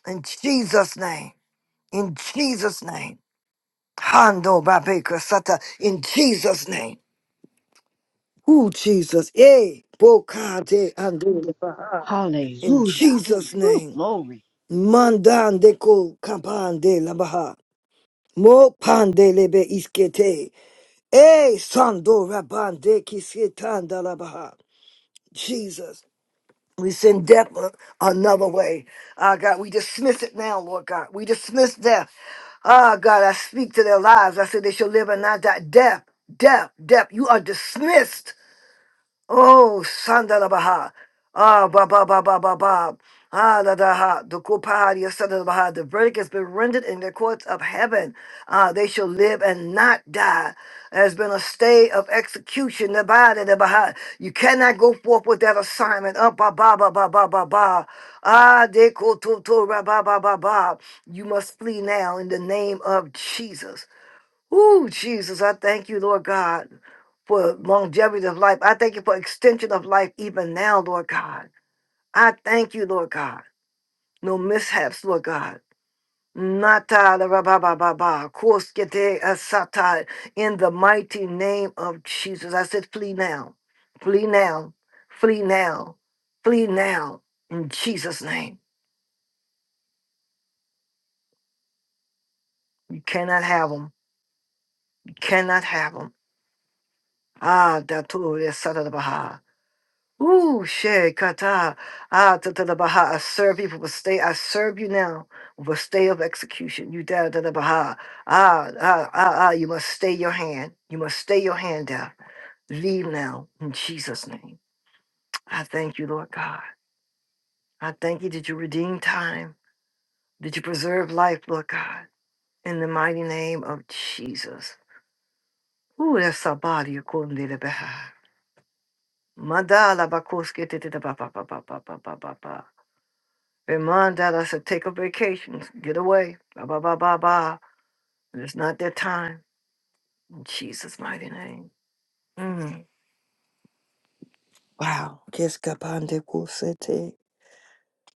Speaker 1: In Jesus' name. In Jesus' name. Hando Babeka Sata in Jesus' name. Ooh, Jesus. Eh, Bokate Ando Labaha. In
Speaker 6: Hallelujah.
Speaker 1: Jesus'
Speaker 6: Woo,
Speaker 1: name.
Speaker 6: glory.
Speaker 1: Mandandeko Kampande Labaha. Mo Pande Lebe Iskete. Eh, Sando Rabande Kisetanda Labaha. Jesus. We send death a- another way. Ah, God, we dismiss it now, Lord God. We dismiss death. Ah, God, I speak to their lives. I said they shall live and not die. Death, death, death. You are dismissed Oh, Sandalabaha. Ah, ba ba ba ba ba ba. Ah, da da ha. The Kupahadia Sandalabaha. The verdict has been rendered in the courts of heaven. Ah, they shall live and not die. There's been a stay of execution. The body, the Baha. You cannot go forth with that assignment. Ah, ba ba ba ba ba ba ba. Ah, de ko to to ra ba ba ba ba. You must flee now in the name of Jesus. Ooh, Jesus, I thank you, Lord God, for longevity of life. I thank you for extension of life even now, Lord God. I thank you, Lord God. No mishaps, Lord God. Nata la ra ba ba ba ba, koskete asata, In the mighty name of Jesus, I said, flee now, flee now, flee now, flee now. In Jesus' name, you cannot have them. You cannot have them. Ah, datu Ooh, she kata, ah, ta ta da baha. I serve you with a stay. I serve you now with a stay of execution. You da da da baha. Ah, ah, ah, ah. You must stay your hand. You must stay your hand down Leave now in Jesus' name. I thank you, Lord God. I thank you that you redeem time, that you preserve life, Lord God, in the mighty name of Jesus. Ooh, that's somebody according to the baha. Mandala bakoske te te da ba ba ba ba ba ba ba ba. ba. Remind that I said, take a vacation, get away, blah, blah, blah, blah, blah. And it's not their time. In Jesus' mighty name. Mm. Wow. Keskapande kusete.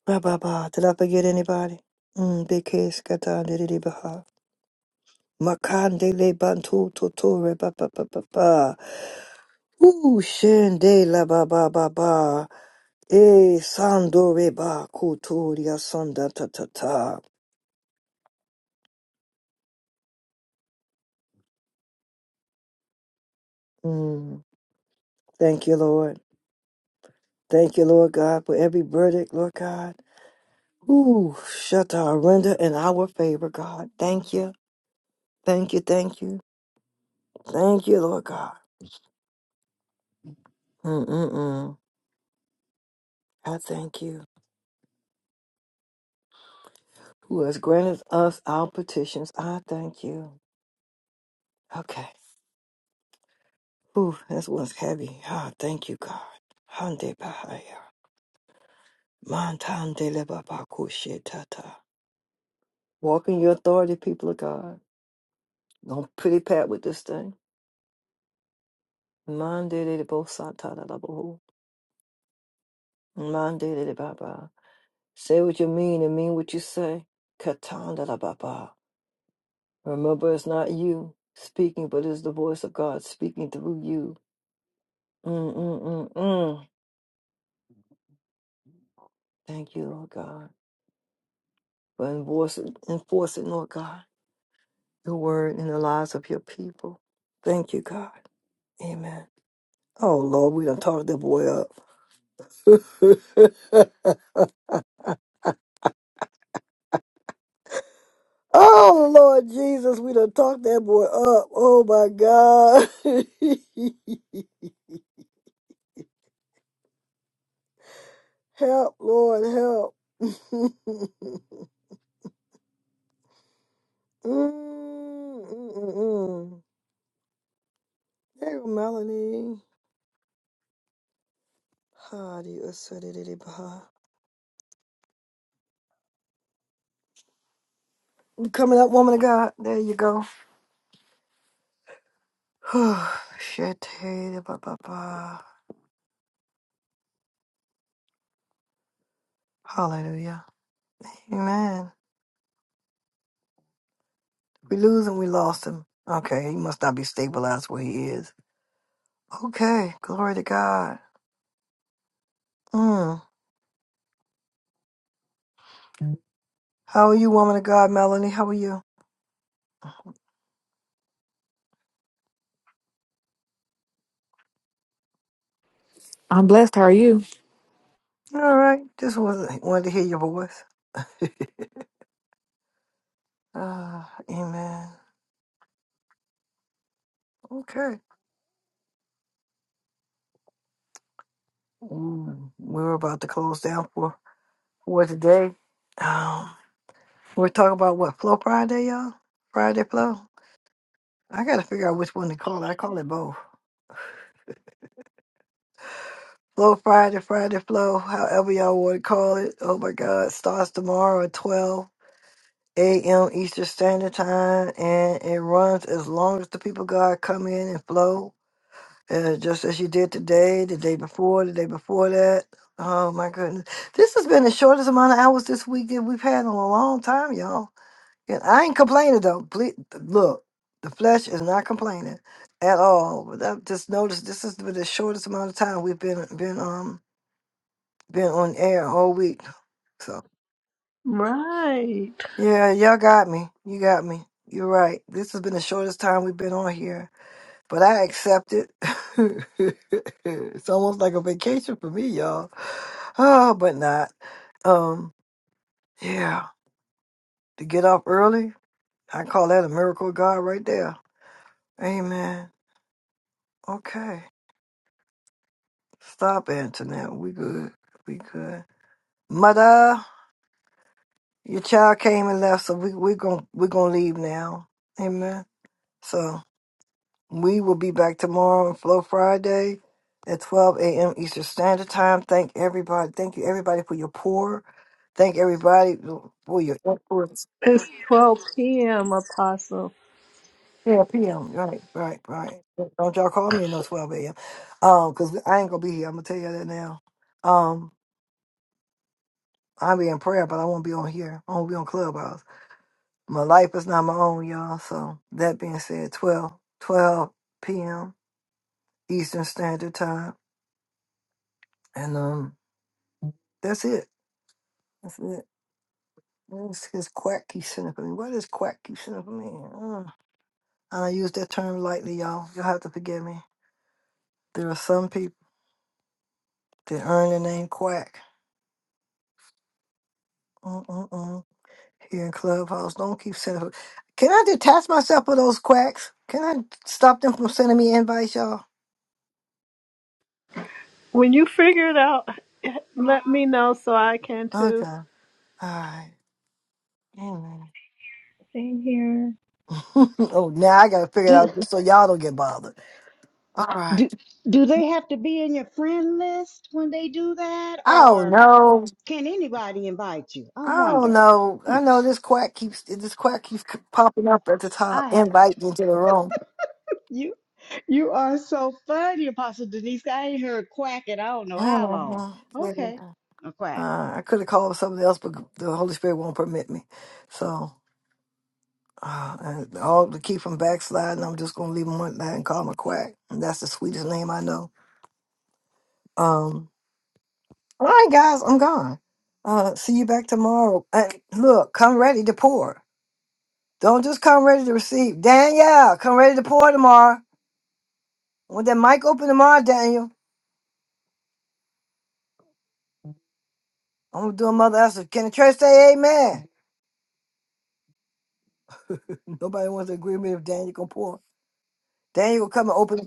Speaker 1: Ba ba ba. Did I forget anybody? Mm, big case katande didi baha. Makande le bantu totore ba ba ba ba ba. Ooh, shende la ba ba ba ba. E sandore ba kuturia sonda ta ta ta. Mm. Thank you, Lord. Thank you, Lord God, for every verdict, Lord God. Ooh, shut our render in our favor, God. Thank you. Thank you. Thank you. Thank you, Lord God. Mm-mm-mm. I thank you. Who has granted us our petitions. I thank you. Okay. Ooh, this one's heavy. Ah, thank you, God. Hande Bahaya. Mantande Lebabakushe Tata. Walk in your authority, people of God. Don't pretty pat with this thing. Mande de Bosatana Mandate Baba. Say what you mean and mean what you say. Katanda Baba. Remember, it's not you speaking, but it's the voice of God speaking through you. Mm, mm, mm, mm. Thank you, Lord God, for enforcing, enforcing, Lord God, your word in the lives of your people. Thank you, God. Amen. Oh, Lord, we done talked that boy up. <laughs> oh, Lord Jesus, we done talked that boy up. Oh, my God. <laughs> Help, Lord, help. <laughs> Mm, mm, mm, mm. there you go, Melanie. How do you assert it, it, bah. You Coming up, woman of God. There you go. <sighs> Shit. hey, ba, ba, ba. Hallelujah. Amen. We lose him, we lost him. Okay, he must not be stabilized where he is. Okay, glory to God. Mm. How are you, woman of God, Melanie? How are you?
Speaker 17: I'm blessed. How are you?
Speaker 1: All right. Just was wanted to hear your voice. <laughs> Ah, amen. Okay. Mm, we were about to close down for for today. Um, we're talking about what Flow Friday, y'all. Friday Flow. I gotta figure out which one to call it. I call it both. Flow Friday, Friday Flow, however y'all want to call it. Oh my God, starts tomorrow at twelve a.m. Eastern Standard Time, and it runs as long as the people of God come in and flow. uh, just as you did today, the day before, the day before that. Oh my goodness. This has been the shortest amount of hours this week that we've had in a long time, y'all. And I ain't complaining though. Please, look, the flesh is not complaining at all. But I just noticed this is the shortest amount of time we've been been um been on air all week. So
Speaker 3: Right.
Speaker 1: yeah, y'all got me. You got me. You're right. This has been the shortest time we've been on here but I accept it. <laughs> it's almost like a vacation for me, y'all. Oh, but not. Um, yeah, to get off early, I call that a miracle, of God, right there. Amen. Okay, stop Antoinette. We good. We good. Mother, your child came and left, so we we gonna we gonna leave now. Amen. So. We will be back tomorrow on Flow Friday at 12 a.m. Eastern Standard Time. Thank everybody. Thank you, everybody, for your pour. Thank everybody for your influence.
Speaker 3: It's 12 p.m., Apostle.
Speaker 1: Yeah, p.m. Right, right, right. Don't y'all call me in no 12 a.m. Um, cause I ain't gonna be here. I'm gonna tell you that now. Um, I'll be in prayer, but I won't be on here. I won't be on Clubhouse. My life is not my own, y'all. So that being said, 12, 12 p.m. Eastern Standard Time, and um, that's it. that's it. What is his quack keep sitting up at me? What is quack keep sitting me? Uh, and I use that term lightly, y'all. You'll have to forgive me. There are some people that earn the name quack. Mm-mm-mm. Here in Clubhouse, don't keep sending. Can I detach myself from those quacks? Can I stop them from sending me invites, y'all?
Speaker 3: When you figure it out, let me know so I can
Speaker 1: Okay.
Speaker 3: too.
Speaker 1: All right. Amen.
Speaker 4: Same here.
Speaker 1: <laughs> oh, now I gotta figure it out so y'all don't get bothered. All right. Oh no. I don't know. I know this quack keeps this quack keeps c- popping up at the top, inviting into the room.
Speaker 6: You you are so funny, Apostle Denise. I ain't heard quack in I don't know
Speaker 1: I
Speaker 6: how long. Okay,
Speaker 1: Yeah.
Speaker 6: quack.
Speaker 1: Uh, I could have called somebody else, but the Holy Spirit won't permit me. So, uh, and all to keep from backsliding, I'm just gonna leave him one that and call him a quack. And that's the sweetest name I know. Um, all right, guys, I'm gone. Uh, see you back tomorrow. And look, come ready to pour. Don't just come ready to receive. Danielle, come ready to pour tomorrow. Want that mic open tomorrow, Daniel? I'm gonna do a mother Esther. Can the church say amen? Nobody wants to agree with me if Daniel gonna pour. Daniel will come and open.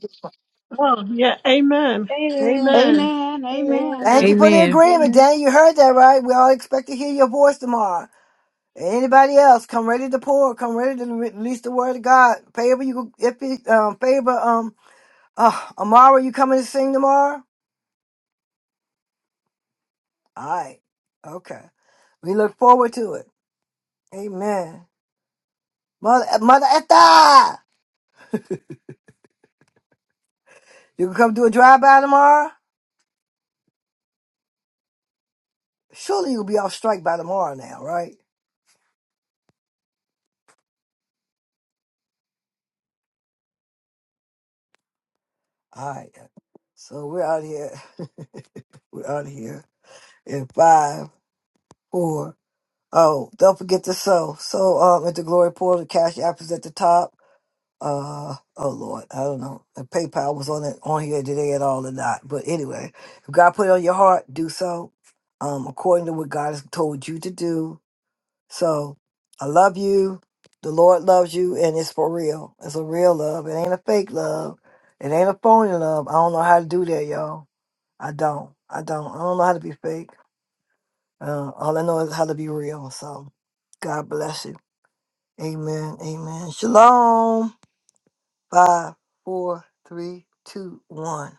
Speaker 3: Oh, yeah. Amen.
Speaker 4: Amen.
Speaker 3: Amen.
Speaker 6: Amen. Amen.
Speaker 1: Thank
Speaker 4: Amen.
Speaker 1: you
Speaker 3: Amen.
Speaker 1: for the
Speaker 17: Amen.
Speaker 1: agreement,
Speaker 4: Amen.
Speaker 1: Daniel. You heard that right? We all expect to hear your voice tomorrow. Anybody else? Come ready to pour. Come ready to re- release the word of God. Favor you go- if you um, favor um uh, Amara. You coming to sing tomorrow? All right. Okay. We look forward to it. Amen. Mother uh, Mother Esther, you can come do a drive by tomorrow. Surely you'll be off strike by tomorrow now, right? All right. So we're out here. <laughs> we're out here in five, four. Oh, don't forget to sow. So um at the glory portal, cash app is at the top. Uh oh Lord, I don't know. If PayPal was on it on here today at all or not. But anyway, if God put it on your heart, do so. Um, according to what God has told you to do. So I love you. The Lord loves you and it's for real. It's a real love. It ain't a fake love. It ain't a phony love. I don't know how to do that, y'all. I don't. I don't. I don't know how to be fake. Uh, all I know is how to be real. So God bless you. Amen. Amen. Shalom. Five, four, three, two, one.